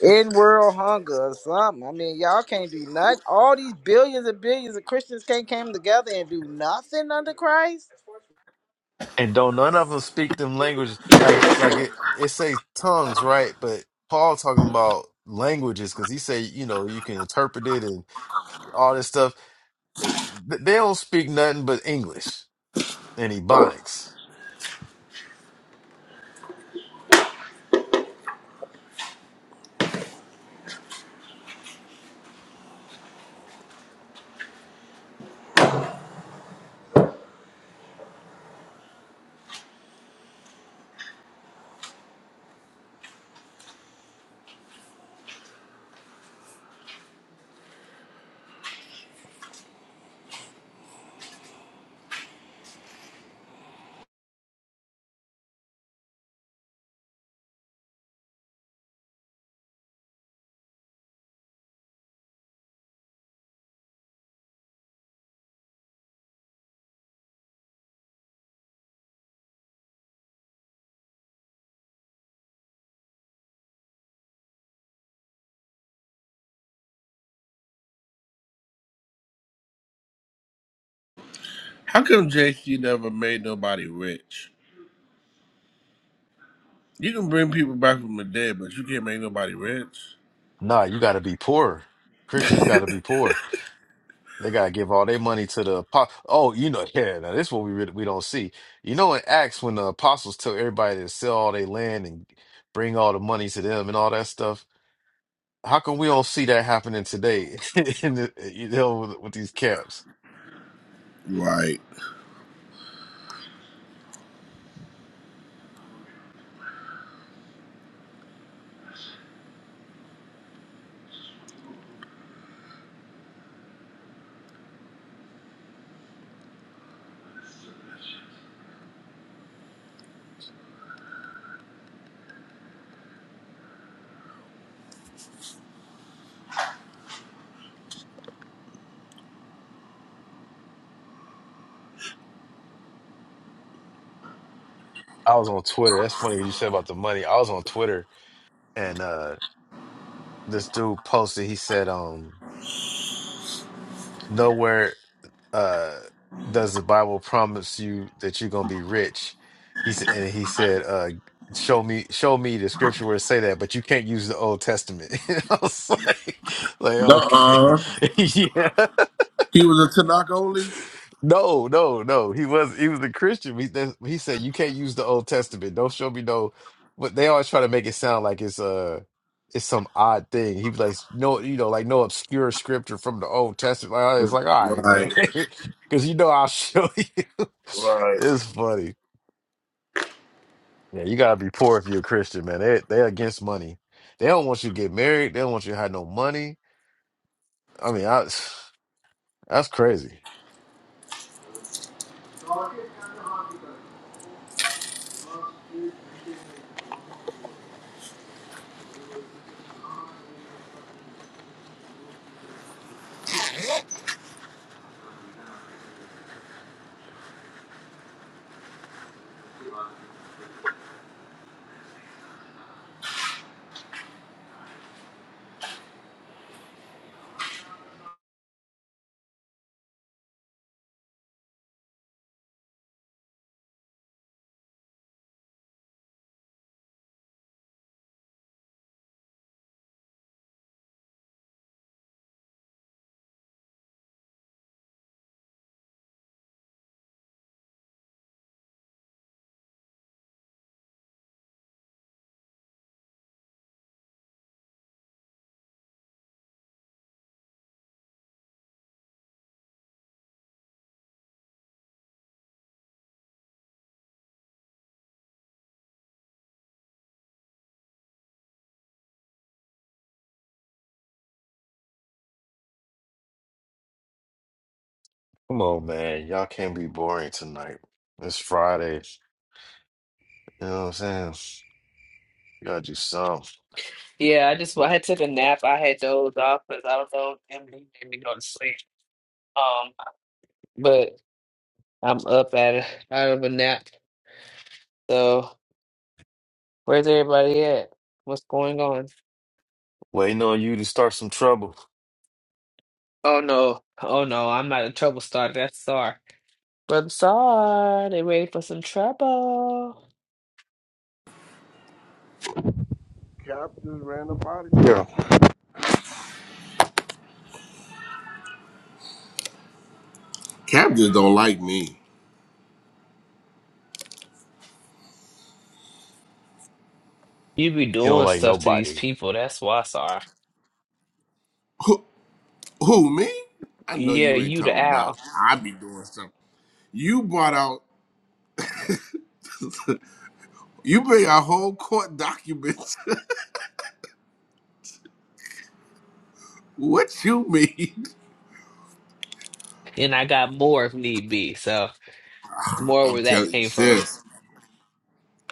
Speaker 1: In world hunger or something. I mean, y'all can't do nothing. All these billions and billions of Christians can't come together and do nothing under Christ?
Speaker 6: And don't none of them speak them languages. Like like it it says tongues, right? But Paul talking about languages because he say you know you can interpret it and all this stuff. Eh, th- They don't speak nothing but English and Ebonics.
Speaker 22: How come JC never made nobody rich? You can bring people back from the dead, but you can't make nobody rich.
Speaker 6: Nah, you got to be poor. Christians got to be poor. They got to give all their money to the apo- oh you know yeah now this is what we really, we don't see. You know in Acts when the apostles tell everybody to sell all their land and bring all the money to them and all that stuff How come we don't see that happening today? (laughs) in the, you know, with, with these camps.
Speaker 22: Right.
Speaker 6: I was on Twitter. That's funny what you said about the money. I was on Twitter and uh this dude posted. He said, um, nowhere uh does the Bible promise you that you're gonna be rich. He said, and he said, uh, show me, show me the scripture where it say that, but you can't use the Old Testament. (laughs) I was like, like okay,
Speaker 22: Nuh-uh.
Speaker 6: (laughs) yeah.
Speaker 22: He was a Tanakh only?
Speaker 6: No, no, no. He was he was a Christian. He, that, he said you can't use the Old Testament. Don't show me no. But they always try to make it sound like it's uh it's some odd thing. He was like no, you know, like no obscure scripture from the Old Testament. Like it's like all right, man,
Speaker 22: Right,
Speaker 6: (laughs) because you know I'll show you. (laughs)
Speaker 22: right.
Speaker 6: It's funny. Yeah, you gotta be poor if you're a Christian, man. They they're against money. They don't want you to get married. They don't want you to have no money. I mean, I, (sighs) that's crazy. Come on, man. Y'all can't be boring tonight. It's Friday. You know what I'm saying? gotta do something.
Speaker 5: Yeah, I just I had took a nap. I had dozed off because I was so empty, made me go to sleep. Um, but I'm up at it, out of a nap. So where's everybody at? What's going on?
Speaker 6: Waiting on you to start some trouble.
Speaker 5: Oh no, oh no, I'm not a trouble starter. That's Sar. Brother Sar, they ready for some trouble.
Speaker 22: Yeah. Captain don't like me.
Speaker 5: You be
Speaker 6: He don't
Speaker 5: doing
Speaker 6: like
Speaker 5: stuff to these
Speaker 6: nobody.
Speaker 5: people. That's why, Sar.
Speaker 22: Who, who me? I know
Speaker 5: Yeah,
Speaker 22: you ain't
Speaker 5: you the
Speaker 22: talking about.
Speaker 5: owl,
Speaker 22: I be doing something. You brought out. (laughs) you bring out whole court documents. (laughs) what you mean?
Speaker 5: and I got more if need be. So it's more
Speaker 22: I'm
Speaker 5: where that
Speaker 22: telling you,
Speaker 5: came from.
Speaker 22: sis.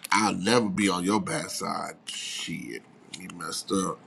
Speaker 22: I'll never be on your bad side. Shit, you messed up.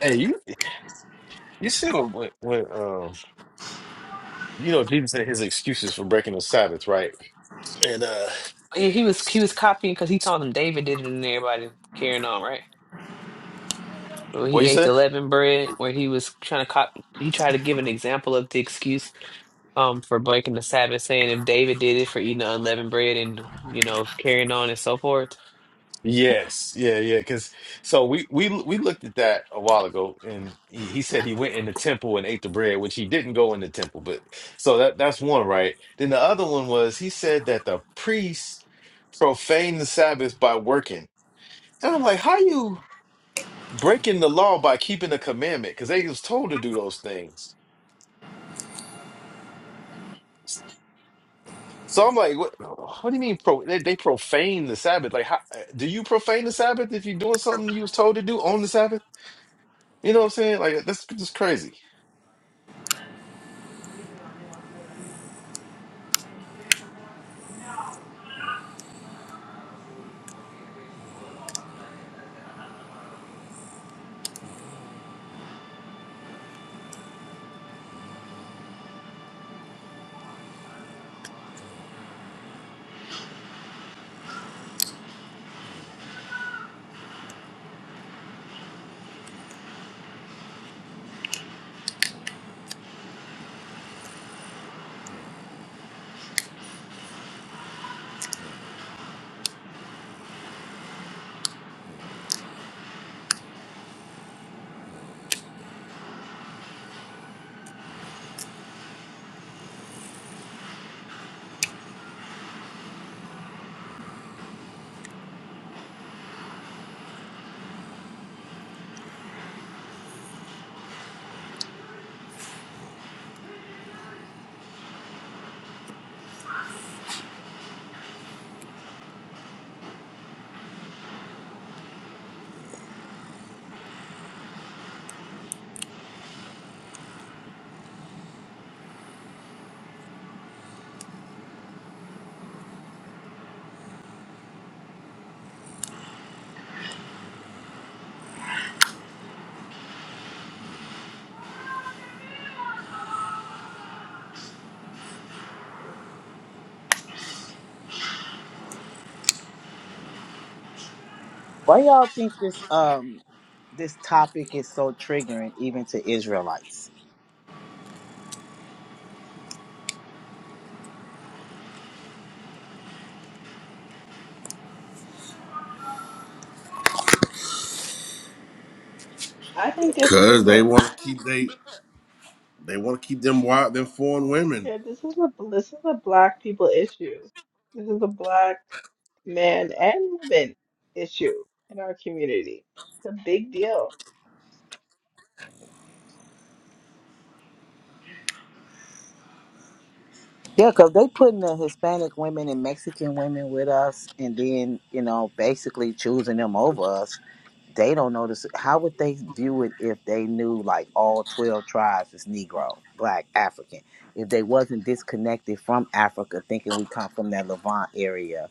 Speaker 6: Hey, you you see what when, when um you know Jesus said his excuses for breaking the Sabbath, right? And uh
Speaker 5: Yeah, he was he was copying because he told them David did it and everybody carrying on, right? Where
Speaker 6: what
Speaker 5: he
Speaker 6: you
Speaker 5: ate
Speaker 6: say?
Speaker 5: the leavened bread, where he was trying to cop, he tried to give an example of the excuse um for breaking the Sabbath, saying if David did it for eating the unleavened bread and you know carrying on and so forth.
Speaker 6: Yes, yeah, yeah. Cause so we we we looked at that a while ago and he, he said he went in the temple and ate the bread, which he didn't go in the temple, but so that that's one, right? Then the other one was he said that the priests profaned the Sabbath by working. And I'm like, how you? breaking the law by keeping the commandment because they was told to do those things. So I'm like, what? What do you mean? Pro, they, they profane the Sabbath? Like, how do you profane the Sabbath if you're doing something you was told to do on the Sabbath? You know what I'm saying? Like, that's just crazy.
Speaker 1: Why y'all think this um this topic is so triggering even to Israelites?
Speaker 3: I think it's
Speaker 22: Cause
Speaker 3: because.
Speaker 22: they want to keep they they want to keep them wild them foreign women.
Speaker 3: Yeah, this is a this is a black people issue. This is a black man and woman issue in our community. It's a big deal.
Speaker 1: Yeah, cause they putting the Hispanic women and Mexican women with us, and then you know basically choosing them over us. They don't notice. How would they view it if they knew like all twelve tribes is Negro, Black, African? If they wasn't disconnected from Africa, thinking we come from that Levant area,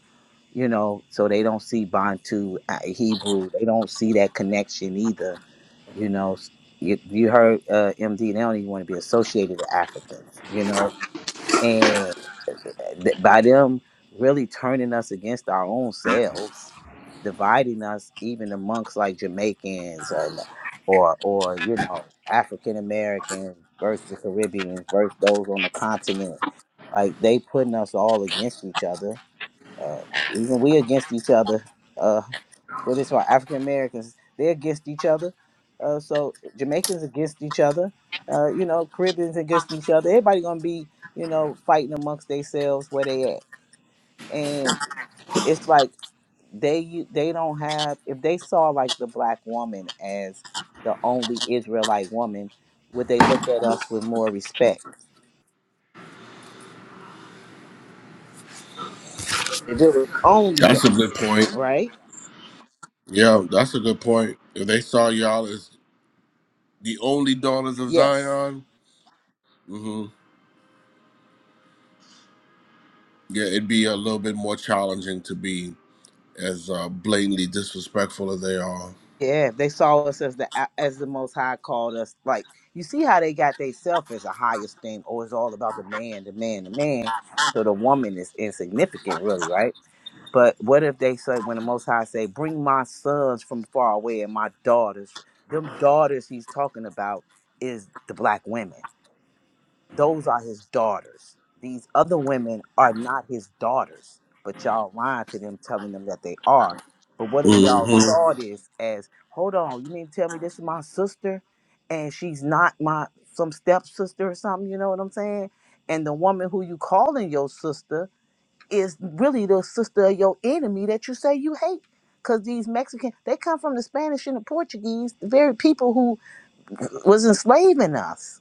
Speaker 1: you know, so they don't see Bantu, uh, Hebrew. They don't see that connection either, you know. You, you heard uh, MD. They don't even want to be associated with Africans, you know, that by them really turning us against our own selves, dividing us even amongst like Jamaicans or or you know African Americans versus the Caribbeans, those on the continent. Like they putting us all against each other. Uh, even we against each other. Uh, but it's why African Americans they're against each other. Uh, so Jamaicans against each other. Uh, you know Caribbeans against each other. Everybody gonna be you know fighting amongst themselves where they at and it's like they u- they don't have if they saw like the black woman as the only Israelite woman, would they look at us with more respect? If it was only
Speaker 22: That's a
Speaker 1: us,
Speaker 22: good point.
Speaker 1: right?
Speaker 22: Yeah, that's a good point. If they saw y'all as the only daughters of
Speaker 1: Yes,
Speaker 22: Zion. hmm Yeah, it'd be a little bit more challenging to be as uh, blatantly disrespectful as they are.
Speaker 1: yeah. If they saw us as the as the Most High called us, like you see how they got theyself as a highest thing, or it's all about the man, the man, the man. So the woman is insignificant, really, right? But what if they say, when the Most High say, "Bring my sons from far away and my daughters," them daughters he's talking about is the black women. Those are his daughters. These other women are not his daughters, but y'all lying to them, telling them that they are. But what if y'all
Speaker 22: hmm
Speaker 1: saw this as, "Hold on, you mean to tell me this is my sister, and she's not my some stepsister or something?" You know what I'm saying? And the woman who you calling your sister is really the sister of your enemy that you say you hate. Because these Mexicans, they come from the Spanish and the Portuguese, the very people who was enslaving us.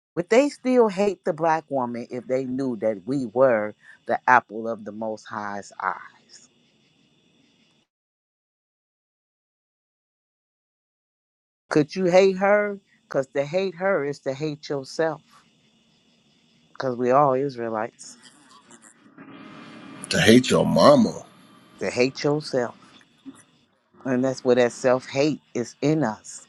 Speaker 1: But they still hate the black woman if they knew that we were the apple of the Most High's eyes. Could you hate her? Because to hate her is to hate yourself. Because we all Israelites.
Speaker 22: To hate your mama.
Speaker 1: To hate yourself. And that's where that self hate is in us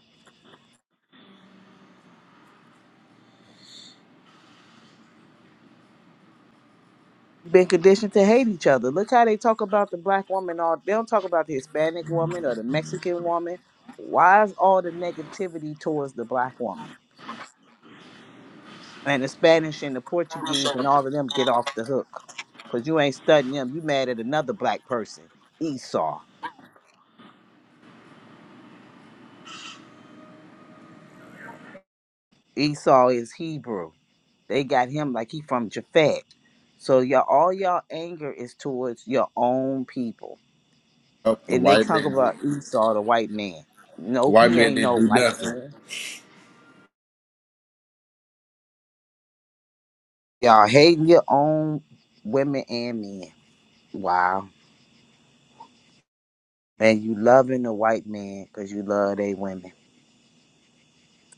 Speaker 1: been conditioned to hate each other. Look how they talk about the black woman. All they don't talk about the Hispanic woman or the Mexican woman. Why is all the negativity towards the black woman and the Spanish and the Portuguese and all of them get off the hook? Cause you ain't studying them. You mad at another black person, Esau. Esau is Hebrew. They got him like he from Japhet. So y'all, all y'all anger is towards your own people,
Speaker 22: Up The
Speaker 1: and they
Speaker 22: white
Speaker 1: talk about
Speaker 22: man,
Speaker 1: Esau, the white man.
Speaker 22: the
Speaker 1: Nope,
Speaker 22: white
Speaker 1: he
Speaker 22: man
Speaker 1: ain't
Speaker 22: didn't
Speaker 1: no
Speaker 22: do
Speaker 1: white
Speaker 22: nothing.
Speaker 1: man. Y'all hating your own women and men. Wow. And you loving the white man because you love they women.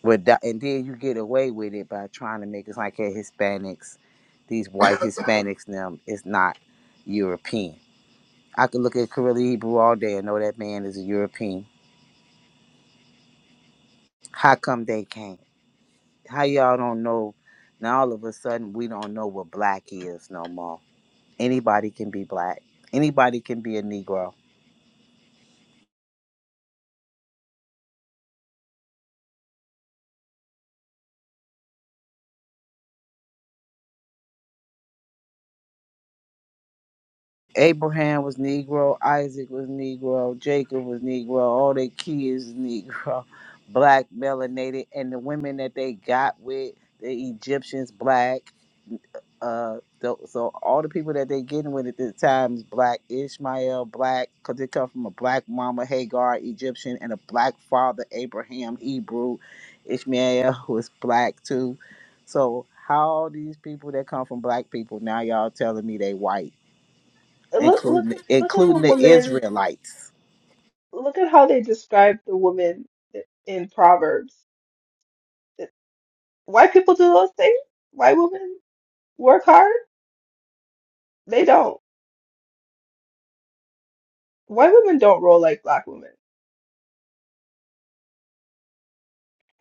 Speaker 1: But that, and then you get away with it by trying to make it like hey, Hispanics, these white (laughs) Hispanics, them is not European. I could look at Kareli Hebrew all day and know that man is a European. How come they can't? How y'all don't know? Now all of a sudden we don't know what black is no more. Anybody can be black. Anybody can be a Negro Abraham was Negro, Isaac was Negro, Jacob was Negro, all their kids was Negro, (laughs) black, melanated, and the women that they got with, the Egyptians, black. Uh, tho- so all the people that they getting with at this time is black. Ishmael, black, because they come from a black mama, Hagar, Egyptian, and a black father, Abraham, Hebrew. Ishmael (laughs) was black too. So how all these people that come from black people now y'all telling me they white?
Speaker 3: And Look look
Speaker 1: including
Speaker 3: look at the
Speaker 1: including the
Speaker 3: woman.
Speaker 1: Israelites.
Speaker 3: Look at how they describe the woman i- in Proverbs. It- White people do those things. White women work hard. They don't. White women don't roll like black women.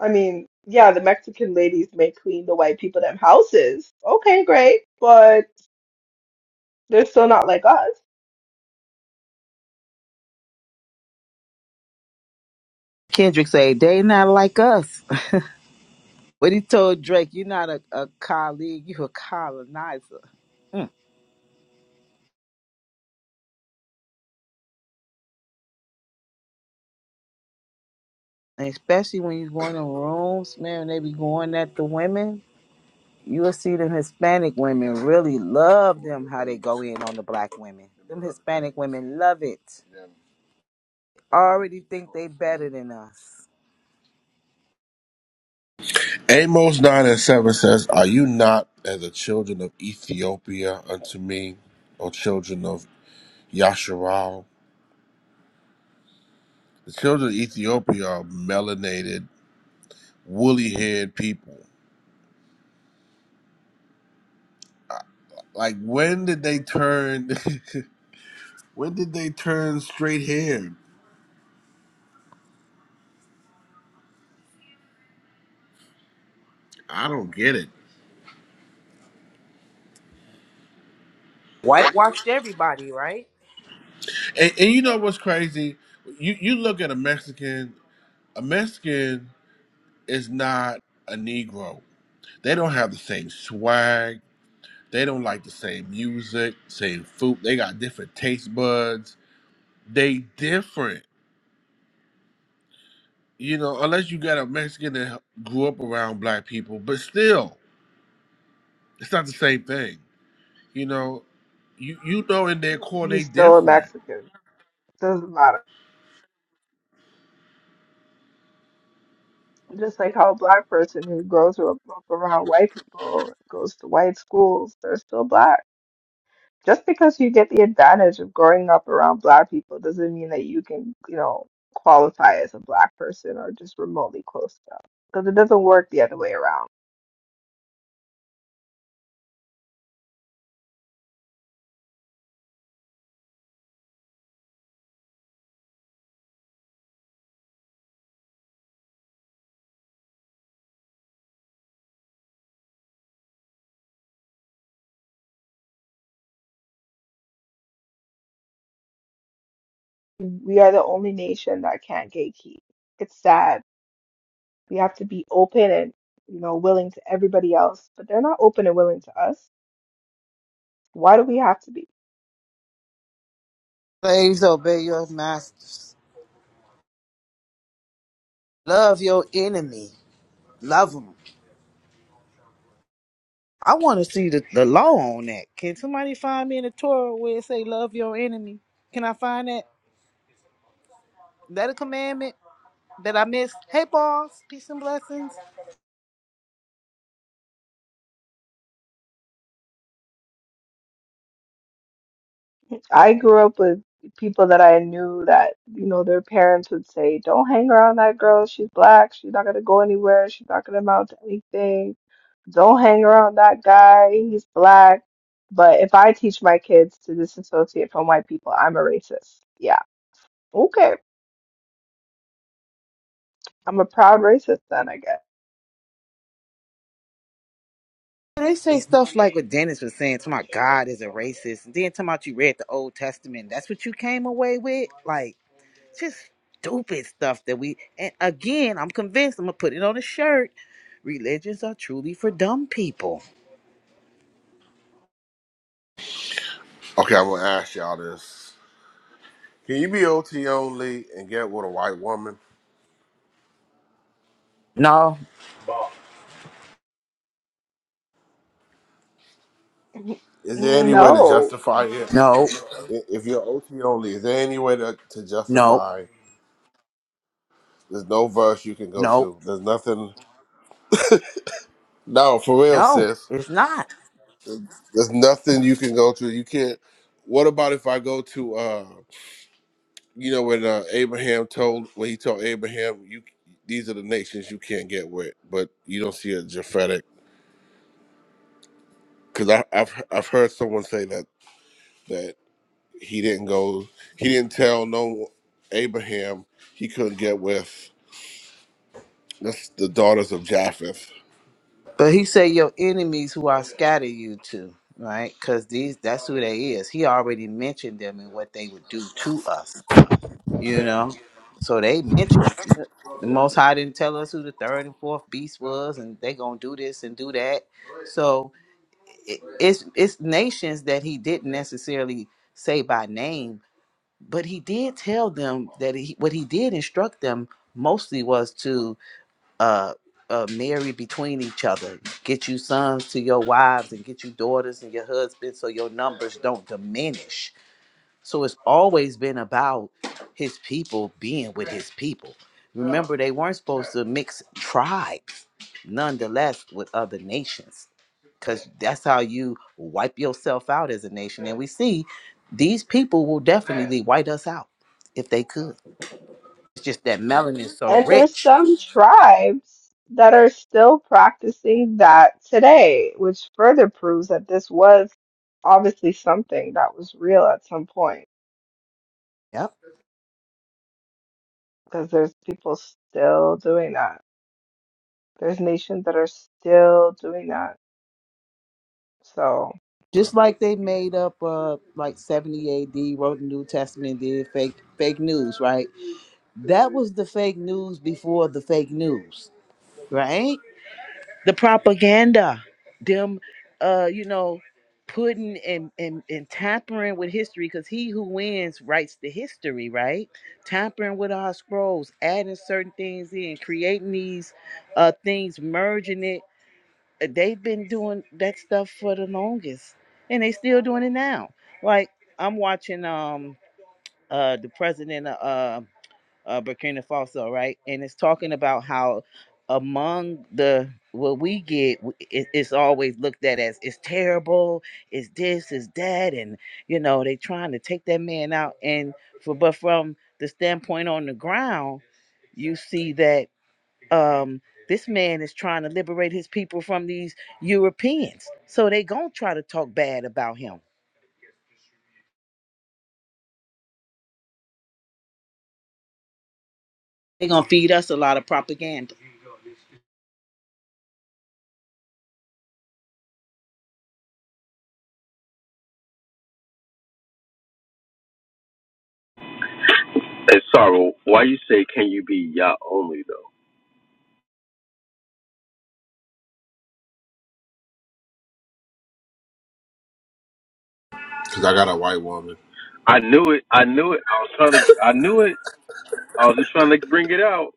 Speaker 3: I mean, yeah, the Mexican ladies may clean the white people them houses. Okay, great, but they're still not like us.
Speaker 1: Kendrick said they not like us. (laughs) But he told Drake, "You're not a, a colleague, you a colonizer." Mm. And especially when you go in the rooms, man, and they be going at the women. You will see them Hispanic women really love them how they go in on the black women. Them Hispanic women love it. Already think they better than us.
Speaker 22: Amos nine and seven says, "Are you not as the children of Ethiopia unto me, O children of Yasharal?" The children of Ethiopia are melanated, woolly-haired people. Like, when did they turn? (laughs) When did they turn straight hair? I don't get it.
Speaker 1: Whitewashed everybody, right?
Speaker 22: And, and you know what's crazy? You you look at a Mexican. A Mexican is not a Negro. They don't have the same swag. They don't like the same music, same food. They got different taste buds. They different. You know, unless you got a Mexican that grew up around black people, but still, it's not the same thing. You know, you you know in their core they
Speaker 3: He's still a
Speaker 22: different.
Speaker 3: Mexican. Doesn't matter. Just like how a black person who grows up, up around white people goes to white schools, they're still black. Just because you get the advantage of growing up around black people doesn't mean that you can, you know, qualify as a black person or just remotely close to them. Because it doesn't work the other way around. We are the only nation that can't gatekeep. It's sad. We have to be open and, you know, willing to everybody else, but they're not open and willing to us. Why do we have to be?
Speaker 1: Slaves obey your masters. Love your enemy. Love 'em. I want to see the, the law on that. Can somebody find me in the Torah where it say love your enemy? Can I find that? That a commandment that I missed? Hey, boss, peace and blessings.
Speaker 3: I grew up with people that I knew that, you know, their parents would say, Don't hang around that girl. She's black. She's not going to go anywhere. She's not going to amount to anything. Don't hang around that guy. He's black. But if I teach my kids to disassociate from white people, I'm a racist. Yeah. Okay. I'm a proud racist then, I
Speaker 1: They say stuff like what Dennis was saying. To my God is a racist, and then talking about you read the Old Testament. That's what you came away with. Like just stupid stuff that we. And again, I'm convinced. I'm gonna put it on a shirt. Religions are truly for dumb people.
Speaker 22: Okay, I'm gonna ask y'all this. Can you be OT only and get with a white woman?
Speaker 1: No,
Speaker 3: guess. (laughs)
Speaker 22: Is there any way to
Speaker 3: No.
Speaker 22: justify it?
Speaker 1: no,
Speaker 22: I- If you're OT only, is there any way to, to
Speaker 1: no,
Speaker 22: justify? There's no verse you can go
Speaker 1: no,
Speaker 22: to. There's nothing. No, for real,
Speaker 1: no.
Speaker 22: sis.
Speaker 1: It's not.
Speaker 22: There's nothing you can go to. You can't. What about if I go to, uh, you know, when uh, Abraham told, when he told Abraham, you, these are the nations you can't get with, but you don't see a Japhetic, because I've I've heard someone say that that. he didn't go he didn't tell no abraham he couldn't get with that's the daughters of japheth
Speaker 1: But he said your enemies who I scatter you to, right? Because these that's who they is. He already mentioned them and what they would do to us, you know. So they mentioned it. the Most High didn't tell us who the third and fourth beast was, and they gonna do this and do that. So it, it's it's nations that he didn't necessarily say by name, but he did tell them that he, what he did instruct them mostly was to uh, uh, marry between each other. Get you sons to your wives and get you daughters and your husbands so your numbers don't diminish. So it's always been about his people being with his people. Remember, they weren't supposed to mix tribes, nonetheless, with other nations, because that's how you wipe yourself out as a nation. And we see these people will definitely white us out if they could. It's just that melanin is so
Speaker 3: And there's
Speaker 1: rich.
Speaker 3: some tribes that are still practicing that today, which further proves that this was obviously something that was real at some point,
Speaker 1: Yep.
Speaker 3: because there's people still doing that. There's nations that are still doing that. So
Speaker 1: Just like they made up uh like 70 AD, wrote the New Testament, did fake fake news, right? That was the fake news before the fake news, right? The propaganda, them uh, you know, putting and and, and tampering with history, because he who wins writes the history, right? Tampering with our scrolls, adding certain things in, creating these uh things, merging it they've been doing that stuff for the longest and they still doing it now like i'm watching um uh the president of uh, uh burkina faso right and it's talking about how among the what we get w- it, it's always looked at as it's terrible it's this it's that and you know they trying to take that man out and for but from the standpoint on the ground you see that um this man is trying to liberate his people from these europeans so they gonna try to talk bad about him they gonna feed us a lot of propaganda
Speaker 6: Well, Why you say can you be Yah only though?
Speaker 22: because i got a white woman
Speaker 6: I knew it. I knew it. I was trying to. I knew it. I was just trying to bring it out.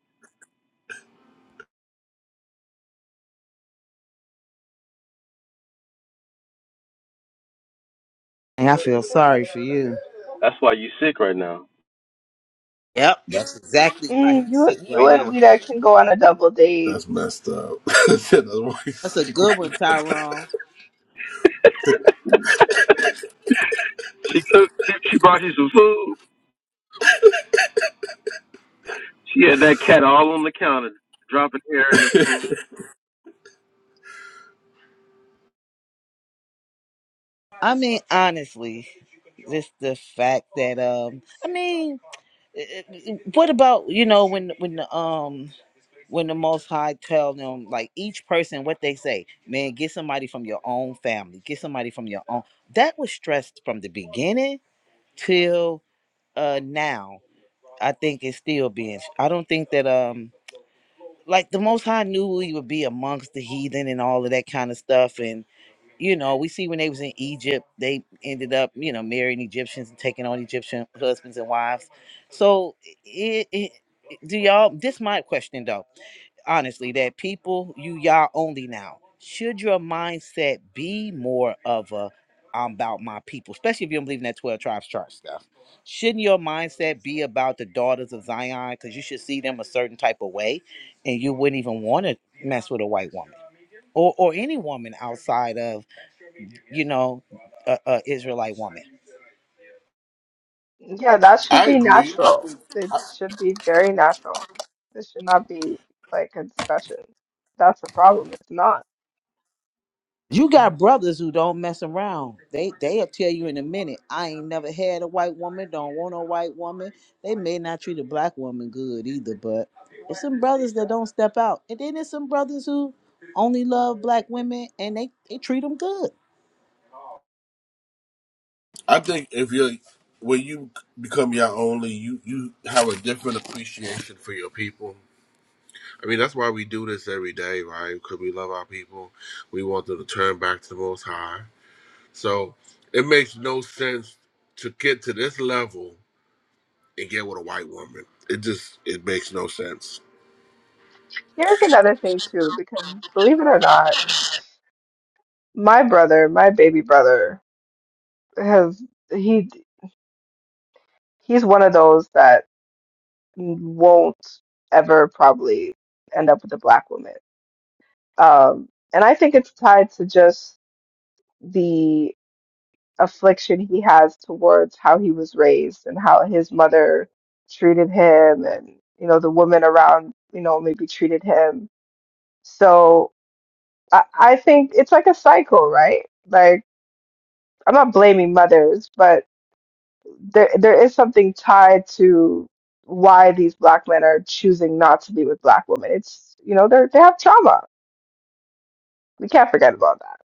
Speaker 1: And I feel sorry for you.
Speaker 6: That's why you sick right now.
Speaker 1: yep that's exactly why
Speaker 3: mm,
Speaker 1: he's
Speaker 3: you
Speaker 1: sick
Speaker 3: and- you
Speaker 1: right
Speaker 3: and
Speaker 1: now
Speaker 3: Wida can go on a double date.
Speaker 22: that's messed up (laughs) That's why he's
Speaker 1: that's a
Speaker 22: sick.
Speaker 1: good
Speaker 22: (laughs)
Speaker 1: one tyrone
Speaker 6: She cooked. She, she brought you some food. She had that cat all on the counter, dropping air in the food.
Speaker 1: i mean honestly just the fact that um i mean eh, eh, eh, what about you know when when the, um when the Most High tell them, like each person, what they say, man, get somebody from your own family, get somebody from your own. That was stressed from the beginning till uh now. I think it's still being. I don't think that um like the Most High knew we would be amongst the heathen and all of that kind of stuff, and you know we see when they was in Egypt, they ended up you know marrying Egyptians and taking on Egyptian husbands and wives. So it, it do y'all? This my question though honestly that people you y'all only now should your mindset be more of a i'm about my people especially if you don't believe in that 12 tribes chart stuff shouldn't your mindset be about the daughters of zion because you should see them a certain type of way and you wouldn't even want to mess with a white woman or, or any woman outside of you know a, a israelite woman
Speaker 3: Yeah, that should
Speaker 22: i
Speaker 3: be
Speaker 22: agree i
Speaker 3: natural.
Speaker 22: think
Speaker 3: It should be very natural. This should not be like a discussion. That's the problem. It's not.
Speaker 1: You got brothers who don't mess around. They they'll tell you in a minute. I ain't never had a white woman. Don't want a white woman. They may not treat a black woman good either, but there's some brothers that don't step out, and then there's some brothers who only love black women and they they treat them good.
Speaker 22: i think if you're when you become your only you you have a different appreciation for your people i mean that's why we do this every day right because we love our people we want them to turn back to the most high so it makes no sense to get to this level and get with a white woman. It just it makes no sense.
Speaker 3: Here's another thing too, because believe it or not, my brother, my baby brother, has he he's one of those that won't ever probably end up with a black woman. Um, and I think it's tied to just the affliction he has towards how he was raised and how his mother treated him and you know the women around you know maybe treated him. So I, I think it's like a cycle, right? Like I'm not blaming mothers, but there there is something tied to why these black men are choosing not to be with black women. It's you know they they have trauma. We can't forget about that.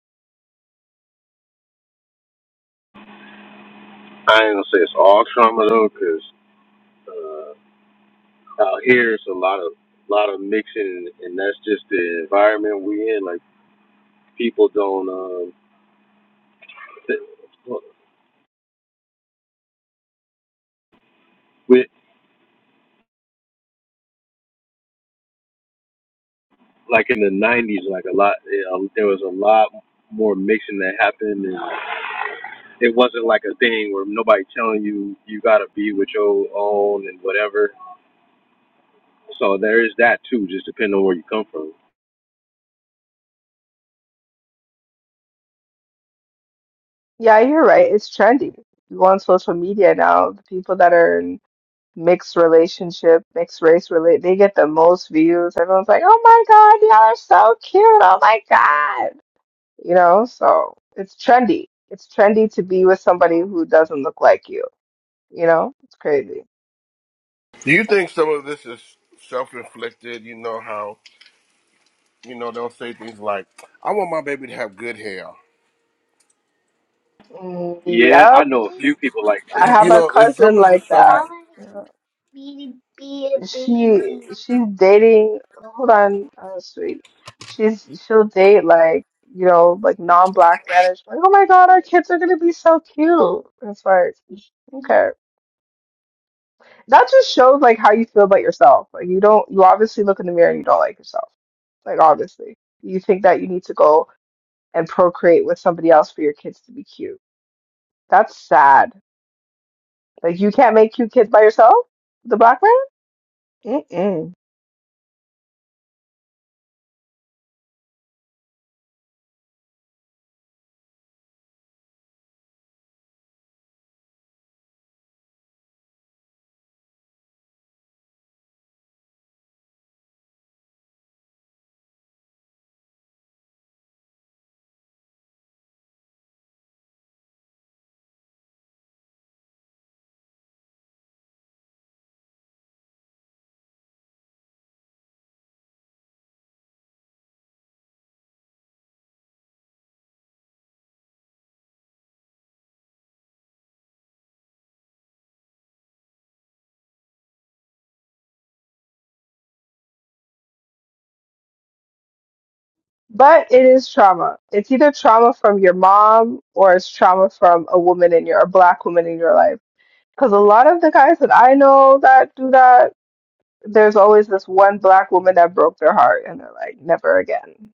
Speaker 6: I ain't gonna say it's all trauma though, 'cause uh, out here it's a lot of lot of mixing, and that's just the environment we in. Like people don't um, th- well, with like in the '90s, like a lot you know, there was a lot more mixing that happened, and it wasn't like a thing where nobody telling you you gotta be with your own and whatever. So there is that too, just depending on where you come from.
Speaker 3: Yeah, you're right. It's trendy. You go on social media now. The people that are in mixed relationship, mixed race relate, they get the most views. Everyone's like, "Oh my God, y'all are so cute! Oh my God!" You know, so it's trendy. It's trendy to be with somebody who doesn't look like you. You know, it's crazy.
Speaker 22: Do you think some of this is self inflicted? You know how you know they'll say things like, "I want my baby to have good hair."
Speaker 3: Mm,
Speaker 6: Yeah, I
Speaker 3: Yep,
Speaker 6: know a few
Speaker 22: You,
Speaker 6: people like
Speaker 3: I
Speaker 22: you, you
Speaker 3: have
Speaker 6: that.
Speaker 3: a
Speaker 22: know, is some
Speaker 3: cousin
Speaker 22: of
Speaker 3: like
Speaker 22: this self
Speaker 3: that.
Speaker 22: inflicted?
Speaker 3: Yeah. She she's dating. Hold on, uh, sweet. She's she'll date like you know like non-black men. And she's like, oh my God, our kids are gonna be so cute. It's like, okay, that just shows like how you feel about yourself. Like you don't you obviously look in the mirror and you don't like yourself. Like obviously, you think that you need to go and procreate with somebody else for your kids to be cute. That's sad. Like you can't make cute kids by yourself, the black man. Mm-mm. But it is trauma. It's either trauma from your mom or it's trauma from a woman in your, a black woman in your life. Because a lot of the guys that I know that do that, there's always this one black woman that broke their heart and they're like, never again.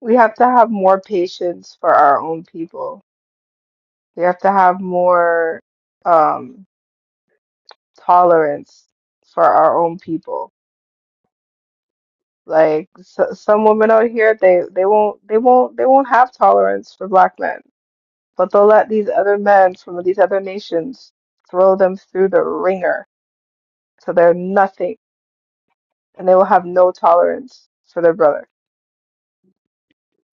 Speaker 3: We have to have more patience for our own people. We have to have more um, tolerance for our own people Like so, some women out here, they they won't they won't they won't have tolerance for black men, but they'll let these other men from these other nations throw them through the ringer, so they're nothing, and they will have no tolerance for their brother.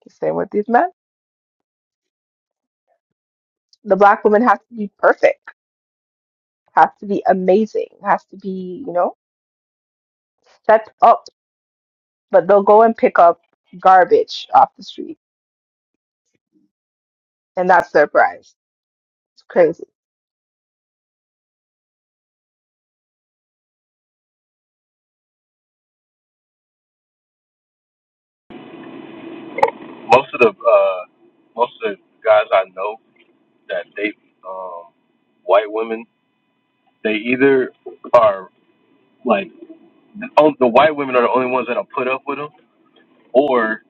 Speaker 3: The same with these men. The black woman has to be perfect, has to be amazing, has to be, you know, set up, but they'll go and pick up garbage off the street, and that's their prize. It's
Speaker 6: Most of the uh, most of the guys I know that they um white women they either are like the, on- the white women are the only ones that'll put up with them, or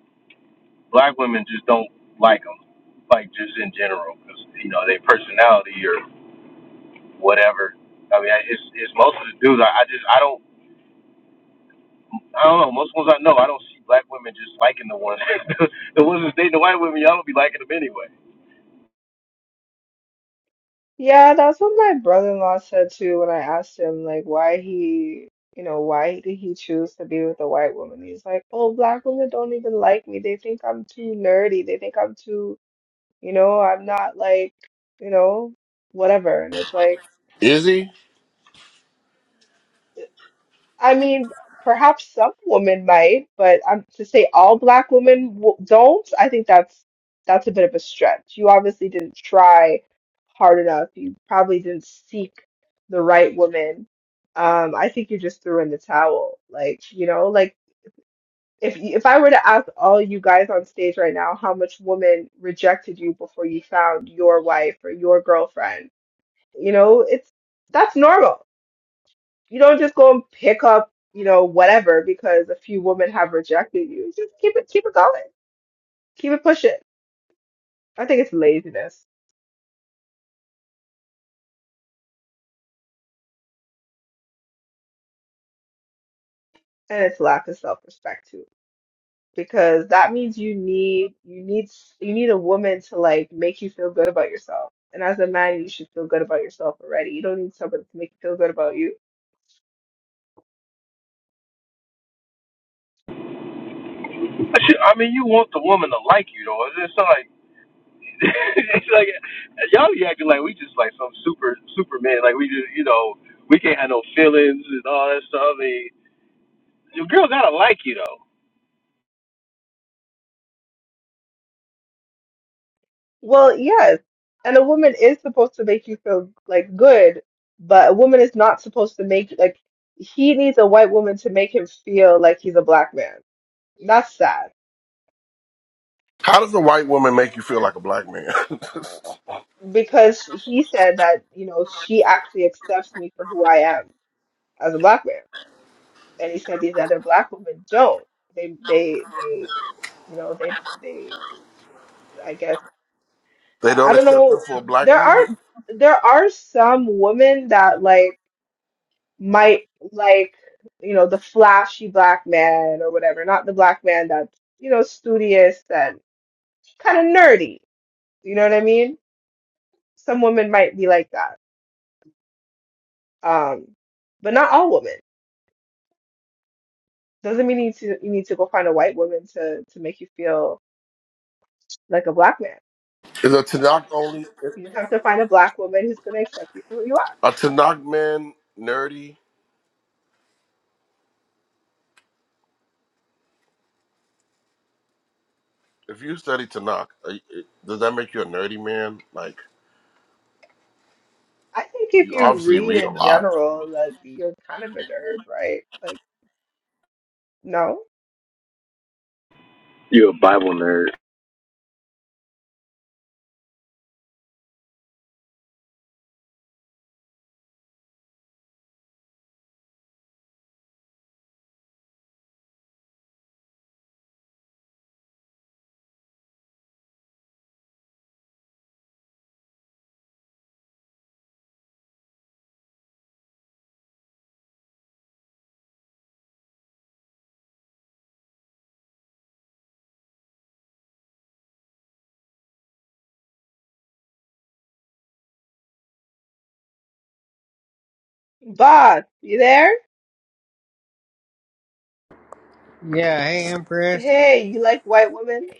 Speaker 6: black women just don't like them, like just in general, because you know their personality or whatever. I mean, I- it's it's most of the dudes. I, I just I don't I don't know. Most ones I know, I don't see black women just liking the ones (laughs) the ones that's dating the white women. Y'all don't be liking them anyway.
Speaker 3: Yeah, that's what my brother-in-law said too when I asked him like why he, you know, why did he choose to be with a white woman? He's like, "Oh, black women don't even like me. They think I'm too nerdy. They think I'm too, you know, I'm not like, you know, whatever." And it's like
Speaker 22: is he?
Speaker 3: I mean, perhaps some women might, but um, to say all black women w don't, I think that's that's a bit of a stretch. You obviously didn't try hard enough. You probably didn't seek the right woman. Um, I think you just threw in the towel. Like, you know, like if y- if I were to ask all you guys on stage right now how much women rejected you before you found your wife or your girlfriend, you know, it's that's normal you don't just go and pick up, you know, whatever because a few women have rejected you. Just keep it keep it going. Keep it pushing. I think it's laziness and it's lack of self-respect because that means you need you need s- you need a woman to like make you feel good about yourself. And as a man, you should feel good about yourself already. You don't need somebody to make you feel good about you.
Speaker 6: I should- I mean, you want the woman to like you though. It's just like (laughs) it's like y'all be acting like we just like some super Superman. Like we just you know we can't have no feelings and all that stuff. I mean, your girl gotta like you though.
Speaker 3: Well, yes. And a woman is supposed to make you feel like good, but a woman is not supposed to make like he needs a white woman to make him feel like he's a black man. That's sad
Speaker 22: How does a white woman make you feel like a black man? (laughs)
Speaker 3: because he said that, you know, she actually accepts me for who I am as a black man. And he said these other black women don't. They they they you know, they they I guess
Speaker 22: they
Speaker 3: I
Speaker 22: don't
Speaker 3: don't
Speaker 22: accept them
Speaker 3: know.
Speaker 22: for a black
Speaker 3: There
Speaker 22: man.
Speaker 3: are there are some women that like might like, you know, the flashy black man or whatever, not the black man that's, you know, studious and kind of nerdy. You know what I mean? Some women might be like that. Um, but not all women. Doesn't mean you need to you need to go find a white woman to to make you feel like a black man.
Speaker 22: Is a Tanakh only
Speaker 3: You just have to find a black woman who's gonna accept you for who you are.
Speaker 22: a Tanakh man nerdy? If you study Tanakh, are you- does that make you a nerdy man? Like
Speaker 3: I think if
Speaker 22: you
Speaker 3: you
Speaker 22: obviously
Speaker 3: read
Speaker 22: read a
Speaker 3: in
Speaker 22: lot.
Speaker 3: general, that you're kind of a nerd, right? Like, no.
Speaker 6: You a Bible nerd.
Speaker 3: Bob, you there?
Speaker 24: Yeah, hey Empress.
Speaker 3: Hey, you like white women?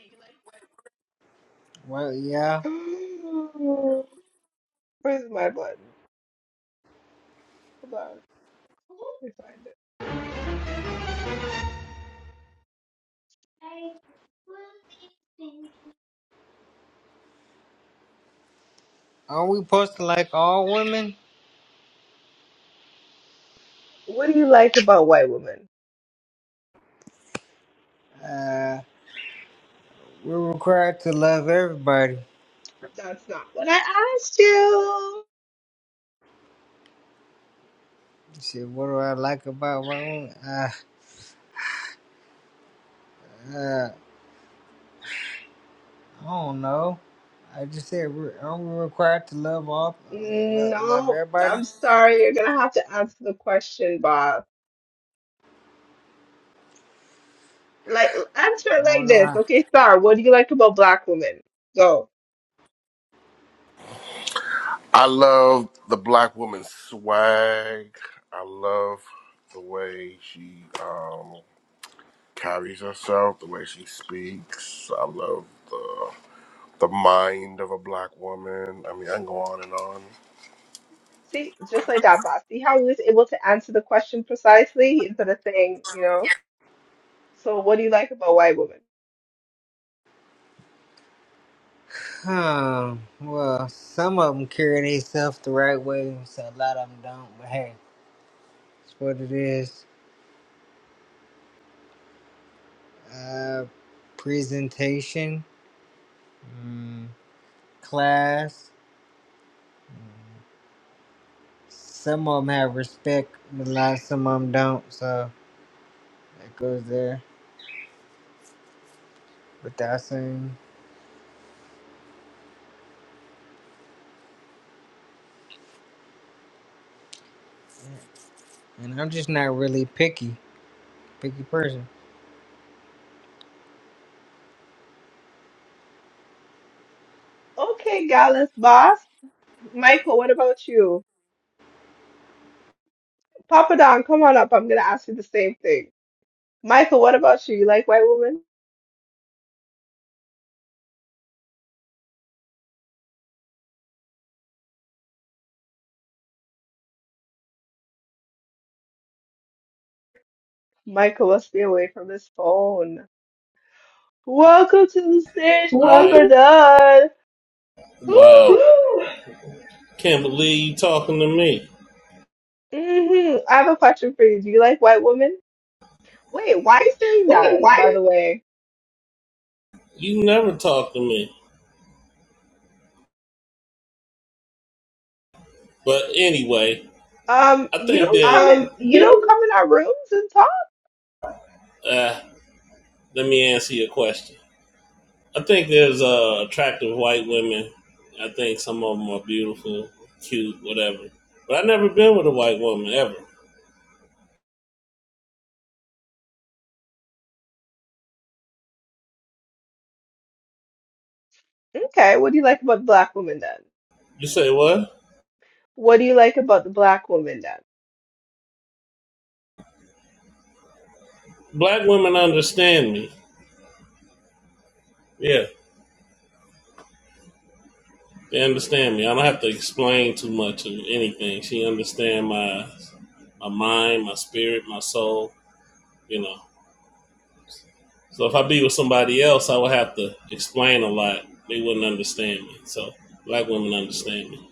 Speaker 24: Well, yeah.
Speaker 3: (gasps) Where's my button? Hold on. Let me find it.
Speaker 24: Aren't we supposed to like all women?
Speaker 3: What do you like about white women?
Speaker 24: Uh, we're required to love everybody. You
Speaker 3: That's not what I asked you.
Speaker 24: said, what do I like about women? Uh, uh, I don't know. I just said, we're- aren't we required to love all, love, love
Speaker 3: No,
Speaker 24: everybody?
Speaker 3: I'm sorry. You're gonna have to answer the question, Bob. Like, answer it
Speaker 24: I
Speaker 3: like
Speaker 24: don't know.
Speaker 3: this.
Speaker 24: how-
Speaker 3: Okay, Star, what do you like about black women? Go.
Speaker 22: I love the black woman's swag. I love the way she um, carries herself, the way she speaks. I love the the mind of a black woman. I mean, I can go on and on.
Speaker 3: See, just like that, boss. See how he was able to answer the question precisely instead of saying, you know, so what do you like about white women?
Speaker 24: Hmm. Well, some of them carry themselves the right way, so a lot of them don't. But hey, it's what it is. Uh, presentation, mm. class. Some of them have respect, but like some of them don't. So that goes there without saying. And I'm just not really picky, picky person.
Speaker 3: Okay, Gallus, boss. Michael, what about you? Papa Don, come on up. I'm gonna ask you the same thing. Michael, what about you? You like white women? Michael, let's stay away from his phone. Welcome to the stage,
Speaker 25: Right.
Speaker 3: Papa Don.
Speaker 25: Wow.
Speaker 3: Whew.
Speaker 25: Whew. Can't believe you talking to me.
Speaker 3: hmm I have a question for you. Do you like white women? Wait, why are you saying
Speaker 25: Wait,
Speaker 3: that, by
Speaker 25: why?
Speaker 3: the way?
Speaker 25: You never talk to me. But anyway,
Speaker 3: Um,
Speaker 25: I
Speaker 3: you
Speaker 25: think that
Speaker 3: don't come in
Speaker 25: Um, you
Speaker 3: you don't come
Speaker 25: do
Speaker 3: in our rooms and talk?
Speaker 25: uh, let me answer your question. I think there's uh, attractive white women. I think some of them are beautiful, cute, whatever. But I've never been with a white woman ever.
Speaker 3: Okay, what do you like about the black woman then?
Speaker 25: You say what?
Speaker 3: What do you like about the black woman then?
Speaker 25: Black women understand me. Yeah. They understand me. I don't have to explain too much of anything. She understand my my mind, my spirit, my soul, you know. So if I be with somebody else, I would have to explain a lot. They wouldn't understand me. So black women understand me.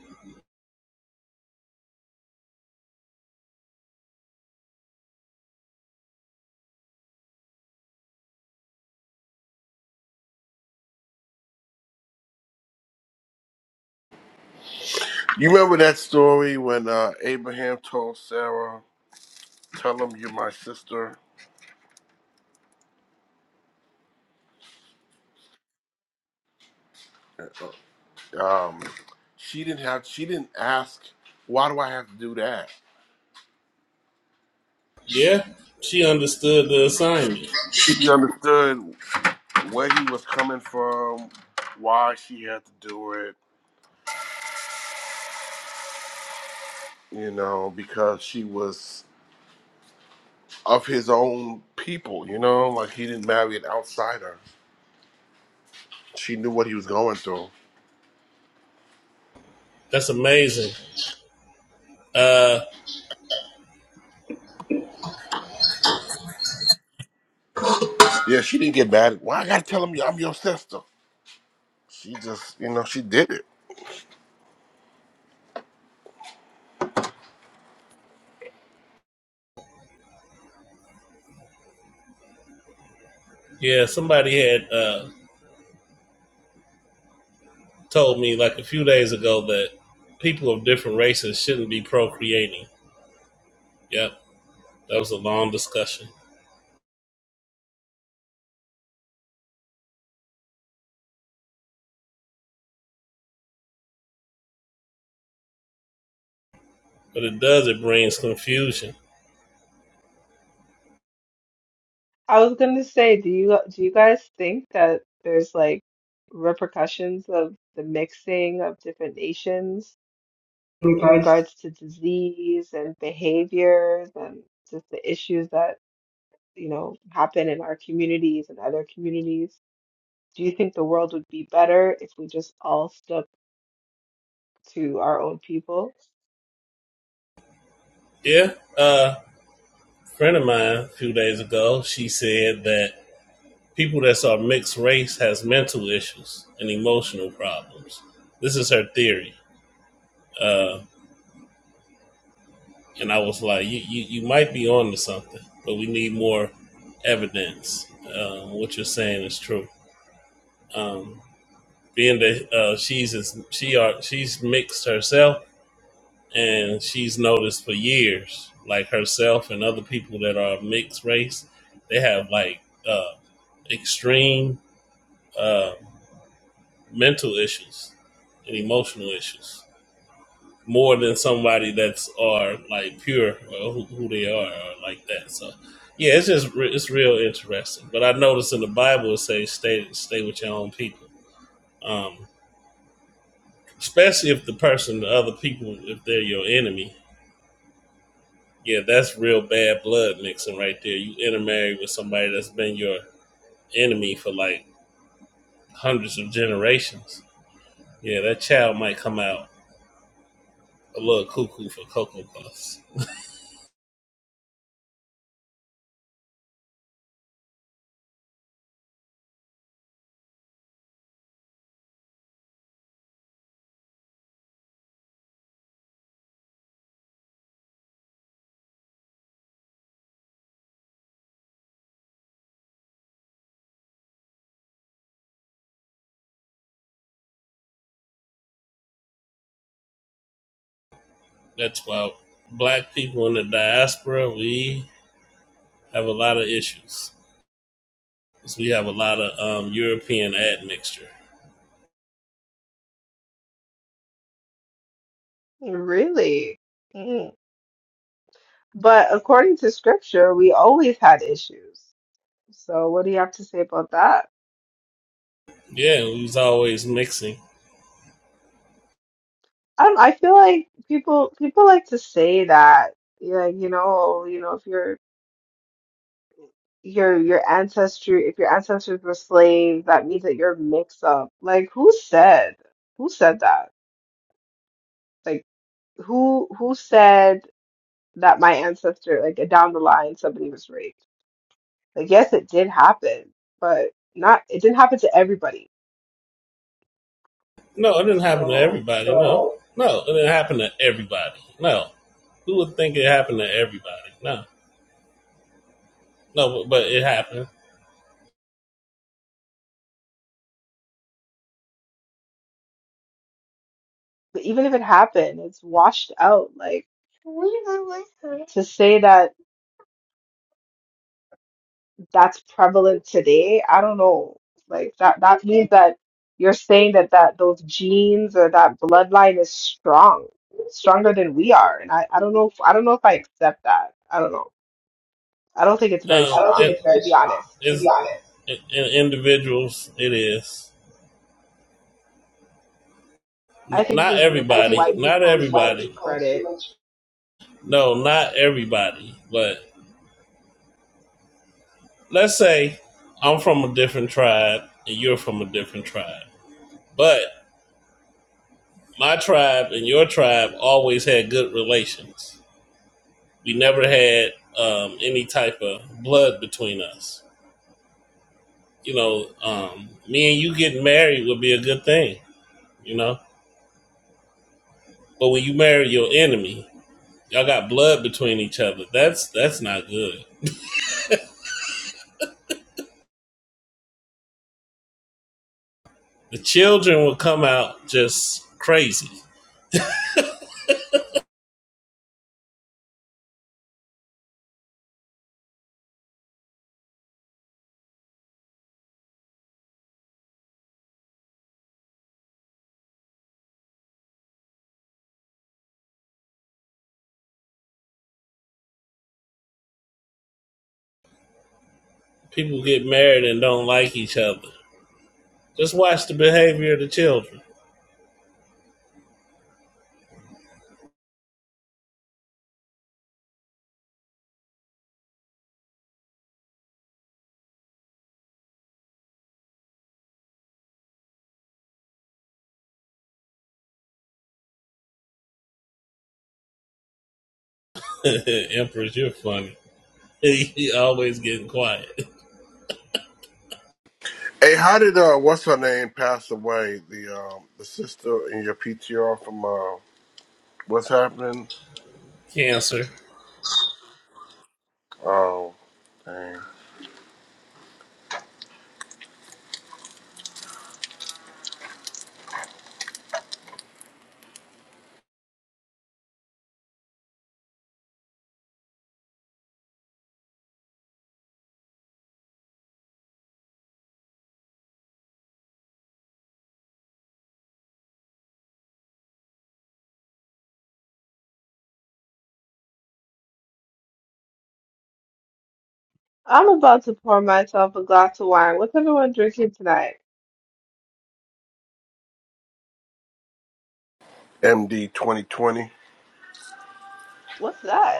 Speaker 22: You remember that story when uh, Abraham told Sarah, "Tell him you're my sister." Uh, uh, Um, she didn't have. She didn't ask, "Why do I have to do that?"
Speaker 25: Yeah, she understood the
Speaker 22: She
Speaker 25: assignment.
Speaker 22: she understood. where he was coming from, why she had to do it, you know, because she was of his own people, you know, like he didn't marry an outsider. She knew what he was going through.
Speaker 25: That's amazing. Uh,
Speaker 22: Yeah, she didn't get mad. Why I gotta tell him I'm your sister? She just, you know, she did it.
Speaker 25: yeah, somebody had uh, told me like a few days ago that people of different races shouldn't be procreating. Yep, that was a long discussion. But it does, it brings confusion
Speaker 3: I was gonna say, do you do you guys think that there's like repercussions of the mixing of different nations? in
Speaker 25: guys?
Speaker 3: regards to disease and behaviors and just the issues that, you know, happen in our communities and other communities? Do you think the world would be better if we just all stuck to our own people?
Speaker 25: Yeah, uh, a friend of mine a few days ago, she said that people that are mixed race has mental issues and emotional problems. This is her theory, uh, and I was like, you, you you might be on to something, but we need more evidence. Uh, what you're saying is true. Um, being that uh, she's she are she's mixed herself, and she's noticed for years, like herself and other people that are mixed race, they have like uh, extreme uh, mental issues and emotional issues more than somebody that's are like pure or who, who they are or like that. So yeah, it's just re- it's real interesting. But I noticed in the Bible it says stay stay with your own people, um, especially if the person, the other people, if they're your enemy Yeah, that's real bad blood mixing right there. You intermarry with somebody that's been your enemy for like hundreds of generations. Yeah, that child might come out a little cuckoo for Cocoa Puffs. That's why black people in the diaspora, we have a lot of issues. 'Cause we have a lot of um, European admixture.
Speaker 3: Really? Mm. But according to scripture, we always had issues. So what do you have to say about that?
Speaker 25: Yeah, we was always mixing.
Speaker 3: I don't, I feel like people people like to say that, like, you know, you know, if you're your your ancestry if your ancestors were slaves that means that you're mixed up like who said who said that like who who said that my ancestor like down the line somebody was raped like yes it did happen but not it didn't happen to everybody
Speaker 25: No, it didn't happen to
Speaker 3: so
Speaker 25: everybody. No, no, it didn't happen to everybody. No, who would think it happened to everybody? No, no, but, but it happened.
Speaker 3: but even if it happened it's washed out like to say that that's prevalent today, I don't know. Like that that means that you're saying that that those genes or that bloodline is strong, stronger than we are. And I, I don't know if, I don't know if I accept that. I don't know. I don't think it's
Speaker 25: Um, I
Speaker 3: very
Speaker 25: Um, don't think
Speaker 3: strong,
Speaker 25: it, it's
Speaker 3: to
Speaker 25: very
Speaker 3: be
Speaker 25: strong,
Speaker 3: honest.
Speaker 25: it's, to be honest. in in individuals. It is
Speaker 3: I
Speaker 25: N-
Speaker 3: think
Speaker 25: not
Speaker 3: we give these
Speaker 25: everybody.
Speaker 3: white
Speaker 25: Not
Speaker 3: people too
Speaker 25: everybody.
Speaker 3: much credit.
Speaker 25: No, not everybody. But let's say I'm from a different tribe and you're from a different tribe. But my tribe and your tribe always had good relations. We never had um, any type of blood between us. You know, um, me and you getting married would be a good thing, you know? But when you marry your enemy, Y'all got blood between each other. That's that's not good. The children will come out just crazy. People get married and don't like each other. Just watch the behavior of the children. (laughs) Empress, you're funny. (laughs) you always getting quiet.
Speaker 22: Hey, how did uh, what's her name pass away? The um, the sister in your PTR from uh, what's happening?
Speaker 25: Cancer.
Speaker 22: Oh, dang.
Speaker 3: I'm about to pour myself a glass of wine. What's everyone drinking tonight?
Speaker 22: MD 2020.
Speaker 3: What's that?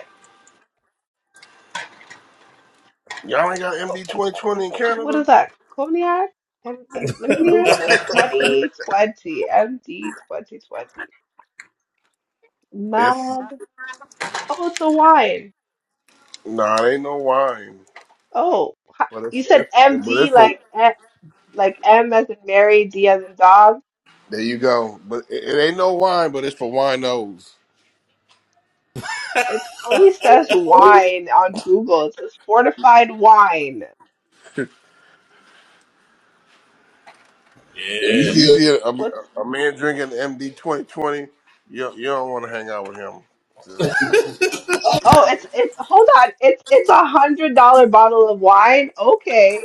Speaker 22: Y'all ain't got MD
Speaker 3: Co-
Speaker 22: 2020 in
Speaker 3: this- What
Speaker 22: Canada.
Speaker 3: is that? Cognac? Let me, let me let me Google this.
Speaker 25: (laughs)
Speaker 3: 2020, MD 2020.
Speaker 22: It's
Speaker 3: Mad. Oh, it's a wine.
Speaker 22: Nah, it ain't no wine,
Speaker 3: Oh, ha-
Speaker 22: but it's,
Speaker 3: you said
Speaker 22: it's but
Speaker 3: MD
Speaker 22: it's for.
Speaker 3: like eh, like M as in Mary, D as in dog.
Speaker 22: There you go. But it, it ain't no wine, but it's for winos.
Speaker 3: It fully
Speaker 25: Yeah,
Speaker 3: says
Speaker 25: it's always
Speaker 3: wine on Google. It says fortified wine.
Speaker 22: If you
Speaker 25: Yeah,
Speaker 22: see a, a,
Speaker 3: What's
Speaker 22: a man drinking MD twenty twenty, you you don't want to hang out with him. Sis.
Speaker 3: Oh, it's it's hold on. It's it's a hundred dollar bottle of wine. Okay,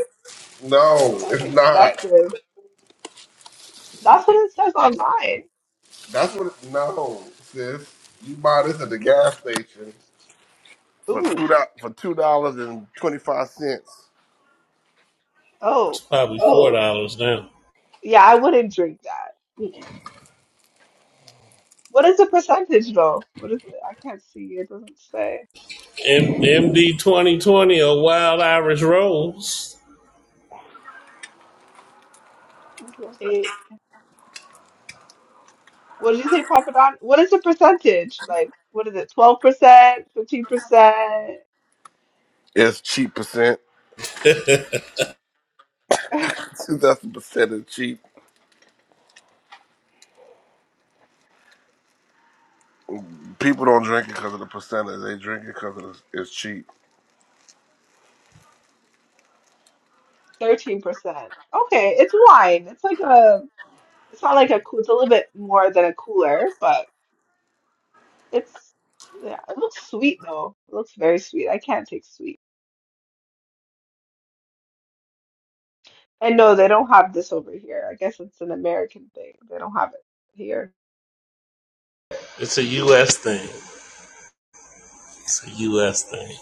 Speaker 22: No,
Speaker 3: that's
Speaker 22: it's not.
Speaker 3: expensive. That's what it says online.
Speaker 22: That's what. It, no, sis, you buy this at the gas station for
Speaker 3: Ooh.
Speaker 22: two do- for two dollars and twenty five cents.
Speaker 3: oh.
Speaker 25: it's probably four oh dollars oh. now.
Speaker 3: Yeah, I wouldn't drink that. Mm-mm. What is the percentage though? What is it? I can't see. It doesn't say.
Speaker 25: M- MD twenty twenty or Wild Irish Rose.
Speaker 3: What's the eight? What did you say, Papa Don? What is the percentage? Like, what is it? 12%, 15%,
Speaker 22: It's cheap percent.
Speaker 25: (laughs) it's
Speaker 22: Since That's the percent is cheap. People don't drink it because of the percentage. They drink it because it's cheap.
Speaker 3: 13%. (laughs) Okay, it's wine. It's like a, it's not like a cool, it's a little bit more than a cooler, but it's, yeah, it looks sweet though. It looks very sweet. I can't take sweet. And no, they don't have this over here. I guess it's an American thing. They don't have it here.
Speaker 25: a U.S. thing. It's a U.S. thing.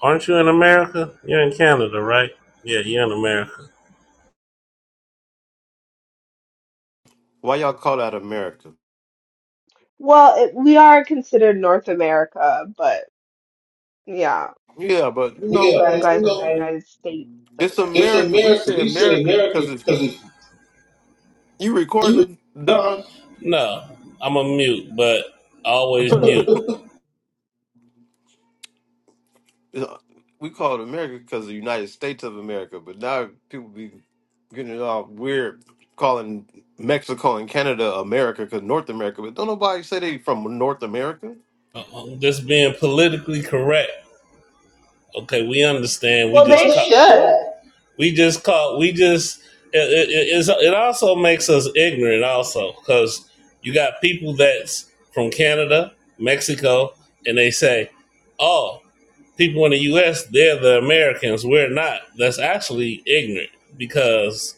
Speaker 25: Aren't you in America? You're in Canada, right? Yeah, you're in America.
Speaker 6: Why y'all call that America?
Speaker 3: Well, it, we are considered North America, but yeah,
Speaker 6: Yeah, but you
Speaker 25: Yeah,
Speaker 6: know,
Speaker 3: you
Speaker 25: Right.
Speaker 3: guys are the
Speaker 25: so
Speaker 3: United States of
Speaker 6: it's
Speaker 3: America.
Speaker 25: it's
Speaker 6: America. We
Speaker 25: America.
Speaker 6: say
Speaker 25: We say
Speaker 6: America
Speaker 25: America
Speaker 6: because it's
Speaker 25: because it's
Speaker 6: you
Speaker 25: you.
Speaker 6: recording, Don.
Speaker 25: no, I'm a mute, but always (laughs)
Speaker 6: (laughs)
Speaker 25: mute.
Speaker 6: uh, we call it America because the United States of America, but now people be getting it all weird calling Mexico and Canada America because North America, but don't nobody say they from North America.
Speaker 25: Uh, Just being politically correct. Okay, we understand. We
Speaker 3: Well,
Speaker 25: just
Speaker 3: they
Speaker 25: Well, talk. they ca-
Speaker 3: should.
Speaker 25: should. we just call we just it, it, it, it also makes us ignorant also because you got people that's from canada mexico and they say oh people in the us they're the americans we're not that's actually ignorant because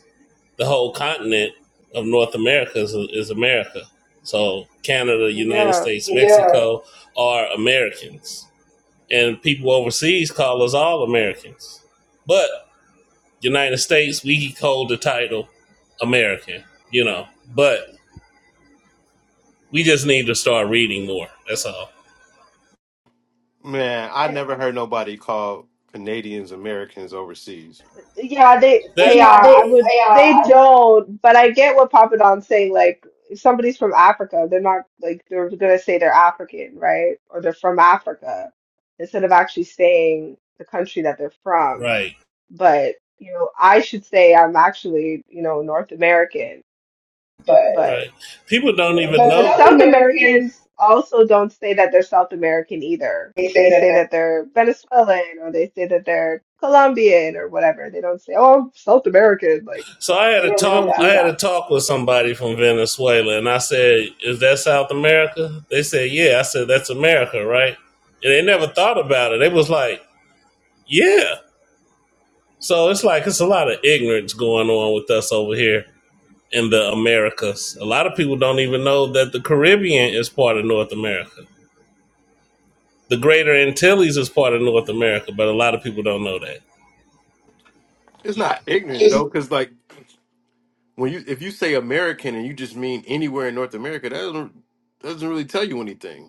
Speaker 25: the whole continent of north america is, is america so canada united
Speaker 3: Yeah.
Speaker 25: states Yeah. mexico yeah. are americans and people overseas call us all Americans. But United States, we hold the title American, you know. But we just need to start reading more. That's all.
Speaker 6: Man, I
Speaker 3: And
Speaker 6: never heard nobody call Canadians Americans overseas.
Speaker 3: yeah, they,
Speaker 25: That Yeah,
Speaker 3: yeah, I
Speaker 25: they,
Speaker 3: would,
Speaker 25: yeah,
Speaker 3: they don't, but I get what Papa Don's saying. Like, if somebody's from Africa, they're not, like, they're gonna say they're African, right? Or they're from Africa instead of actually saying the country that they're from.
Speaker 25: right,
Speaker 3: But, you know, I should say I'm actually, you know, North American,
Speaker 25: but
Speaker 3: but.
Speaker 25: right. People don't
Speaker 3: you
Speaker 25: even
Speaker 3: know.
Speaker 25: but know.
Speaker 3: But
Speaker 25: South
Speaker 3: South
Speaker 25: Americans
Speaker 3: Americans also don't say that they're South American either.
Speaker 25: they say
Speaker 3: They
Speaker 25: that
Speaker 3: say
Speaker 25: they're,
Speaker 3: that they're Venezuelan or they say that they're Colombian or whatever. They don't say, "Oh, I'm South American." Like
Speaker 25: So I had they a
Speaker 3: they
Speaker 25: talk.
Speaker 3: don't
Speaker 25: I
Speaker 3: do
Speaker 25: had
Speaker 3: that.
Speaker 25: a talk with somebody from Venezuela, and I said, "Is that South America?" They said, "Yeah." I said, "That's America, right?" And they never thought about it. They was like, "Yeah." So it's like it's a lot of ignorance going on with us over here in the Americas. A lot of people don't even know that the Caribbean is part of North America. The Greater Antilles is part of North America, but a lot of people don't know that.
Speaker 6: It's not ignorant though, because like when you if you say American and you just mean anywhere in North America, that doesn't, doesn't really tell you anything.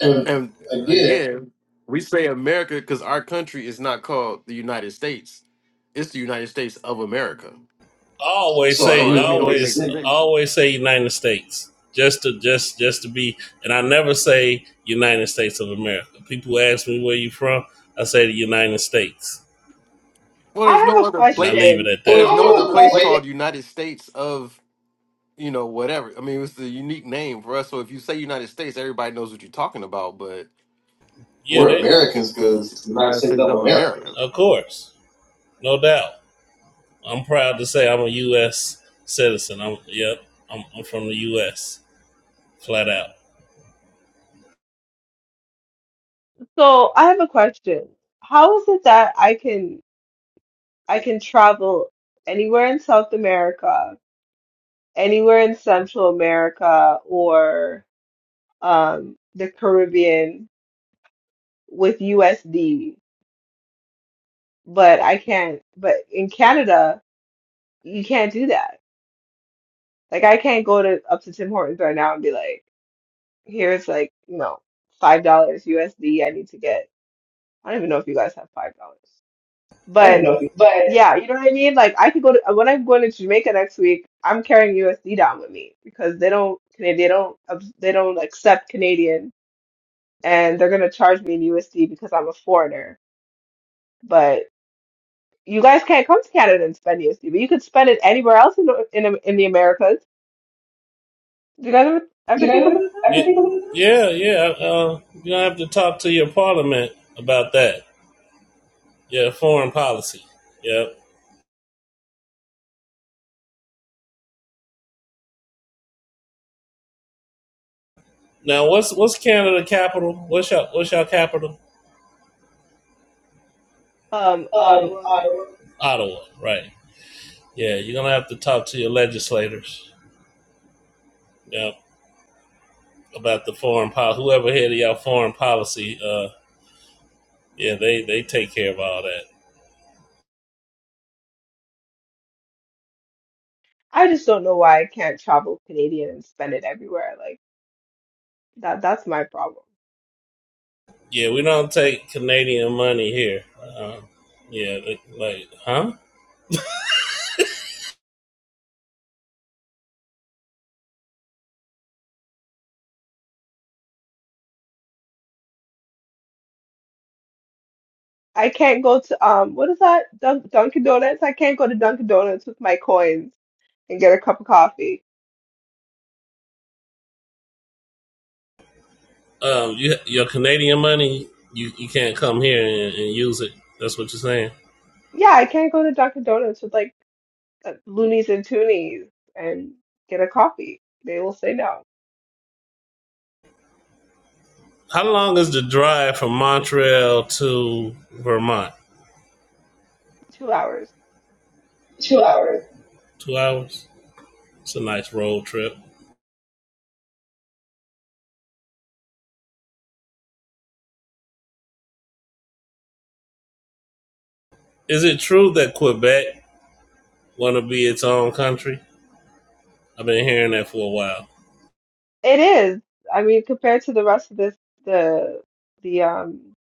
Speaker 25: And
Speaker 6: And
Speaker 25: again,
Speaker 6: again, we say America because our country is not called the United States. It's the United States of America.
Speaker 25: Always so
Speaker 6: So
Speaker 25: say, you
Speaker 6: I mean, it
Speaker 25: know,
Speaker 6: only makes
Speaker 25: always,
Speaker 6: sense.
Speaker 25: always say United States, just to just just to be. And I never say United States of America. People ask me where you from. I say the United States,
Speaker 6: Well,
Speaker 3: I
Speaker 6: there's no
Speaker 3: have a
Speaker 6: other
Speaker 25: and I
Speaker 6: place.
Speaker 25: leave it
Speaker 3: question.
Speaker 25: at that.
Speaker 6: There's no other place
Speaker 25: Well,
Speaker 6: called United States of you know whatever. I mean, it's the unique name for us. So if you say United States, everybody knows what you're talking about. But
Speaker 25: Yeah, We're
Speaker 6: we're
Speaker 25: they, Americans
Speaker 6: Americans because
Speaker 25: because the United
Speaker 6: United
Speaker 25: States
Speaker 6: States
Speaker 25: of
Speaker 6: of
Speaker 25: America.
Speaker 6: America.
Speaker 25: of course, no doubt. I'm proud to say I'm a U.S. citizen. I'm yep. I'm, I'm from the U.S. flat out.
Speaker 3: So I have a question. How is it that I can I can travel anywhere in South America, anywhere in Central America, or um, the Caribbean with USD? but I can't. But in Canada, you can't do that. Like I can't go to up to Tim Hortons right now and be like, "Here's like you know five dollars USD. I need to get." I don't even know if you guys have five dollars,
Speaker 25: I don't
Speaker 3: but
Speaker 25: know but
Speaker 3: yeah, you know what I mean. Like I could go to when I'm going to Jamaica next week. I'm carrying USD down with me because they don't they don't they don't accept Canadian, and they're gonna charge me in USD because I'm a foreigner. But You guys can't come to Canada and spend USD, but you could spend it anywhere else in the, in, the- in the Americas. Do you guys ever,
Speaker 25: you
Speaker 3: ever think about
Speaker 25: know, I Yeah, can yeah. yeah, Uh, you don't have to talk to your parliament about that. Yeah, foreign policy. Yeah. Now, what's what's Canada capital? What's your what's your capital?
Speaker 3: that? Um,
Speaker 25: um,
Speaker 3: Ottawa.
Speaker 25: Ottawa. Ottawa, right? Yeah, you're gonna have to talk to your legislators. Yeah. about the foreign policy. Whoever head of y'all foreign policy, uh, yeah, they they take care of all that.
Speaker 3: I just don't know why I can't travel Canadian and spend it everywhere. Like that, that's my problem.
Speaker 25: Yeah, we don't take Canadian money here. Uh, yeah, like, like, huh?
Speaker 3: I can't go to um what is that? Dun- Dunkin' Donuts. I can't go to Dunkin' Donuts with my coins and get a cup of coffee.
Speaker 25: Um, you, your Canadian money, you, you can't come here and, and use it. That's what you're saying.
Speaker 3: Yeah, I can't go to Dunkin' Donuts with like uh, loonies and toonies and get a coffee. They will say no.
Speaker 25: How long is the drive from Montreal to Vermont?
Speaker 3: Two hours.
Speaker 25: Two hours. Two hours. It's a nice road trip. Is it true that Quebec want to be its own country? I've been hearing that for a while.
Speaker 3: It is. I mean, compared to the rest of this, the the um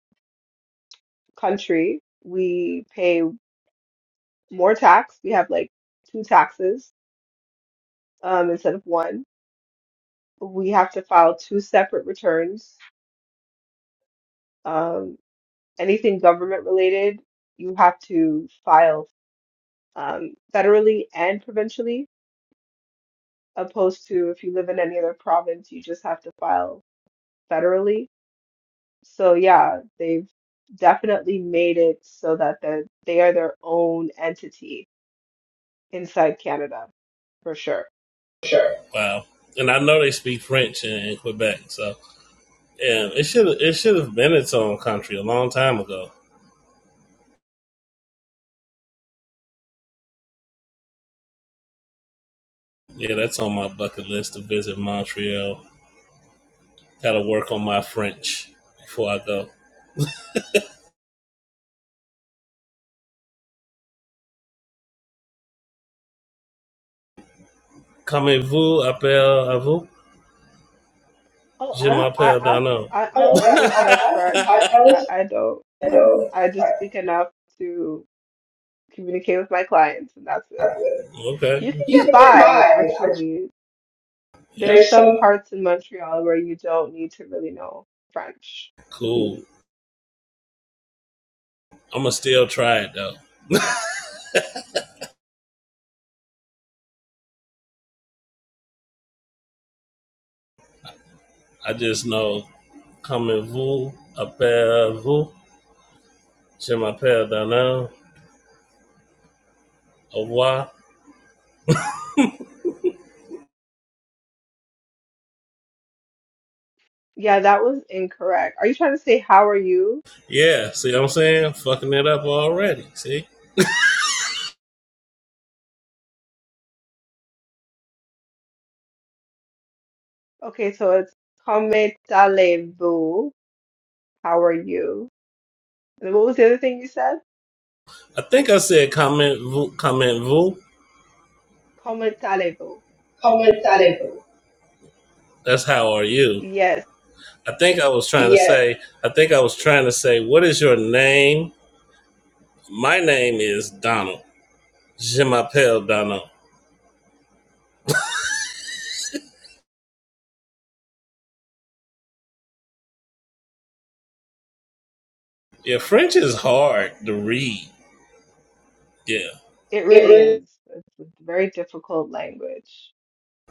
Speaker 3: country, we pay more tax. We have like two taxes um instead of one. We have to file two separate returns. Um, anything government related, you have to file um federally and provincially, opposed to if you live in any other province, you just have to file federally So yeah, they've definitely made it so that the, they are their own entity inside Canada for sure.
Speaker 25: Sure. Wow. And I know they speak French in, in Quebec, so yeah, it should it should have been its own country a long time ago. Yeah, that's on my bucket list to visit Montreal. Gotta work on my French before I go. Comment vous appelle à vous?
Speaker 3: Oh,
Speaker 25: Je
Speaker 3: I don't, I,
Speaker 25: m'appelle
Speaker 3: I,
Speaker 25: Dano.
Speaker 3: I I
Speaker 25: Oh,
Speaker 3: don't
Speaker 25: I,
Speaker 3: speak much
Speaker 25: I, I, I
Speaker 3: French.
Speaker 25: I
Speaker 3: I,
Speaker 25: was
Speaker 3: I don't. I,
Speaker 25: Dano.
Speaker 3: I just
Speaker 25: I-
Speaker 3: speak enough to communicate with my clients, and that's
Speaker 25: I
Speaker 3: it.
Speaker 25: did. Okay.
Speaker 3: You can
Speaker 25: You
Speaker 3: get
Speaker 25: can get
Speaker 3: by,
Speaker 25: by. I,
Speaker 3: actually.
Speaker 25: yeah.
Speaker 3: There's
Speaker 25: There's
Speaker 3: some
Speaker 25: some.
Speaker 3: parts in Montreal where you don't need to really know French. hmm
Speaker 25: Cool. I'm gonna still try it though. I just know comment vous appelle vous. Je m'appelle Dana. Au revoir.
Speaker 3: Yeah, that was incorrect. Are you trying to say how are you?
Speaker 25: Yeah, see what I'm saying? Fucking it up already. See?
Speaker 3: Okay, so it's Comment How are you? And what was the other thing you said?
Speaker 25: I think I said comment vous, comment vous.
Speaker 3: Comment
Speaker 25: Comment allez-vous? That's how are you.
Speaker 3: Yes,
Speaker 25: I think I was trying yeah. to Yes. say, I think I was trying to say, what is your name? My name is Donald. Je m'appelle Donald. Yeah, French is hard to read. Yeah.
Speaker 3: it
Speaker 25: It
Speaker 3: really
Speaker 25: really
Speaker 3: is. It's a very difficult language.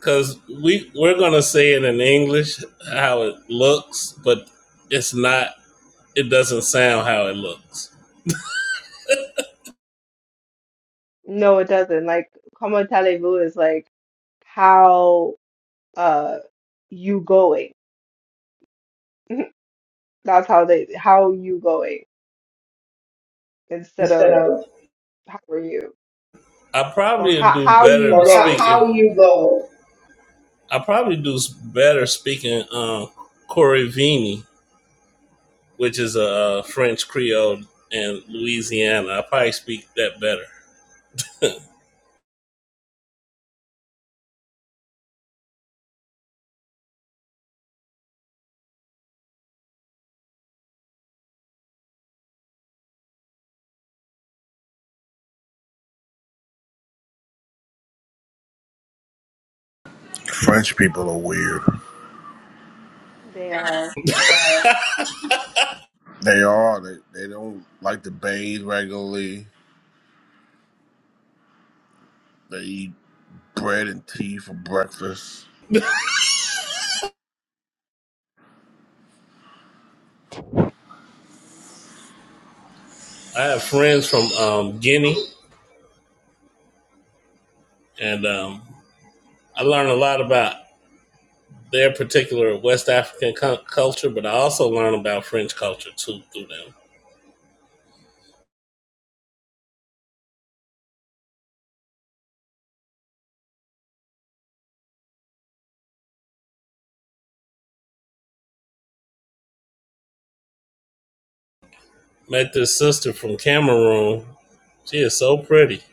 Speaker 25: Cause we we're gonna say it in English how it looks, but it's not it doesn't sound how it looks.
Speaker 3: No, it doesn't. Like Comment is like how uh you going. (laughs) That's how they how you going instead
Speaker 25: instead
Speaker 3: of
Speaker 25: of
Speaker 3: how are you
Speaker 25: I
Speaker 3: or
Speaker 25: probably
Speaker 3: how
Speaker 25: do
Speaker 3: how
Speaker 25: better
Speaker 3: you
Speaker 25: or how, speaking.
Speaker 3: go.
Speaker 25: how you go. I probably do better speaking uh, Corivini, which is a uh, French Creole in Louisiana. I probably speak that better.
Speaker 22: French people are weird.
Speaker 3: They are.
Speaker 22: They are. They they don't like to bathe regularly. They eat bread and tea for breakfast.
Speaker 25: I have friends from um, Guinea, and um, I learn a lot about their particular West African cu- culture, but I also learn about French culture too through them. Met this sister from Cameroon. She is so pretty.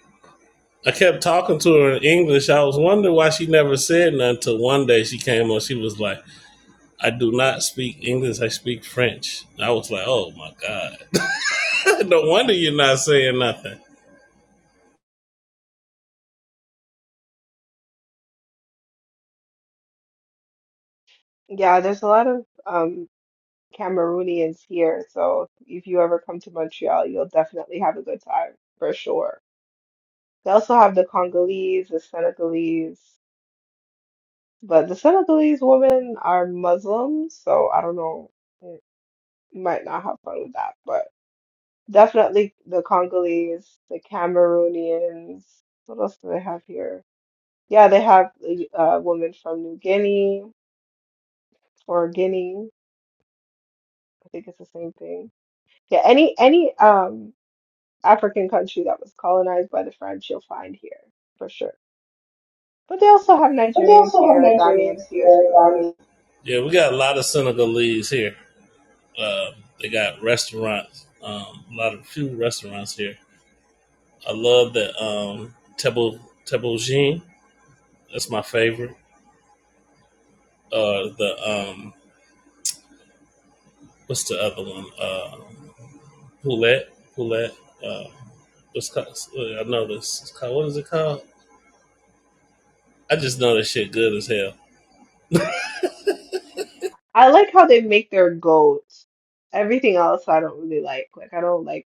Speaker 25: I kept talking to her in English. I was wondering why she never said nothing until one day she came on. She was like, I do not speak English, I speak French. I was like, oh my God. (laughs) no wonder you're not saying nothing.
Speaker 3: Yeah, there's a lot of um Cameroonians here. So if you ever come to Montreal, you'll definitely have a good time for sure. They also have the Congolese, the Senegalese, but the Senegalese women are Muslims, so I don't know. mm, You might not have fun with that, but definitely the Congolese, the Cameroonians. What else do they have here? Yeah, they have a uh, woman from New Guinea or Guinea. I think it's the same thing. Yeah, any any um African country that was colonized by the French, you'll find here for sure. But they also have
Speaker 25: But there's
Speaker 3: Nigerians
Speaker 25: also have
Speaker 3: here,
Speaker 25: Nigerians
Speaker 3: Ghanaians here
Speaker 25: here,
Speaker 3: too.
Speaker 25: Donnie. Yeah, we got a lot of Senegalese here. Uh, they got restaurants, um, a lot of few restaurants here. I love the um, Tebo Jean. That's my favorite. Uh, the um, what's the other one? Uh, Poulet, Poulet. Uh, what's called? I know this. It's called, what is it called? I just know this shit good as hell.
Speaker 3: I like how they make their goat. Everything else I don't really like. Like I don't like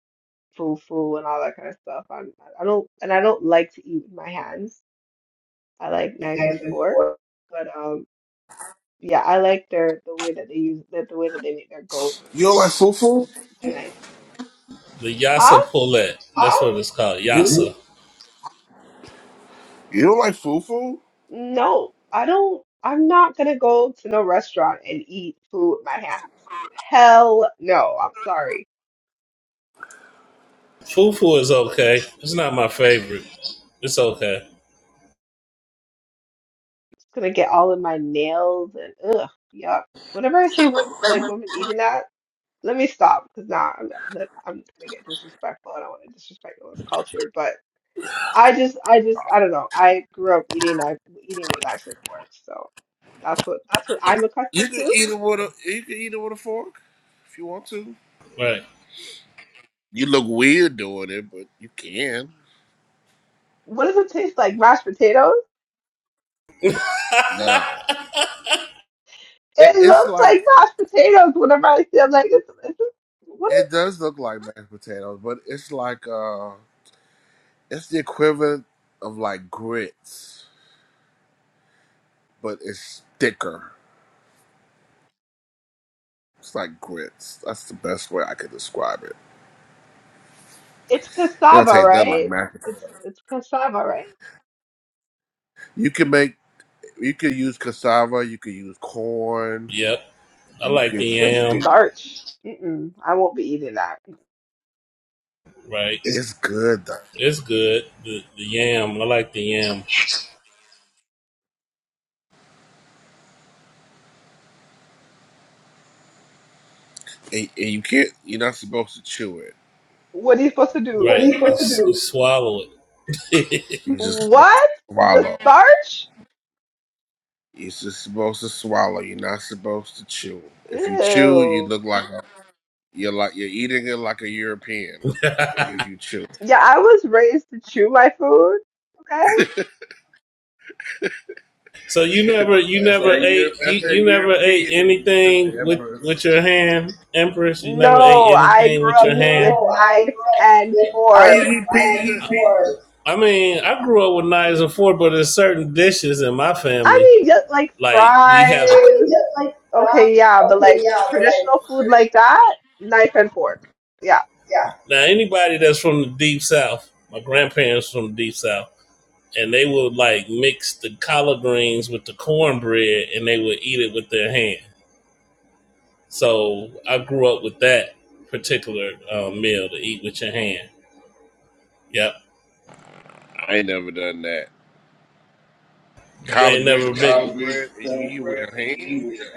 Speaker 3: fufu and all that kind of stuff. I'm, I don't and I don't like to eat with my hands. I like knife and fork. But um yeah, I like their the way that they use that the way that they make their goat.
Speaker 22: You don't like fufu?
Speaker 3: It's nice.
Speaker 25: The
Speaker 3: Huh?
Speaker 25: yassa Poulet. That's what it's called.
Speaker 22: You don't,
Speaker 25: Yassa
Speaker 22: you don't like fufu?
Speaker 3: No, I don't. I'm not gonna go to no restaurant and eat food with my hands. Hell no. I'm sorry.
Speaker 25: Fufu is okay. It's not my favorite. It's okay.
Speaker 3: It's gonna get all in my nails and ugh, yuck. Whenever I see wo- like women eating that, let me stop because nah, I'm, look, I'm gonna get disrespectful. I don't want to disrespect no one's culture, but I just, I just, I don't know. I grew up eating knife, eating with knives and forks, so that's what that's what I'm
Speaker 22: You
Speaker 3: accustomed
Speaker 22: can
Speaker 3: to.
Speaker 22: eat it with a you can eat it with a fork if you want to.
Speaker 25: Right.
Speaker 22: You look weird doing it, but you can.
Speaker 3: What does it taste like? Mashed potatoes?
Speaker 25: (laughs)
Speaker 22: No, it,
Speaker 3: It
Speaker 22: it's
Speaker 3: looks
Speaker 22: like
Speaker 3: like mashed potatoes whenever I see I'm like, it's, it's, what is,
Speaker 22: it does look like mashed potatoes, but it's like uh, it's the equivalent of like grits, but it's thicker. It's like grits. That's the best way I could describe it.
Speaker 3: it's
Speaker 22: You don't
Speaker 3: cassava,
Speaker 22: taste nothing like
Speaker 3: right?
Speaker 22: mashed potatoes.
Speaker 3: It's it's cassava, right?
Speaker 22: You can make, you can use cassava, you can use corn,
Speaker 25: Yep. I
Speaker 22: you
Speaker 25: like the
Speaker 22: could.
Speaker 3: It's just
Speaker 25: yam.
Speaker 3: starch. Mm-mm, I won't be eating that.
Speaker 25: Right.
Speaker 22: It's good though,
Speaker 25: It's good. The, the yam. I like the yam.
Speaker 22: and, and you can't. You're not supposed to chew it.
Speaker 3: What are you supposed to do?
Speaker 25: Right. You you swallow it. (laughs)
Speaker 22: You're just supposed to
Speaker 3: What? The
Speaker 22: swallow.
Speaker 3: starch?
Speaker 22: You're just supposed to swallow. You're not supposed to chew. If you chew, you
Speaker 3: Ew.
Speaker 22: look like a, you're like you're eating it like a European. If you chew,
Speaker 3: Yeah, I was raised to chew my food. Okay.
Speaker 25: So you never, you
Speaker 22: that's
Speaker 25: never
Speaker 22: that
Speaker 25: ate,
Speaker 22: Europe. That's
Speaker 25: you,
Speaker 22: that
Speaker 25: you never ate
Speaker 22: European in you, Sister
Speaker 25: anything with
Speaker 22: Empress.
Speaker 25: with your hand, Empress. You never ate
Speaker 3: No, I
Speaker 25: anything
Speaker 3: grew
Speaker 25: with
Speaker 3: up
Speaker 25: your hand.
Speaker 3: with
Speaker 25: No, I
Speaker 3: knife
Speaker 25: grew up
Speaker 3: and
Speaker 25: with
Speaker 22: How you
Speaker 3: fork.
Speaker 25: my
Speaker 22: eat pizza?
Speaker 25: I fork. I mean, I grew up with knives and forks, but there's certain dishes in my family.
Speaker 3: I mean, just like
Speaker 25: Like we have. A, I
Speaker 3: fries.
Speaker 25: mean, like like fries.
Speaker 3: Okay, yeah, but
Speaker 25: okay,
Speaker 3: like
Speaker 25: yeah, but like
Speaker 3: traditional food like that, knife and fork. Yeah.
Speaker 25: yeah. Now anybody that's from the deep south, my grandparents from the deep south, and they would like mix the collard greens with the cornbread, and they would eat it with their hand. So I grew up with that particular um, meal to eat with your hand. Yep.
Speaker 22: I ain't never done that.
Speaker 25: You
Speaker 22: collard
Speaker 25: ain't
Speaker 22: greens
Speaker 25: never
Speaker 22: with
Speaker 25: been.
Speaker 22: cornbread and you eat with your hands.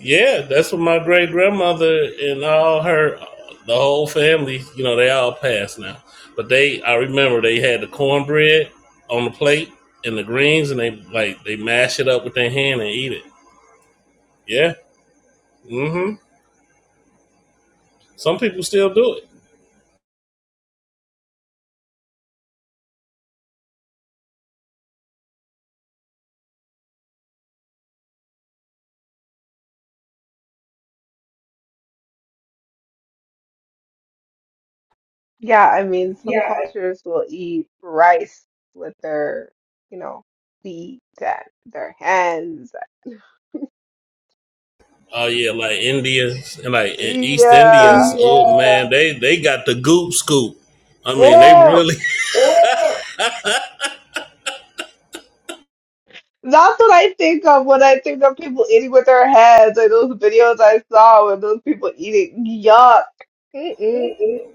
Speaker 25: Yeah, that's what my great grandmother and all her, the whole family, you know, they all passed now. But they, I remember they had the cornbread on the plate and the greens and they like, they mash it up with their hand and eat it. Yeah. Mm hmm. Some people still do it.
Speaker 3: Yeah, I mean, some
Speaker 25: Yeah.
Speaker 3: cultures will eat rice with their, you know, feet and their hands.
Speaker 25: Oh yeah, like Indians and like E- East Indians.
Speaker 3: Yeah.
Speaker 25: Oh man, Yeah. they they got the goop scoop. I mean, they
Speaker 3: Ew.
Speaker 25: really. (laughs)
Speaker 3: That's what I think of when I think of people eating with their hands, like those videos I saw with those people eating. Yuck. Mm-mm.
Speaker 25: Mhm.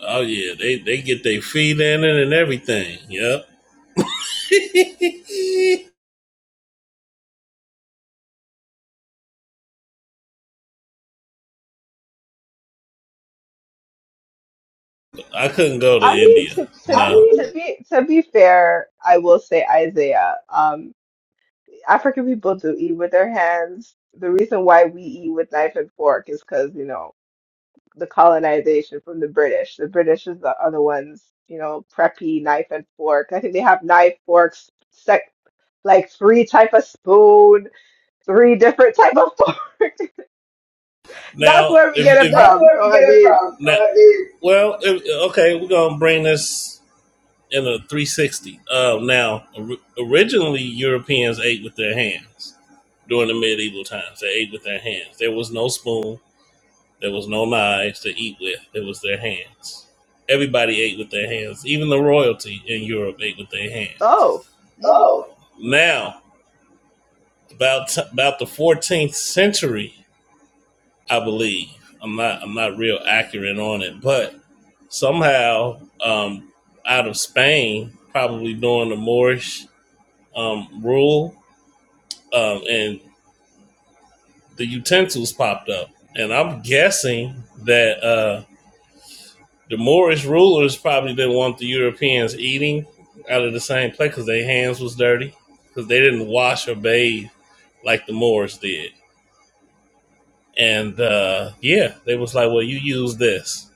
Speaker 25: Oh yeah, they they get their feet in it and everything. Yep. (laughs) I couldn't go to
Speaker 3: I mean,
Speaker 25: India.
Speaker 3: to to
Speaker 25: I No. mean,
Speaker 3: to be to be fair, I will say Isaiah. Um, African people do eat with their hands. The reason why we eat with knife and fork is because, you know, the colonization from the British. The British is the, other ones, you know, preppy knife and fork. I think they have knife, forks, sec, like three type of spoon, three different type of fork. (laughs) That's
Speaker 25: now,
Speaker 3: where we
Speaker 25: if,
Speaker 3: get
Speaker 25: if you-
Speaker 3: it
Speaker 25: that's
Speaker 3: from.
Speaker 25: where we
Speaker 3: So I
Speaker 25: get it
Speaker 3: mean,
Speaker 25: from. Now, I mean, well, if, okay, we're gonna bring this. and a 360. Um, now, originally, Europeans ate with their hands during the medieval times. They ate with their hands. There was no spoon, there was no knives to eat with. It was their hands. Everybody ate with their hands. Even the royalty in Europe ate with their hands.
Speaker 3: oh, mm,
Speaker 25: Oh, Now, about t- about the 14th century, I believe. I'm not I'm not real accurate on it, but somehow um, out of Spain, probably during the Moorish um, rule, um, and the utensils popped up. And I'm guessing that uh, the Moorish rulers probably didn't want the Europeans eating out of the same plate because their hands was dirty because they didn't wash or bathe like the Moors did. And uh, yeah, they was like, "Well, you use this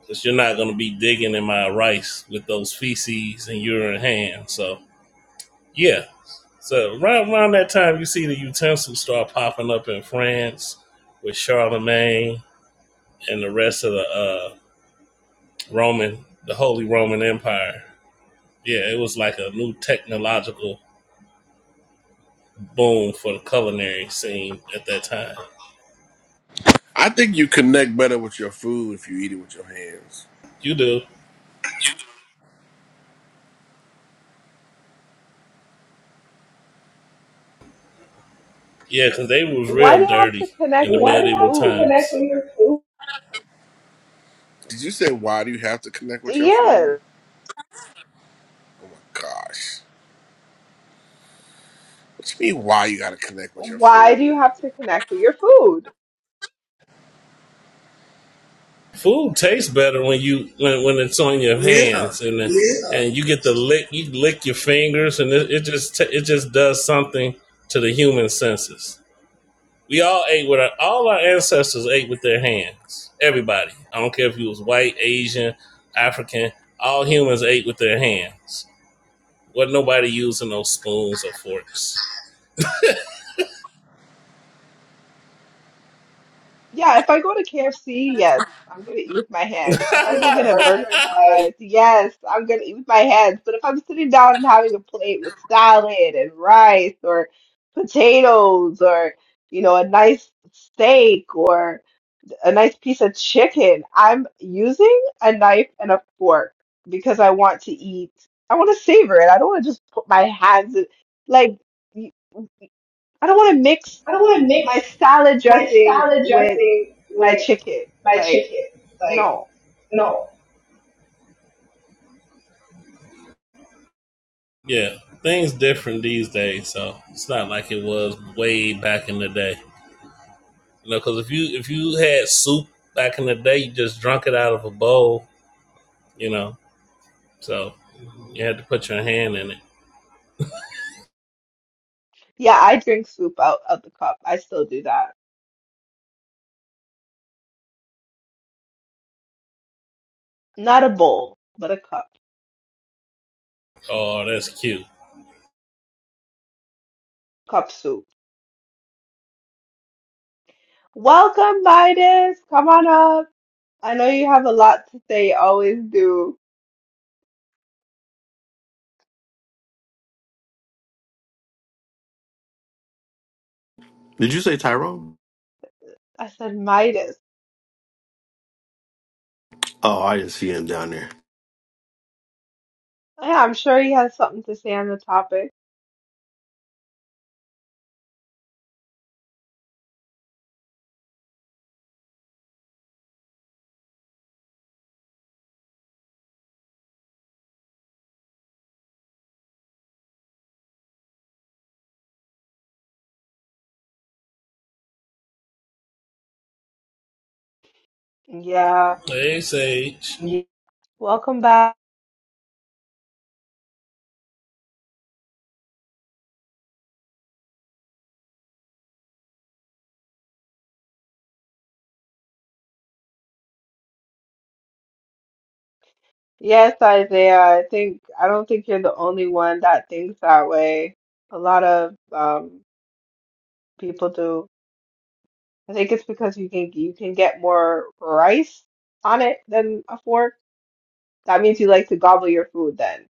Speaker 25: because you're not gonna be digging in my rice with those feces and urine hands." So yeah, So right around that time, you see the utensils start popping up in France with Charlemagne and the rest of the uh, Roman, the Holy Roman Empire. Yeah, it was like a new technological boom for the culinary scene at that time.
Speaker 22: I think you connect better with your food if you eat it with your hands.
Speaker 25: You do, yeah, because they was
Speaker 3: why
Speaker 25: real
Speaker 3: do you have to
Speaker 25: dirty in
Speaker 3: connect
Speaker 25: the
Speaker 3: with
Speaker 25: Why
Speaker 3: your
Speaker 25: medieval times.
Speaker 3: food?
Speaker 22: Did you say why do you have to connect with your food?
Speaker 3: Yes.
Speaker 22: Oh my gosh. What you mean why you gotta connect with your
Speaker 3: Why
Speaker 22: food?
Speaker 3: do you have to connect with your food?
Speaker 25: Food tastes better when you when, when it's on your
Speaker 22: Yeah.
Speaker 25: hands and then- Yeah. and you get to lick you lick your fingers and it, it just ta it just does something to the human senses. We all ate with our all our ancestors ate with their hands. Everybody, I don't care if you was white, Asian, African, all humans ate with their hands. Wasn't nobody using no spoons or forks.
Speaker 3: Yeah, if I go to KFC, yes, I'm gonna eat with my hands. If I go get a burger
Speaker 25: (laughs)
Speaker 3: and
Speaker 25: I
Speaker 3: fries, yes, I'm gonna eat with my hands. But if I'm sitting down and having a plate with salad and rice or potatoes or, you know, a nice steak or a nice piece of chicken, I'm using a knife and a fork because I want to eat. I want to savor it. I don't want to just put my hands in, like, I don't want to mix
Speaker 25: I don't want to
Speaker 3: my
Speaker 25: mix
Speaker 3: salad
Speaker 25: my
Speaker 3: dressing
Speaker 25: salad
Speaker 3: with
Speaker 25: dressing
Speaker 3: my
Speaker 25: with
Speaker 3: chicken.
Speaker 25: my
Speaker 3: Like,
Speaker 25: chicken. Like,
Speaker 3: no.
Speaker 25: no. Yeah, things different these days, so it's not like it was way back in the day. You know, because if you if you had soup back in the day, you just drunk it out of a bowl. You know, so you had to put your hand in it.
Speaker 3: Yeah, I drink soup out of the cup. I still do that. Not a bowl, but a cup.
Speaker 25: Oh, that's cute.
Speaker 3: Cup soup. Welcome, Midas. Come on up. I know you have a lot to say. You always do.
Speaker 6: Did you say Tyrone?
Speaker 3: I said Midas.
Speaker 6: Oh, I didn't see him down there.
Speaker 3: Yeah, I'm sure he has something to say on the topic. Yeah.
Speaker 25: Hey, Sage.
Speaker 3: Welcome back. Yes, Isaiah. I think I don't think you're the only one that thinks that way. A lot of um people do. I think it's because you can you can get more rice on it than a fork. That means you like to gobble your food then.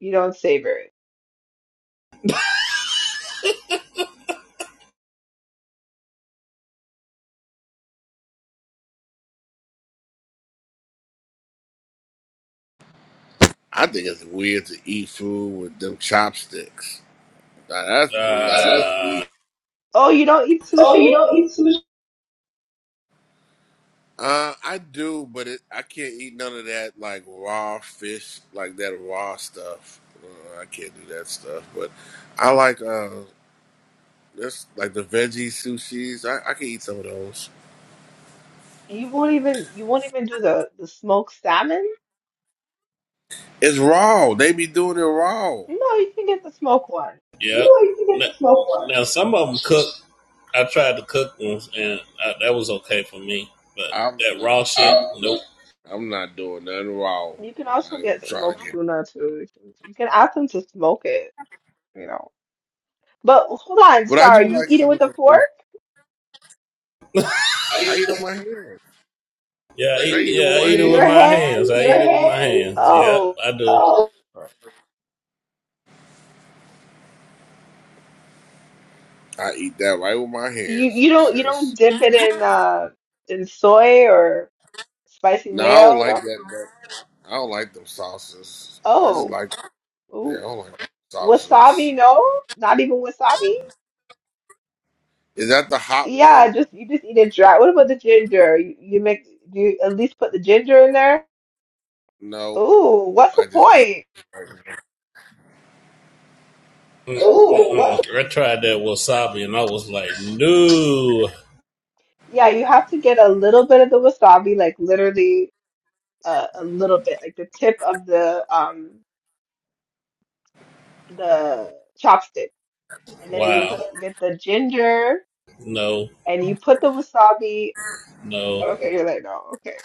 Speaker 3: You don't savor it.
Speaker 22: I think it's weird to eat food with them chopsticks. Now, that's weird.
Speaker 25: Uh,
Speaker 3: Oh, you don't eat
Speaker 25: Oh,
Speaker 3: sushi?
Speaker 25: you don't eat sushi?
Speaker 22: Uh, I do, but it, I can't eat none of that like raw fish, like that raw stuff. Uh, I can't do that stuff. But I like. uh, That's like the veggie sushis. I, I can eat some of those.
Speaker 3: You won't even you won't even do the the smoked salmon?
Speaker 22: It's raw. They be doing it raw.
Speaker 3: No, you can get the smoked one.
Speaker 25: yeah. You don't eat Now, now some of them cook. I tried to cook ones, and I, that was okay for me. But
Speaker 22: I'm
Speaker 25: that
Speaker 22: not.
Speaker 25: raw shit, nope.
Speaker 22: I'm not doing nothing raw.
Speaker 3: You can
Speaker 22: I
Speaker 3: also
Speaker 22: ain't
Speaker 3: get
Speaker 22: trying to
Speaker 3: smoked
Speaker 22: get.
Speaker 3: tuna too. You can you can ask them to smoke it. you know. But hold on,
Speaker 22: But I do
Speaker 3: sorry, you
Speaker 22: like
Speaker 3: eat it
Speaker 22: some of
Speaker 3: with a
Speaker 22: those. sushi.
Speaker 3: fork?
Speaker 22: I eat them with my hands.
Speaker 25: Yeah, I
Speaker 22: I
Speaker 25: eat,
Speaker 22: eat them
Speaker 25: yeah, I
Speaker 22: with my
Speaker 25: eat it with
Speaker 3: Your
Speaker 22: hands.
Speaker 25: my hands.
Speaker 3: hands?
Speaker 25: I eat it with my hands. Yep,
Speaker 3: Oh,
Speaker 25: I do. Mm,
Speaker 22: I eat that right with my
Speaker 3: you
Speaker 22: hands,
Speaker 3: you don't you don't
Speaker 22: sis.
Speaker 3: dip it in uh in soy or spicy
Speaker 22: No, I
Speaker 3: mayo?
Speaker 22: don't like
Speaker 3: No.
Speaker 22: that. that- I don't like them sauces. I just
Speaker 3: Oh,
Speaker 22: like. Yeah, I
Speaker 3: ooh.
Speaker 22: don't like them sauces.
Speaker 3: Wasabi? No, not even wasabi.
Speaker 22: Is that the hot one?
Speaker 3: Yeah, just you just eat it dry. What about the ginger? You, you make do you at least put the ginger in there?
Speaker 22: No,
Speaker 3: Ooh, what's the
Speaker 22: I just eat.
Speaker 3: point?
Speaker 25: mm, mm. I tried that wasabi and I was like, no.
Speaker 3: Yeah, you have to get a little bit of the wasabi, like literally uh, a little bit, like the tip of the um. the chopstick, and then you
Speaker 25: Wow.
Speaker 3: put get the ginger
Speaker 25: No,
Speaker 3: and you put the wasabi.
Speaker 25: no.
Speaker 3: Okay,
Speaker 25: Okay.
Speaker 3: you're like, no, okay,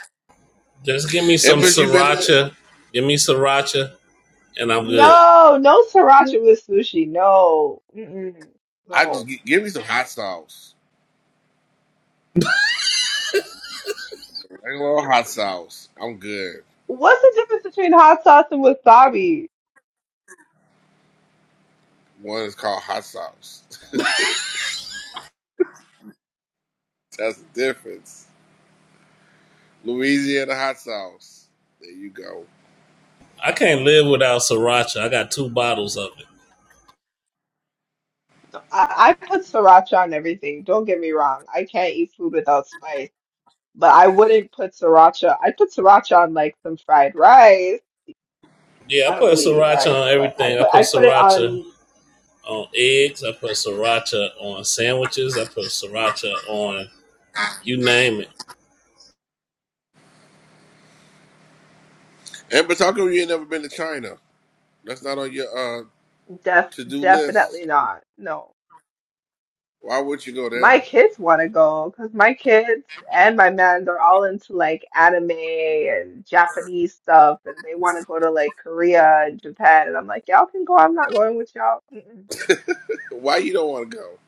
Speaker 25: Just give me some
Speaker 22: Embers, you been?
Speaker 25: sriracha. Give me sriracha and I'm good.
Speaker 3: no, no sriracha with sushi, no, Mm-mm,
Speaker 22: I just
Speaker 3: no.
Speaker 22: gi- give me some hot sauce. I love hot sauce. I'm good.
Speaker 3: What's the difference between hot sauce and wasabi?
Speaker 22: One is called hot sauce. (laughs) That's the difference. Louisiana hot sauce. There you go.
Speaker 25: I can't live without sriracha. I got two bottles of it.
Speaker 3: I, I put sriracha on everything. Don't get me wrong. I can't eat food without spice, but I wouldn't put sriracha. I put sriracha on like some fried rice.
Speaker 25: Yeah, I
Speaker 3: I don't
Speaker 25: put
Speaker 3: really eat
Speaker 25: sriracha on
Speaker 3: rice, but I
Speaker 25: everything. I
Speaker 3: put
Speaker 25: put
Speaker 3: I put it
Speaker 25: sriracha
Speaker 3: on
Speaker 25: on eggs. I put sriracha on sandwiches. I put sriracha on you name it.
Speaker 22: And but talking about you ain't never been to China. That's not on your uh
Speaker 3: def
Speaker 22: to do list.
Speaker 3: definitely not. No.
Speaker 22: Why would you go
Speaker 3: My
Speaker 22: there?
Speaker 3: kids want to go because my kids and my man, they're all into like anime and Japanese stuff, and they want to go to like Korea and Japan. And I'm like, y'all can go. I'm not going with y'all. Mm-mm.
Speaker 22: Why you don't want to go?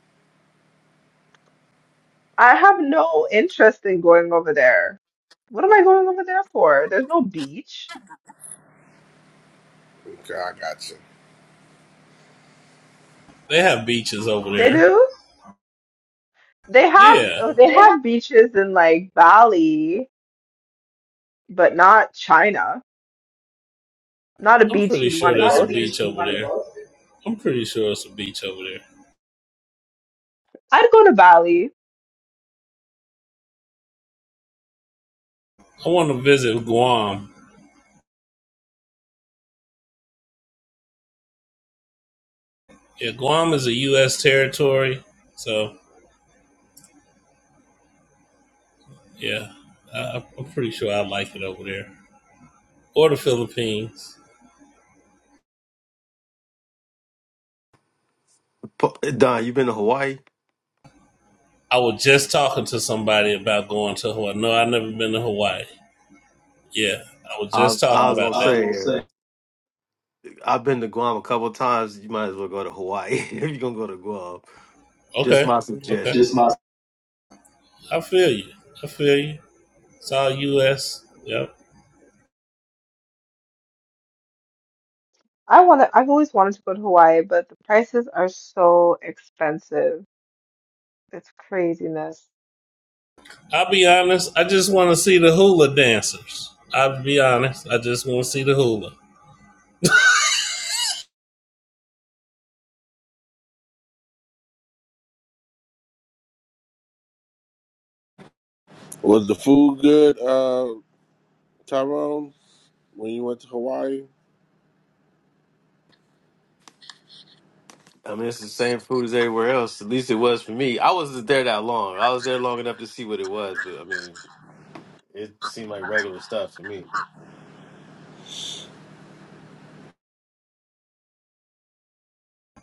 Speaker 3: I have no interest in going over there. What am I going over there for? There's no beach.
Speaker 22: Okay, I got you.
Speaker 25: They have beaches over
Speaker 3: They
Speaker 25: there.
Speaker 3: do. They have
Speaker 25: Yeah,
Speaker 3: oh, they
Speaker 25: They have
Speaker 3: have beaches in like Bali, but not China. Not a
Speaker 25: I'm
Speaker 3: beach
Speaker 25: pretty
Speaker 3: you'd
Speaker 25: sure
Speaker 3: want to
Speaker 25: there's
Speaker 3: go
Speaker 25: a beach
Speaker 3: to.
Speaker 25: over there. I'm pretty sure it's a beach over there.
Speaker 3: I'd go to Bali.
Speaker 25: I want to visit Guam. Yeah, Guam is a U.S. territory, so yeah, I, I'm pretty sure I like it over there. Or the Philippines.
Speaker 6: Po- Don, you been to Hawaii?
Speaker 25: I was just talking to somebody about going to Hawaii. No, I've never been to Hawaii. Yeah, I was
Speaker 6: I,
Speaker 25: just
Speaker 6: I
Speaker 25: talking I,
Speaker 6: was gonna
Speaker 25: about I that. I was
Speaker 6: say. uh,
Speaker 25: gonna say
Speaker 6: I've been to Guam a couple times. You might as well go to Hawaii (laughs) if you're gonna go to Guam. Just
Speaker 25: Okay,
Speaker 6: my
Speaker 25: okay.
Speaker 6: suggestion.
Speaker 25: just my I feel you. I feel you. It's all U.S. Yep.
Speaker 3: I want to, I've always wanted to go to Hawaii, but the prices are so expensive. It's craziness.
Speaker 25: I'll be honest. I just want to see the hula dancers. I'll be honest. I just want to see the hula.
Speaker 22: Was the food good, uh, Tyrone? When you went to Hawaii,
Speaker 6: I mean, it's the same food as everywhere else. At least it was for me. I wasn't there that long. I was there long enough to see what it was, but I mean, it seemed like regular stuff for me.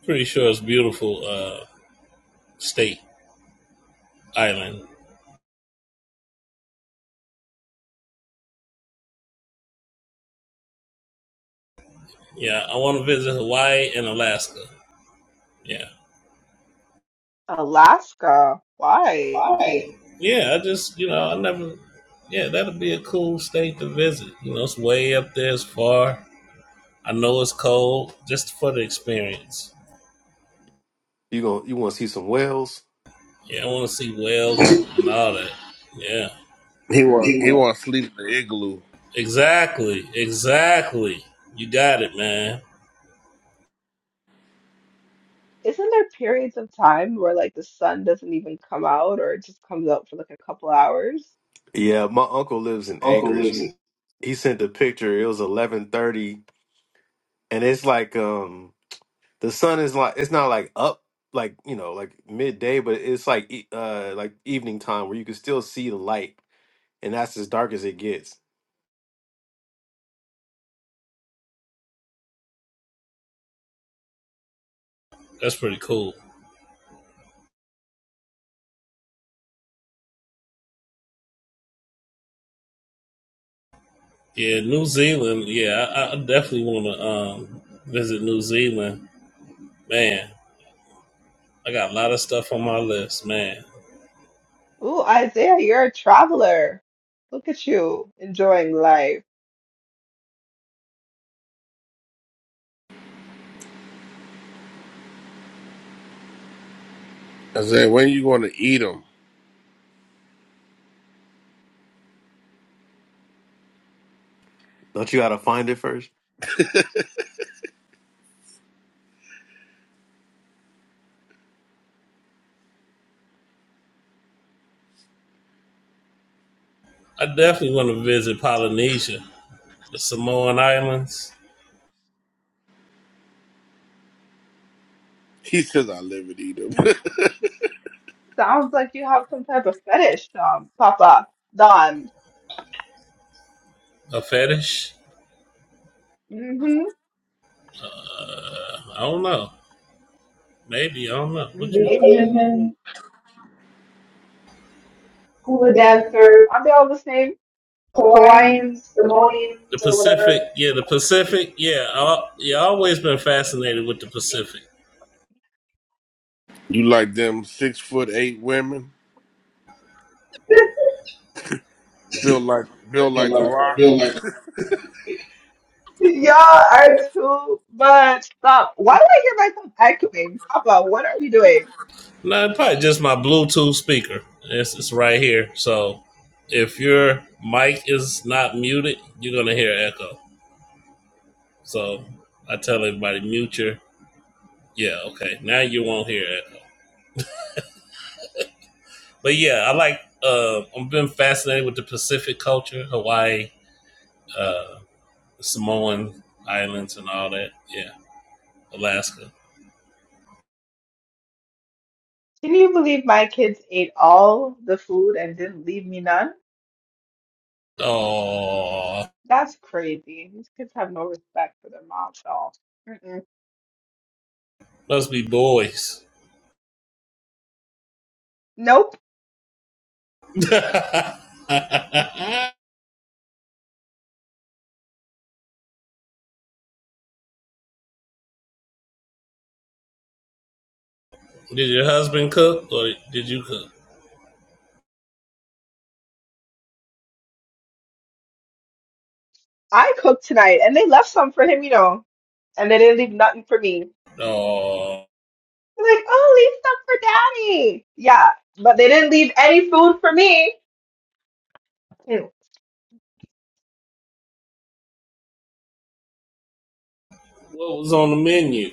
Speaker 25: Pretty sure it's beautiful uh, state island. Yeah, I want to visit Hawaii and Alaska. Yeah,
Speaker 3: Alaska, why?
Speaker 25: Why? yeah. I just you know I never. Yeah, that'd be a cool state to visit. You know, it's way up there. It's far. I know it's cold. Just for the experience.
Speaker 6: You going you want to see some whales?
Speaker 25: Yeah, I want to see whales (laughs) and all that. Yeah.
Speaker 22: he want he want to sleep in the igloo.
Speaker 25: (laughs) Exactly. Exactly. You got it, man.
Speaker 3: Isn't there periods of time where like the sun doesn't even come out or it just comes out for like a couple hours?
Speaker 6: Yeah, my uncle lives in
Speaker 25: uncle
Speaker 6: Anchorage.
Speaker 25: lives
Speaker 6: He
Speaker 25: in.
Speaker 6: he sent a picture. It was eleven thirty, and it's like um The sun is like it's not like up like you know like midday, but it's like e- uh like evening time where you can still see the light, and that's as dark as it gets.
Speaker 25: That's pretty cool. Yeah, New Zealand. Yeah, I, I definitely want to um, visit New Zealand. Man, I got a lot of stuff on my list. Man,
Speaker 3: Ooh, Isaiah, you're a traveler. Look at you enjoying life.
Speaker 22: I said, when you going to eat them?
Speaker 6: Don't you gotta find it first?
Speaker 25: I definitely want to visit Polynesia, the Samoan Islands,
Speaker 22: He says, I live and eat them.
Speaker 3: Mm. Sounds like you have some type of fetish, um, Papa, Don.
Speaker 25: a fetish.
Speaker 3: Mm-hmm.
Speaker 25: Uh, I don't know. Maybe I don't know. What
Speaker 3: These
Speaker 25: There's you? The
Speaker 3: Asian
Speaker 25: Asian hula
Speaker 3: hula dancers,
Speaker 25: dancers,
Speaker 3: aren't they all the same?
Speaker 25: Hawaiian,
Speaker 3: Hawaiian,
Speaker 25: Samoan, The
Speaker 3: Samoanians, or whatever.
Speaker 25: Pacific. Yeah, the Pacific. Yeah, I, yeah. i always been fascinated with the Pacific.
Speaker 22: (laughs) you like them six foot eight women?
Speaker 25: (laughs)
Speaker 22: Built like built
Speaker 25: Feel
Speaker 22: like the
Speaker 25: like,
Speaker 22: rock.
Speaker 25: feel like Yeah,
Speaker 3: Y'all
Speaker 25: all
Speaker 3: are too much. Stop. Why do I hear myself echoing? Papa, what are you doing?
Speaker 25: No, it's probably just my Bluetooth speaker. It's, it's right here. So if your mic is not muted, you're gonna hear echo. So I tell everybody mute your yeah, okay. Now you won't hear echo. But yeah, I like uh I've been fascinated with the Pacific culture, Hawaii, uh Samoan islands and all that. Yeah. Alaska.
Speaker 3: Can you believe my kids ate all the food and didn't leave me none?
Speaker 25: Oh
Speaker 3: That's crazy. These kids have no respect for their moms at all. Mm-mm.
Speaker 25: must be boys.
Speaker 3: Nope.
Speaker 25: (laughs) Did your husband cook or did you cook?
Speaker 3: I cooked tonight and they left some for him, you know, and they didn't leave nothing for me.
Speaker 25: Oh,
Speaker 3: They're like, oh, leave some for daddy. Yeah, but they didn't leave any food for me. Mm.
Speaker 25: what was on the menu?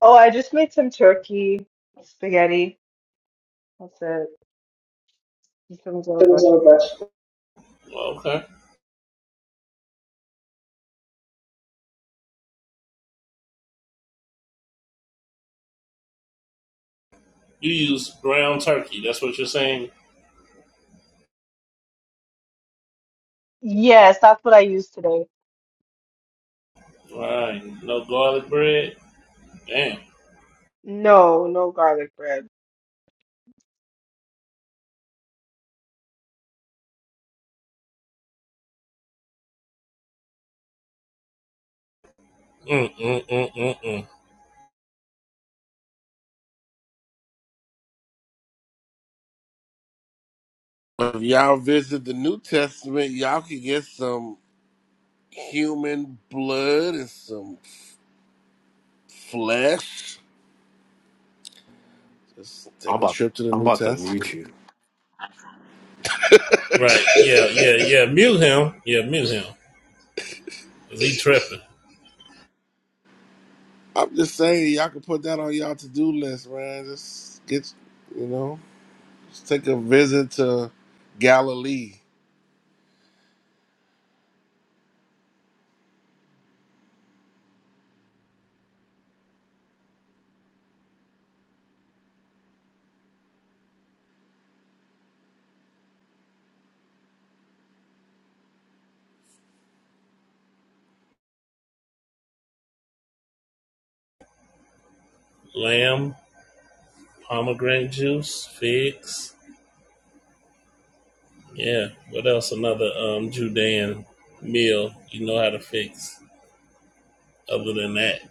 Speaker 3: Oh, I just made some turkey spaghetti. That's it. Just some little
Speaker 25: It was on the
Speaker 3: vegetables.
Speaker 25: best. Okay. You use ground turkey. That's what you're saying?
Speaker 3: Yes, that's what I used today.
Speaker 25: All Right. No garlic bread? Damn.
Speaker 3: No, no garlic bread.
Speaker 25: Mm, mm, mm, mm, mm.
Speaker 22: If y'all visit the New Testament, y'all can get some human blood and some flesh. Just
Speaker 6: I'm
Speaker 22: take a
Speaker 6: about
Speaker 22: trip to the
Speaker 6: I'm
Speaker 22: New
Speaker 6: about to mute
Speaker 22: Testament.
Speaker 6: you.
Speaker 25: Right. Yeah, yeah, yeah. Mute him. Yeah, mute him. him. 'Cause he tripping.
Speaker 22: I'm just saying, y'all can put that on y'all to do list, man. Just get, you know, just take a visit to Galilee.
Speaker 25: Lamb, pomegranate juice, figs. Yeah. What else? Another um Judean meal you know how to fix other than that.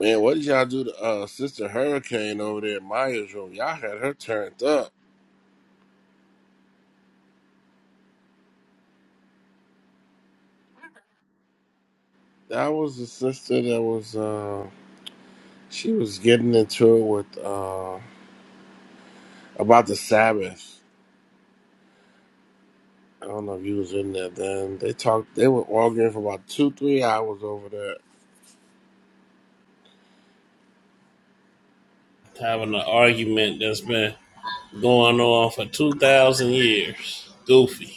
Speaker 22: Man, what did y'all do to uh, Sister Hurricane over there at Maya's room? Y'all had her turned up. That was the sister that was, uh, she was getting into it with. uh, about the Sabbath. I don't know if you was in there then. They talked. They were arguing for about two, three hours over there.
Speaker 25: Having an argument that's been going on for 2,000 years. Goofy.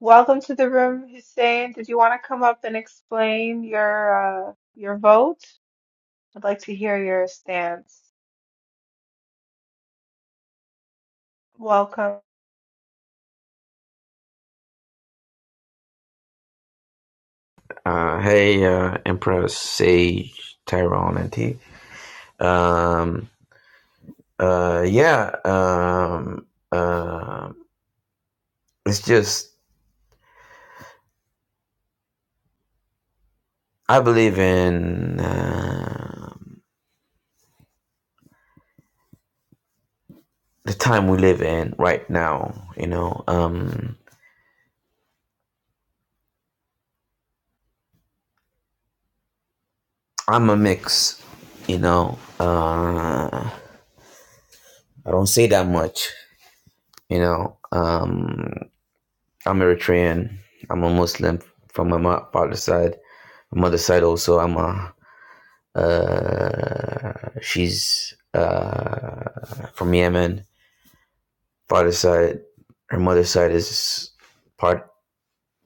Speaker 3: Welcome to the room, Hussein. Did you want to come up and explain your uh your vote? I'd like to hear your stance. Welcome.
Speaker 26: Uh, hey, uh, Empress, Sage, Tyrone, and T. Um, uh, yeah, um, uh, it's just, I believe in uh, the time we live in right now, you know. Um, I'm a mix, you know. Uh, I don't say that much, you know. Um, I'm Eritrean, I'm a Muslim from my mo- father's side. My mother's side also, I'm a Uh, she's uh, from Yemen. Father's side, her mother's side is part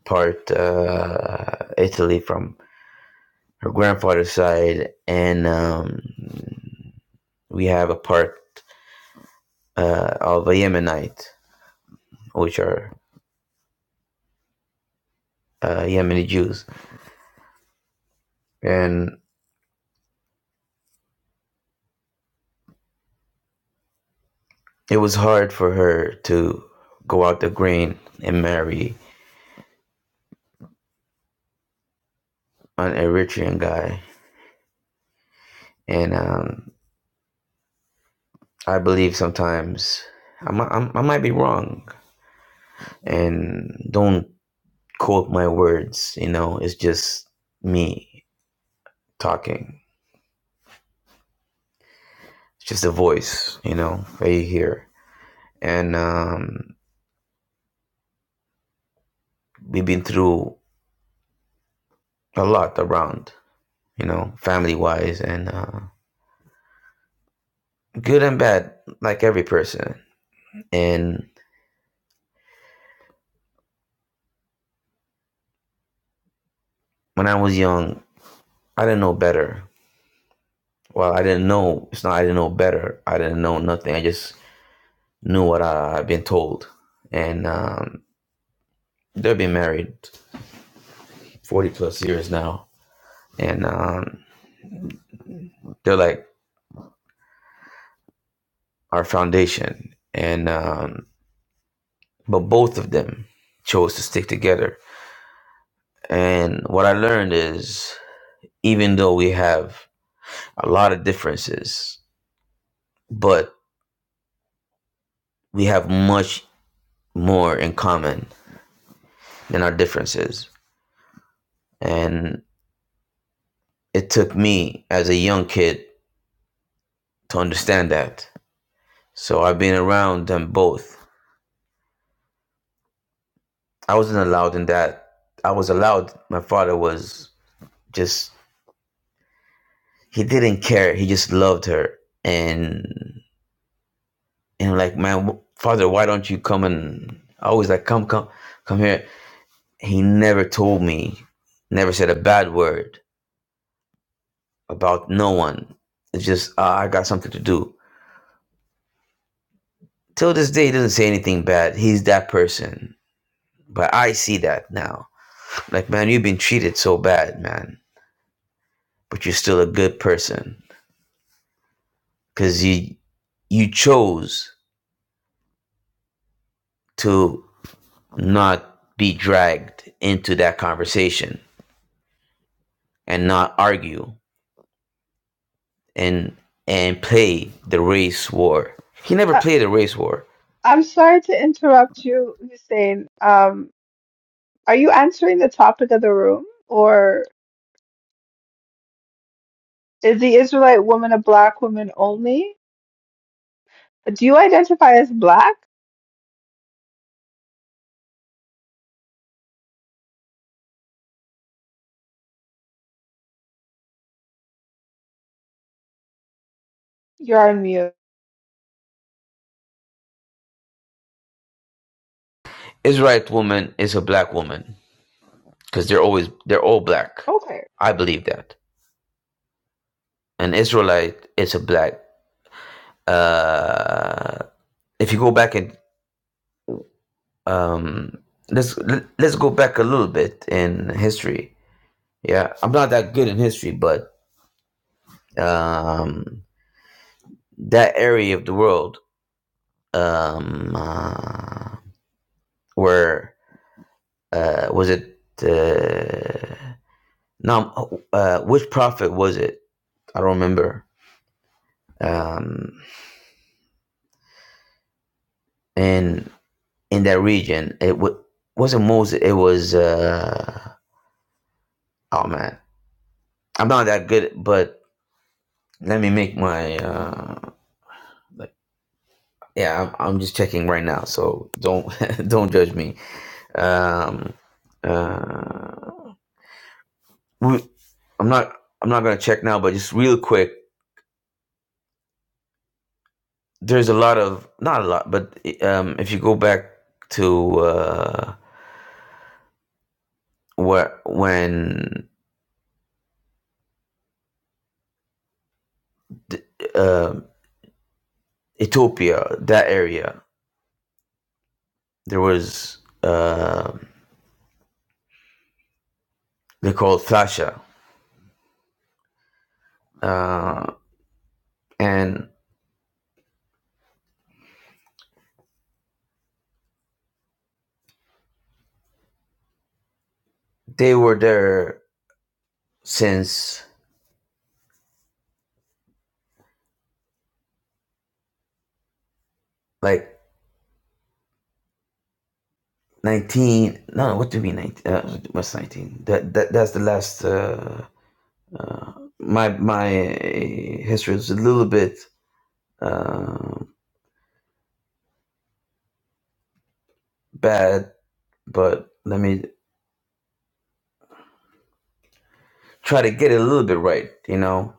Speaker 26: part uh, Italy from her grandfather's side, and um, we have a part uh, of a Yemenite, which are uh, Yemeni Jews. And it was hard for her to go out the green and marry an Eritrean guy. And um, I believe sometimes I might, i might be wrong, and don't quote my words. You know, it's just me talking. It's just a voice. You know, that you hear. And um, we've been through a lot around. You know, family wise and uh, good and bad, like every person. And when I was young, I didn't know better. Well, I didn't know. It's not. I didn't know better. I didn't know nothing. I just knew what I, I've been told and um, they've been married 40 plus years now and um, they're like our foundation and um, but both of them chose to stick together and what i learned is even though we have a lot of differences but we have much more in common than our differences and it took me as a young kid to understand that so i've been around them both i wasn't allowed in that I was allowed. My father was just he didn't care. He just loved her, and and I'm like, man, father, why don't you come and I always like, come, come, come here. He never told me, never said a bad word about no one. It's just uh, I got something to do. Till this day, he doesn't say anything bad. He's that person, but I see that now. Like, man, you've been treated so bad, man, but you're still a good person because you you chose to not be dragged into that conversation and not argue and and play the race war. He never
Speaker 3: Uh,
Speaker 26: played the race war.
Speaker 3: I'm sorry to interrupt you, Hussein. Um, are you answering the topic of the room, or is the Israelite woman a black woman only? Do you identify as black? You're on mute.
Speaker 26: Israelite woman is a black woman because they're always they're all black.
Speaker 3: Okay.
Speaker 26: I believe that an Israelite is a black. Uh, if you go back and um, let's let's go back a little bit in history. Yeah, I'm not that good in history, but um, that area of the world um uh, where uh was it uh no uh which prophet was it i don't remember um in in that region it w- wasn't moses it was uh oh man i'm not that good but let me make my uh like- yeah i'm, I'm just checking right now so don't (laughs) don't judge me um uh we, i'm not i'm not gonna check now but just real quick there's a lot of not a lot, but um, if you go back to uh, where when th- um Ethiopia, that area, there was uh, they called Thasha, uh, and they were there since like. 19 no no, what do you mean 19 uh, what's 19 that, that that's the last uh, uh my my history is a little bit uh, bad but let me try to get it a little bit right, you know.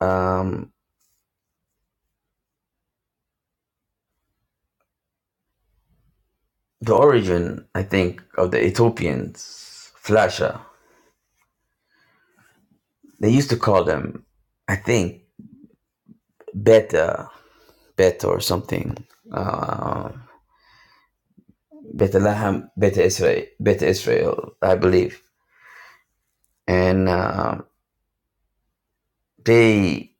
Speaker 26: Um, the origin, I think, of the Ethiopians, Flasha, they used to call them, I think, Beta, Beta or something. Uh, Beta Laham, Beta Israel, Beta Israel, I believe. And uh, they,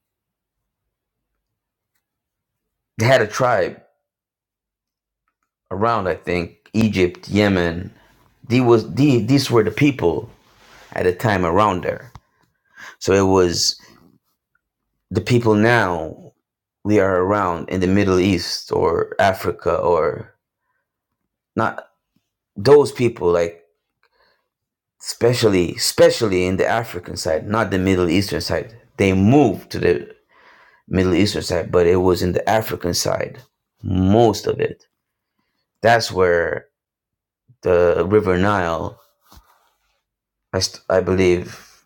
Speaker 26: they had a tribe around, I think, Egypt, Yemen. They was, they, these were the people at the time around there. So it was the people now we are around in the Middle East or Africa or not those people like especially especially in the African side, not the Middle Eastern side. They moved to the Middle Eastern side, but it was in the African side most of it. That's where the River Nile, I, st- I believe,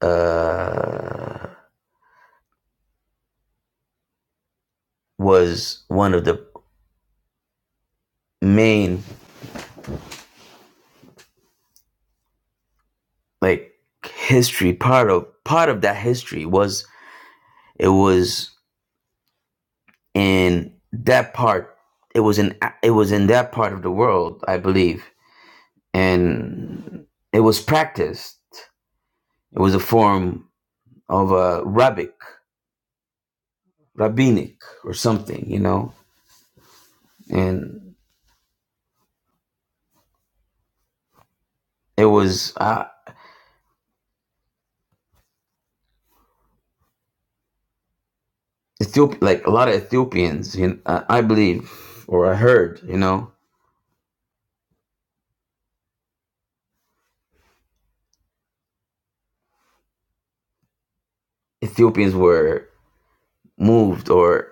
Speaker 26: uh, was one of the main like history part of part of that history was It was in that part. It was in it was in that part of the world, I believe, and it was practiced. It was a form of a rabbic, rabbinic, or something, you know. And it was uh, Ethiop- like a lot of Ethiopians, you know, uh, I believe, or I heard, you know, Ethiopians were moved or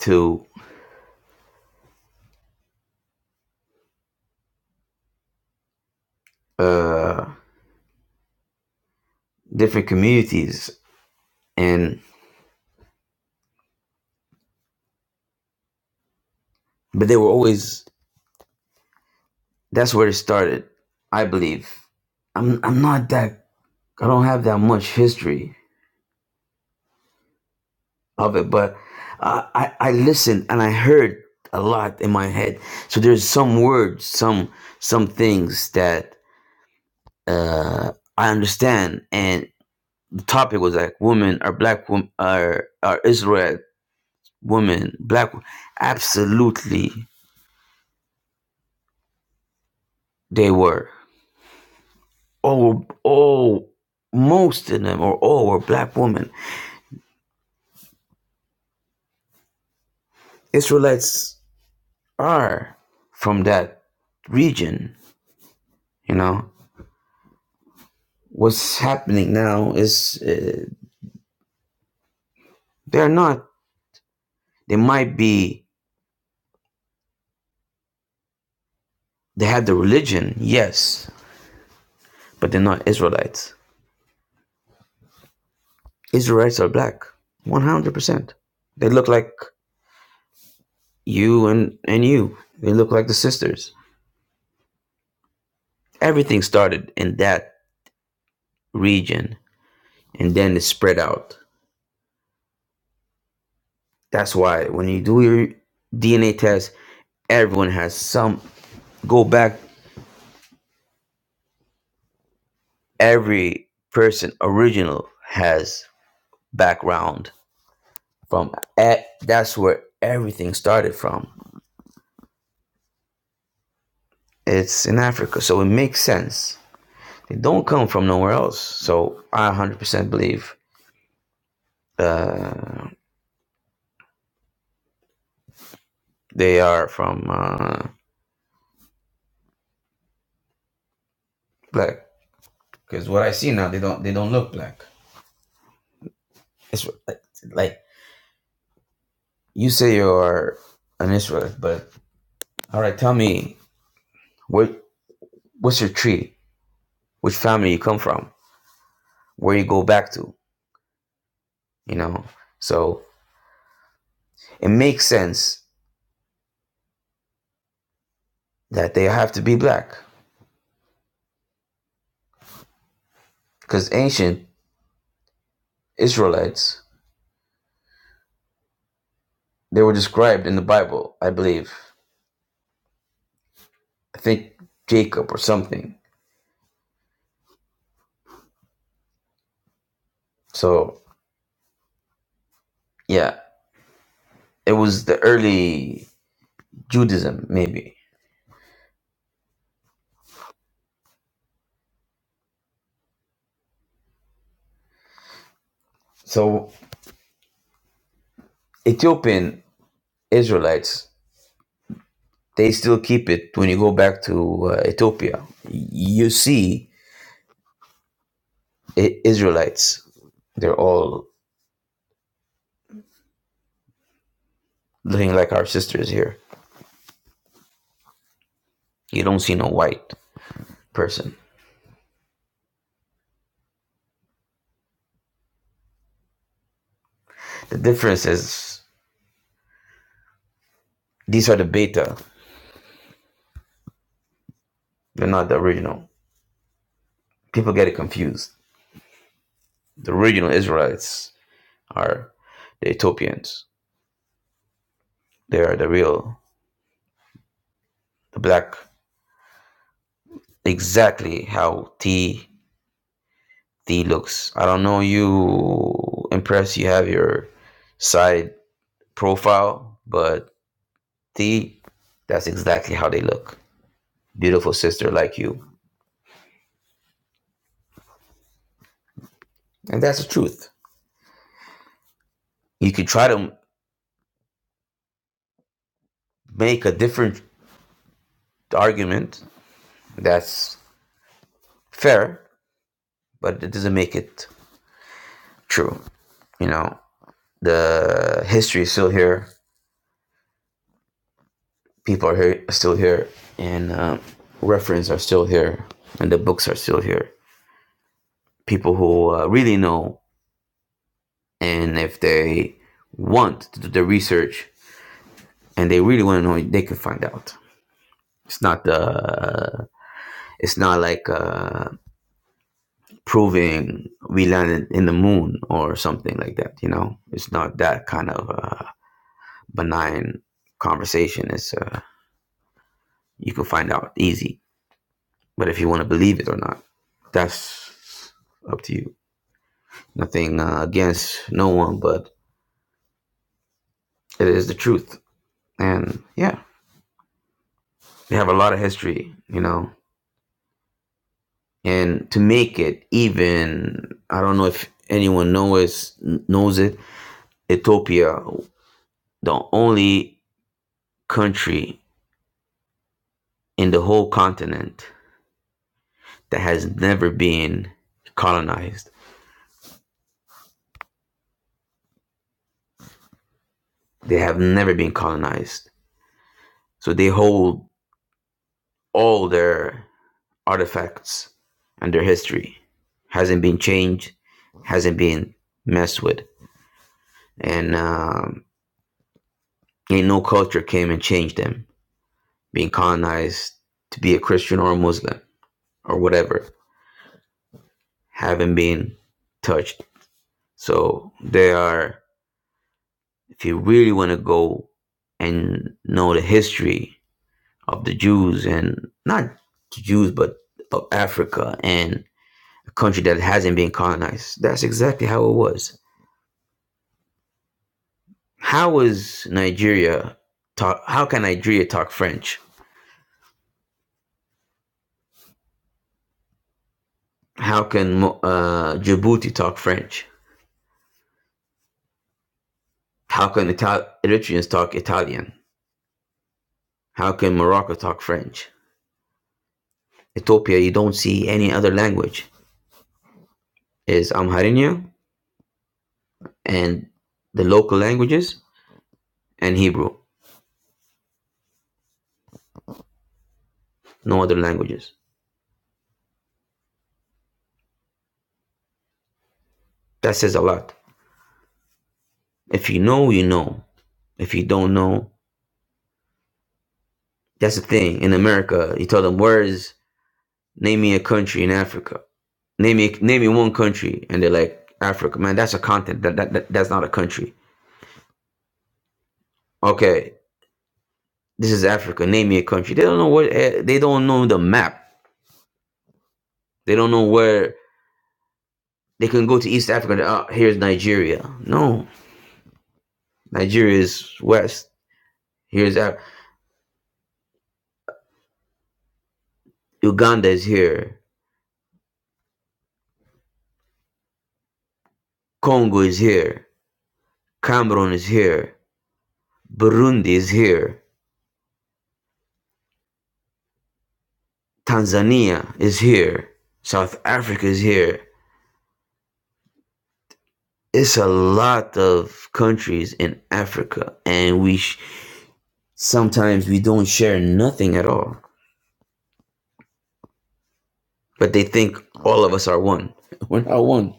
Speaker 26: to uh, different communities, and but they were always That's where it started, I believe. I'm I'm not that I don't have that much history of it, but uh, I I listened and I heard a lot in my head. So there's some words, some some things that uh, I understand. And the topic was like women are black women are are Israel women black. wo- Absolutely, they were all all most of them or all were black women. Israelites are from that region. You know, what's happening now is uh, they're not, they might be, they have the religion, yes, but they're not Israelites. Israelites are black, 100%. They look like you and, and you, they look like the sisters. Everything started in that region and then it spread out. That's why when you do your DNA test, everyone has some go back every person original has background from eh, that's where everything started from it's in africa so it makes sense they don't come from nowhere else so i 100% believe uh, they are from uh, black because what i see now they don't they don't look black it's like, like you say you're an israelite but all right tell me what what's your tree which family you come from where you go back to you know. So it makes sense that they have to be black because ancient Israelites, they were described in the Bible, I believe. I think Jacob or something. So yeah, it was the early Judaism, maybe. So Ethiopian Israelites, they still keep it when you go back to uh, Ethiopia. You see I- Israelites, they're all looking like our sisters here. You don't see no white person. The difference is these are the beta, they're not the original. People get it confused. The original Israelites are the Ethiopians. They are the real, the black. Exactly how T T looks. I don't know you Impressed? you have your side profile, but T that's exactly how they look. Beautiful sister like you. And that's the truth. You could try to make a different argument that's fair, but it doesn't make it true. You know, the history is still here. People are here, still here, and uh, references are still here, and the books are still here. People who uh, really know, and if they want to do the research and they really want to know, they can find out. It's not the. Uh, It's not like uh, proving we landed in the moon or something like that. You know, it's not that kind of uh, benign conversation. It's uh, You can find out easy. But if you want to believe it or not, that's up to you. Nothing uh, against no one, but it is the truth. And yeah, we have a lot of history, you know. And to make it even, I don't know if anyone knows knows it. Ethiopia, the only country in the whole continent that has never been colonized. They have never been colonized, so they hold all their artifacts and their history hasn't been changed, hasn't been messed with, and um, ain't no culture came and changed them. Being colonized to be a Christian or a Muslim or whatever haven't been touched. So they are. If you really want to go and know the history of the Jews and not the Jews, but of Africa and a country that hasn't been colonized, that's exactly how it was. How is Nigeria talk? How can Nigeria talk French? How can uh, Djibouti talk French? How can Ital- Eritreans talk Italian? How can Morocco talk French? Ethiopia, you don't see any other language. Is Amharinia and the local languages and Hebrew. No other languages. That says a lot. If you know, you know. If you don't know, that's the thing. In America, you tell them, "Where is name me a country in Africa?" Name me name me one country, and they're like Africa. Man, that's a continent. That, that, that that's not a country. Okay, this is Africa. Name me a country. They don't know what. eh, They don't know the map. They don't know where they can go to East Africa. and, Uh, here's Nigeria. No, Nigeria is west. Here's Af- Uganda is here. Congo is here. Cameroon is here. Burundi is here. Tanzania is here. South Africa is here. it's a lot of countries in Africa, and we sh- sometimes we don't share nothing at all. But they think all of us are one. (laughs) We're not one.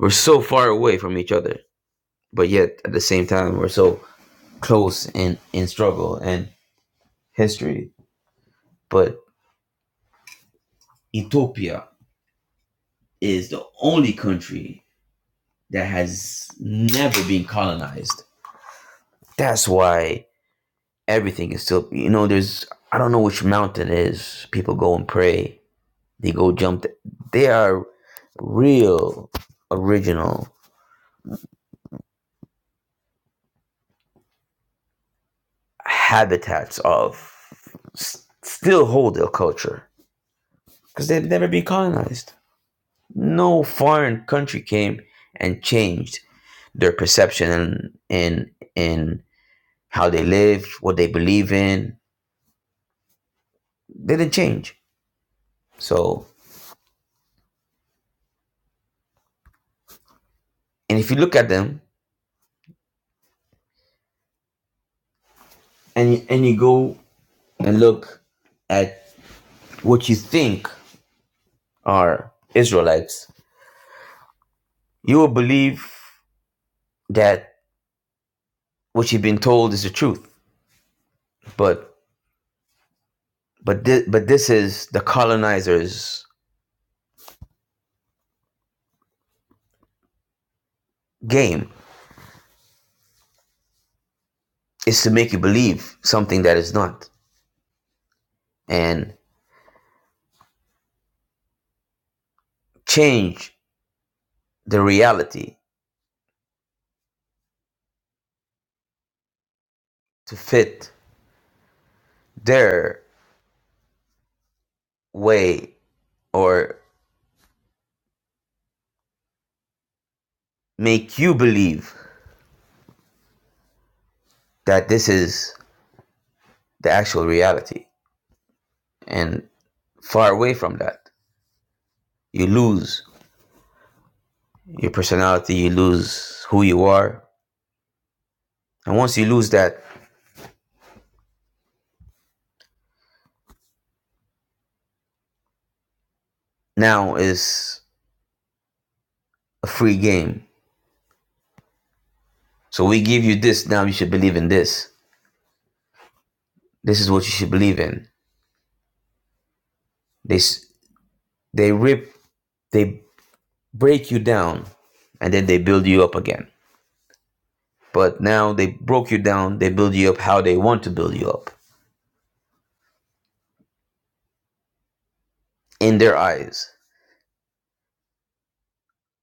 Speaker 26: We're so far away from each other, but yet at the same time we're so close in in struggle and history. But Ethiopia is the only country that has never been colonized. That's why everything is still you know there's I don't know which mountain it is people go and pray They go jump. th- They are real original habitats of s- still hold their culture because they've never been colonized. No foreign country came and changed their perception and in in how they lived, what they believe in. They didn't change. So, and if you look at them and you, and you go and look at what you think are Israelites, you will believe that what you've been told is the truth. But but this, but this is the colonizer's game is to make you believe something that is not and change the reality to fit their way or make you believe that this is the actual reality and far away from that you lose your personality you lose who you are and once you lose that now is a free game So we give you this now. You should believe in this. This is what you should believe in. They they rip, they break you down, and then they build you up again. But now they broke you down. They build you up how they want to build you up in their eyes,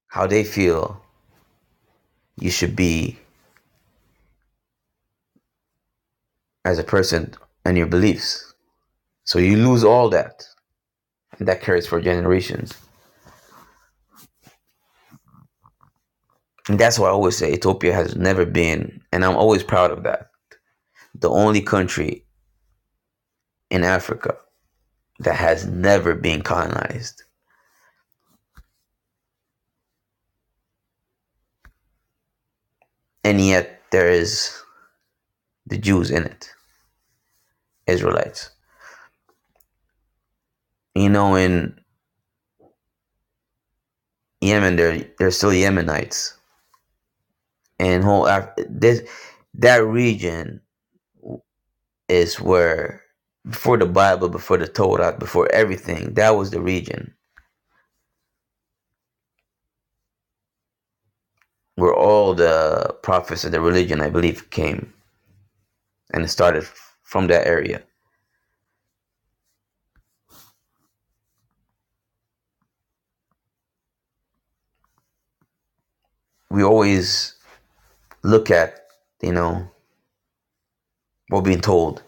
Speaker 26: how they feel you should be as a person and your beliefs. So you lose all that, and that carries for generations. And that's why I always say Ethiopia has never been, and I'm always proud of that, the only country in Africa that has never been colonized. And yet there is the Jews in it, Israelites. You know, in Yemen, there there's still Yemenites, and whole Af- this that region is where before the Bible, before the Torah, before everything, that was the region where all the prophets of the religion, I believe, came and it started from that area. We always look at, you know, what we're being told.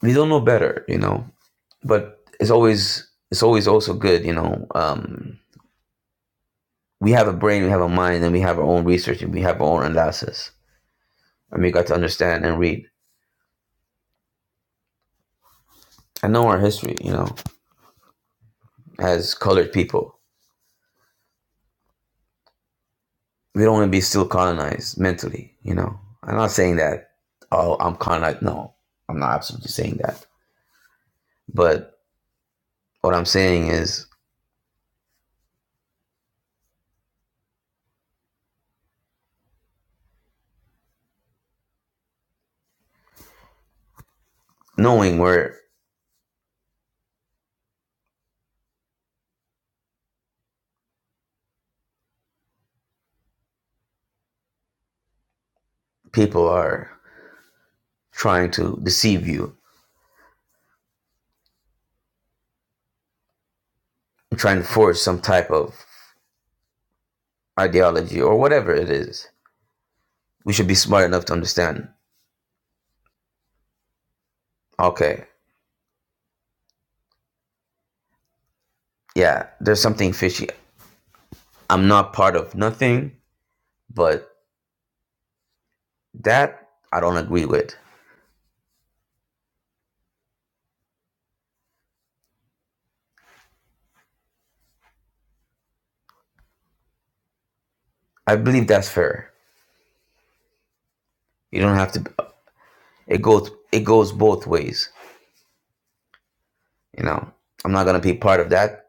Speaker 26: We don't know better, you know. but it's always it's always also good, you know. Um, we have a brain, we have a mind, and we have our own research, and we have our own analysis, and we got to understand and read. and know our history, you know, as colored people. We don't want to be still colonized mentally, you know. I'm not saying that. Oh, I'm colonized. No, I'm not absolutely saying that. But what I'm saying is knowing where people are trying to deceive you, trying to force some type of ideology or whatever it is, we should be smart enough to understand okay yeah there's something fishy i'm not part of nothing but that i don't agree with i believe that's fair you don't have to it goes it goes both ways you know i'm not going to be part of that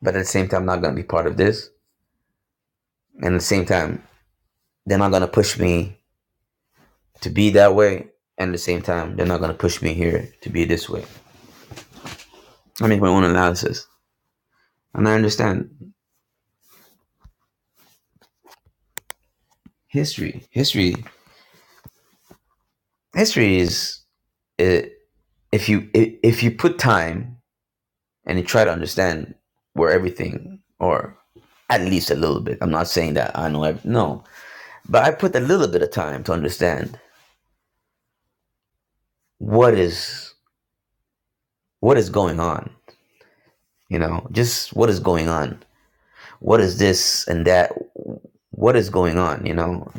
Speaker 26: but at the same time I'm not going to be part of this and at the same time they're not going to push me to be that way and at the same time they're not going to push me here to be this way i make my own analysis and i understand history history history is it if you i- if you put time and you try to understand where everything or at least a little bit i'm not saying that i know ev- no but i put a little bit of time to understand what is what is going on you know just what is going on what is this and that what is going on you know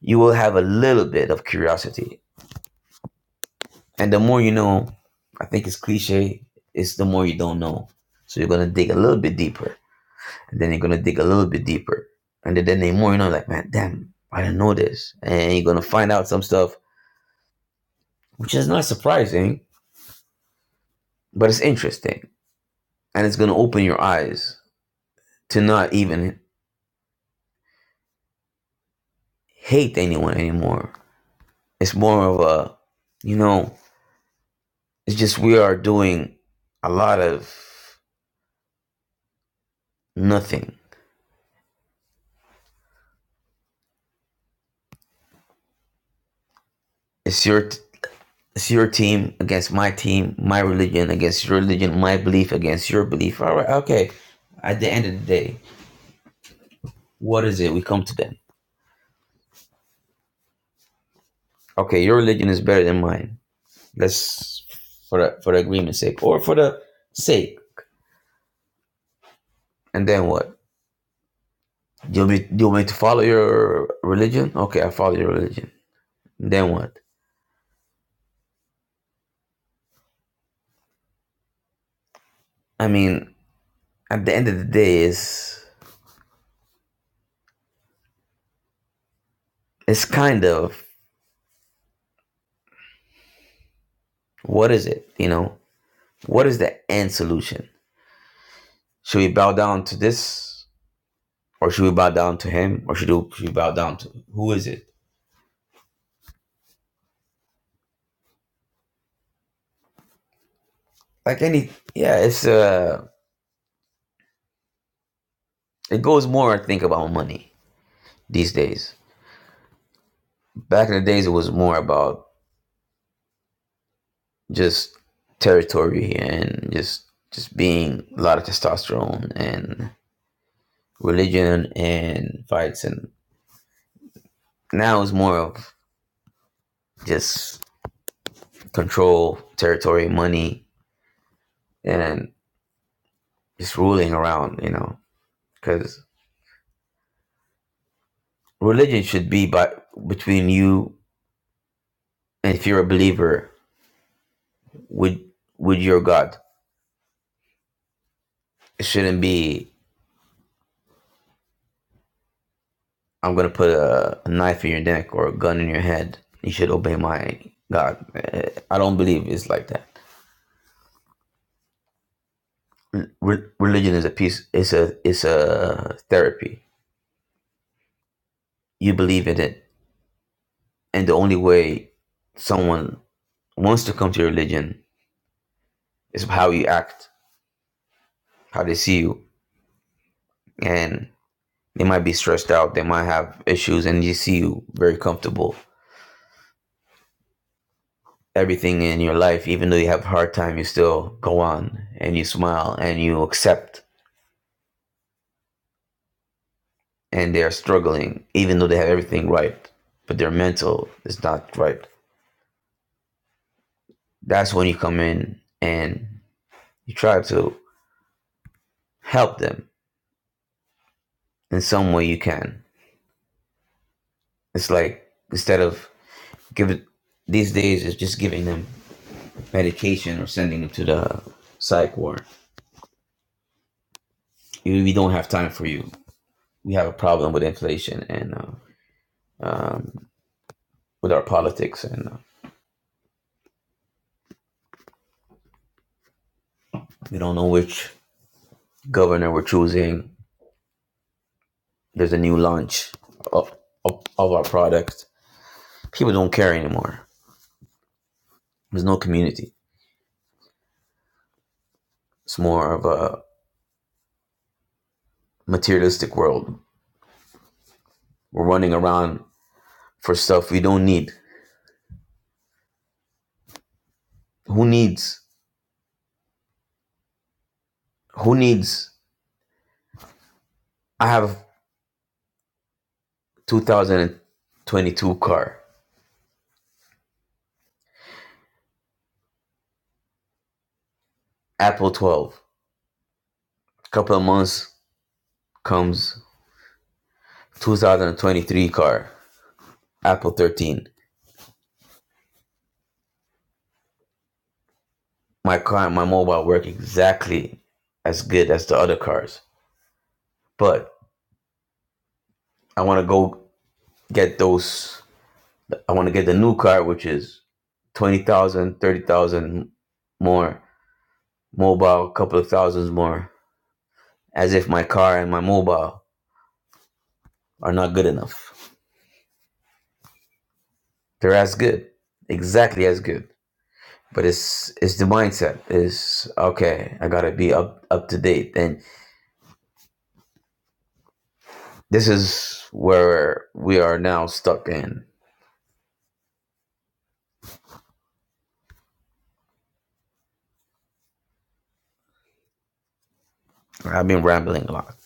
Speaker 26: you will have a little bit of curiosity and the more you know i think it's cliche it's the more you don't know so you're going to dig a little bit deeper And then you're gonna dig a little bit deeper. And then, then the more you know, like, man, damn, I didn't know this. And you're gonna find out some stuff which is not surprising, but it's interesting. And it's gonna open your eyes to not even hate anyone anymore. It's more of a you know, it's just we are doing a lot of nothing. It's your t- it's your team against my team, my religion against your religion, my belief against your belief. All right, okay. At the end of the day, what is it? We come to them. okay, your religion is better than mine. Let's for the, for the agreement's sake, or for the sake. And then what? Do you want me, do you want me to follow your religion? Okay, I follow your religion. Then what? I mean, at the end of the day, is it's kind of what is it? You know, what is the end solution? Should we bow down to this, or should we bow down to him, or should we, should we bow down to who is it? Like any, yeah, it's uh, it goes more I think about money these days. Back in the days, it was more about just territory and just just being a lot of testosterone and religion and fights and now it's more of just control territory money and just ruling around you know because religion should be by between you and if you're a believer with with your god it shouldn't be I'm gonna put a, a knife in your neck or a gun in your head. You should obey my God. Eh, I don't believe it's like that. Re- religion is a piece. It's a it's a therapy. You believe in it, and the only way someone wants to come to your religion is how you act, how they see you, and they might be stressed out. They might have issues, and you see you very comfortable. Everything in your life, even though you have a hard time, you still go on and you smile and you accept and they are struggling, even though they have everything right, but their mental is not right. That's when you come in and you try to help them in some way you can. It's like instead of giving these days it's just giving them medication or sending them to the psych ward. We we don't have time for you. We have a problem with inflation and uh, um, with our politics, and uh, we don't know which governor we're choosing. There's a new launch of, of, of our product. people don't care anymore. There's no community. It's more of a materialistic world. We're running around for stuff we don't need. Who needs? Who needs? I have 2022 car, Apple 12. A Couple of months comes 2023 car, Apple 13. My car and my mobile work exactly as good as the other cars, but I want to go get those. I want to get the new car, which is 20,000, 30,000 more. Mobile, couple of thousands more. As if my car and my mobile are not good enough. They're as good, exactly as good. But it's it's the mindset. Is okay. I gotta be up up to date, and this is where we are now stuck in. I've been rambling a lot.